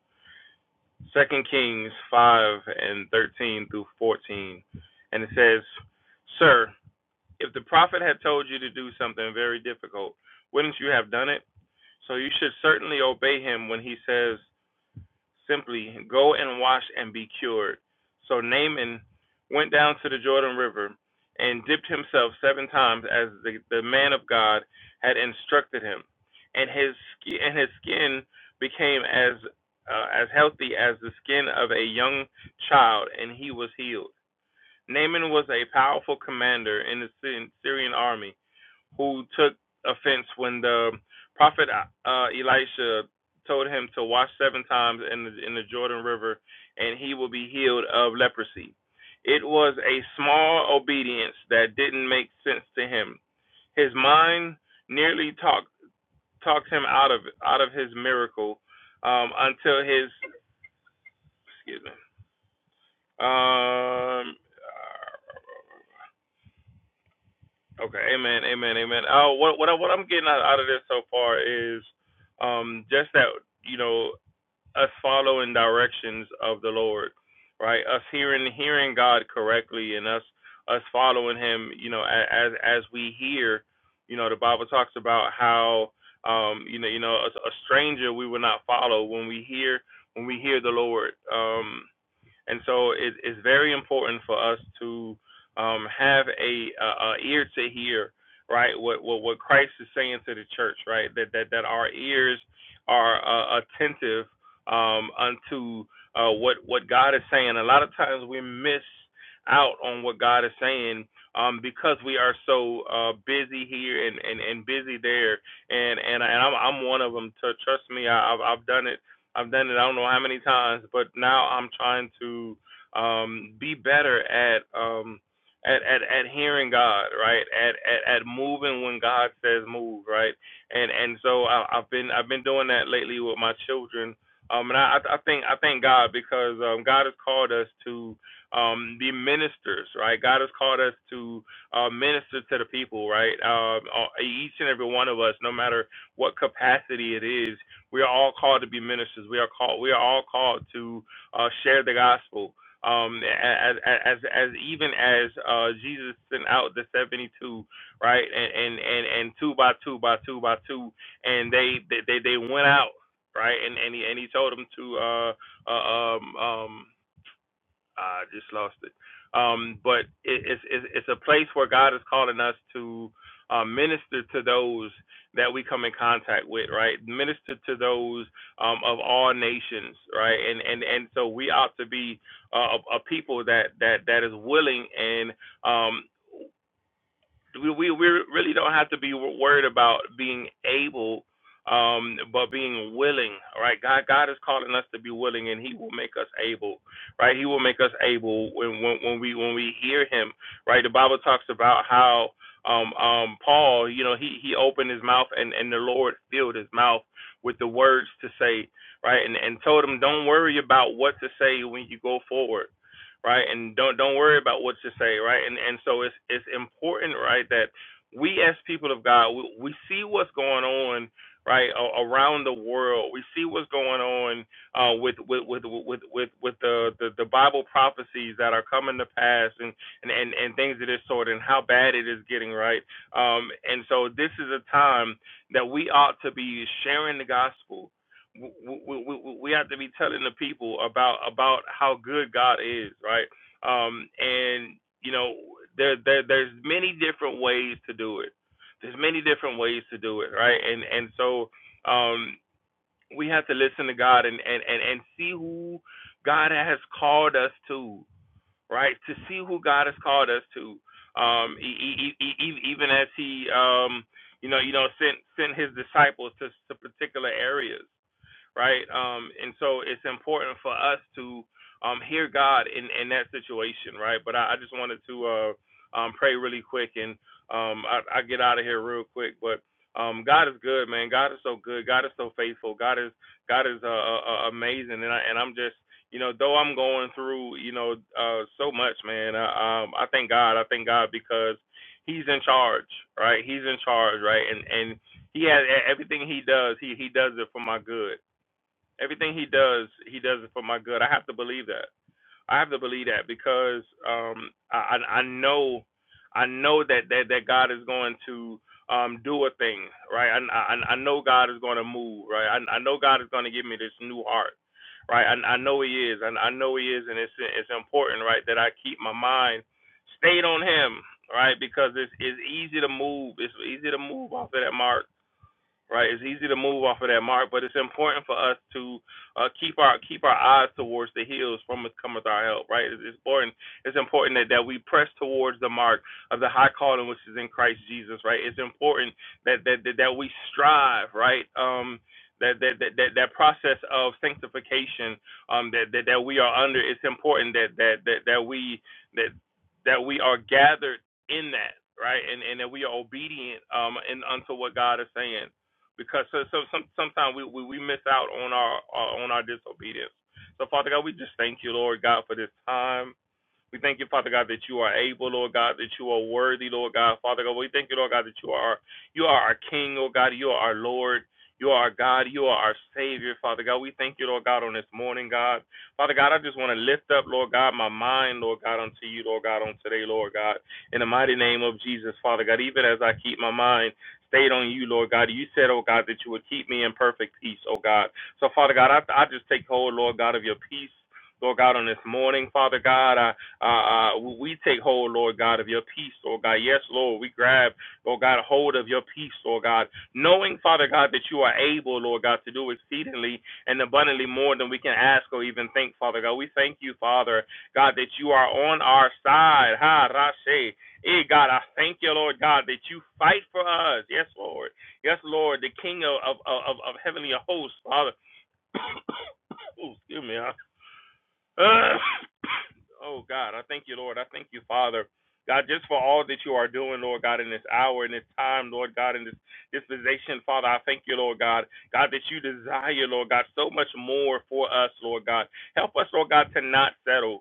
K: Second Kings five and thirteen through fourteen, and it says, Sir, if the prophet had told you to do something very difficult, wouldn't you have done it? So you should certainly obey him when he says. simply, Go and wash and be cured. So Naaman went down to the Jordan River and dipped himself seven times as the, the man of God had instructed him. And his, sk- and his skin became as, uh, as healthy as the skin of a young child, and he was healed. Naaman was a powerful commander in the Syrian Syrian army who took offense when the prophet uh, Elisha told him to wash seven times in the, in the Jordan River and he will be healed of leprosy. It was a small obedience that didn't make sense to him. His mind nearly talked talked him out of out of his miracle um, until his excuse me um, Okay, amen, amen, amen. Uh, what what I, what I'm getting out, out of this so far is, um, just that you know us following directions of the Lord, right? Us hearing hearing God correctly and us us following Him, you know, a- as as we hear, you know, the Bible talks about how, um, you know, you know, a, a stranger we will not follow when we hear when we hear the Lord, um. And so it, it's very important for us to um, have a, a, a ear to hear, right? What, what what Christ is saying to the church, right? That that that our ears are uh, attentive um, unto uh, what what God is saying. A lot of times we miss out on what God is saying um, because we are so uh, busy here and, and, and busy there. And and and I'm I'm one of them. To trust me, I've I've done it I've done it I don't know how many times, but now I'm trying to um be better at um at, at, at hearing God, right? At, at at moving when God says move, right? And and so I, I've been I've been doing that lately with my children. Um, and I, I I think I thank God because um, God has called us to um, be ministers, right? God has called us to uh, minister to the people, right? Um, each and every one of us, no matter what capacity it is, we are all called to be ministers. We are called. We are all called to uh, share the gospel. Um, as, as as even as uh, Jesus sent out the seventy two, right, and, and and and two by two by two by two, and they they they, went out, right, and and he, and he told them to uh, uh um um I just lost it. Um, but it, it's, it's it's a place where God is calling us to uh, minister to those that we come in contact with, right? Minister to those um, of all nations, right? And and and so we ought to be uh, a, a people that that that is willing and um, we we we really don't have to be worried about being able um but being willing right? god god is calling us to be willing and he will make us able right he will make us able when when, when we when we hear him right the bible talks about how um um paul you know he he opened his mouth and and the lord filled his mouth with the words to say right and and told him don't worry about what to say when you go forward right? And don't don't worry about what you say, right? And and so it's it's important, right, that we as people of God, we, we see what's going on, right, a- around the world. We see what's going on uh, with, with with with with with the, the the Bible prophecies that are coming to pass, and and and, and things of this sort, and how bad it is getting, right? Um, and so this is a time that we ought to be sharing the gospel w- w- we have to be telling the people about about how good God is, right? Um, and you know, there, there there's many different ways to do it. There's many different ways to do it, right? And and so um, we have to listen to God and and and and see who God has called us to, right? To see who God has called us to. Um, e- e- e- e- e, even as He um, you know, you know, sent sent His disciples to, to particular areas right? Um, and so it's important for us to um, hear God in, in that situation, right? But I, I just wanted to uh, um, pray really quick and um, I, I get out of here real quick. But um, God is good, man. God is so good. God is so faithful. God is God is uh, uh, uh, amazing, and I and I'm just you know though I'm going through you know uh, so much, man. I, um, I thank God. I thank God because He's in charge, right? He's in charge, right? And and He has e-, everything He does. He He does it for my good Everything he does, he does it for my good. I have to believe that. I have to believe that because um, I, I know, I know that that that God is going to um, do a thing, right? I, I I know God is going to move, right? I I know God is going to give me this new heart, right? I I know He is, and I, I know He is, and it's it's important, right, that I keep my mind stayed on Him, right? Because it's it's easy to move. It's easy to move off of that mark right? It's easy to move off of that mark, but it's important for us to uh, keep our keep our eyes towards the hills from which cometh our help, right? It's it's important. It's important that, that we press towards the mark of the high calling which is in Christ Jesus, right? It's important that that that, that we strive, right? Um, that that, that that that process of sanctification um that, that that we are under it's important that that that that we that that we are gathered in that right and and that we are obedient um and unto what God is saying because so, so some, sometimes we, we, we miss out on our, our on our disobedience. So Father God, we just thank you, Lord God, for this time. We thank you, Father God, that you are able, Lord God, that you are worthy, Lord God. Father God, we thank you, Lord God, that you are you are our King, Lord God, you are our Lord. You are our God. You are our Savior, Father God. We thank you, Lord God, on this morning, God. Father God, I just want to lift up, Lord God, my mind, Lord God, unto you, Lord God, on today, Lord God. In the mighty name of Jesus, Father God, even as I keep my mind stayed on you, Lord God, you said, oh God, that you would keep me in perfect peace, oh God. So, Father God, I, I just take hold, Lord God, of your peace. Lord God, on this morning, Father God. I. Uh, uh, we take hold, Lord God, of your peace, Lord God. Yes, Lord, we grab, Lord God, hold of your peace, Lord God, knowing, Father God, that you are able, Lord God, to do exceedingly and abundantly more than we can ask or even think, Father God. We thank you, Father God, that you are on our side. Ha, Rashe. Hey, God, I thank you, Lord God, that you fight for us. Yes, Lord. Yes, Lord, the King of, of, of, of heavenly hosts, Father. Oh, excuse me. huh? Uh, Oh God, I thank you, Lord. I thank you, Father. God, just for all that you are doing, Lord God, in this hour, in this time, Lord God, in this dispensation, Father, I thank you, Lord God. God, that you desire, Lord God, so much more for us, Lord God. Help us, Lord God, to not settle.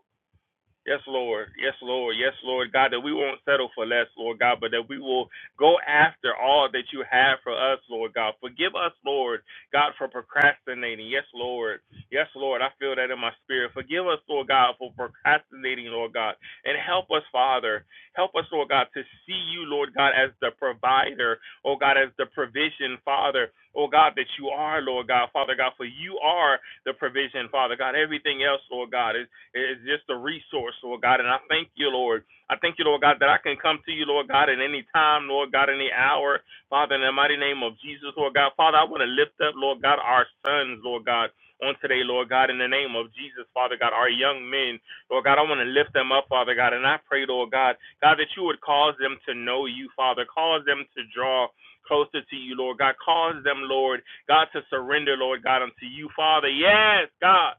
K: Yes, Lord. Yes, Lord. Yes, Lord. God, that we won't settle for less, Lord God, but that we will go after all that you have for us, Lord God. Forgive us, Lord God, for procrastinating. Yes, Lord. Yes, Lord. I feel that in my spirit. Forgive us, Lord God, for procrastinating, Lord God. And help us, Father. Help us, Lord God, to see you, Lord God, as the provider, oh God, as the provision, Father, oh God, that you are, Lord God, Father God, for you are the provision, Father God. Everything else, Lord God, is is just a resource, Lord God. And I thank you, Lord. I thank you, Lord God, that I can come to you, Lord God, at any time, Lord God, any hour. Father, in the mighty name of Jesus, Lord God. Father, I want to lift up, Lord God, our sons, Lord God. On today, Lord God, in the name of Jesus, Father God, our young men, Lord God, I want to lift them up, Father God, and I pray, Lord God, God, that you would cause them to know you, Father, cause them to draw closer to you, Lord God, cause them, Lord, God, to surrender, Lord God, unto you, Father. Yes, God.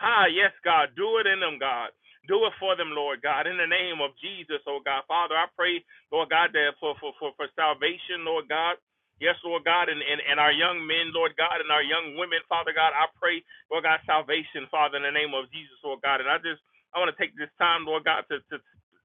K: Ah, yes, God. Do it in them, God. Do it for them, Lord God. In the name of Jesus, oh God. Father, I pray, Lord God, that for, for, for, for salvation, Lord God. Yes, Lord God, and, and, and our young men, Lord God, and our young women, Father God, I pray, Lord God, salvation, Father, in the name of Jesus, Lord God. And I just, I want to take this time, Lord God, to, to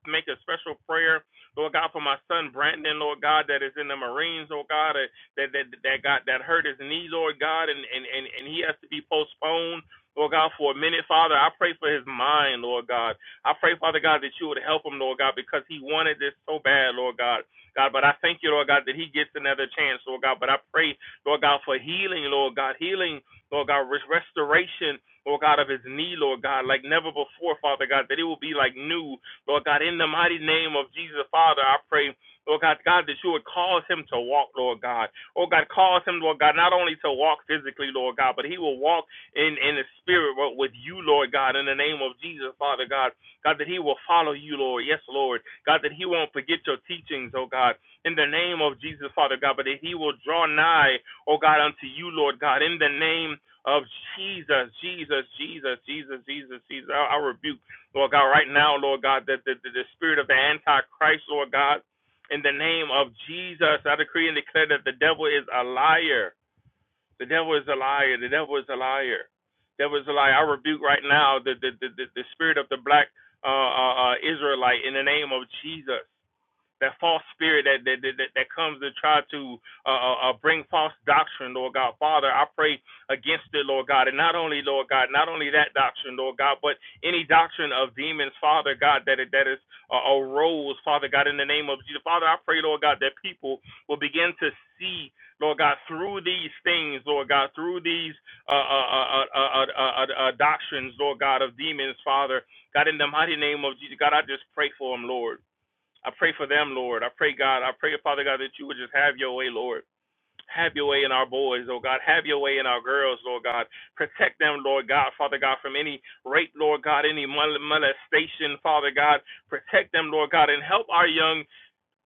K: make a special prayer, Lord God, for my son Brandon, Lord God, that is in the Marines, Lord God, that that that, that got that hurt his knee, Lord God, and, and, and, and he has to be postponed. Lord God, for a minute, Father, I pray for his mind, Lord God. I pray, Father God, that you would help him, Lord God, because he wanted this so bad, Lord God. God, but I thank you, Lord God, that he gets another chance, Lord God. But I pray, Lord God, for healing, Lord God, healing, Lord God, restoration, Lord God, of his knee, Lord God, like never before, Father God, that it will be like new, Lord God, in the mighty name of Jesus, Father, I pray. Lord God, God, that you would cause him to walk, Lord God. Oh God, cause him, Lord God, not only to walk physically, Lord God, but he will walk in in the spirit world with you, Lord God, in the name of Jesus, Father God, God that He will follow you, Lord, yes, Lord, God that He won't forget your teachings, oh God, in the name of Jesus, Father God, but that He will draw nigh, oh God, unto you, Lord God, in the name of Jesus, Jesus, Jesus, Jesus, Jesus, Jesus. I, I rebuke, Lord God, right now, Lord God, that the, the, the spirit of the Antichrist, Lord God. In the name of Jesus, I decree and declare that the devil is a liar the devil is a liar. The devil is a liar. The Devil is a liar. I rebuke right now the the the, the, the spirit of the black uh, uh, uh, Israelite in the name of Jesus that false spirit that that that, that comes to try to uh, uh, uh, bring false doctrine, Lord God. Father, I pray against it, Lord God, and not only Lord God, not only that doctrine, Lord God, but any doctrine of demons, Father God, that that is uh, arose, Father God, in the name of Jesus, Father, I pray, Lord God, that people will begin to see. Lord God, through these things, Lord God, through these uh, uh, uh, uh, uh, uh, uh, uh, uh, doctrines, Lord God, of demons, Father, God, in the mighty name of Jesus, God, I just pray for them, Lord. I pray for them, Lord. I pray, God. I pray, Father God, that you would just have your way, Lord. Have your way in our boys, oh God. Have your way in our girls, Lord God. Protect them, Lord God, Father God, from any rape, Lord God, any mol- molestation, Father God. Protect them, Lord God, and help our young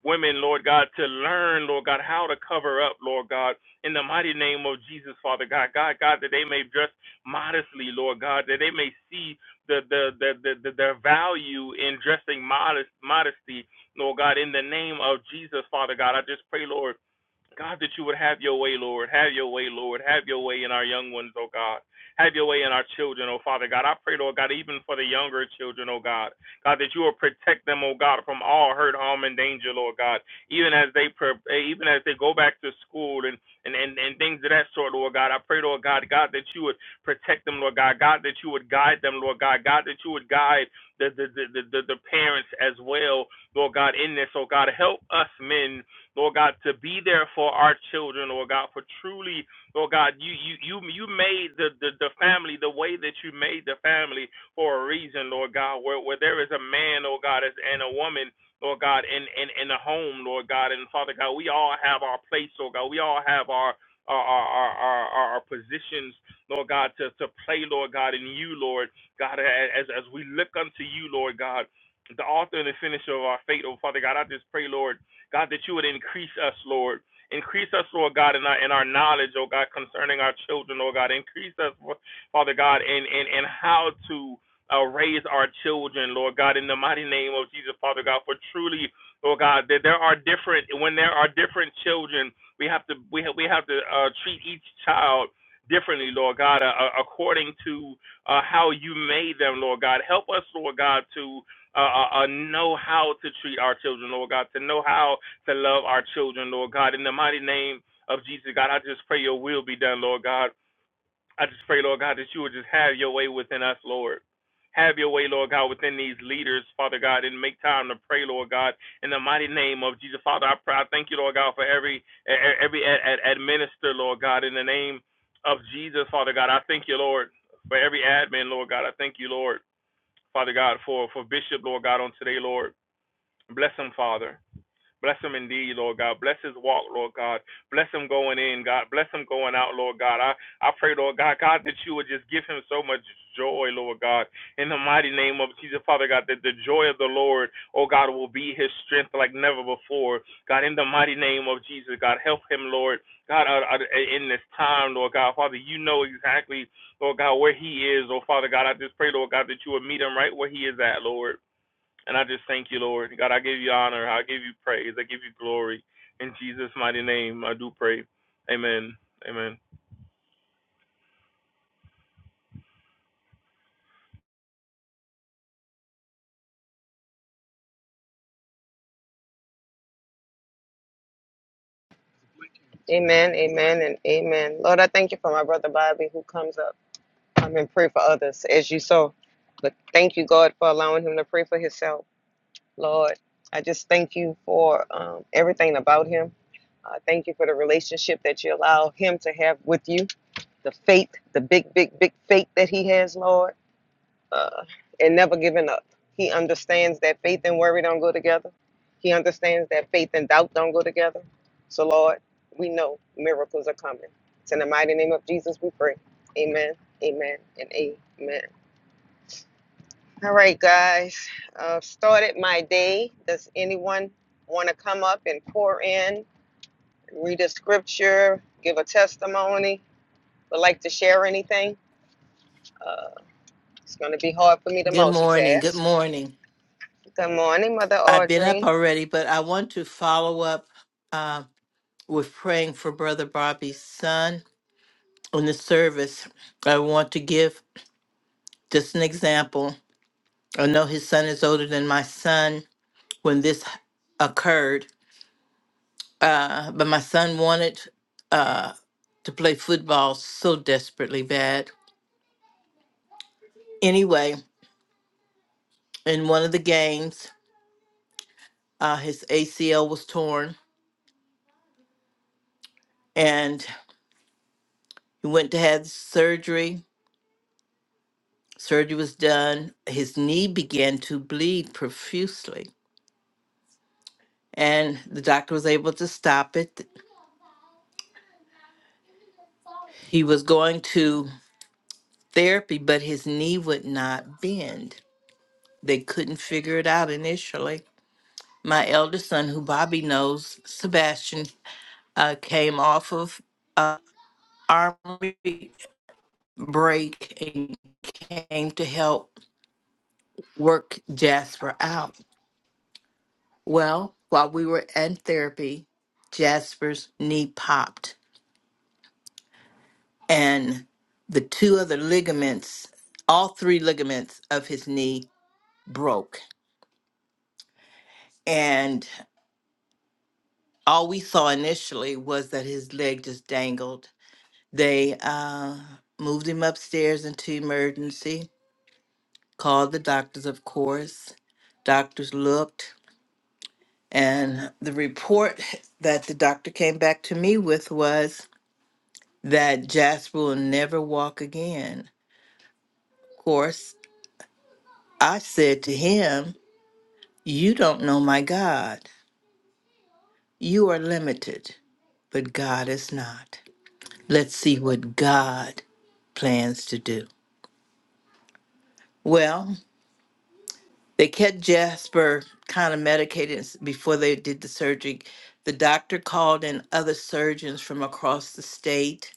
K: women, Lord God, to learn, Lord God, how to cover up, Lord God, in the mighty name of Jesus, Father God, God, God, that they may dress modestly, Lord God, that they may see the the the the, the their value in dressing modest modesty, Lord God, in the name of Jesus, Father God, I just pray, Lord. God, that you would have your way, Lord. Have your way, Lord. Have your way in our young ones, oh God. Have your way in our children, oh Father God. I pray, Lord God, even for the younger children, oh God. God, that you will protect them, oh God, from all hurt, harm, and danger, Lord God. Even as they even as they go back to school and, and, and, and things of that sort, Lord God. I pray, Lord God, God, that you would protect them, Lord God. God, that you would guide them, Lord God. God, that you would guide the the, the, the, the the parents as well, Lord God, in this, oh God. Help us men Lord God, to be there for our children, Lord God, for truly, Lord God, you you you you made the, the, the family the way that you made the family for a reason, Lord God, where where there is a man, Lord God, as- and a woman. Lord God, in, in, in the home, Lord God, and Father God, we all have our place, Lord God. We all have our our our our, our, our positions, Lord God, to, to play, Lord God, in you, Lord God, as as we look unto you, Lord God, the author and the finisher of our faith, oh Father God, I just pray, Lord. God, that you would increase us, Lord. Increase us, Lord God, in our in our knowledge, oh God, concerning our children, oh God. Increase us, Father God, in in, in how to uh, raise our children, Lord God, in the mighty name of Jesus, Father God. For truly, Lord God, that there are different when there are different children, we have to we have, we have to uh, treat each child differently, Lord God, uh, uh, according to uh, how you made them, Lord God. Help us, Lord God, to uh, uh, uh, know how to treat our children, Lord God, to know how to love our children, Lord God. In the mighty name of Jesus, God, I just pray your will be done, Lord God. I just pray, Lord God, that you would just have your way within us, Lord. Have your way, Lord God, within these leaders, Father God, and make time to pray, Lord God, in the mighty name of Jesus. Father, I pray, I thank you, Lord God, for every e- e- every e, e, ad- administer, Lord God, in the name of Jesus, Father God. I thank you, Lord, for every admin, Lord God. I thank you, Lord, Father God, for for Bishop, Lord God, on today, Lord. Bless him, Father. Bless him indeed, Lord God. Bless his walk, Lord God. Bless him going in, God. Bless him going out, Lord God. I, I pray, Lord God, God, that you would just give him so much joy, Lord God. In the mighty name of Jesus, Father God, that the joy of the Lord, oh God, will be his strength like never before. God, in the mighty name of Jesus, God, help him, Lord. God, uh, uh, in this time, Lord God, Father, you know exactly, Lord God, where he is. Oh, Father God, I just pray, Lord God, that you would meet him right where he is at, Lord. And I just thank you, Lord. God, I give you honor. I give you praise. I give you glory. In Jesus' mighty name, I do pray. Amen. Amen.
J: Amen, amen, and amen. Lord, I thank you for my brother Bobby who comes up. I'm in prayer for others as you saw. But thank you, God, for allowing him to pray for himself. Lord, I just thank you for um, everything about him. I thank you for the relationship that you allow him to have with you, the faith, the big, big, big faith that he has, Lord, uh, and never giving up. He understands that faith and worry don't go together. He understands that faith and doubt don't go together. So, Lord, we know miracles are coming. It's in the mighty name of Jesus we pray. Amen, amen, and amen. All right, guys. Uh, started my day. Does anyone want to come up and pour in, read a scripture, give a testimony, would like to share anything? Uh, it's going to be hard for me to
E: Good morning. Good
J: multitask.
E: morning.
J: Good morning, Mother
E: I've been up
J: Audrey.
E: already, but I want to follow up uh, with praying for Brother Bobby's son in the service. I want to give just an example. I know his son is older than my son when this occurred, uh, but my son wanted uh, to play football so desperately bad. Anyway, in one of the games, uh, his ACL was torn and he went to have surgery Surgery was done. His knee began to bleed profusely, and the doctor was able to stop it. He was going to therapy, but his knee would not bend. They couldn't figure it out initially. My eldest son, who Bobby knows, Sebastian, uh, came off of uh, army break and came to help work Jasper out. Well, while we were in therapy, Jasper's knee popped and the two other ligaments, all three ligaments of his knee broke. And all we saw initially was that his leg just dangled. They uh, moved him upstairs into emergency, called the doctors, of course. Doctors looked, and the report that the doctor came back to me with was that Jasper will never walk again. Of course, I said to him, You don't know my God. You are limited, but God is not. Let's see what God plans to do. Well, they kept Jasper kind of medicated s- before they did the surgery. The doctor called in other surgeons from across the state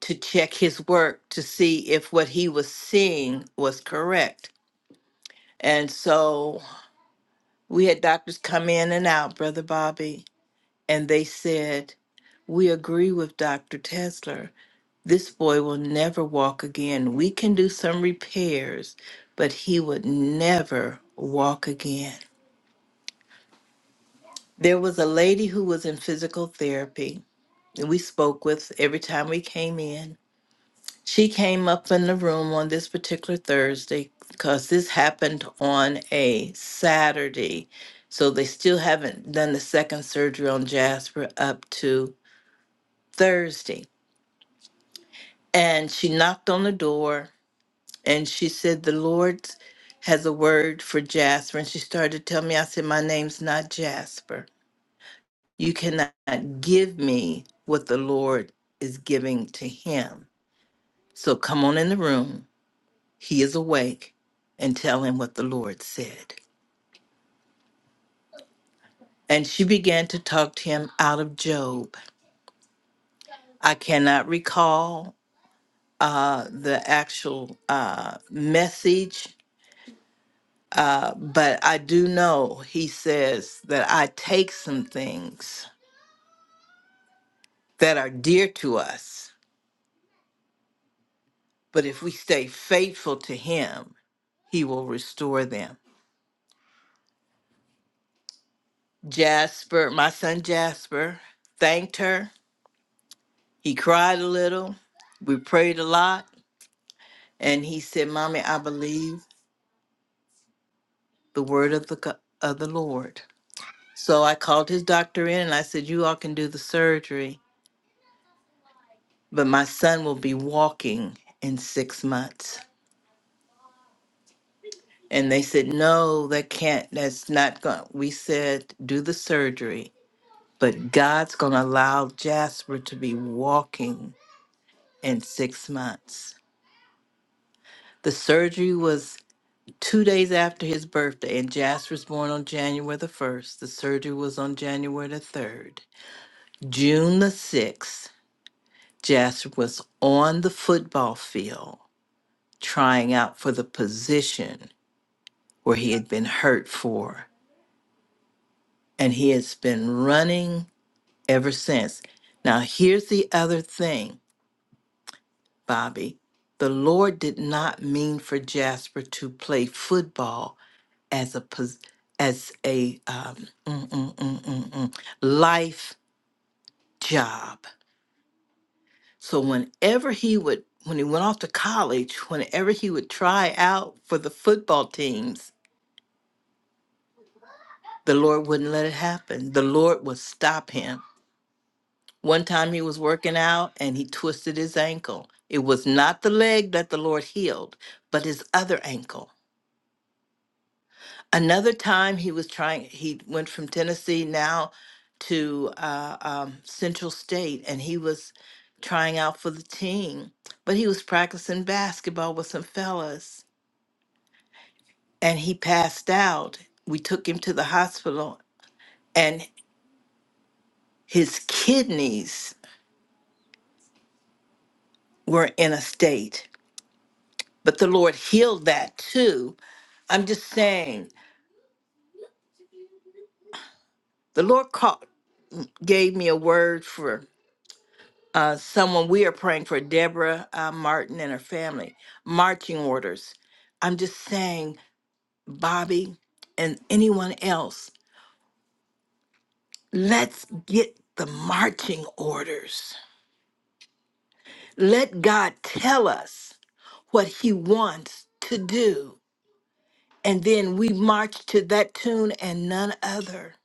E: to check his work to see if what he was seeing was correct. And so we had doctors come in and out, Brother Bobby and they said, We agree with Dr. Tesler. This boy will never walk again. We can do some repairs, but he would never walk again. There was a lady who was in physical therapy that we spoke with every time we came in. She came up in the room on this particular Thursday because this happened on a Saturday. So they still haven't done the second surgery on Jasper up to Thursday. And she knocked on the door and she said, The Lord has a word for Jasper. And she started to tell me, I said, My name's not Jasper. You cannot give me what the Lord is giving to him. So come on in the room. He is awake and tell him what the Lord said. And she began to talk to him out of Job. I cannot recall uh, the actual uh, message Uh, but I do know he says that I take some things that are dear to us, but if we stay faithful to him, he will restore them. Jasper, my son Jasper, thanked her. He cried a little. We prayed a lot. And he said, Mommy, I believe the word of the, go- of the Lord. So I called his doctor in and I said, You all can do the surgery, but my son will be walking in six months. And they said, no, that can't, that's not going. We said, do the surgery, but God's going to allow Jasper to be walking in six months. The surgery was two days after his birthday, and Jasper was born on January the 1st. The surgery was on January the 3rd. June the 6th, Jasper was on the football field trying out for the position where he had been hurt for. And he has been running ever since. Now, here's the other thing, Bobby. The Lord did not mean for Jasper to play football as a pos- as a um, mm, mm, mm, mm, mm, life job. So whenever he would, when he went off to college, whenever he would try out for the football teams, the Lord wouldn't let it happen. The Lord would stop him One time he was working out and he twisted his ankle. It was not the leg that the Lord healed, but his other ankle. Another time he was trying, he went from Tennessee now to uh, um, Central State and he was trying out for the team, but he was practicing basketball with some fellas and he passed out. We took him to the hospital and his kidneys were in a state, but the Lord healed that too I'm just saying, the Lord called, gave me a word for uh, someone. We are praying for Deborah uh, Martin and her family. Marching orders. I'm just saying, Bobby and anyone else, let's get the marching orders. Let God tell us what He wants to do. And then we march to that tune and none other.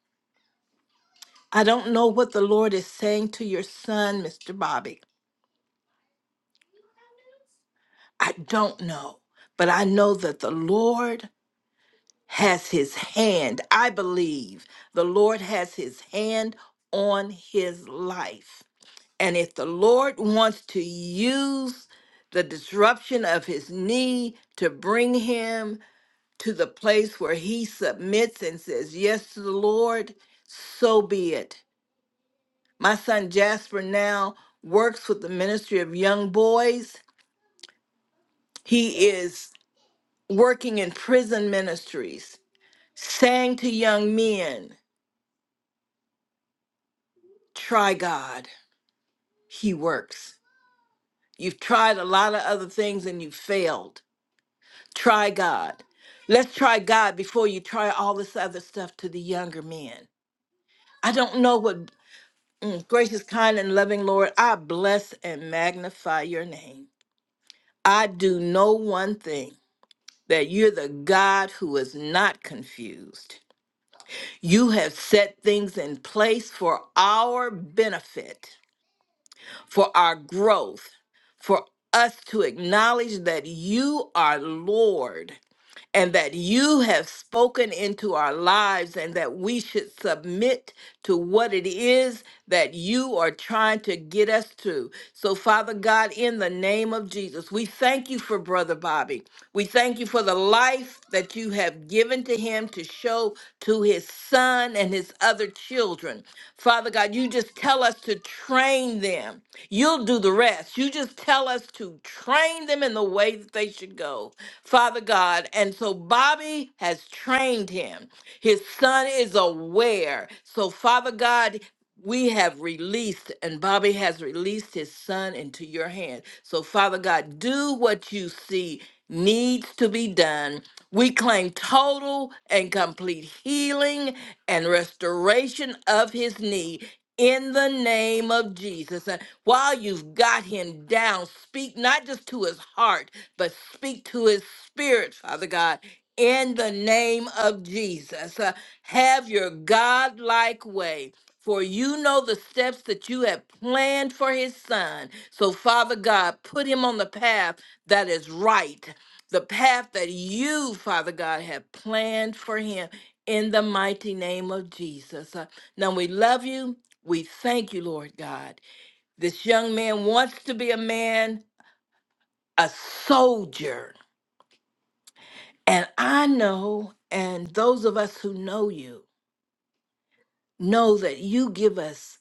E: I don't know what the Lord is saying to your son, Mr. Bobby. I don't know, but I know that the Lord has his hand. I believe the Lord has his hand on his life. And if the Lord wants to use the disruption of his knee to bring him to the place where he submits and says yes to the Lord, so be it. My son Jasper now works with the Ministry of Young Boys. He is. working in prison ministries, saying to young men, try God, He works. You've tried a lot of other things and you've failed. Try God. Let's try God before you try all this other stuff to the younger men. I don't know what mm, gracious, kind, and loving Lord, I bless and magnify your name. I do know one thing that you're the God who is not confused. You have set things in place for our benefit, for our growth, for us to acknowledge that you are Lord and that you have spoken into our lives and that we should submit to what it is that you are trying to get us to. So, Father God, in the name of Jesus, we thank you for Brother Bobby. We thank you for the life that you have given to him to show to his son and his other children. Father God, you just tell us to train them. You'll do the rest. You just tell us to train them in the way that they should go, Father God. And so Bobby has trained him. His son is aware. So, Father God, we have released and Bobby has released his son into your hand. So, Father God, do what you see needs to be done. We claim total and complete healing and restoration of his knee in the name of Jesus. And while you've got him down, speak not just to his heart, but speak to his spirit, Father God. In the name of Jesus, Uh, have your God like way. For you know the steps that you have planned for his son. So, Father God, put him on the path that is right, the path that you, Father God, have planned for him in the mighty name of Jesus. Uh, Now, we love you. We thank you, Lord God. This young man wants to be a man, a soldier. And I know, and those of us who know you know that you give us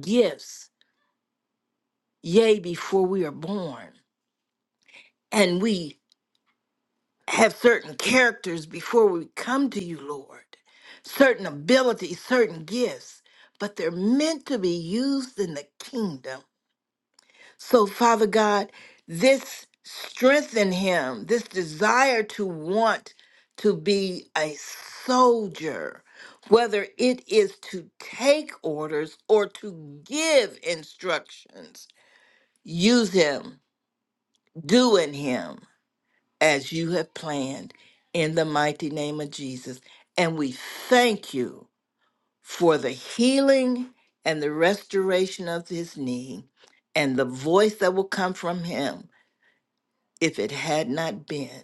E: gifts yea, before we are born. And we have certain characters before we come to you, Lord, certain abilities, certain gifts, but they're meant to be used in the kingdom. So, Father God, this strengthen him, this desire to want to be a soldier, whether it is to take orders or to give instructions. Use him, do in him as you have planned in the mighty name of Jesus. And we thank you for the healing and the restoration of his knee and the voice that will come from him if it had not been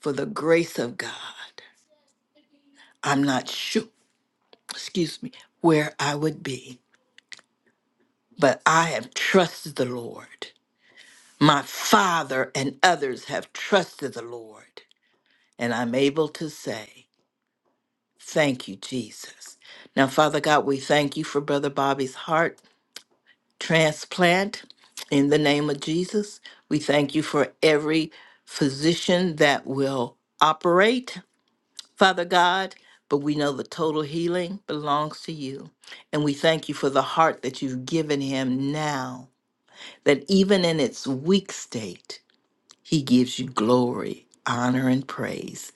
E: for the grace of God. I'm not sure, excuse me, where I would be, but I have trusted the Lord. My father and others have trusted the Lord, and I'm able to say, Thank you, Jesus. Now, Father God, we thank you for Brother Bobby's heart transplant in the name of Jesus. We thank you for every physician that will operate, Father God, but we know the total healing belongs to you. And we thank you for the heart that you've given him now, that even in its weak state, he gives you glory, honor, and praise.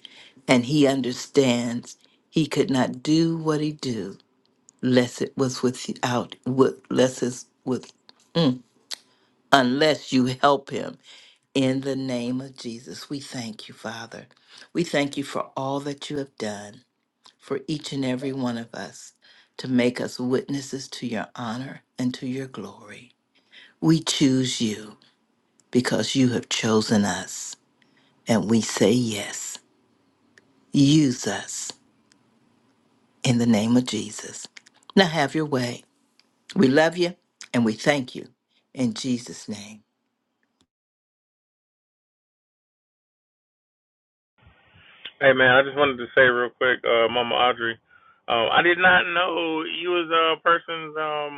E: And he understands he could not do what he do lest it was without with less is with mm, unless you help him in the name of Jesus. We thank you, Father. We thank you for all that you have done for each and every one of us to make us witnesses to your honor and to your glory. We choose you because you have chosen us and we say yes. Use us in the name of Jesus. Now have your way. We love you and we thank you in Jesus' name.
K: Hey, man, I just wanted to say real quick, uh, Mama Audrey, um, I did not know you was a person's, um,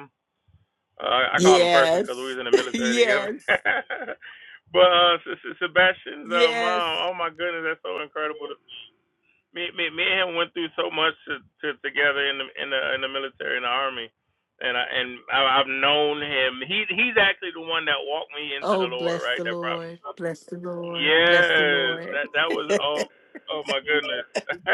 K: uh, I call him person because we
E: Yes.
K: was in the military together.
E: Yes.
K: but uh, Sebastian's uh,
E: Yes.
K: mom, oh my goodness, that's so incredible. to me. me, me, me and him went through so much to, to, together in the in the in the military in the army, and I and I, I've known him. He he's actually the one that walked me into
E: Oh,
K: the Lord,
E: bless
K: right?
E: the
K: That brought me.
E: Lord. Bless the Lord. Bless the
K: Yes,
E: Lord.
K: that that was oh oh my goodness.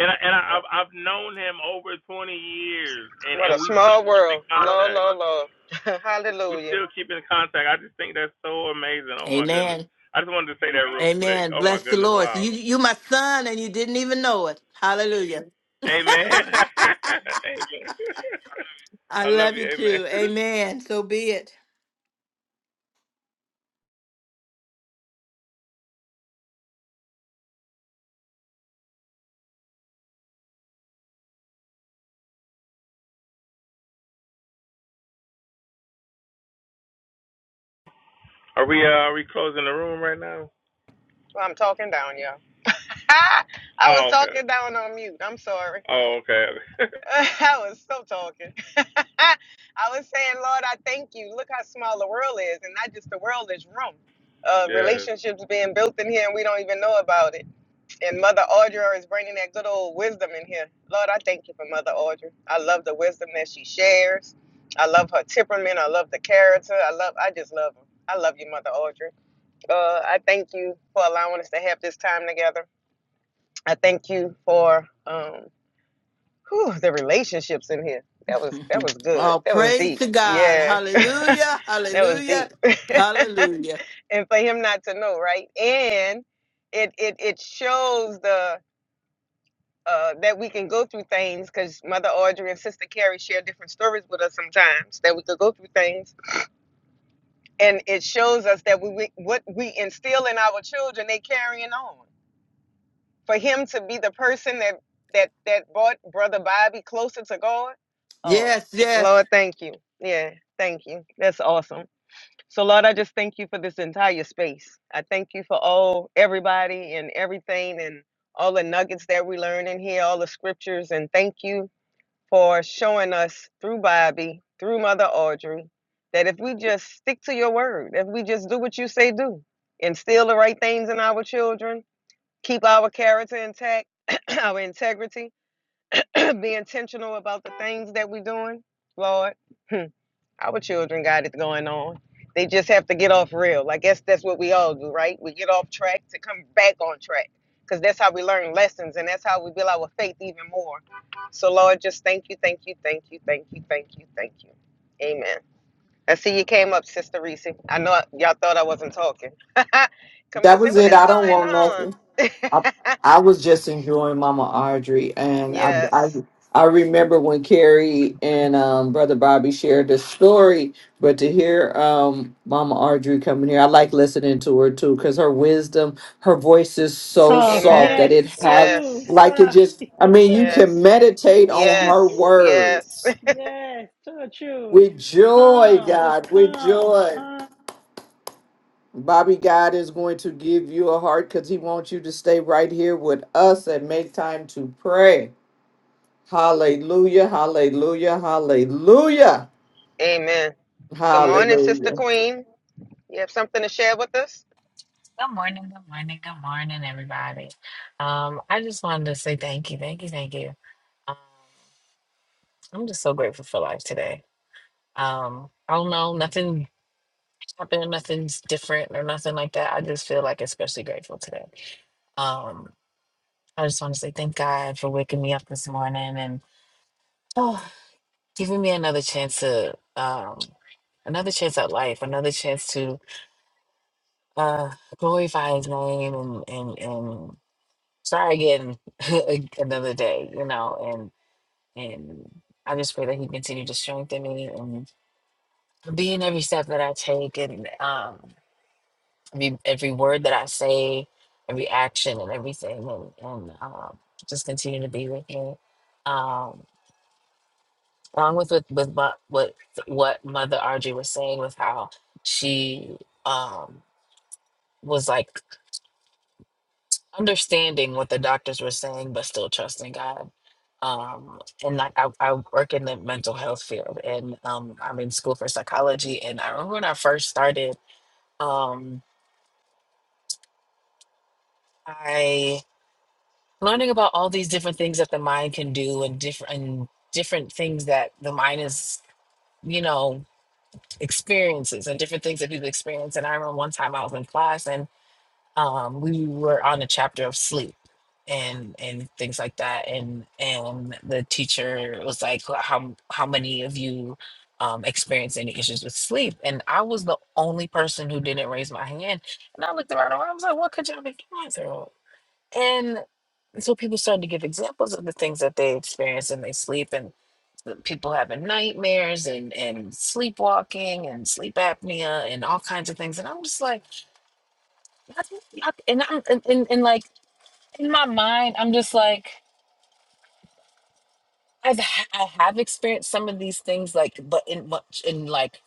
K: and I, and I, I've I've known him over 20 years, and
J: What
K: and
J: a
K: we still
J: small
K: keep in
J: world. Lo,
K: contact.
J: lo, lo.
K: We
J: Hallelujah.
K: still keep in contact. I just think that's so amazing. Oh my goodness.
E: Amen.
K: I just wanted to say that real quick.
E: Amen.
K: Oh my
E: Bless the
K: goodness.
E: Lord.
K: Wow.
E: So you you my son and you didn't even know it. Hallelujah.
K: Amen. Amen.
E: I
K: I love
E: love
K: you,
E: you too.
K: amen.
E: Amen. So be it.
K: Are we uh, are we closing the room right now?
J: Well, I'm talking down, y'all. I was
K: Oh, okay.
J: talking down on mute. I'm sorry.
K: Oh, okay.
J: I was so talking. I was saying, Lord, I thank you. Look how small the world is, and not just the world, is room. Uh,
K: yes.
J: relationships being built in here, and we don't even know about it. And Mother Audra is bringing that good old wisdom in here. Lord, I thank you for Mother Audra. I love the wisdom that she shares. I love her temperament. I love the character. I love. I just love her. I love you, Mother Audra. Uh, I thank you for allowing us to have this time together. I thank you for um, whew, the relationships in here. That was that was good.
E: oh,
J: That was
E: praise
J: deep.
E: to God.
J: Yeah
E: Hallelujah.
J: that was
E: Hallelujah.
J: deep.
E: Hallelujah.
J: and for him not to know, right? And it it it shows the uh, that we can go through things because Mother Audrey and Sister Carrie share different stories with us sometimes. That we could go through things, and it shows us that we, we what we instill in our children, they carrying on. For him to be the person that that that brought Brother Bobby closer to God, oh
E: Yes, yes.
J: Lord, thank you. Yeah, thank you. That's awesome. So Lord, I just thank you for this entire space. I thank you for all everybody and everything and all the nuggets that we learn in here, all the scriptures, and thank you for showing us through Bobby, through Mother Audrey, that if we just stick to your word, if we just do what you say do, instill the right things in our children, keep our character intact, our integrity, be intentional about the things that we're doing, Lord. Our children got it going on. They just have to get off real. I guess that's what we all do, right? We get off track to come back on track because that's how we learn lessons and that's how we build our faith even more. So, Lord, just thank you, thank you, thank you, thank you, thank you, thank you. Amen. I see you came up, Sister Reese. I know y'all thought I wasn't talking. Coming to
G: That
J: say,
G: was
J: what
G: it.
J: is
G: I don't
J: going
G: want
J: on?
G: nothing. I, I was just enjoying Mama Audrey, and I, I
J: Yes.
G: I remember when Carrie and um, Brother Bobby shared the story, but to hear um, Mama Audrey coming here, I like listening to her too because her wisdom, her voice is so
C: Soft,
G: soft
J: Amen.
G: that
C: yes,
G: it has
C: true,
J: Yes.
G: like it
C: soft.
G: just. I mean, you can
J: Yes.
G: meditate on
C: yes,
G: her
J: Yes. Yes.
G: words
C: true, true.
G: with joy,
C: Calm, just
G: God, with
C: calm,
G: joy.
C: calm.
G: Bobby, God is going to give you a heart because He wants you to stay right here with us and make time to pray. Hallelujah, hallelujah, hallelujah,
J: Amen. Good morning, Sister
G: hallelujah.
J: Queen. You have something to share with us?
L: Good morning, good morning, good morning, everybody. Um, I just wanted to say thank you, thank you, thank you. Um, I'm just so grateful for life today. Um, I don't know, nothing happened, nothing's different or nothing like that. I just feel like especially grateful today. Um, I just want to say thank God for waking me up this morning and oh, giving me another chance to um, another chance at life, another chance to uh, glorify His name and and and try again another day, you know, and and I just pray that he continue to strengthen me and be in every step that I take and um every every word that I say, every action and everything and, and um just continue to be with me. Um along with with with what what, what mother Audrey was saying with how she um was like understanding what the doctors were saying, but still trusting God. Um, and like I, I work in the mental health field, and um, I'm in school for psychology. And I remember when I first started, um, I learning about all these different things that the mind can do, and different and different things that the mind is, you know, experiences and different things that people experience. And I remember one time I was in class, um, we were on a chapter of sleep and and things like that and and the teacher was like "Wh- how how many of you um experience any issues with sleep and i was the only person who didn't raise my hand and i looked around and i was like what could y'all be going through and so people started to give examples of the things that they experience in their sleep and the people having nightmares and and sleepwalking and sleep apnea and all kinds of things and i'm just like and I'm and, and, and like in my mind, I'm just like I've ha- I have experienced some of these things like but in much in like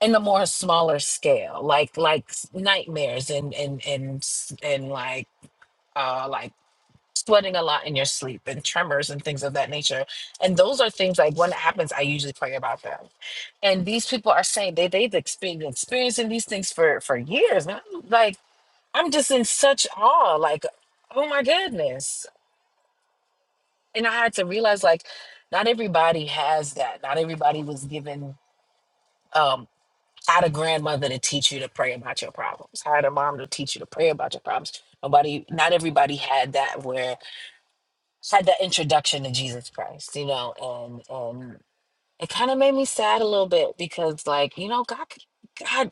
L: in a more smaller scale, like like s- nightmares and and and s- and like uh like sweating a lot in your sleep and tremors and things of that nature. And those are things like when it happens, I usually pray about them. And these people are saying they they've experienced experiencing these things for for years. And I'm like I'm just in such awe, like oh my goodness and I had to realize like not everybody has that. Not everybody was given um had a grandmother to teach you to pray about your problems. Had a mom to teach you to pray about your problems. Nobody not everybody had that where had that introduction to Jesus Christ, you know, and and it kind of made me sad a little bit because like, you know, God could- God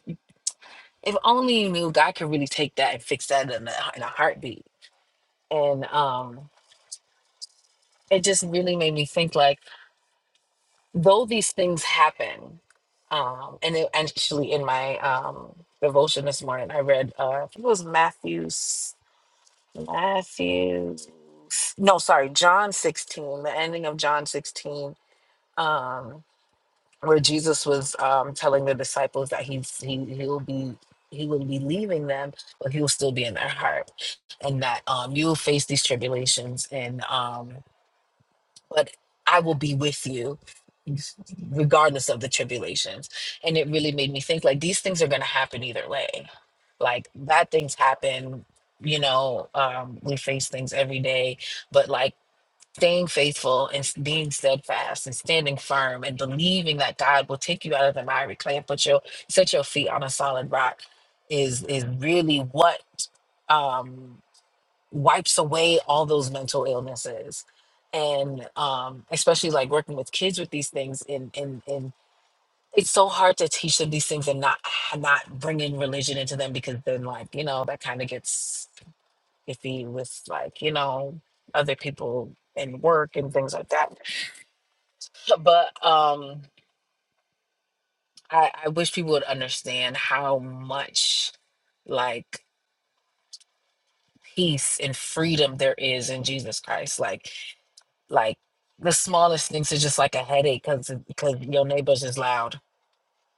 L: if only you knew God could really take that and fix that in a, in a heartbeat. And um it just really made me think like though these things happen, um, and it, actually in my um, devotion this morning, I read uh, I think it was Matthew's Matthew's no, sorry, John sixteen, the ending of John sixteen, um, where Jesus was um, telling the disciples that he's he he'll be he will be leaving them, but he will still be in their heart, and that um, you will face these tribulations, and um, but I will be with you regardless of the tribulations. And it really made me think like these things are going to happen either way. Like bad things happen, you know, um, we face things every day, but like staying faithful and s- being steadfast and standing firm and believing that God will take you out of the miry clay and put your set your feet on a solid rock is is really what um wipes away all those mental illnesses and um, especially like working with kids with these things and and and it's so hard to teach them these things and not not bring in religion into them because then like you know that kind of gets iffy with like you know other people and work and things like that but um I, I wish people would understand how much like peace and freedom there is in jesus christ like Like the smallest things are just like a headache because because your neighbors is loud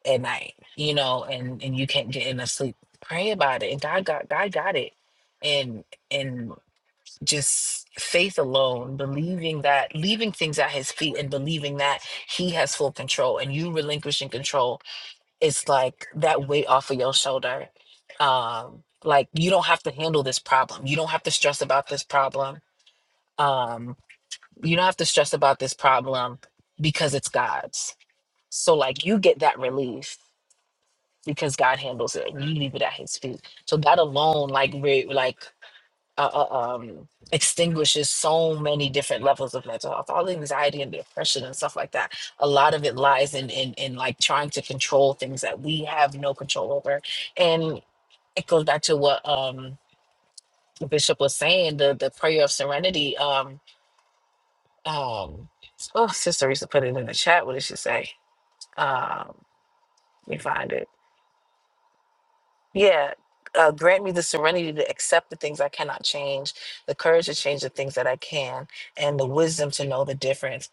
L: at night, you know, and and you can't get enough sleep. Pray about it, and God got God got it, and and just faith alone, believing that, leaving things at His feet, and believing that He has full control, and you relinquishing control, it's like that weight off of your shoulder. Um, like you don't have to handle this problem. You don't have to stress about this problem Um, you don't have to stress about this problem because it's God's. So like you get that relief because God handles it and you leave it at his feet. So that alone like re- like uh, uh, um extinguishes so many different levels of mental health, all the anxiety and depression and stuff like that. A lot of it lies in in in like trying to control things that we have no control over. And it goes back to what um Bishop was saying, the the prayer of serenity. Um Um, oh, Sister Risa put it in the chat. What did she say? Um, let me find it. Yeah. Uh, grant me the serenity to accept the things I cannot change, the courage to change the things that I can, and the wisdom to know the difference.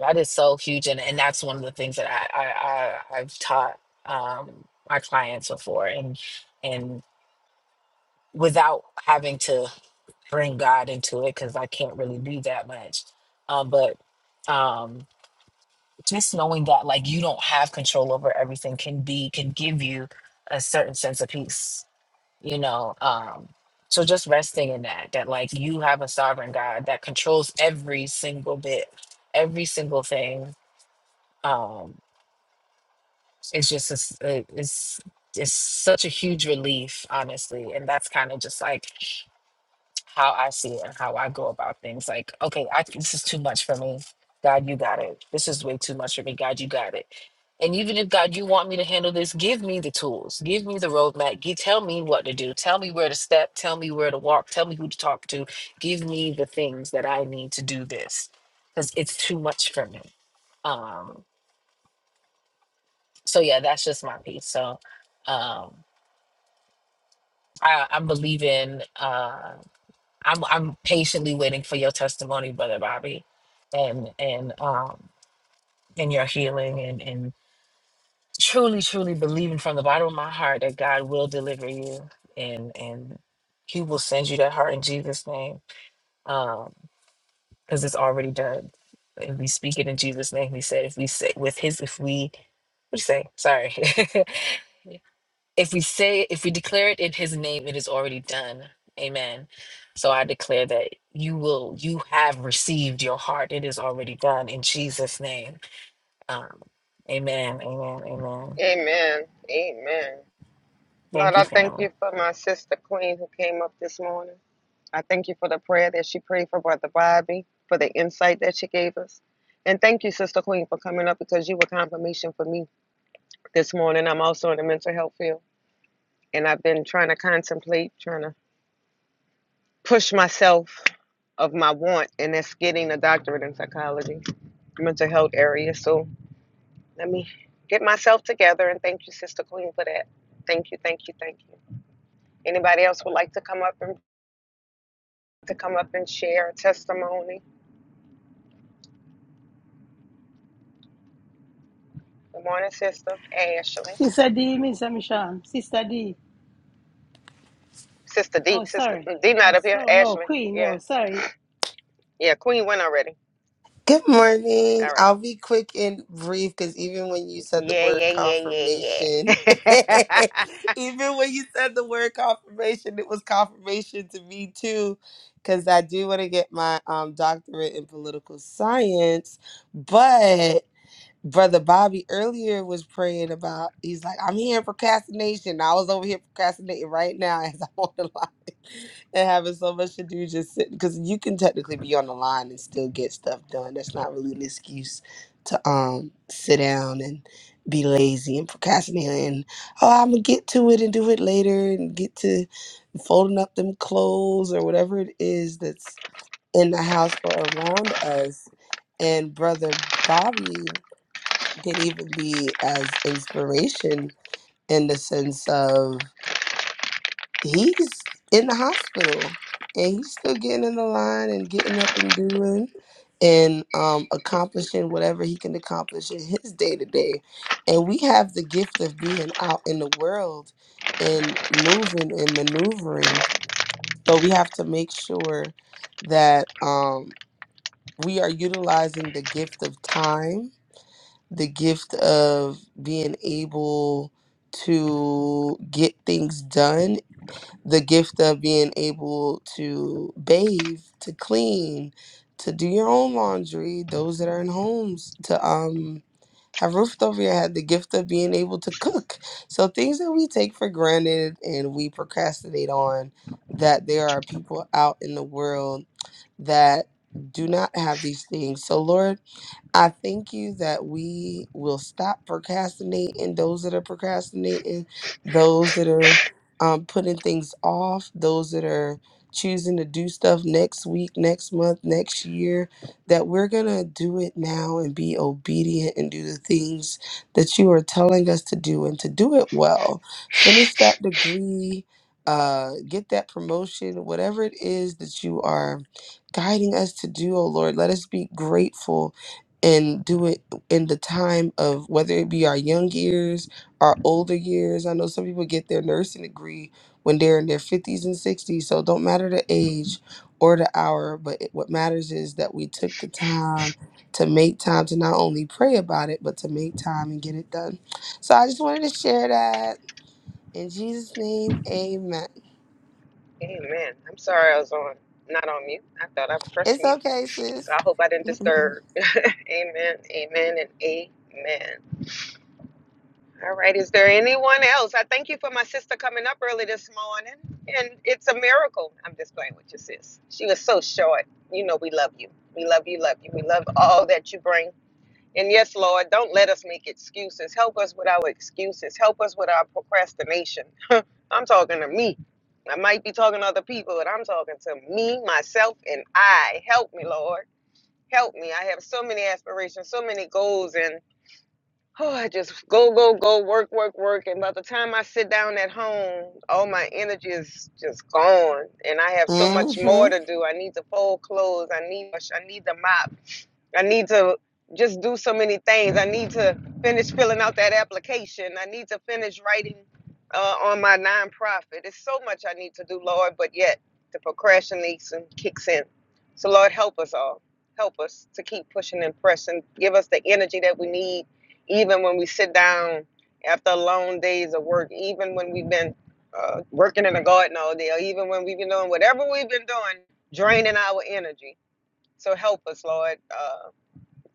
L: That is so huge, and, and that's one of the things that I, I, I I've taught um, my clients before, and and without having to bring God into it because I can't really do that much. Um, but um, just knowing that like you don't have control over everything can be can give you a certain sense of peace you know um so just resting in that that like you have a sovereign god that controls every single bit every single thing um it's just a s- uh, it's it's such a huge relief honestly and that's kind of just like how I see it and how I go about things. Like, okay, I this is too much for me. God, you got it. This is way too much for me. God, you got it. And even if God, you want me to handle this, give me the tools, give me the roadmap. Give, tell me what to do. Tell me where to step. Tell me where to walk. Tell me who to talk to. Give me the things that I need to do this because it's too much for me. Um, so yeah, that's just my piece. So um, I, I'm believing. Uh, I'm I'm patiently waiting for your testimony, Brother Bobby, and and um and your healing and and truly, truly believing from the bottom of my heart that God will deliver you and and He will send you that heart in Jesus' name. Um, because it's already done. And we speak it in Jesus' name. He said if we say with his if we what do you say? Sorry. if we say if we declare it in his name it is already done amen so i declare that you will you have received your heart it is already done in jesus name um, amen amen amen
J: Amen. Amen. Lord,
L: thank you
J: I thank
L: family
J: you for my sister Queen who came up this morning. I thank you for the prayer that she prayed for Brother Bobby, for the insight that she gave us. And thank you, Sister Queen, for coming up because you were confirmation for me this morning. I'm also in the mental health field. And I've been trying to contemplate, trying to push myself of my want, and that's getting a doctorate in psychology, mental health area. So Let me get myself together and thank you, Sister Queen, for that. Thank you, thank you, thank you. Anybody else would like to come up and to come up and share a testimony? Good morning, Sister Ashley.
C: Sister D, Miss Michelle. Sister D.
J: Sister D,
C: Oh,
J: Sister
C: sorry.
J: D
C: Oh,
J: not up here.
C: so no,
J: Ashley.
C: Queen.
J: Yeah.
C: No, sorry.
J: Yeah, Queen went already.
M: Good morning.
J: All right.
M: I'll be quick and brief because even when you said the
J: Yeah,
M: word
J: yeah, yeah,
M: confirmation,
J: yeah, yeah.
M: even when you said the word confirmation, it was confirmation to me too. Because I do want to get my um, doctorate in political science, but Brother Bobby earlier was praying about, he's like, I'm here in procrastination. I was over here procrastinating right now as I'm on the line and having so much to do just sitting. Because you can technically be on the line and still get stuff done. That's not really an excuse to um sit down and be lazy and procrastinate and, oh, I'm going to get to it and do it later and get to folding up them clothes or whatever it is that's in the house or around us. And Brother Bobby can even be as inspiration in the sense of he's in the hospital and he's still getting in the line and getting up and doing and um, accomplishing whatever he can accomplish in his day to day. And we have the gift of being out in the world and moving and maneuvering. So we have to make sure that um, we are utilizing the gift of time the gift of being able to get things done, the gift of being able to bathe, to clean, to do your own laundry, those that are in homes, to um have roofed over your head, the gift of being able to cook. So things that we take for granted and we procrastinate on that there are people out in the world that do not have these things. So Lord, I thank you that we will stop procrastinating, those that are procrastinating, those that are um, putting things off, those that are choosing to do stuff next week, next month, next year, that we're going to do it now and be obedient and do the things that you are telling us to do and to do it well. Finish that degree. Uh, get that promotion, whatever it is that you are guiding us to do, oh Lord. Let us be grateful and do it in the time of whether it be our young years, our older years. I know some people get their nursing degree when they're in their 50s and 60s, so it don't matter the age or the hour, but it, what matters is that we took the time to make time to not only pray about it, but to make time and get it done. So I just wanted to share that. In Jesus' name, amen.
J: Amen. I'm sorry I was on not on mute. I thought I pressed
M: It's
J: mute.
M: okay,
J: So
M: sis.
J: I hope I didn't disturb. Amen. Amen and amen. All right. Is there anyone else? I thank you for my sister coming up early this morning. And it's a miracle. I'm just playing with your sis. She was so short. You know, we love you. We love you, love you. We love all that you bring. And yes, Lord, don't let us make excuses. Help us with our excuses. Help us with our procrastination. I'm talking to me. I might be talking to other people, but I'm talking to me, myself, and I. Help me, Lord. Help me. I have so many aspirations, so many goals, and. Oh, I just go, go, go, work, work, work. And by the time I sit down at home, all my energy is just gone. And I have so much
M: hmm
J: more to do. I need to fold clothes. I need, I need to mop. I need to just do so many things. I need to finish filling out that application. I need to finish writing uh, on my nonprofit. It's so much I need to do, Lord, but yet the procrastination kicks in. So, Lord, help us all. Help us to keep pushing and pressing. Give us the energy that we need, even when we sit down after long days of work, even when we've been uh, working in the garden all day, or even when we've been doing whatever we've been doing, draining our energy. So, help us, Lord. Uh,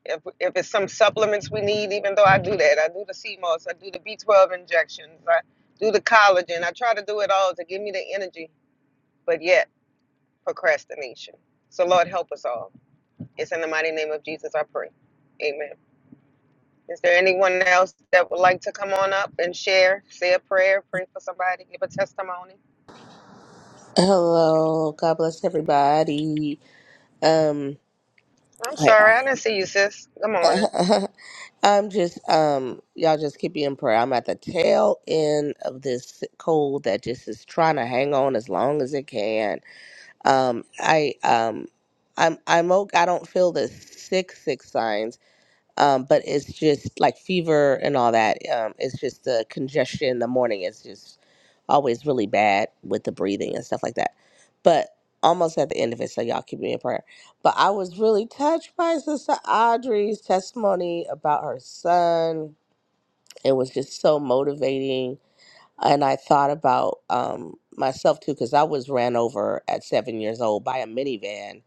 J: if, if it's some supplements we need, even though I do that, I do the C CMOS, I do the B12 injections, I do the collagen. I try to do it all to give me the energy, but yet procrastination. So, Lord, help us all. It's in the mighty name of Jesus I pray. Amen. Is there anyone else that would like to come on up and share, say a prayer, pray for somebody, give a testimony?
N: Hello, God bless everybody. Um,
J: I'm
N: I,
J: sorry, I didn't see you, sis. Good morning.
N: I'm just um, y'all just keep me in prayer. I'm at the tail end of this cold that just is trying to hang on as long as it can. Um, I um, I'm I'm okay. I don't feel the sick sick signs um, but it's just like fever and all that. Um, it's just the congestion in the morning is just always really bad with the breathing and stuff like that. But almost at the end of it, so y'all keep me in prayer. But I was really touched by Sister Audrey's testimony about her son. It was just so motivating and I thought about um, myself too, because I was ran over at seven years old by a minivan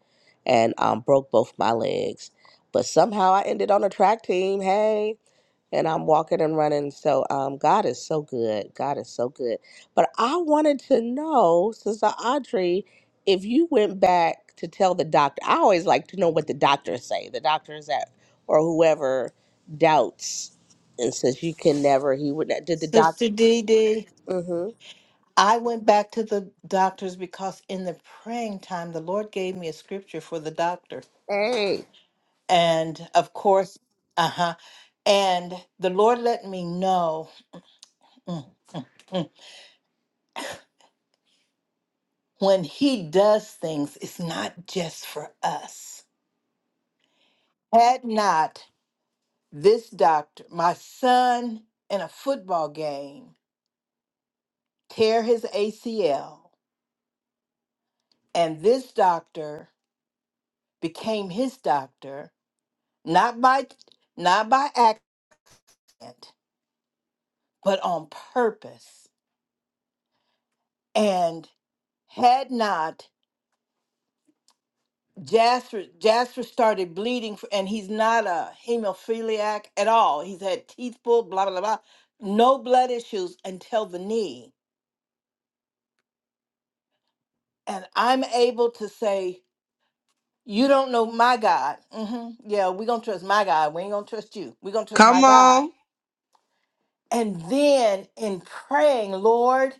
N: and um, broke both my legs. But somehow I ended on a track team. Hey, and I'm walking and running. So um, God is so good. God is so good. But I wanted to know, Sister Audrey, if you went back to tell the doctor. I always like to know what the doctors say. The doctors that or whoever doubts and says you can never. He would. Did the
E: Sister
N: doctor?
E: Dee Dee.
N: Mm-hmm.
E: I went back to the doctors because in the praying time, the Lord gave me a scripture for the doctor.
N: Hey,
E: And of course, uh huh. And the Lord let me know mm, mm, when He does things, it's not just for us. Had not this doctor, my son in a football game, tear his ACL, and this doctor became his doctor, not by not by accident but on purpose. And had not Jasper Jasper started bleeding, f- and he's not a hemophiliac at all. He's had teeth pulled, blah blah blah, no blood issues until the knee. And I'm able to say, you don't know my God. hmm Yeah, we're gonna trust my God. We ain't gonna trust you. We're gonna trust my
M: Come
E: God.
M: on.
E: And then in praying, Lord.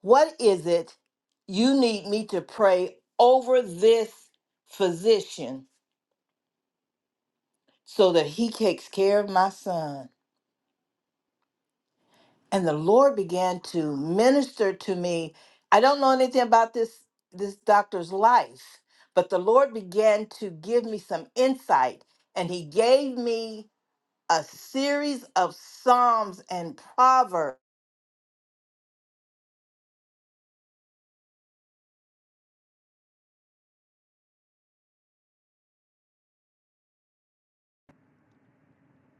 E: What is it you need me to pray over this physician so that he takes care of my son? And the Lord began to minister to me. I don't know anything about this this doctor's life, but the Lord began to give me some insight and he gave me a series of psalms and proverbs.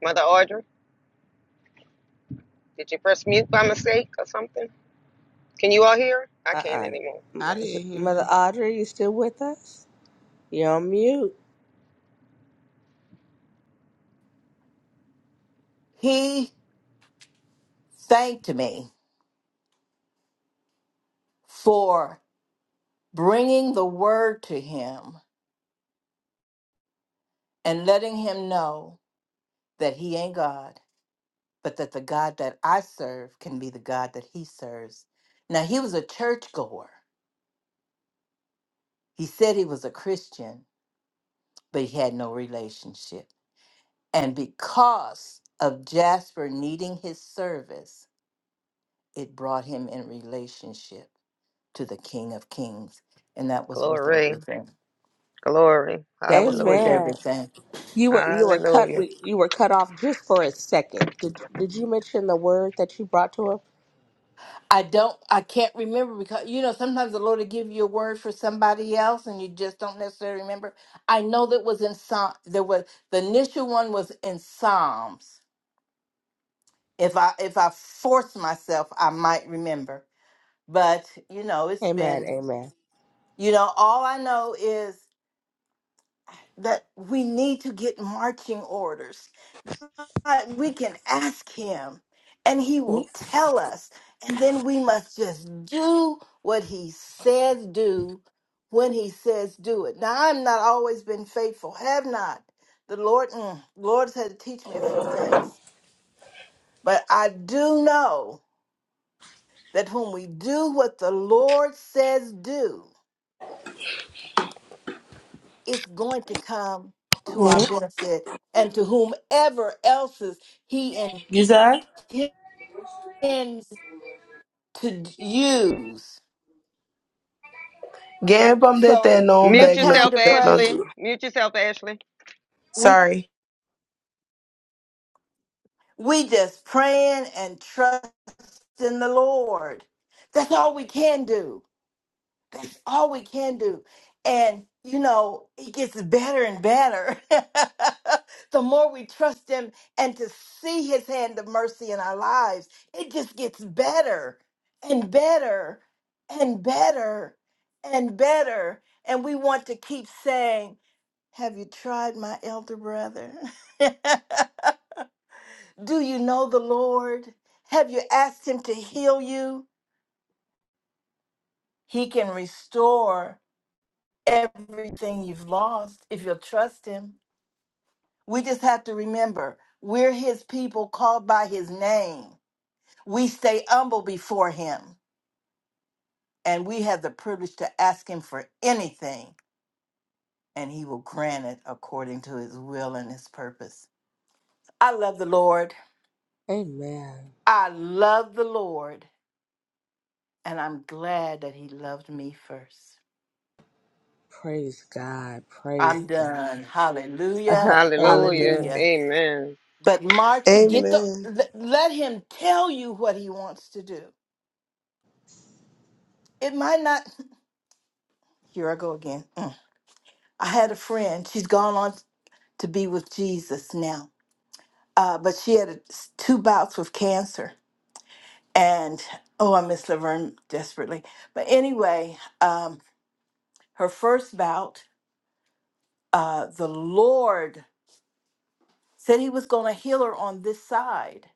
J: Mother Audrey, did you press mute by mistake or something? Can you all hear? I can't
N: uh-uh.
J: anymore.
N: M-
M: I didn't hear
N: Mother
M: her.
N: Audrey, you still with us? You're on mute.
E: He thanked me for bringing the word to him and letting him know that he ain't God, but that the God that I serve can be the God that he serves. Now, he was a churchgoer. He said he was a Christian, but he had no relationship. And because of Jasper needing his service, it brought him in relationship to the King of Kings. And that was worth
J: Glory.
E: everything.
J: Glory.
E: That was worth
J: Hallelujah.
N: Amen.
E: everything.
N: You were you were cut
J: Hallelujah.
N: we, you were cut off just for a second. Did did you mention the word that you brought to him?
E: I don't, I can't remember because, you know, sometimes the Lord will give you a word for somebody else and you just don't necessarily remember. I know that was in Psalm, there was, the initial one was in Psalms. If I, if I force myself, I might remember. But, you know, it's
N: Amen.
E: been,
N: Amen.
E: you know, all I know is that we need to get marching orders God, we can ask him and he will tell us. And then we must just do what he says do when he says do it. Now, I've not always been faithful, have not. The Lord, mm, Lord's had to teach me a few things. But I do know that when we do what the Lord says do, it's going to come to our
M: Mm-mm.
E: benefit and to whomever else's he
M: You said?
E: intends to use
M: Gebam de te
E: So
M: no
J: Mute
E: make
M: beg no
E: time
J: yourself,
E: to
M: kuzet
E: pray.
M: no
E: Mhm.
M: do.
J: Ashley. Mute yourself, Ashley.
E: We
M: Sorry.
E: we just praying and trusting the Lord. That's all we can do. All we can do. And you know, it gets better and better. the more we trust him and to see his hand of mercy in our lives, it just gets better and better and better and better. And we want to keep saying, Have you tried my elder brother? Do you know the Lord? Have you asked him to heal you? He can restore everything you've lost if you'll trust him. We just have to remember we're his people called by his name. We stay humble before him, and we have the privilege to ask him for anything, and he will grant it according to his will and his purpose. I love the Lord.
N: Amen.
E: I love the Lord and I'm glad that he loved me first.
N: Praise God. Praise
E: I'm
N: God.
E: done. Hallelujah.
N: Uh-huh.
J: Hallelujah.
N: Amen.
E: Hallelujah.
J: Amen.
E: But March, get the
M: Amen.
E: let let him tell you what he wants to do. It might not here I go again. Mm. I had a friend. She's gone on to be with Jesus now. Uh, but she had two bouts with cancer. And oh, I miss Laverne desperately. But anyway, um, her first bout, uh, the Lord said he was going to heal her on this side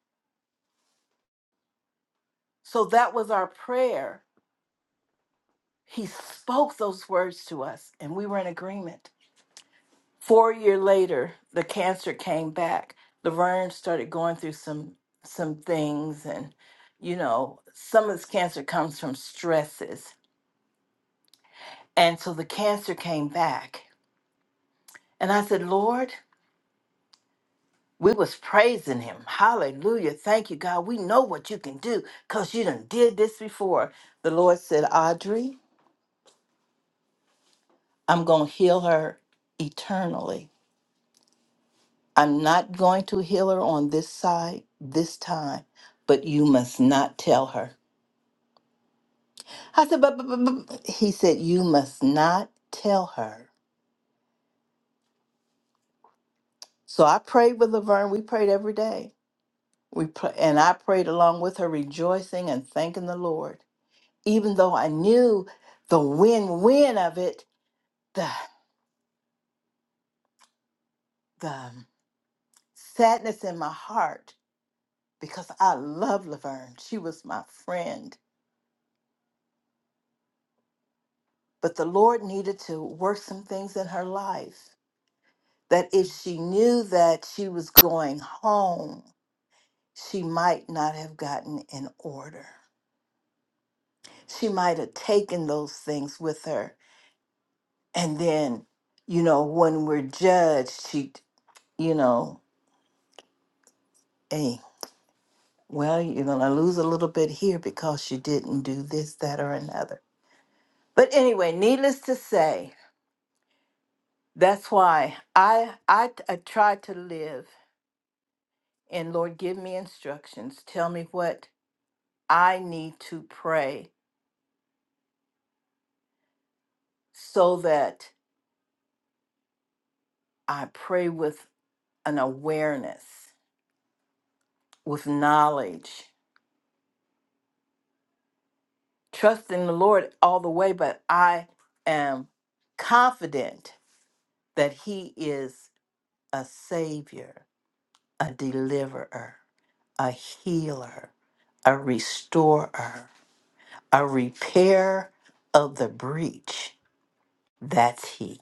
E: So that was our prayer. He spoke those words to us, and we were in agreement. Four years later, the cancer came back. Laverne started going through some some things, and you know, some of this cancer comes from stresses. And so the cancer came back, and I said, Lord. We was praising him. Hallelujah. Thank you, God. We know what you can do because you done did this before. The Lord said, Audrey, I'm going to heal her eternally. I'm not going to heal her on this side this time, but you must not tell her. I said, but, but, but, but- he said, you must not tell her. So I prayed with Laverne. We prayed every day. We pray, and I prayed along with her, rejoicing and thanking the Lord, even though I knew the win-win of it, the the sadness in my heart because I love Laverne. She was my friend, but the Lord needed to work some things in her life that if she knew that she was going home, she might not have gotten in order. She might have taken those things with her. And then, you know, when we're judged, she, you know, hey, well, you're going to lose a little bit here because you didn't do this, that, or another. But anyway, needless to say, that's why I, I, I try to live and Lord, give me instructions. Tell me what I need to pray so that I pray with an awareness, with knowledge, trusting the Lord all the way, but I am confident that He is a Savior, a deliverer, a healer, a restorer, a repair of the breach. That's He.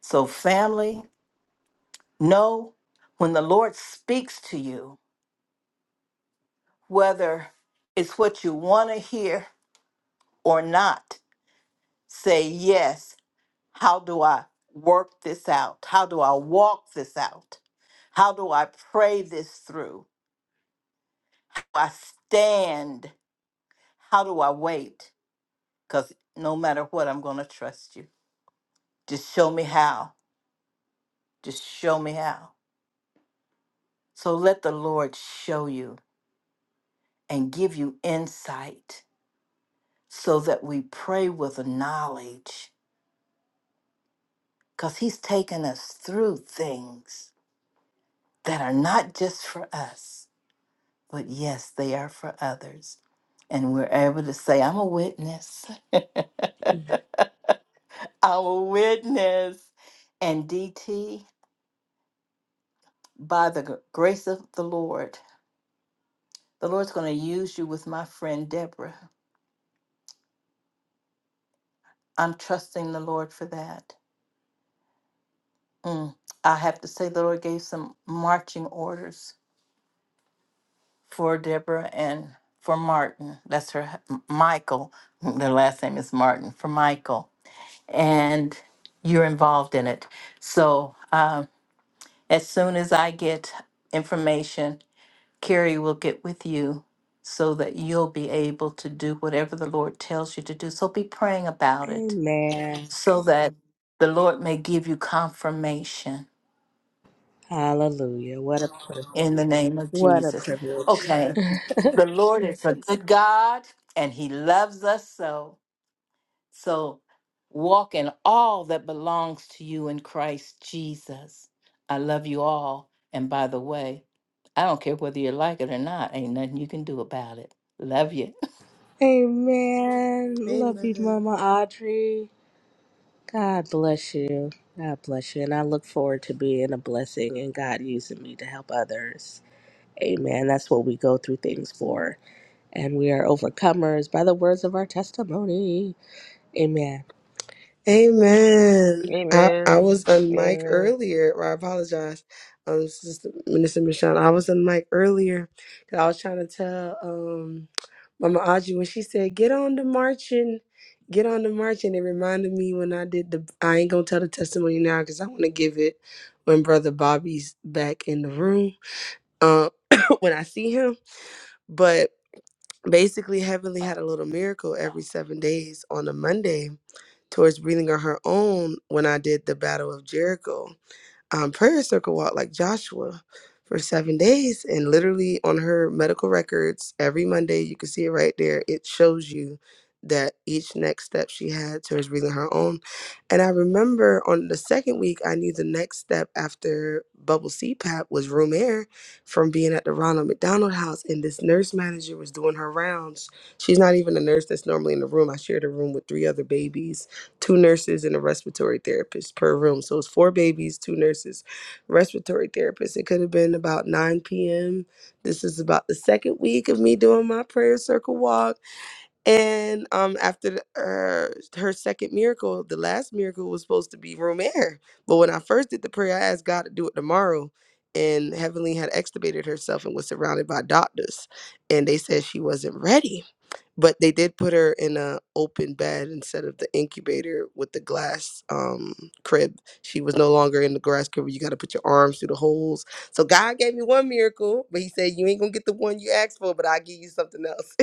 E: So, family, know when the Lord speaks to you, whether it's what you want to hear or not, say, Yes, how do I work this out? How do I walk this out? How do I pray this through? How do I stand? How do I wait? Because no matter what, I'm going to trust you. Just show me how. Just show me how. So let the Lord show you and give you insight so that we pray with knowledge because He's taken us through things that are not just for us, but yes, they are for others. And we're able to say, I'm a witness. I'm a witness. And DT, by the gr- grace of the Lord, the Lord's going to use you with my friend Deborah. I'm trusting the Lord for that. Mm. I have to say, the Lord gave some marching orders for Deborah and for Martin. That's her hu- M- Michael. Their last name is Martin for Michael. And you're involved in it. So um, as soon as I get information, Carrie will get with you so that you'll be able to do whatever the Lord tells you to do. So be praying about it
N: Amen.
E: so that the Lord may give you confirmation
N: Hallelujah. What a privilege.
E: in the name of
N: What a
E: Jesus.
N: privilege.
E: Okay. The Lord is a good God and He loves us so. So walk in all that belongs to you in Christ Jesus. I love you all. And by the way, I don't care whether you like it or not, ain't nothing you can do about it. Love you.
N: Amen. Love you,
M: Amen.
N: Mama Audrey. God bless you. God bless you. And I look forward to being a blessing and God using me to help others. Amen. That's what we go through things for. And we are overcomers by the words of our testimony. Amen.
M: Amen. I, I
J: Amen.
M: was on mic
J: Amen.
M: earlier, or I apologize, um, Sister Minister Michelle. I was on mic earlier because I was trying to tell um Mama Audrey when she said, "Get on the marching, get on the marching." It reminded me when I did the. I ain't gonna tell the testimony now because I want to give it when Brother Bobby's back in the room. Um, when I see him, Basically, Heavenly had a little miracle every seven days on a Monday towards breathing on her own when I did the Battle of Jericho um, prayer circle walk like Joshua for seven days. And literally on her medical records, every Monday, you can see it right there. It shows you that each next step she had towards breathing her own. And I remember on the second week, I knew the next step after bubble CPAP was room air from being at the Ronald McDonald House. And this nurse manager was doing her rounds. She's not even a nurse that's normally in the room. I shared a room with three other babies two nurses and a respiratory therapist per room. So it's four babies, two nurses, respiratory therapist. It could have been about 9 p.m. This is about the second week of me doing my prayer circle walk. And um, after the, uh, her second miracle, the last miracle was supposed to be room air. But when I first did the prayer, I asked God to do it tomorrow. And Heavenly had extubated herself and was surrounded by doctors. And they said she wasn't ready but they did put her in a open bed instead of the incubator with the glass um, crib. She was no longer in the glass crib. where You got to put your arms through the holes. So God gave me one miracle, but He said you ain't gonna get the one you asked for, but I will give you something else.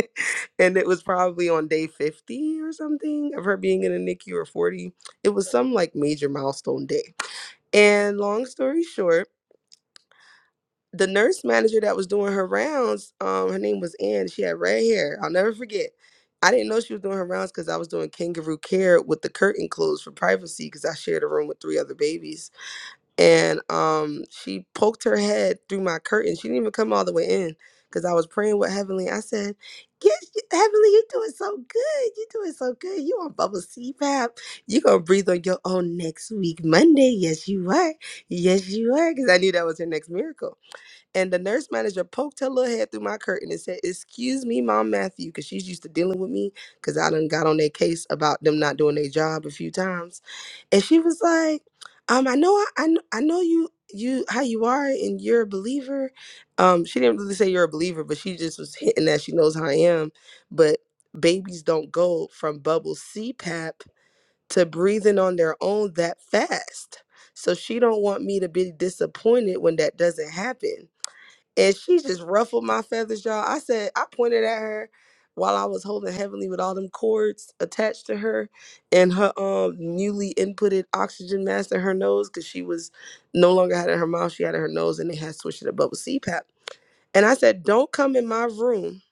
M: and it was probably on day fifty or something of her being in a NICU or forty. It was some like major milestone day. And long story short the nurse manager that was doing her rounds, um, her name was Ann. She had red hair. I'll never forget. I didn't know she was doing her rounds because I was doing kangaroo care with the curtain closed for privacy because I shared a room with three other babies. And um, she poked her head through my curtain. She didn't even come all the way in because I was praying with Heavenly. I said, "Yes, you- Heavenly, you're doing so good. You're doing so good. You on bubble CPAP. You're going to breathe on your own next week, Monday. Yes, you are. Yes, you are. Because I knew that was her next miracle. And the nurse manager poked her little head through my curtain and said, Excuse me, Mom Matthew, because she's used to dealing with me because I done got on their case about them not doing their job a few times. And she was like, um, I know I, I kn- I know you you how you are and you're a believer. Um, she didn't really say you're a believer, but she just was hinting that she knows how I am. But babies don't go from bubble CPAP to breathing on their own that fast. So she don't want me to be disappointed when that doesn't happen and she just ruffled my feathers, y'all. I said, I pointed at her while I was holding Heavenly with all them cords attached to her and her um newly inputted oxygen mask in her nose because she was no longer had it in her mouth, she had it in her nose, and they had switched it above with CPAP. And I said, Don't come in my room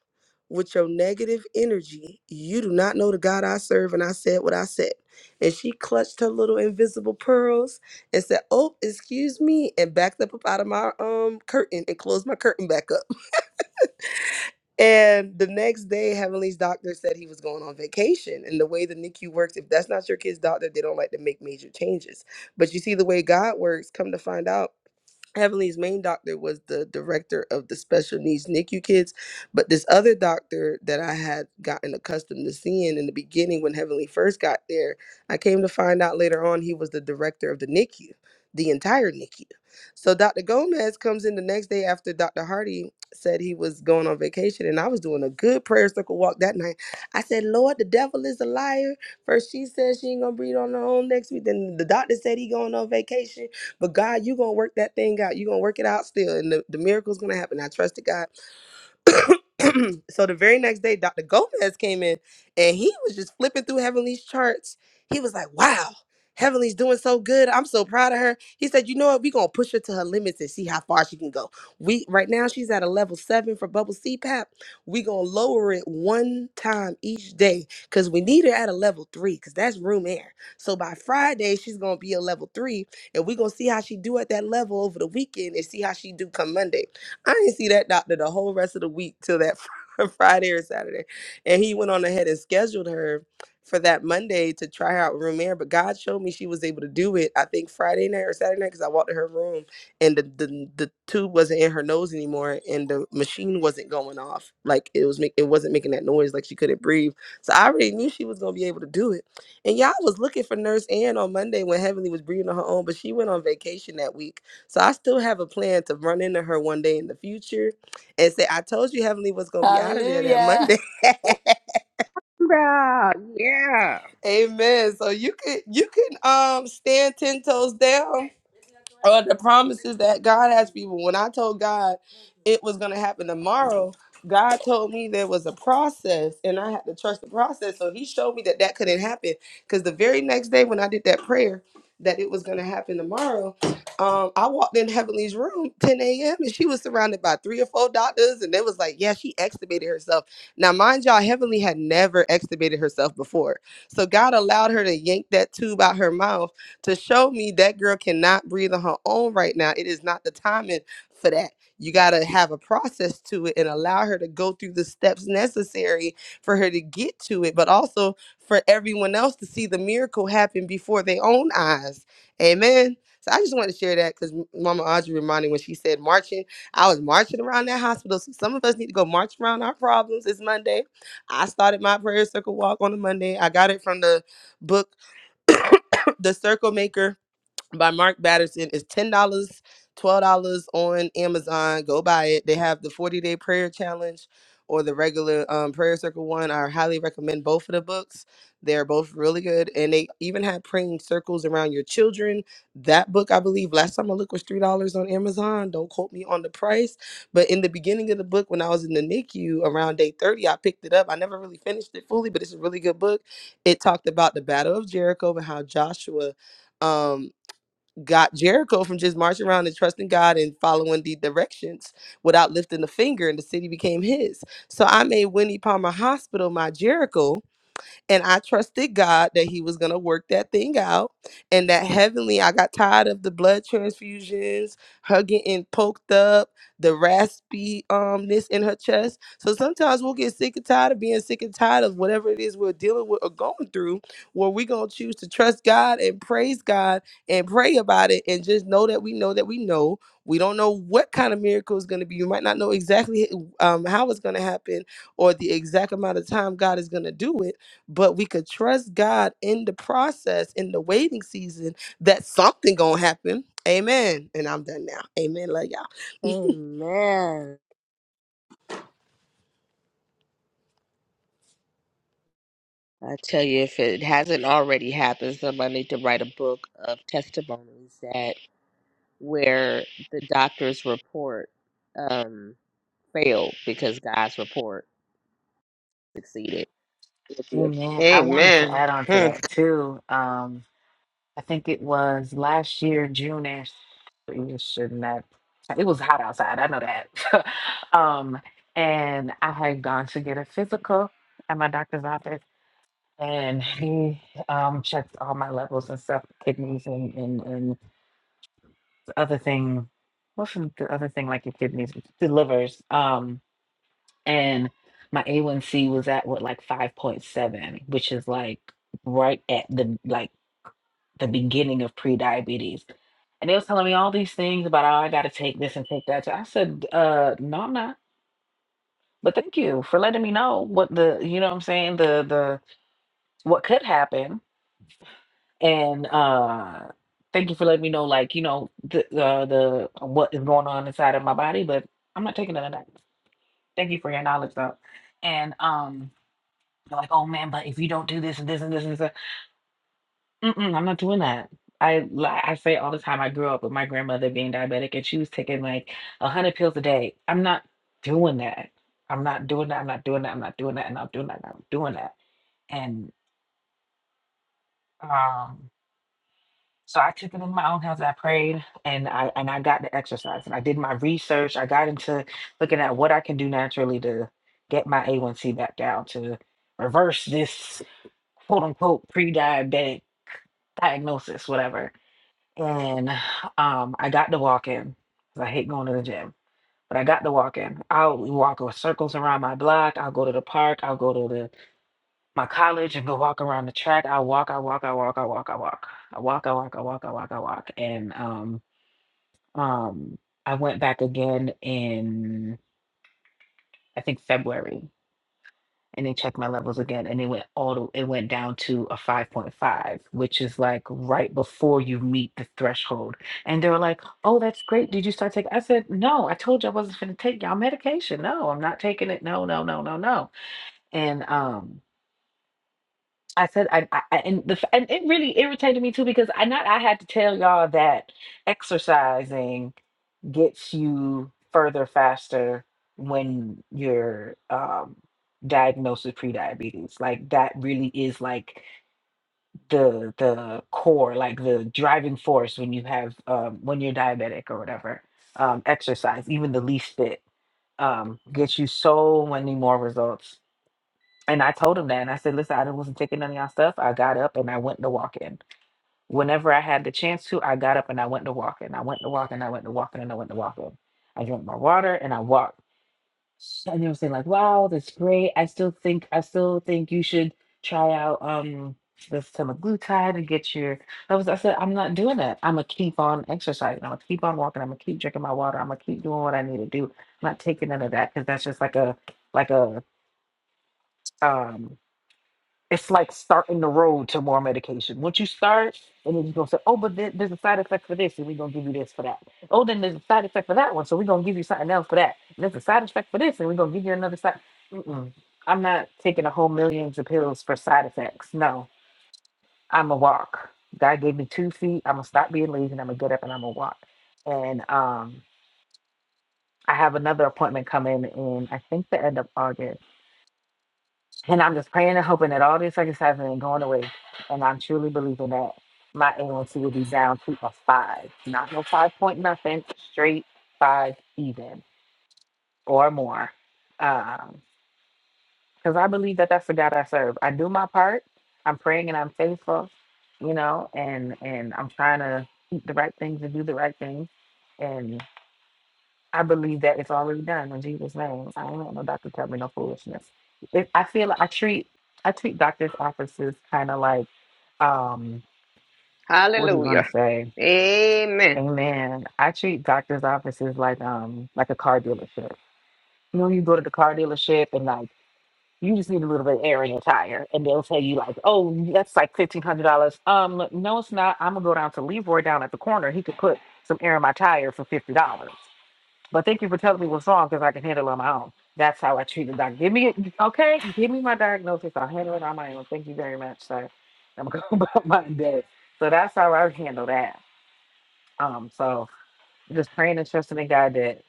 M: with your negative energy. You do not know the God I serve. And I said what I said. And she clutched her little invisible pearls and said, Oh, excuse me, and backed up, up out of my um curtain and closed my curtain back up. And the next day, Heavenly's doctor said he was going on vacation. And the way the NICU works, if that's not your kid's doctor, they don't like to make major changes. But you see, the way God works, come to find out, Heavenly's main doctor was the director of the special needs NICU kids, but this other doctor that I had gotten accustomed to seeing in the beginning when Heavenly first got there, I came to find out later on he was the director of the NICU, the entire NICU. So Dr. Gomez comes in the next day after Dr. Hardy said he was going on vacation, and I was doing a good prayer circle walk that night. I said, Lord, the devil is a liar. First she said she ain't gonna breathe on her own next week. Then the doctor said he going on vacation but God, you're going to work that thing out. You're going to work it out still. And the, the miracle's going to happen. I trusted God. so the very next day, Dr. Gomez came in and he was just flipping through Heavenly's charts. He was like, wow, Heavenly's doing so good. I'm so proud of her. He said, you know what? We're going to push her to her limits and see how far she can go. We Right now, she's at a level seven for bubble CPAP. We're going to lower it one time each day because we need her at a level three because that's room air. So by Friday, she's going to be a level three and we're going to see how she do at that level over the weekend and see how she do come Monday. I didn't see that doctor the whole rest of the week till that Friday or Saturday. And he went on ahead and scheduled her for that Monday to try her out with room air. But God showed me she was able to do it, I think Friday night or Saturday night, because I walked to her room and the, the the tube wasn't in her nose anymore and the machine wasn't going off. Like it was make, it wasn't making that noise like she couldn't breathe. So I already knew she was gonna be able to do it. And y'all was looking for nurse Ann on Monday when Heavenly was breathing on her own, but she went on vacation that week. So I still have a plan to run into her one day in the future and say, I told you Heavenly was gonna be out of there that
E: Hallelujah.
M: Monday.
N: Yeah, yeah.
M: Amen. So you could you can um stand ten toes down or the promises that God has people. When I told God it was going to happen tomorrow, God told me there was a process and I had to trust the process. So he showed me that that couldn't happen because the very next day when I did that prayer that it was going to happen tomorrow, um, I walked in Heavenly's room 10 a.m. and she was surrounded by three or four doctors and they was like, yeah, she extubated herself. Now, mind y'all, Heavenly had never extubated herself before. So God allowed her to yank that tube out her mouth to show me that girl cannot breathe on her own right now. It is not the timing for that. You got to have a process to it and allow her to go through the steps necessary for her to get to it, but also for everyone else to see the miracle happen before their own eyes. Amen. So I just wanted to share that because Mama Audrey reminded me when she said marching, I was marching around that hospital. So some of us need to go march around our problems. It's Monday. I started my prayer circle walk on a Monday. I got it from the book, The Circle Maker by Mark Batterson is ten dollars, twelve dollars on Amazon. Go buy it. They have the forty day prayer challenge or the regular um, prayer circle one. I highly recommend both of the books. They're both really good, and they even have praying circles around your children. That book, I believe, last time I looked was three dollars on Amazon. Don't quote me on the price, but in the beginning of the book, when I was in the NICU around day thirty, I picked it up. I never really finished it fully, but it's a really good book. It talked about the Battle of Jericho and how Joshua. Um, got Jericho from just marching around and trusting God and following the directions without lifting a finger, and the city became his. So I made Winnie Palmer Hospital my Jericho and I trusted God that He was going to work that thing out. And that heavenly, I got tired of the blood transfusions, her getting poked up, the raspy umness in her chest. So sometimes we'll get sick and tired of being sick and tired of whatever it is we're dealing with or going through, where we're going to choose to trust God and praise God and pray about it and just know that we know that we know. We don't know what kind of miracle is going to be. You might not know exactly um, how it's going to happen or the exact amount of time God is going to do it but we could trust God in the process, in the waiting season, that something gonna happen. Amen. And I'm done now. Amen. Love y'all.
N: Amen. I tell you, if it hasn't already happened, somebody need to write a book of testimonies that where the doctor's report um, failed because God's report succeeded.
L: Amen. I wanted to
J: Amen.
L: add on to
J: Hmm.
L: that too. Um, I think it was last year, June-ish. You shouldn't have. It was hot outside. I know that. um, and I had gone to get a physical at my doctor's office. and he um checked all my levels and stuff, kidneys and and and the other thing. What's the the other thing like your kidneys, the livers? Um, and my A1C was at what like five point seven, which is like right at the like the beginning of pre-diabetes. And they was telling me all these things about oh, I gotta take this and take that. So I said, uh, no, I'm not. But thank you for letting me know what the you know what I'm saying, the the what could happen. and uh thank you for letting me know like you know the uh, the uh, what is going on inside of my body but i'm not taking none of that thank you for your knowledge though and um you're like oh man but if you don't do this and this and this and this mm-mm, i'm not doing that I like I say all the time I grew up with my grandmother being diabetic and she was taking like a hundred pills a day. I'm not doing that. I'm not doing that. I'm not doing that. I'm not doing that. And I'm not doing that. I'm not doing that. And um. So I took it in my own hands. and I prayed and I and I got the exercise and I did my research. I got into looking at what I can do naturally to get my A1C back down to reverse this quote unquote pre-diabetic diagnosis, whatever. And um, I got to walk in. I hate going to the gym, but I got to walk in. I'll walk in circles around my block. I'll go to the park. I'll go to the my college and go walk around the track. I walk. I walk, I walk, I walk, I walk, I walk. I walk, I walk, I walk, I walk, I walk. And um um, I went back again in I think February, and they checked my levels again, and it went all the, it went down to a five point five, which is like right before you meet the threshold. And they were like, "Oh, that's great. Did you start taking?" I said, "No, I told you I wasn't going to take y'all medication. No, I'm not taking it. No, no, no, no, no." And um. I said, I, I I- and the f- and it really irritated me too because I not I had to tell y'all that exercising gets you further faster when you're um, diagnosed with prediabetes. Like that really is like the the core, like the driving force when you have um, when you're diabetic or whatever. Um, exercise, even the least bit, um, gets you so many more results. And I told him that, and I said, "Listen, I wasn't taking none of y'all stuff. I got up and I went to walk in." whenever I had the chance to, I got up and I went to walking. I went to walking. I went to walking and I went to walking. I drank my water and I walked. And they were saying like, "Wow, that's great. I still think I still think you should try out um this semaglutide and get your." I was I said I'm not doing that. I'm gonna keep on exercising. I'm gonna keep on walking. I'm gonna keep drinking my water. I'm gonna keep doing what I need to do. I'm not taking none of that because that's just like a like a um it's like starting the road to more medication. Once you start, and then you're gonna say, "Oh, but there- there's a side effect for this, and we're gonna give you this for that." Oh, then there's a side effect for that one, so we're gonna give you something else for that. And there's a side effect for this, and we're gonna give you another side. Mm-mm. I'm not taking a whole millions of pills for side effects. No, I'm a walk. God gave me two feet. I'm gonna stop being lazy, and I'm gonna get up and I'm gonna walk. And um, I have another appointment coming in. I think the end of August And I'm just praying and hoping that all this circumcising ain't going away. And I'm truly believing that my A1C will be down to a five. Not no five point nothing, straight five even or more. Because I believe that that's the God I serve. I do my part. I'm praying and I'm faithful, you know, and, and I'm trying to keep the right things and do the right things. I believe that it's already done in Jesus' name. I don't want no doctor to tell me no foolishness. It, I feel like I treat I treat doctors' offices kind of like um what do you want
J: Hallelujah.
L: to say?
J: Amen.
L: Amen. I treat doctors' offices like um like a car dealership. You know, you go to the car dealership and like you just need a little bit of air in your tire, and they'll tell you like, oh, that's like fifteen hundred dollars. Um, look, no, it's not. I'm gonna go down to Leroy down at the corner. He could put some air in my tire for fifty dollars. But thank you for telling me what's wrong because I can handle it on my own. That's how I treat the doctor. Give me okay, give me my diagnosis. I'll handle it on my own. Thank you very much, sir. I'm gonna go about my day. So that's how I handle that. Um, so just praying and trusting in God that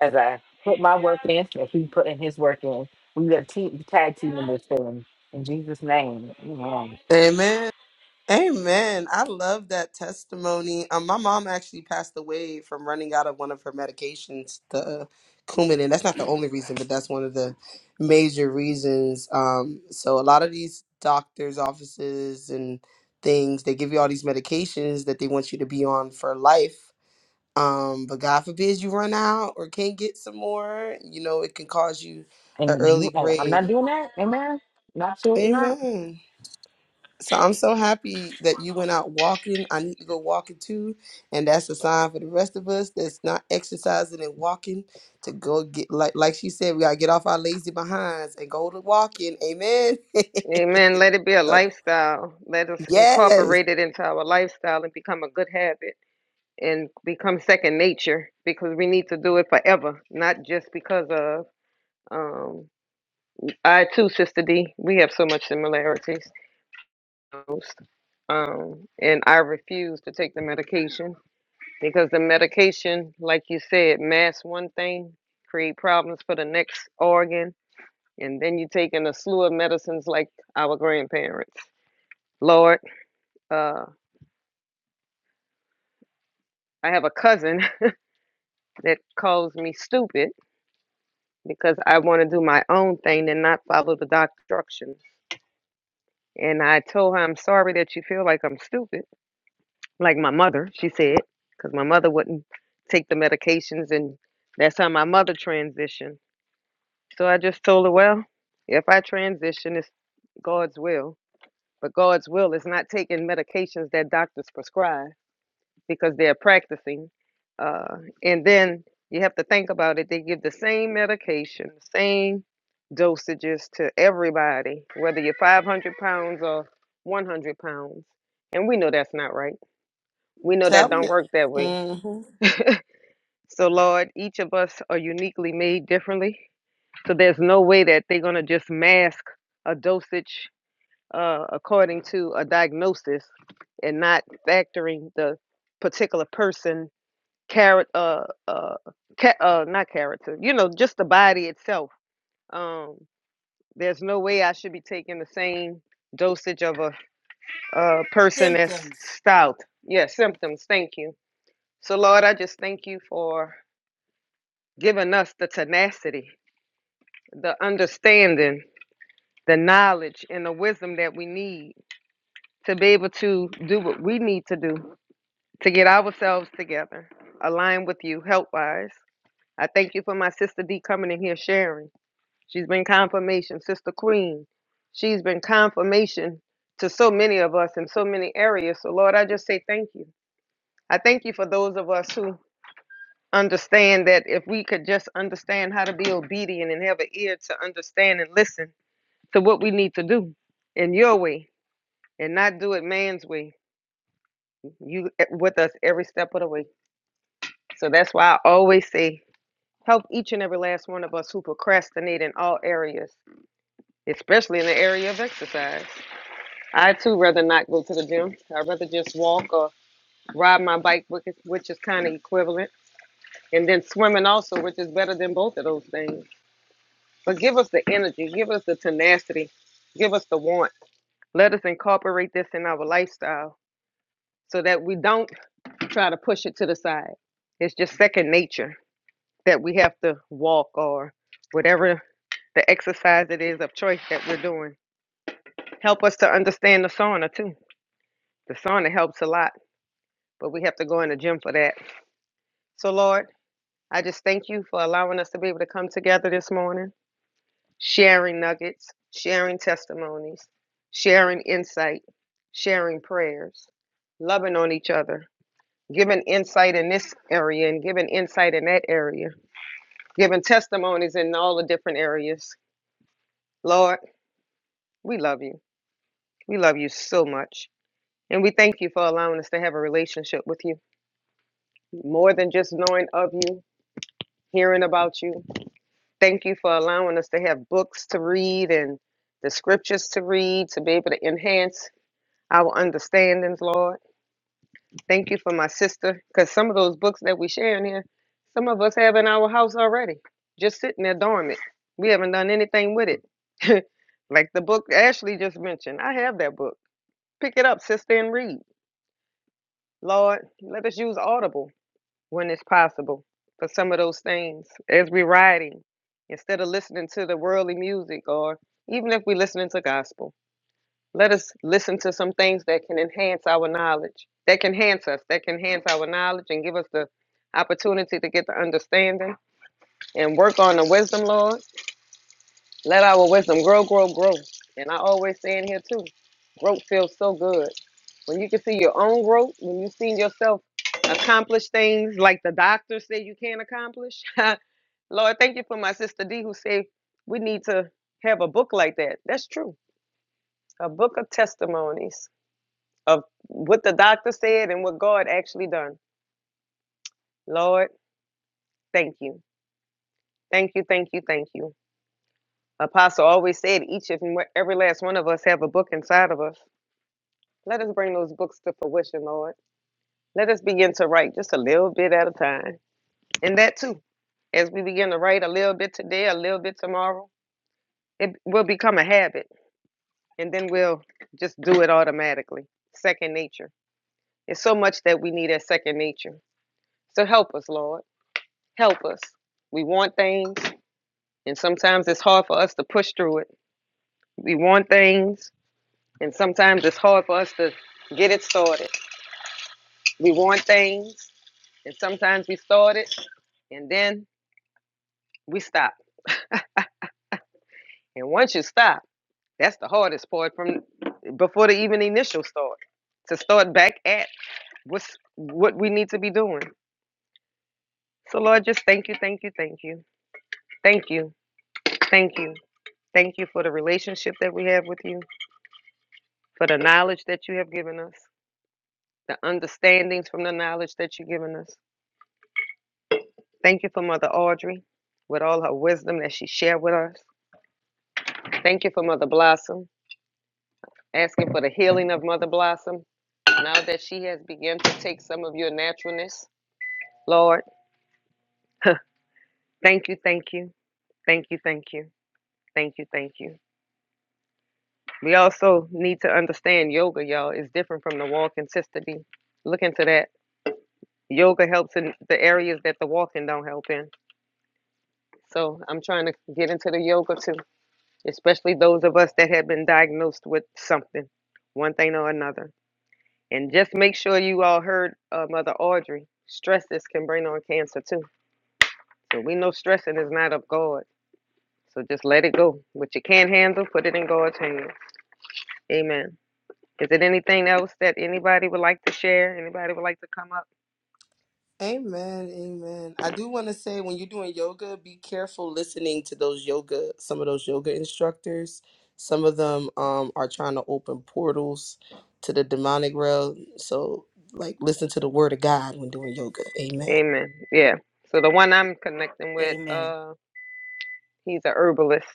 L: as I put my work in, as He put in His work in, we got a team tag team in this thing in Jesus' name. Amen.
M: Amen. Amen. I love that testimony. Um, my mom actually passed away from running out of one of her medications, the uh, Coumadin. That's not the only reason, but that's one of the major reasons. Um, so a lot of these doctors' offices and things, they give you all these medications that they want you to be on for life. um but god forbid you run out or can't get some more you know it can cause you
L: And
M: an early
L: you- I'm
M: grave
L: not doing that. Amen. Not sure, not.
M: amen so i'm so happy that you went out walking i need to go walking too and that's a sign for the rest of us that's not exercising and walking to go get like like she said we gotta get off our lazy behinds and go to walking amen
J: Amen. Let it be a
M: so,
J: lifestyle. Let us
M: yes
J: incorporate it into our lifestyle and become a good habit and become second nature because we need to do it forever, not just because of. Um, I too, Sister D, we have so much similarities. diagnosed, um, and I refuse to take the medication because the medication, like you said, masks one thing, create problems for the next organ, and then you take in a slew of medicines like our grandparents. Lord, uh, I have a cousin that calls me stupid because I want to do my own thing and not follow the doctor's instructions. And I told her, I'm sorry that you feel like I'm stupid like my mother, she said, because my mother wouldn't take the medications, and that's how my mother transitioned. So I just told her, well, if I transition, it's God's will. But God's will is not taking medications that doctors prescribe because they're practicing. Uh, and then you have to think about it. They give the same medication, same dosages to everybody, whether you're 500 pounds or 100 pounds. And we know that's not right. We know that
M: tell me
J: don't work that way
M: Mm-hmm.
J: So, Lord, each of us are uniquely made differently. So, there's no way that they're going to just mask a dosage uh, according to a diagnosis and not factoring the particular person, character, uh, uh, ca- uh, not character, you know, just the body itself. Um, there's no way I should be taking the same dosage of a, a person that's
E: Symptoms.
J: stout. Yeah, symptoms. Thank you. So, Lord, I just thank you for giving us the tenacity the understanding, the knowledge, and the wisdom that we need to be able to do what we need to do to get ourselves together, align with you, help wise. I thank you for my sister D coming in here sharing. She's been confirmation, Sister Queen. She's been confirmation to so many of us in so many areas. So, Lord, I just say thank you. I thank you for those of us who understand that if we could just understand how to be obedient and have an ear to understand and listen to what we need to do in your way and not do it man's way. You e- with us every step of the way. So that's why I always say help each and every last one of us who procrastinate in all areas, especially in the area of exercise. I too rather not go to the gym. I'd rather just walk or ride my bike, which is, which is kind of equivalent, and then swimming also, which is better than both of those things. But give us the energy, give us the tenacity, give us the want. Let us incorporate this in our lifestyle so that we don't try to push it to the side. It's just second nature that we have to walk or whatever the exercise it is of choice that we're doing. Help us to understand the sauna too. The sauna helps a lot, but we have to go in the gym for that. So, Lord, I just thank you for allowing us to be able to come together this morning, sharing nuggets, sharing testimonies, sharing insight, sharing prayers, loving on each other giving insight in this area and giving insight in that area, giving testimonies in all the different areas. Lord, we love you. We love you so much. And we thank you for allowing us to have a relationship with you more than just knowing of you, hearing about you. Thank you for allowing us to have books to read and the scriptures to read to be able to enhance our understandings, Lord. Thank you for my sister, because some of those books that we share in here, some of us have in our house already, just sitting there dormant. We haven't done anything with it. like the book Ashley just mentioned, I have that book. Pick it up, sister, and read. Lord, let us use Audible when it's possible for some of those things as we're riding, instead of listening to the worldly music or even if we're listening to gospel. Let us listen to some things that can enhance our knowledge, that can enhance us, that can enhance our knowledge and give us the opportunity to get the understanding and work on the wisdom, Lord. Let our wisdom grow, grow, grow. And I always say in here too, growth feels so good. When you can see your own growth, when you see yourself accomplish things like the doctor said you can not accomplish. Lord, thank you for my sister D who said we need to have a book like that. That's true. A book of testimonies of what the doctor said and what God actually done. Lord, thank you. Thank you, thank you, thank you. Apostle always said each and every last one of us have a book inside of us. Let us bring those books to fruition, Lord. Let us begin to write just a little bit at a time. And that too, as we begin to write a little bit today, a little bit tomorrow, it will become a habit. And then we'll just do it automatically. Second nature. It's so much that we need as second nature. So help us, Lord. Help us. We want things. And sometimes it's hard for us to push through it. We want things, and sometimes it's hard for us to get it started. We want things, and sometimes we start it, and then we stop. And once you stop, that's the hardest part from before the even initial start to start back at what's what we need to be doing. So Lord, just thank you, thank you, thank you, thank you, thank you, thank you for the relationship that we have with you, for the knowledge that you have given us, the understandings from the knowledge that you've given us. Thank you for Mother Audrey with all her wisdom that she shared with us. Thank you for Mother Blossom, asking for the healing of Mother Blossom now that she has begun to take some of your naturalness. Lord, thank you, thank you, thank you, thank you, thank you, thank you. We also need to understand yoga, y'all, is different from the walking, Sister D. Look into that. Yoga helps in the areas that the walking don't help in. So I'm trying to get into the yoga too. especially those of us that have been diagnosed with something, one thing or another. And just make sure you all heard uh, Mother Audrey. Stresses can bring on cancer too. So we know stressing is not of God. So just let it go. What you can't handle, put it in God's hands. Amen. Is it anything else that anybody would like to share? Anybody would like to come up?
M: Amen, amen. I do want to say when you're doing yoga, be careful listening to those yoga, some of those yoga instructors. Some of them um, are trying to open portals to the demonic realm. So, like, listen to the word of God when doing yoga. Amen.
J: Amen. Yeah. So the one I'm connecting with,
E: Amen.
J: uh, he's a herbalist.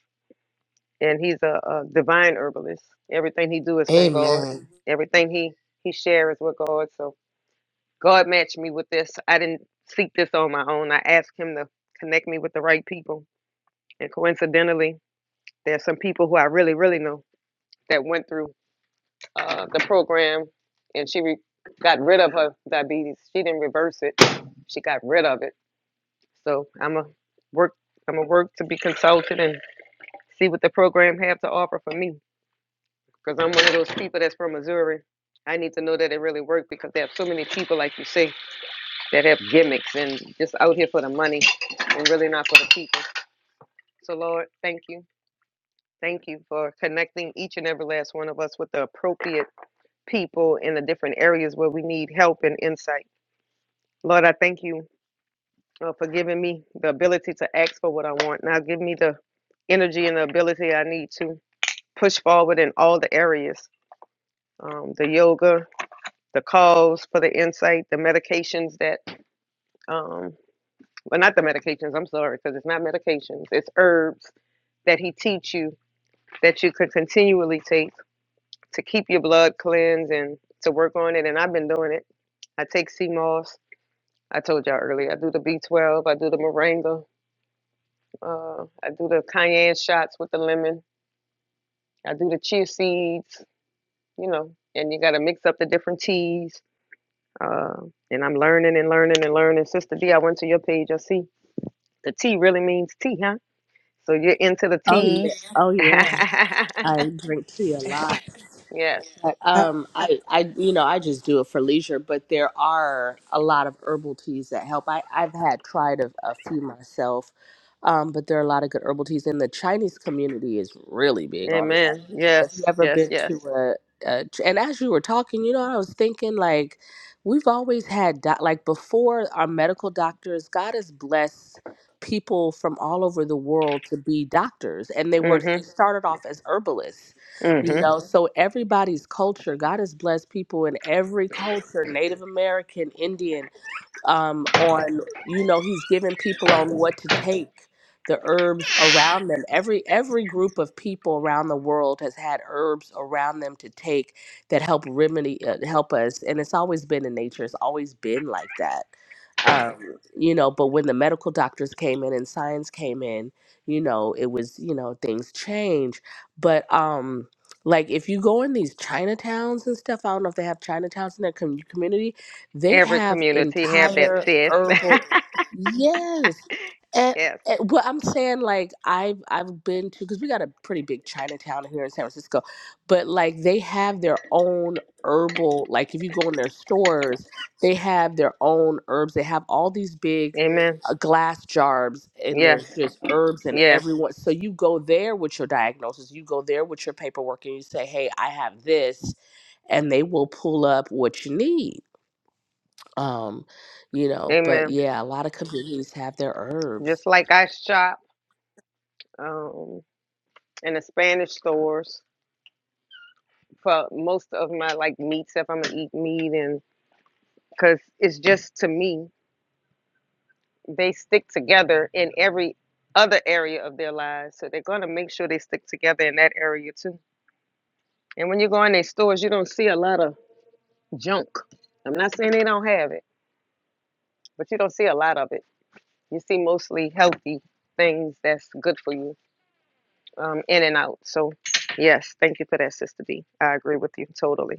J: and he's a, a divine herbalist. Everything he do is from God.
M: Amen.
J: Everything he he shares is with God. So God matched me with this. I didn't seek this on my own. I asked him to connect me with the right people. And coincidentally, there's some people who I really really know that went through uh, the program, and she re- got rid of her diabetes. She didn't reverse it. She got rid of it. So I'm a work. I'm a work to be consulted and see what the program have to offer for me. Because I'm one of those people that's from Missouri. I need to know that it really worked because they have so many people, like you say, that have gimmicks and just out here for the money and really not for the people. So, Lord, thank you. Thank you for connecting each and every last one of us with the appropriate people in the different areas where we need help and insight. Lord, I thank you uh, for giving me the ability to ask for what I want. Now, give me the energy and the ability I need to push forward in all the areas um, the yoga, the calls for the insight, the medications that, um, well, not the medications, I'm sorry, because it's not medications, it's herbs that he teach you that you could continually take to keep your blood cleansed and to work on it. And I've been doing it. I take sea moss. I told y'all earlier, I do the B12, I do the moringa, uh, I do the cayenne shots with the lemon, I do the chia seeds, you know, and you got to mix up the different teas. Uh, and I'm learning and learning and learning. Sister D, I went to your page, I see The T really means tea, huh? So you're into the
N: Oh yeah.
J: teas.
N: Oh yeah. I drink tea a lot.
J: yes.
N: But,
M: I-
N: Um, I, I, you know, I just do it for leisure, but there are a lot of herbal teas that help. I, I've had tried a, a few myself, um, but there are a lot of good herbal teas, and the Chinese community is really big on that.
J: Amen.
N: If you
J: Yes.
N: ever
J: Yes.
N: been
J: Yes.
N: to a, a Ch- and as you were talking, you know, I was thinking like, we've always had doc- like before our medical doctors, God has blessed people from all over the world to be doctors, and they were
J: hmm
N: they started off as herbalists you
J: hmm
N: know Mhm. so everybody's culture god has blessed people in every culture native american indian um, on you know he's giving people on what to take the herbs around them every every group of people around the world has had herbs around them to take that help remedy uh, help us and it's always been in nature it's always been like that um, you know but when the medical doctors came in and science came in you know it was you know things change but um like if you go in these chinatowns and stuff i don't know if they have chinatowns in their com- community they
J: Every
N: have
J: community have that
N: entire
J: sis.
N: herbal. Yes. And,
J: yes.
N: and well, I'm saying like I've I've been to because we got a pretty big Chinatown here in San Francisco, but like they have their own herbal. Like if you go in their stores, they have their own herbs. They have all these big
J: Amen.
N: uh, glass jars, and
J: Yes.
N: there's just herbs and
J: Yeah.
N: everyone. So you go there with your diagnosis, you go there with your paperwork, and you say, "Hey, I have this," and they will pull up what you need. Um, you know, but
J: Amen.
N: yeah, a lot of communities have their
J: Just
N: herbs.
J: like I shop um in the Spanish stores for most of my like meats if I'm gonna eat meat and because it's just to me. they stick together in every other area of their lives. So they're going to make sure they stick together in that area too. And when you go in their stores, you don't see a lot of junk. I'm not saying they don't have it, but you don't see a lot of it. You see mostly healthy things that's good for you um, in and out. So, yes, thank you for that, Sister D. I agree with you totally.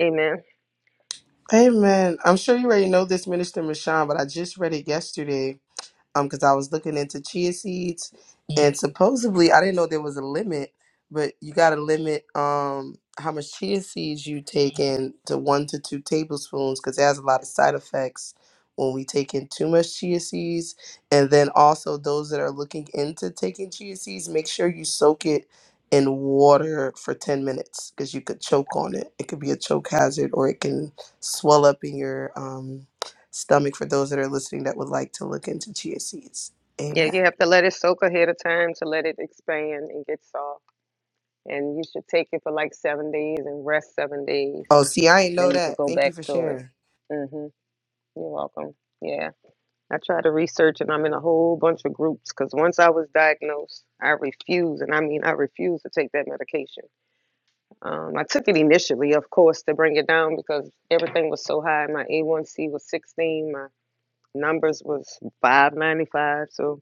J: Amen.
M: Amen. I'm sure you already know this, Minister Michon, but I just read it yesterday. um because I was looking into chia seeds and supposedly I didn't know there was a limit, but you got to limit um how much chia seeds you take in to one to two tablespoons because it has a lot of side effects when we take in too much chia seeds. And then also those that are looking into taking chia seeds, make sure you soak it in water for 10 minutes because you could choke on it. It could be a choke hazard or it can swell up in your um stomach for those that are listening that would like to look into chia seeds.
J: Yeah,
M: Amen.
J: you have to let it soak ahead of time to let it expand and get soft. And you should take it for like seven days and rest seven days
M: Oh, see, I ain't
J: Then
M: know
J: you could
M: that.
J: go
M: Thank you
J: back
M: for
J: to it.
M: sharing.
J: hmm You're welcome. Yeah. I try to research and I'm in a whole bunch of groups because once I was diagnosed, I refused, and I mean, I refused to take that medication. Um, I took it initially, of course, to bring it down because everything was so high. My A1C was 16, my numbers was 595. So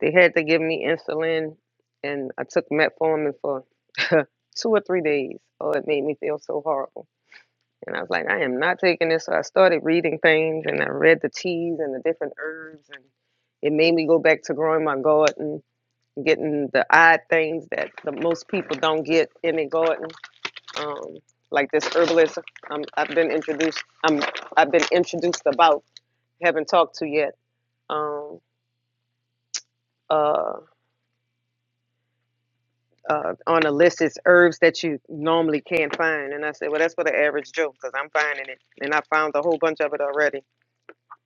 J: they had to give me insulin, and I took metformin for two or three days. Oh, it made me feel so horrible. And I was like, I am not taking this. So I started reading things and I read the teas and the different herbs. And it made me go back to growing my garden, getting the odd things that the most people don't get in a garden. Um, like this herbalist um, I've been introduced, um, I've been introduced about, haven't talked to yet. Um, uh, uh, on a list is herbs that you normally can't find. And I said, well, that's for the average Joe because I'm finding it. And I found a whole bunch of it already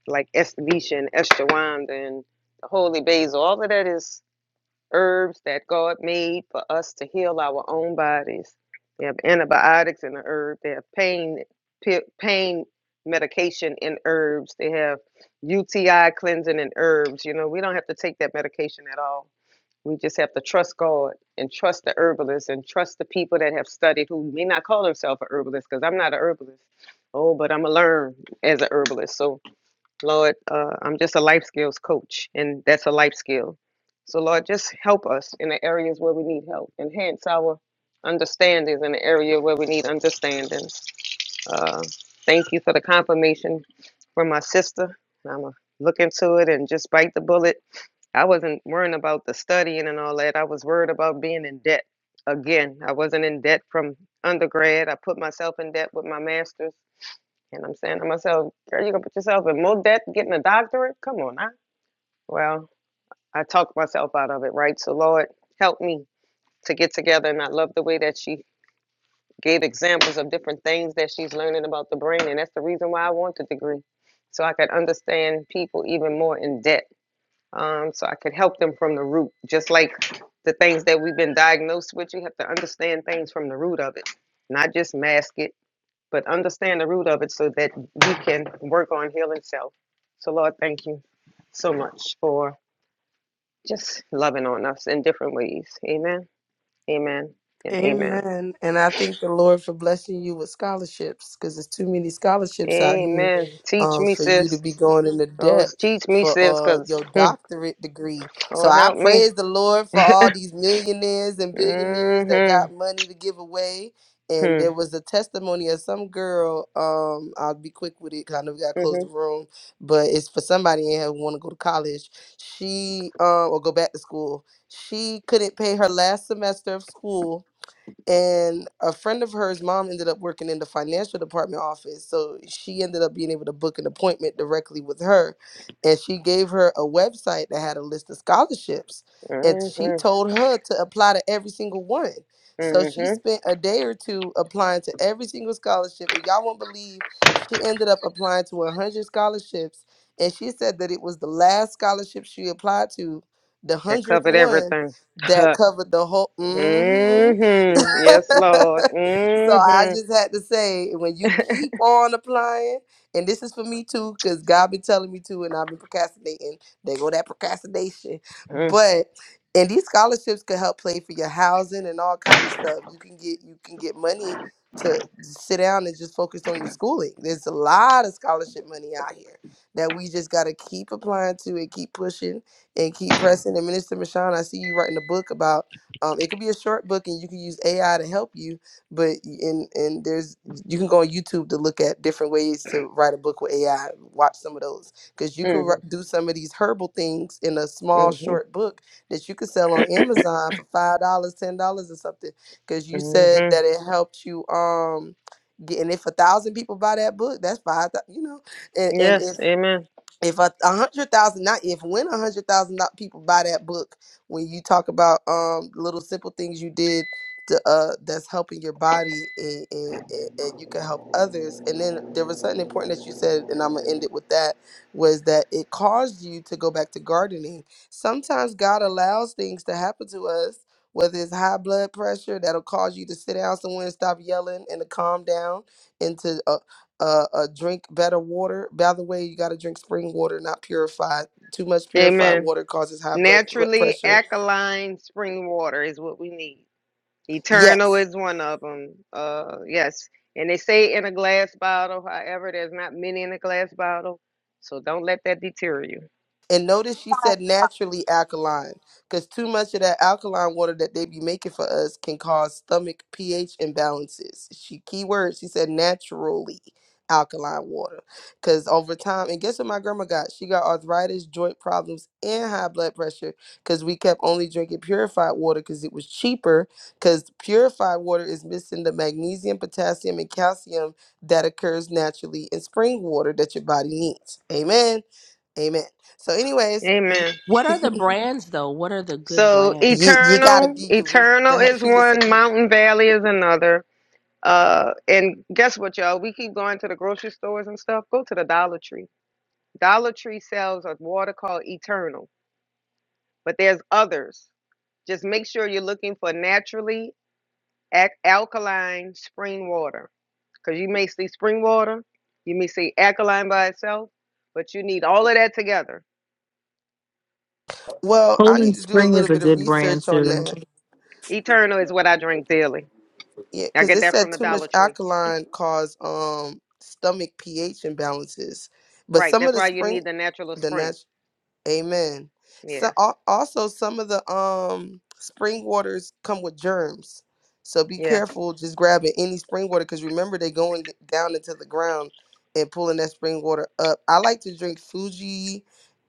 J: like estivation, and Eshawanda and the holy basil. All of that is herbs that God made for us to heal our own bodies. They have antibiotics in the herb. They have pain pain medication in herbs. They have UTI cleansing in herbs. You know, we don't have to take that medication at all. We just have to trust God and trust the herbalists and trust the people that have studied who may not call themselves a herbalist because I'm not a herbalist. Oh, but I'm going to learn as a herbalist. So Lord, uh, I'm just a life skills coach, and that's a life skill. So, Lord, just help us in the areas where we need help. Enhance our understandings in the area where we need understanding. Uh, thank you for the confirmation from my sister. I'm going to look into it and just bite the bullet. I wasn't worrying about the studying and all that. I was worried about being in debt. Again, I wasn't in debt from undergrad. I put myself in debt with my master's and I'm saying to myself, girl, you gonna put yourself in more debt getting a doctorate? Come on now. Well, I talked myself out of it, right? So Lord, help me to get together. And I love the way that she gave examples of different things that she's learning about the brain. And that's the reason why I want the degree. So I could understand people even more in depth. Um, so I could help them from the root. Just like the things that we've been diagnosed with, you have to understand things from the root of it. Not just mask it but understand the root of it so that we can work on healing self. So, Lord, thank you so much for just loving on us in different ways. Amen, amen, and amen.
M: Amen. And I thank the Lord for blessing you with scholarships because there's too many scholarships out here
J: Amen. Teach
M: um,
J: me,
M: for you to
J: sis.
M: be going into
J: Oh,
M: debt
J: teach me,
M: for
J: sis,
M: uh,
J: because,
M: your
J: hmm,
M: doctorate degree. So
J: oh,
M: I
J: help me.
M: praise the Lord for all these millionaires and billionaires that
J: Mm-hmm.
M: got money to give away. And
J: Mm-hmm.
M: there was a testimony of some girl. Um, I'll be quick with it because I know we got to close the
J: Mm-hmm.
M: room, but it's for somebody in here who want to go to college. She uh, or go back to school. She couldn't pay her last semester of school and a friend of hers mom ended up working in the financial department office so she ended up being able to book an appointment directly with her and she gave her a website that had a list of scholarships and she
J: Mm-hmm.
M: told her to apply to every single one so she
J: mm-hmm.
M: spent a day or two applying to every single scholarship and y'all won't believe she ended up applying to 100 scholarships and she said that it was the last scholarship she applied to the
J: That
M: 100th
J: covered
M: one
J: everything.
M: that covered the whole mhm.
J: mm-hmm. Yes, Lord.
M: so I
J: Mm-hmm.
M: just had to say, when you keep on applying, and this is for me too, because God been telling me to, and I've been procrastinating. They go that procrastination,
J: Mm-hmm.
M: but and these scholarships could help pay for your housing and all kind of stuff. You can get you can get money to sit down and just focus on your schooling. There's a lot of scholarship money out here that we just got to keep applying to and keep pushing and keep pressing. And Minister Michon, I see you writing a book about um, it could be a short book and you can use ai to help you but y- and and there's you can go on youtube to look at different ways to write a book with ai watch some of those because you could wri- do some of these herbal things in a small
J: Mm-hmm.
M: short book that you could sell on amazon for five dollars ten dollars or something because you
J: mm-hmm.
M: said that it helped you um get, and if a thousand people buy that book that's five thou- you know and, and
J: Yes,
M: if
J: amen.
M: if a a hundred thousand not if when a hundred thousand do- people buy that book when you talk about um little simple things you did to, uh that's helping your body and, and and and you can help others and then there was something important that you said and i'm gonna end it with that was that it caused you to go back to gardening sometimes god allows things to happen to us whether it's high blood pressure that'll cause you to sit down somewhere and stop yelling and to calm down into uh, uh drink better water by the way you got to drink spring water not purified too much purified
J: Amen.
M: water causes high blood thre-
J: Naturally
M: pressure
J: alkaline spring water is what we need. Eternal
M: yes
J: is one of them. Uh, yes. And they say in a glass bottle, however, there's not many in a glass bottle. So don't let that deter you.
M: And notice she said naturally alkaline, because too much of that alkaline water that they be making for us can cause stomach pH imbalances. She key word, she said naturally alkaline water. Cause over time, and guess what my grandma got? She got arthritis, joint problems, and high blood pressure. Cause we kept only drinking purified water because it was cheaper. Cause purified water is missing the magnesium, potassium, and calcium that occurs naturally in spring water that your body needs. Amen. Amen. So, anyways,
J: Amen.
N: What are the
M: you
N: brands though? What are the good
J: So
N: brands?
M: you gotta
J: eternal,
M: be your. Re- go
J: eternal
M: ahead.
J: is
M: She just said,
J: one, mountain valley is another. Uh, and guess what, y'all? We keep going to the grocery stores and stuff. Go to the Dollar Tree. Dollar Tree sells a water called Eternal, but there's others. Just make sure you're looking for naturally alkaline spring water because you may see spring water, you may see alkaline by itself, but you need all of that together.
M: "Well, I need
L: Poland
M: to do a
L: Spring
M: little
L: is a
M: bit of
L: good brand
M: research on
L: too.
M: that."
J: Eternal is what I drink daily.
M: Yeah,
J: I
M: because
J: get
M: it
J: that
M: said
J: from the
M: too much
J: Dollar Tree.
M: alkaline cause um stomach pH imbalances, but
J: Right.
M: some of
J: That's
M: the
J: why you
M: spring,
J: need the natural
M: the
J: spring.
M: natural. Amen.
J: Yeah.
M: So al- also some of the um spring waters come with germs, so be
J: Yeah.
M: careful just grabbing any spring water because remember they are going down into the ground and pulling that spring water up. I like to drink Fuji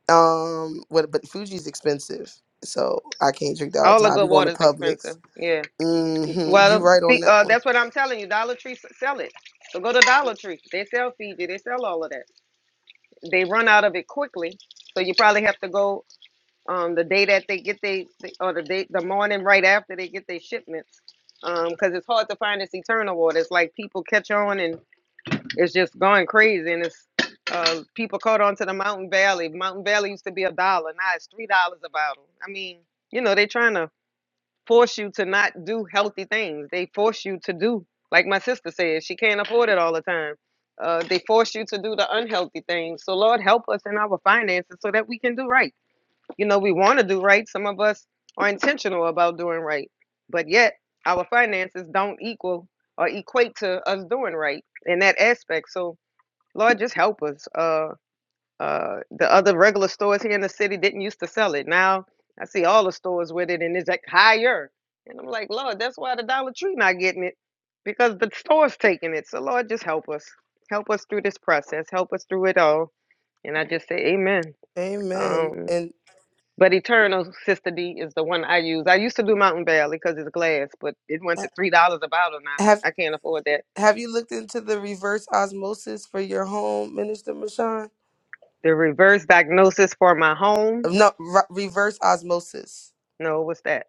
M: Um, what? But Fuji's expensive, so I can't drink that all
J: All
M: the
J: the
M: time. I be
J: good
M: going
J: water
M: to
J: is expensive.
M: Publix.
J: Yeah.
M: Mm-hmm. You
J: Well,
M: right on that
J: uh,
M: one.
J: that's what I'm telling you. Dollar Tree sell it. So go to Dollar Tree. They sell Fiji. They sell all of that. They run out of it quickly. So you probably have to go um, the day that they get they or the day the morning right after they get their shipments because it's hard to find this eternal water it's like people catch on and it's just going crazy and it's uh, people caught on to the mountain valley mountain valley used to be a dollar now it's three dollars a bottle i mean you know they're trying to force you to not do healthy things they force you to do like my sister said she can't afford it all the time uh, they force you to do the unhealthy things so lord help us in our finances so that we can do right you know, we want to do right. Some of us are intentional about doing right, but yet our finances don't equal or equate to us doing right in that aspect. So, Lord, just help us. Uh, uh, the other regular stores here in the city didn't used to sell it. Now I see all the stores with it, and it's like higher. And I'm like, Lord, that's why the Dollar Tree not getting it because the store's taking it. So, Lord, just help us. Help us through this process. Help us through it all. And I just say, Amen.
M: Amen.
J: Um,
M: And
J: but Eternal Sister D is the one I use. I used to do Mountain Valley because it's glass, but it went to
M: ha-
J: three dollars a bottle now.
M: have
J: I can't afford that.
M: have you looked into the reverse osmosis for your home, Minister Mashan?
J: The reverse diagnosis for my home.
M: No, re- reverse osmosis.
J: No, what's that?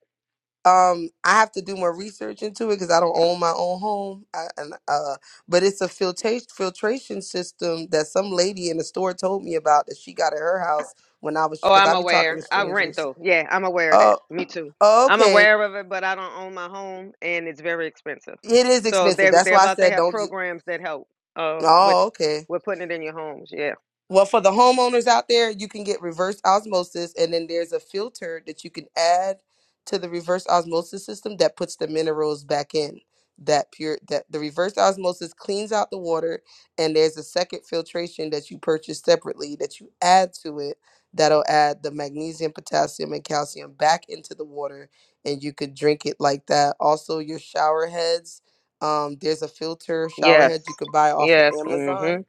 M: Um, I have to do more research into it because I don't own my own home. I, and uh, but it's a filtration filtration system that some lady in the store told me about that she got at her house when I was
J: Oh,
M: because
J: I'm
M: I be talking to
J: aware. I rent
M: strangers.
J: though. Yeah, I'm aware of
M: Uh,
J: that. Me too.
M: Oh,
J: I'm
M: Okay,
J: aware of it, but I don't own my home, and it's very expensive.
M: it is
J: So
M: expensive.
J: they're
M: That's
J: they're
M: why I
J: about to
M: said
J: have
M: don't. Ju-
J: programs that help uh with
M: oh, okay.
J: with putting it in your homes. Yeah.
M: Well, for the homeowners out there, you can get reverse osmosis, and then there's a filter that you can add to the reverse osmosis system that puts the minerals back in. That pure that the reverse osmosis cleans out the water, and there's a second filtration that you purchase separately that you add to it that'll add the magnesium, potassium, and calcium back into the water, and you could drink it like that. Also, your shower heads. Um, there's a filter shower
J: Yes.
M: head you can buy off of
J: Yes.
M: Amazon
J: hmm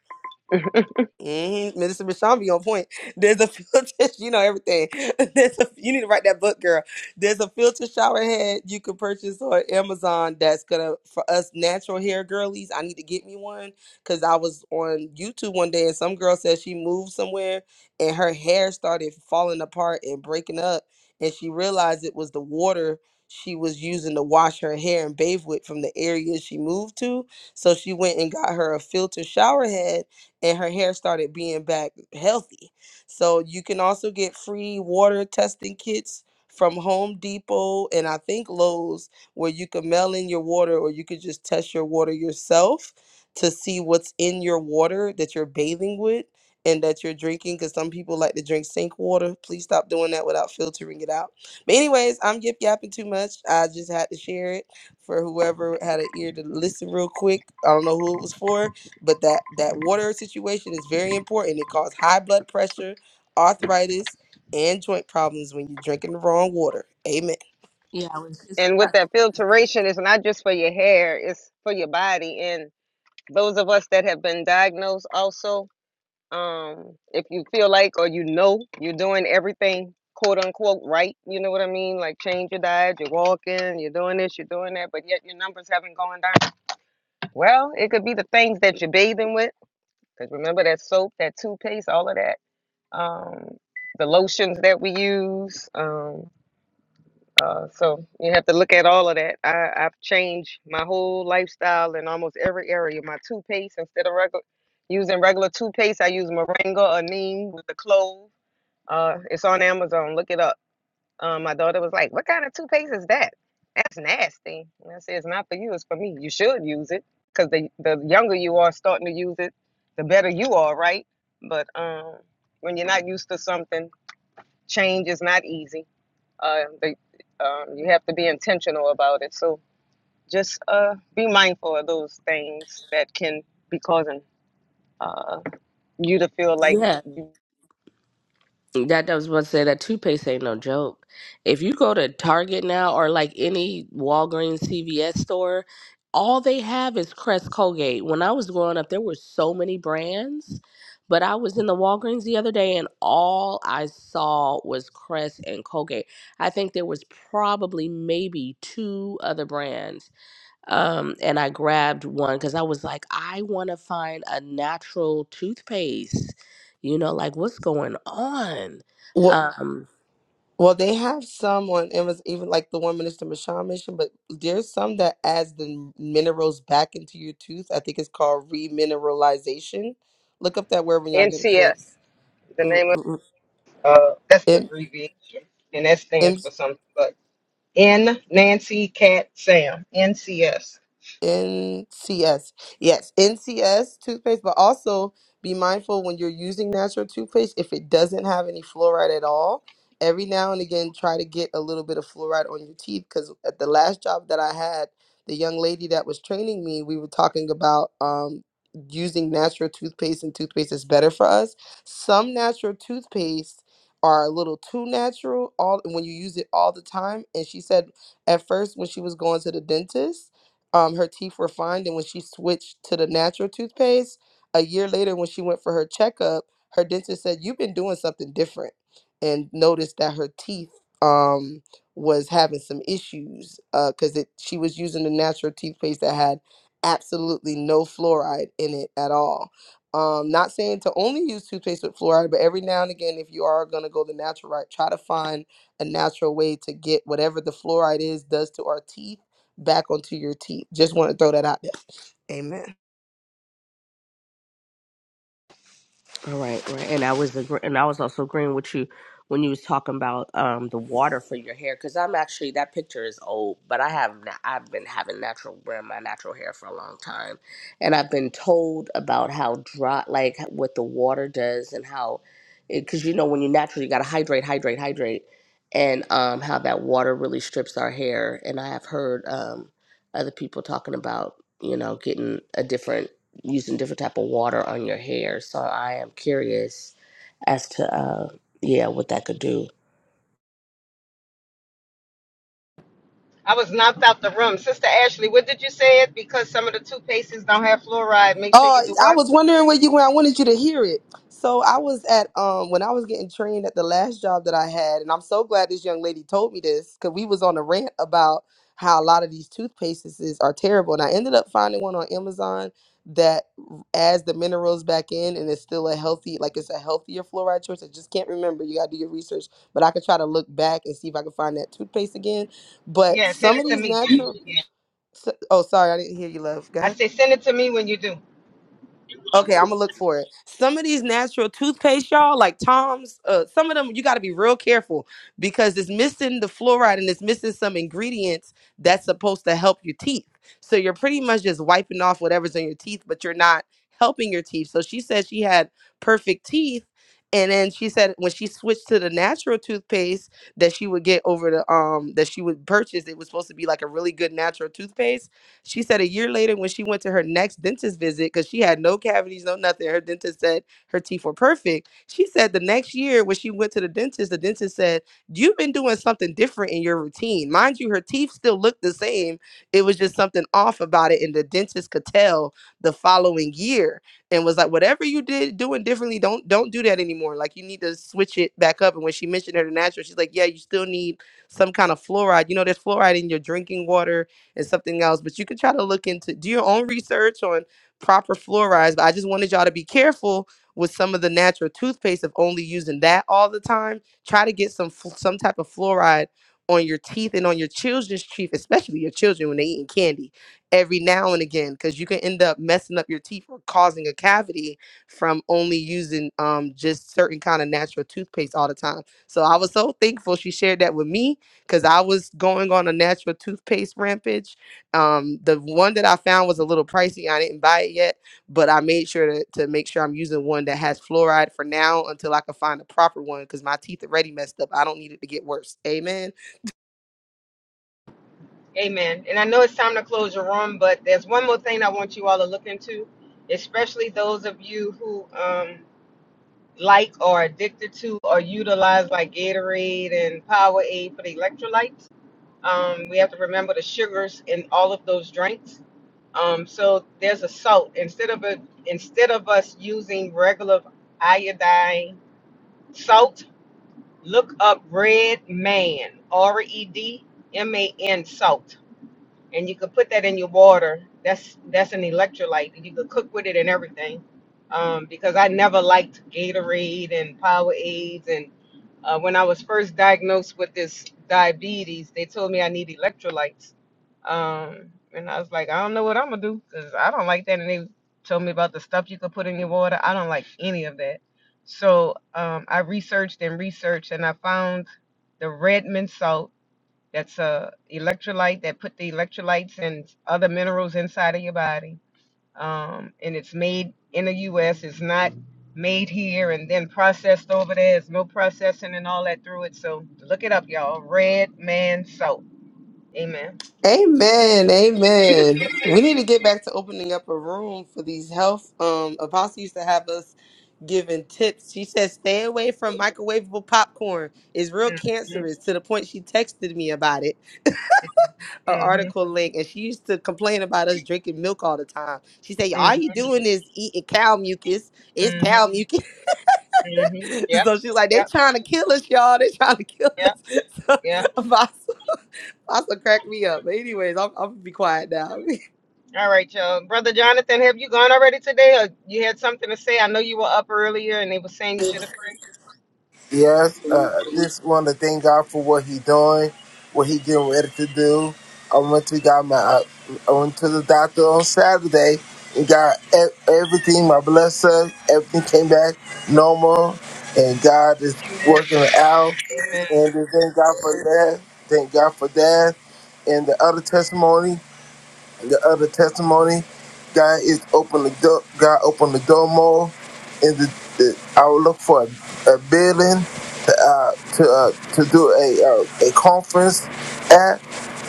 M: hmm Minister Michon be on point. There's a filter, you know everything. There's a you need to write that book, girl. There's a filter shower head you can purchase on Amazon that's gonna for us natural hair girlies. I need to get me one because I was on YouTube one day and some girl said she moved somewhere and her hair started falling apart and breaking up, and she realized it was the water she was using to wash her hair and bathe with from the area she moved to. So she went and got her a filter shower head and her hair started being back healthy. So you can also get free water testing kits from Home Depot and I think Lowe's where you can mail in your water or you could just test your water yourself to see what's in your water that you're bathing with and that you're drinking because some people like to drink sink water. Please stop doing that without filtering it out. But anyways, I'm yip yapping too much. I just had to share it for whoever had an ear to listen real quick. I don't know who it was for but that that water situation is very important it causes high blood pressure arthritis and joint problems when you're drinking the wrong water amen
N: Yeah, I was just
J: And with
N: about
J: that filtration, it's not just for your hair; it's for your body and those of us that have been diagnosed also um if you feel like or you know you're doing everything quote unquote right you know what i mean like change your diet you're walking you're doing this you're doing that but yet your numbers haven't gone down well it could be the things that you're bathing with because remember that soap that toothpaste all of that um the lotions that we use um, uh, so you have to look at all of that. I, I've changed my whole lifestyle in almost every area. My toothpaste, instead of regular using regular toothpaste, I use Moringa or Neem with the clove. Uh, it's on Amazon. Look it up. Um, my daughter was like, "What kind of toothpaste is that? That's nasty." And I said, "It's not for you. It's for me. You should use it because the the younger you are starting to use it, the better you are, right? But um, when you're not used to something, change is not easy." Uh, they, um, you have to be intentional about it. So just uh, be mindful of those things that can be causing uh, you to feel like
N: to. That I was about to say that toothpaste ain't no joke. If you go to Target now or like any Walgreens, CVS store, all they have is Crest Colgate. When I was growing up, there were so many brands, but I was in the Walgreens the other day and all I saw was Crest and Colgate. I think there was probably maybe two other brands um, and I grabbed one because I was like, I want to find a natural toothpaste. You know, like what's going on?
M: well,
N: Um,
M: well they have some on it was even like the one minister Michon mentioned but there's some that adds the minerals back into your tooth i think it's called remineralization look up that word when y'all get a
J: NCS,
M: chance
J: the
M: Mm,
J: name of
M: mm,
J: uh, that's the
M: mm.
J: abbreviation, and that
M: M-
J: stands for something. But N Nancy Cat Sam NCS.
M: NCS. Yes, NCS toothpaste, but also be mindful when you're using natural toothpaste if it doesn't have any fluoride at all. Every now and again, try to get a little bit of fluoride on your teeth because at the last job that I had, the young lady that was training me, we were talking about um, using natural toothpaste and toothpaste is better for us. Some natural toothpaste are a little too natural all when you use it all the time. And she said at first when she was going to the dentist, um, her teeth were fine. And when she switched to the natural toothpaste, a year later, when she went for her checkup, her dentist said, You've been doing something different. And noticed that her teeth um, was having some issues because it she was using the natural toothpaste that had absolutely no fluoride in it at all. Um, not saying to only use toothpaste with fluoride, but every now and again, if you are going to go the natural route, try to find a natural way to get whatever the fluoride is does to our teeth back onto your teeth. Just want to throw that out there. Amen.
N: All right, right. And I was agr- and I was also agreeing with you when you was talking about um the water for your hair because I'm actually that picture is old, but I have na- I've been having natural wearing my natural hair for a long time, and I've been told about how dry like what the water does and how because you know when you naturally got to hydrate, hydrate, hydrate, and um how that water really strips our hair. And I have heard um other people talking about you know getting a different using different type of water on your hair. So I am curious as to uh yeah, what that could do.
J: I was knocked out the room, Sister Ashley. What did you say? It because some of the toothpastes don't have fluoride. Make sure
M: Oh,
J: you do
M: I
J: what?
M: was wondering where you went. I wanted you to hear it. So I was at um when I was getting trained at the last job that I had, and I'm so glad this young lady told me this because we was on a rant about how a lot of these toothpastes is- are terrible, and I ended up finding one on Amazon that adds the minerals back in, and it's still a healthy, like it's a healthier fluoride choice. I just can't remember. You gotta do your research, but I could try to look back and see if I can find that toothpaste again.
J: Yeah,
M: But some of these natural So, oh, sorry, I didn't hear you, love. Go
J: I
M: ahead.
J: say send it to me when you do.
M: Okay, I'm gonna look for it. Some of these natural toothpaste, y'all, like Tom's, uh, some of them you got to be real careful because it's missing the fluoride and it's missing some ingredients that's supposed to help your teeth. So you're pretty much just wiping off whatever's in your teeth, but you're not helping your teeth. So she said she had perfect teeth, and then she said when she switched to the natural toothpaste that she would get over the um that she would purchase, it was supposed to be like a really good natural toothpaste she said a year later, when she went to her next dentist visit, because she had no cavities, no nothing, her dentist said her teeth were perfect. She said the next year, when she went to the dentist, the dentist said, You've been doing something different in your routine. Mind you, her teeth still looked the same. It was just something off about it. And the dentist could tell the following year and was like, Whatever you did doing differently, don't don't do that anymore. Like you need to switch it back up. And when she mentioned her natural, she's like, Yeah, you still need some kind of fluoride. You know, there's fluoride in your drinking water and something else. But you can try to look into do your own research on proper fluorides. But I just wanted y'all to be careful with some of the natural toothpaste of only using that all the time. Try to get some fl- some type of fluoride on your teeth and on your children's teeth, especially your children when they eating candy every now and again, because you can end up messing up your teeth or causing a cavity from only using um just certain kind of natural toothpaste all the time. So I was so thankful she shared that with me because I was going on a natural toothpaste rampage. Um, the one that I found was a little pricey. I didn't buy it yet, but I made sure to, to make sure I'm using one that has fluoride for now until I can find a proper one because my teeth already messed up. I don't need it to get worse. Amen.
J: Amen. It's time to run. especially those of you who um, like or are addicted to or utilize like Gatorade and Powerade for the electrolytes. Um, we have to remember the sugars in all of those drinks. Um, so there's a salt instead of a, instead of us using regular iodine salt. Look up Red Man R E D M A N salt and you could put that in your water. That's that's an electrolyte. and You could cook with it and everything. Um, because I never liked Gatorade and Powerades, and uh, when I was first diagnosed with this diabetes, they told me I need electrolytes. Um, and I was like, I don't know what I'm gonna do because I don't like that. And they told me about the stuff you could put in your water. I don't like any of that. So um, I researched and researched, and I found the Redmond salt that's a electrolyte that put the electrolytes and other minerals inside of your body. Um, and it's made in the U.S. It's not made here and then processed over there. There's no processing and all that through it. So look it up, y'all. Red Man Soap. Amen.
M: Amen. Amen. We need to get back to opening up a room for these health. Um, Apostle used to have us giving tips. She said, stay away from microwavable popcorn. It's real
J: Mm-hmm.
M: cancerous to the point she texted me about it an
J: Mm-hmm.
M: article link, and she used to complain about us drinking milk all the time. She said, "All you doing is eating cow mucus. It's
J: Mm-hmm.
M: cow mucus."
J: Mm-hmm. Yep.
M: so she's like, "They
J: Yep.
M: trying to kill us, y'all. They trying to kill
J: Yep.
M: us."
J: Yep.
M: so, Vasa, Vasa cracked me up. But anyways, I'm, I'm gonna be quiet now.
J: All right, y'all. Brother Jonathan, have you gone already today, or you had something to say? I know you were up earlier, and they were saying you should have prayed.
H: Yes, uh, just want to thank God for what He doing, what He getting ready to do. I went to got my, uh, I went to the doctor on Saturday and got e- everything. My blood suck, everything came back normal, and God is
J: Amen.
H: working it out. And just thank God for that. Thank God for that. And the other testimony, the other testimony, God is open the door. God opened the door more, and the, the, I will look for a, a building uh, to uh, to do a uh, a conference at.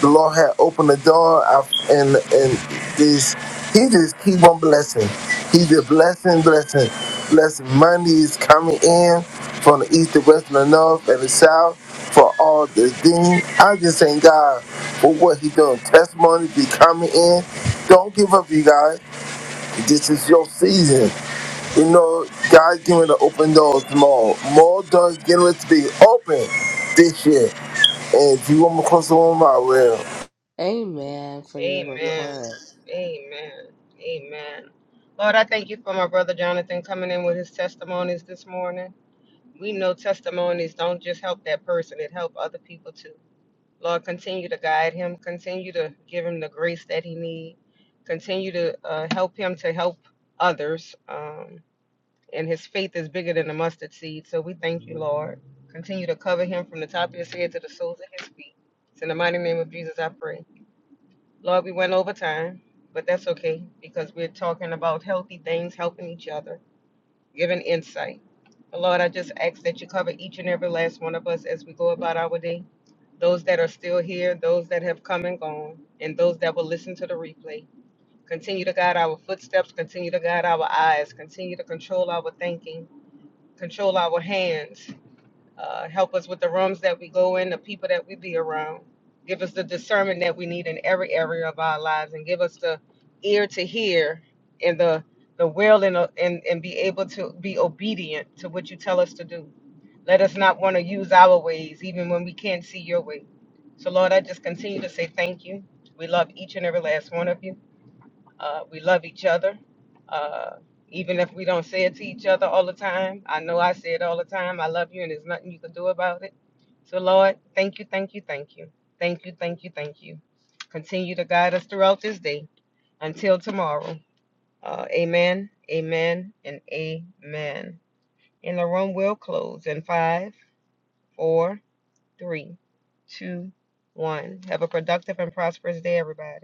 H: The Lord had opened the door, I, and and this He just keep on blessing. he just blessing, blessing, blessing. Money is coming in from the east, the west, and the north, and the south for all the things. I just thank God for what He doing. Testimonies be coming in. Don't give up, you guys. This is your season. You know, God's going to open doors more. More doors getting ready to be open this year. And if you want me to close the one, I will.
N: Amen for your
J: Amen.
N: report.
J: Amen. Amen. Lord, I thank you for my brother Jonathan coming in with his testimonies this morning. We know testimonies don't just help that person, it help other people too. Lord, continue to guide him, continue to give him the grace that he needs. continue to uh, help him to help others. Um, and his faith is bigger than the mustard seed. So we thank you, Lord. Continue to cover him from the top of his head to the soles of his feet. It's in the mighty name of Jesus I pray. Lord, we went over time, but that's okay because we're talking about healthy things, helping each other, giving insight. But Lord, I just ask that you cover each and every last one of us as we go about our day. Those that are still here, those that have come and gone, and those that will listen to the replay. Continue to guide our footsteps, continue to guide our eyes, continue to control our thinking, control our hands, uh, help us with the rooms that we go in, the people that we be around. Give us the discernment that we need in every area of our lives, and give us the ear to hear and the the will and and and be able to be obedient to what you tell us to do. Let us not want to use our ways, even when we can't see your way. So, Lord, I just continue to say thank you. We love each and every last one of you. Uh, we love each other. Uh, even if we don't say it to each other all the time, I know I say it all the time. I love you, and there's nothing you can do about it. So, Lord, thank you, thank you, thank you. Thank you, thank you, thank you. Continue to guide us throughout this day until tomorrow. Uh, amen, amen, and amen. And the room will close in five, four, three, two, one. Have a productive and prosperous day, everybody.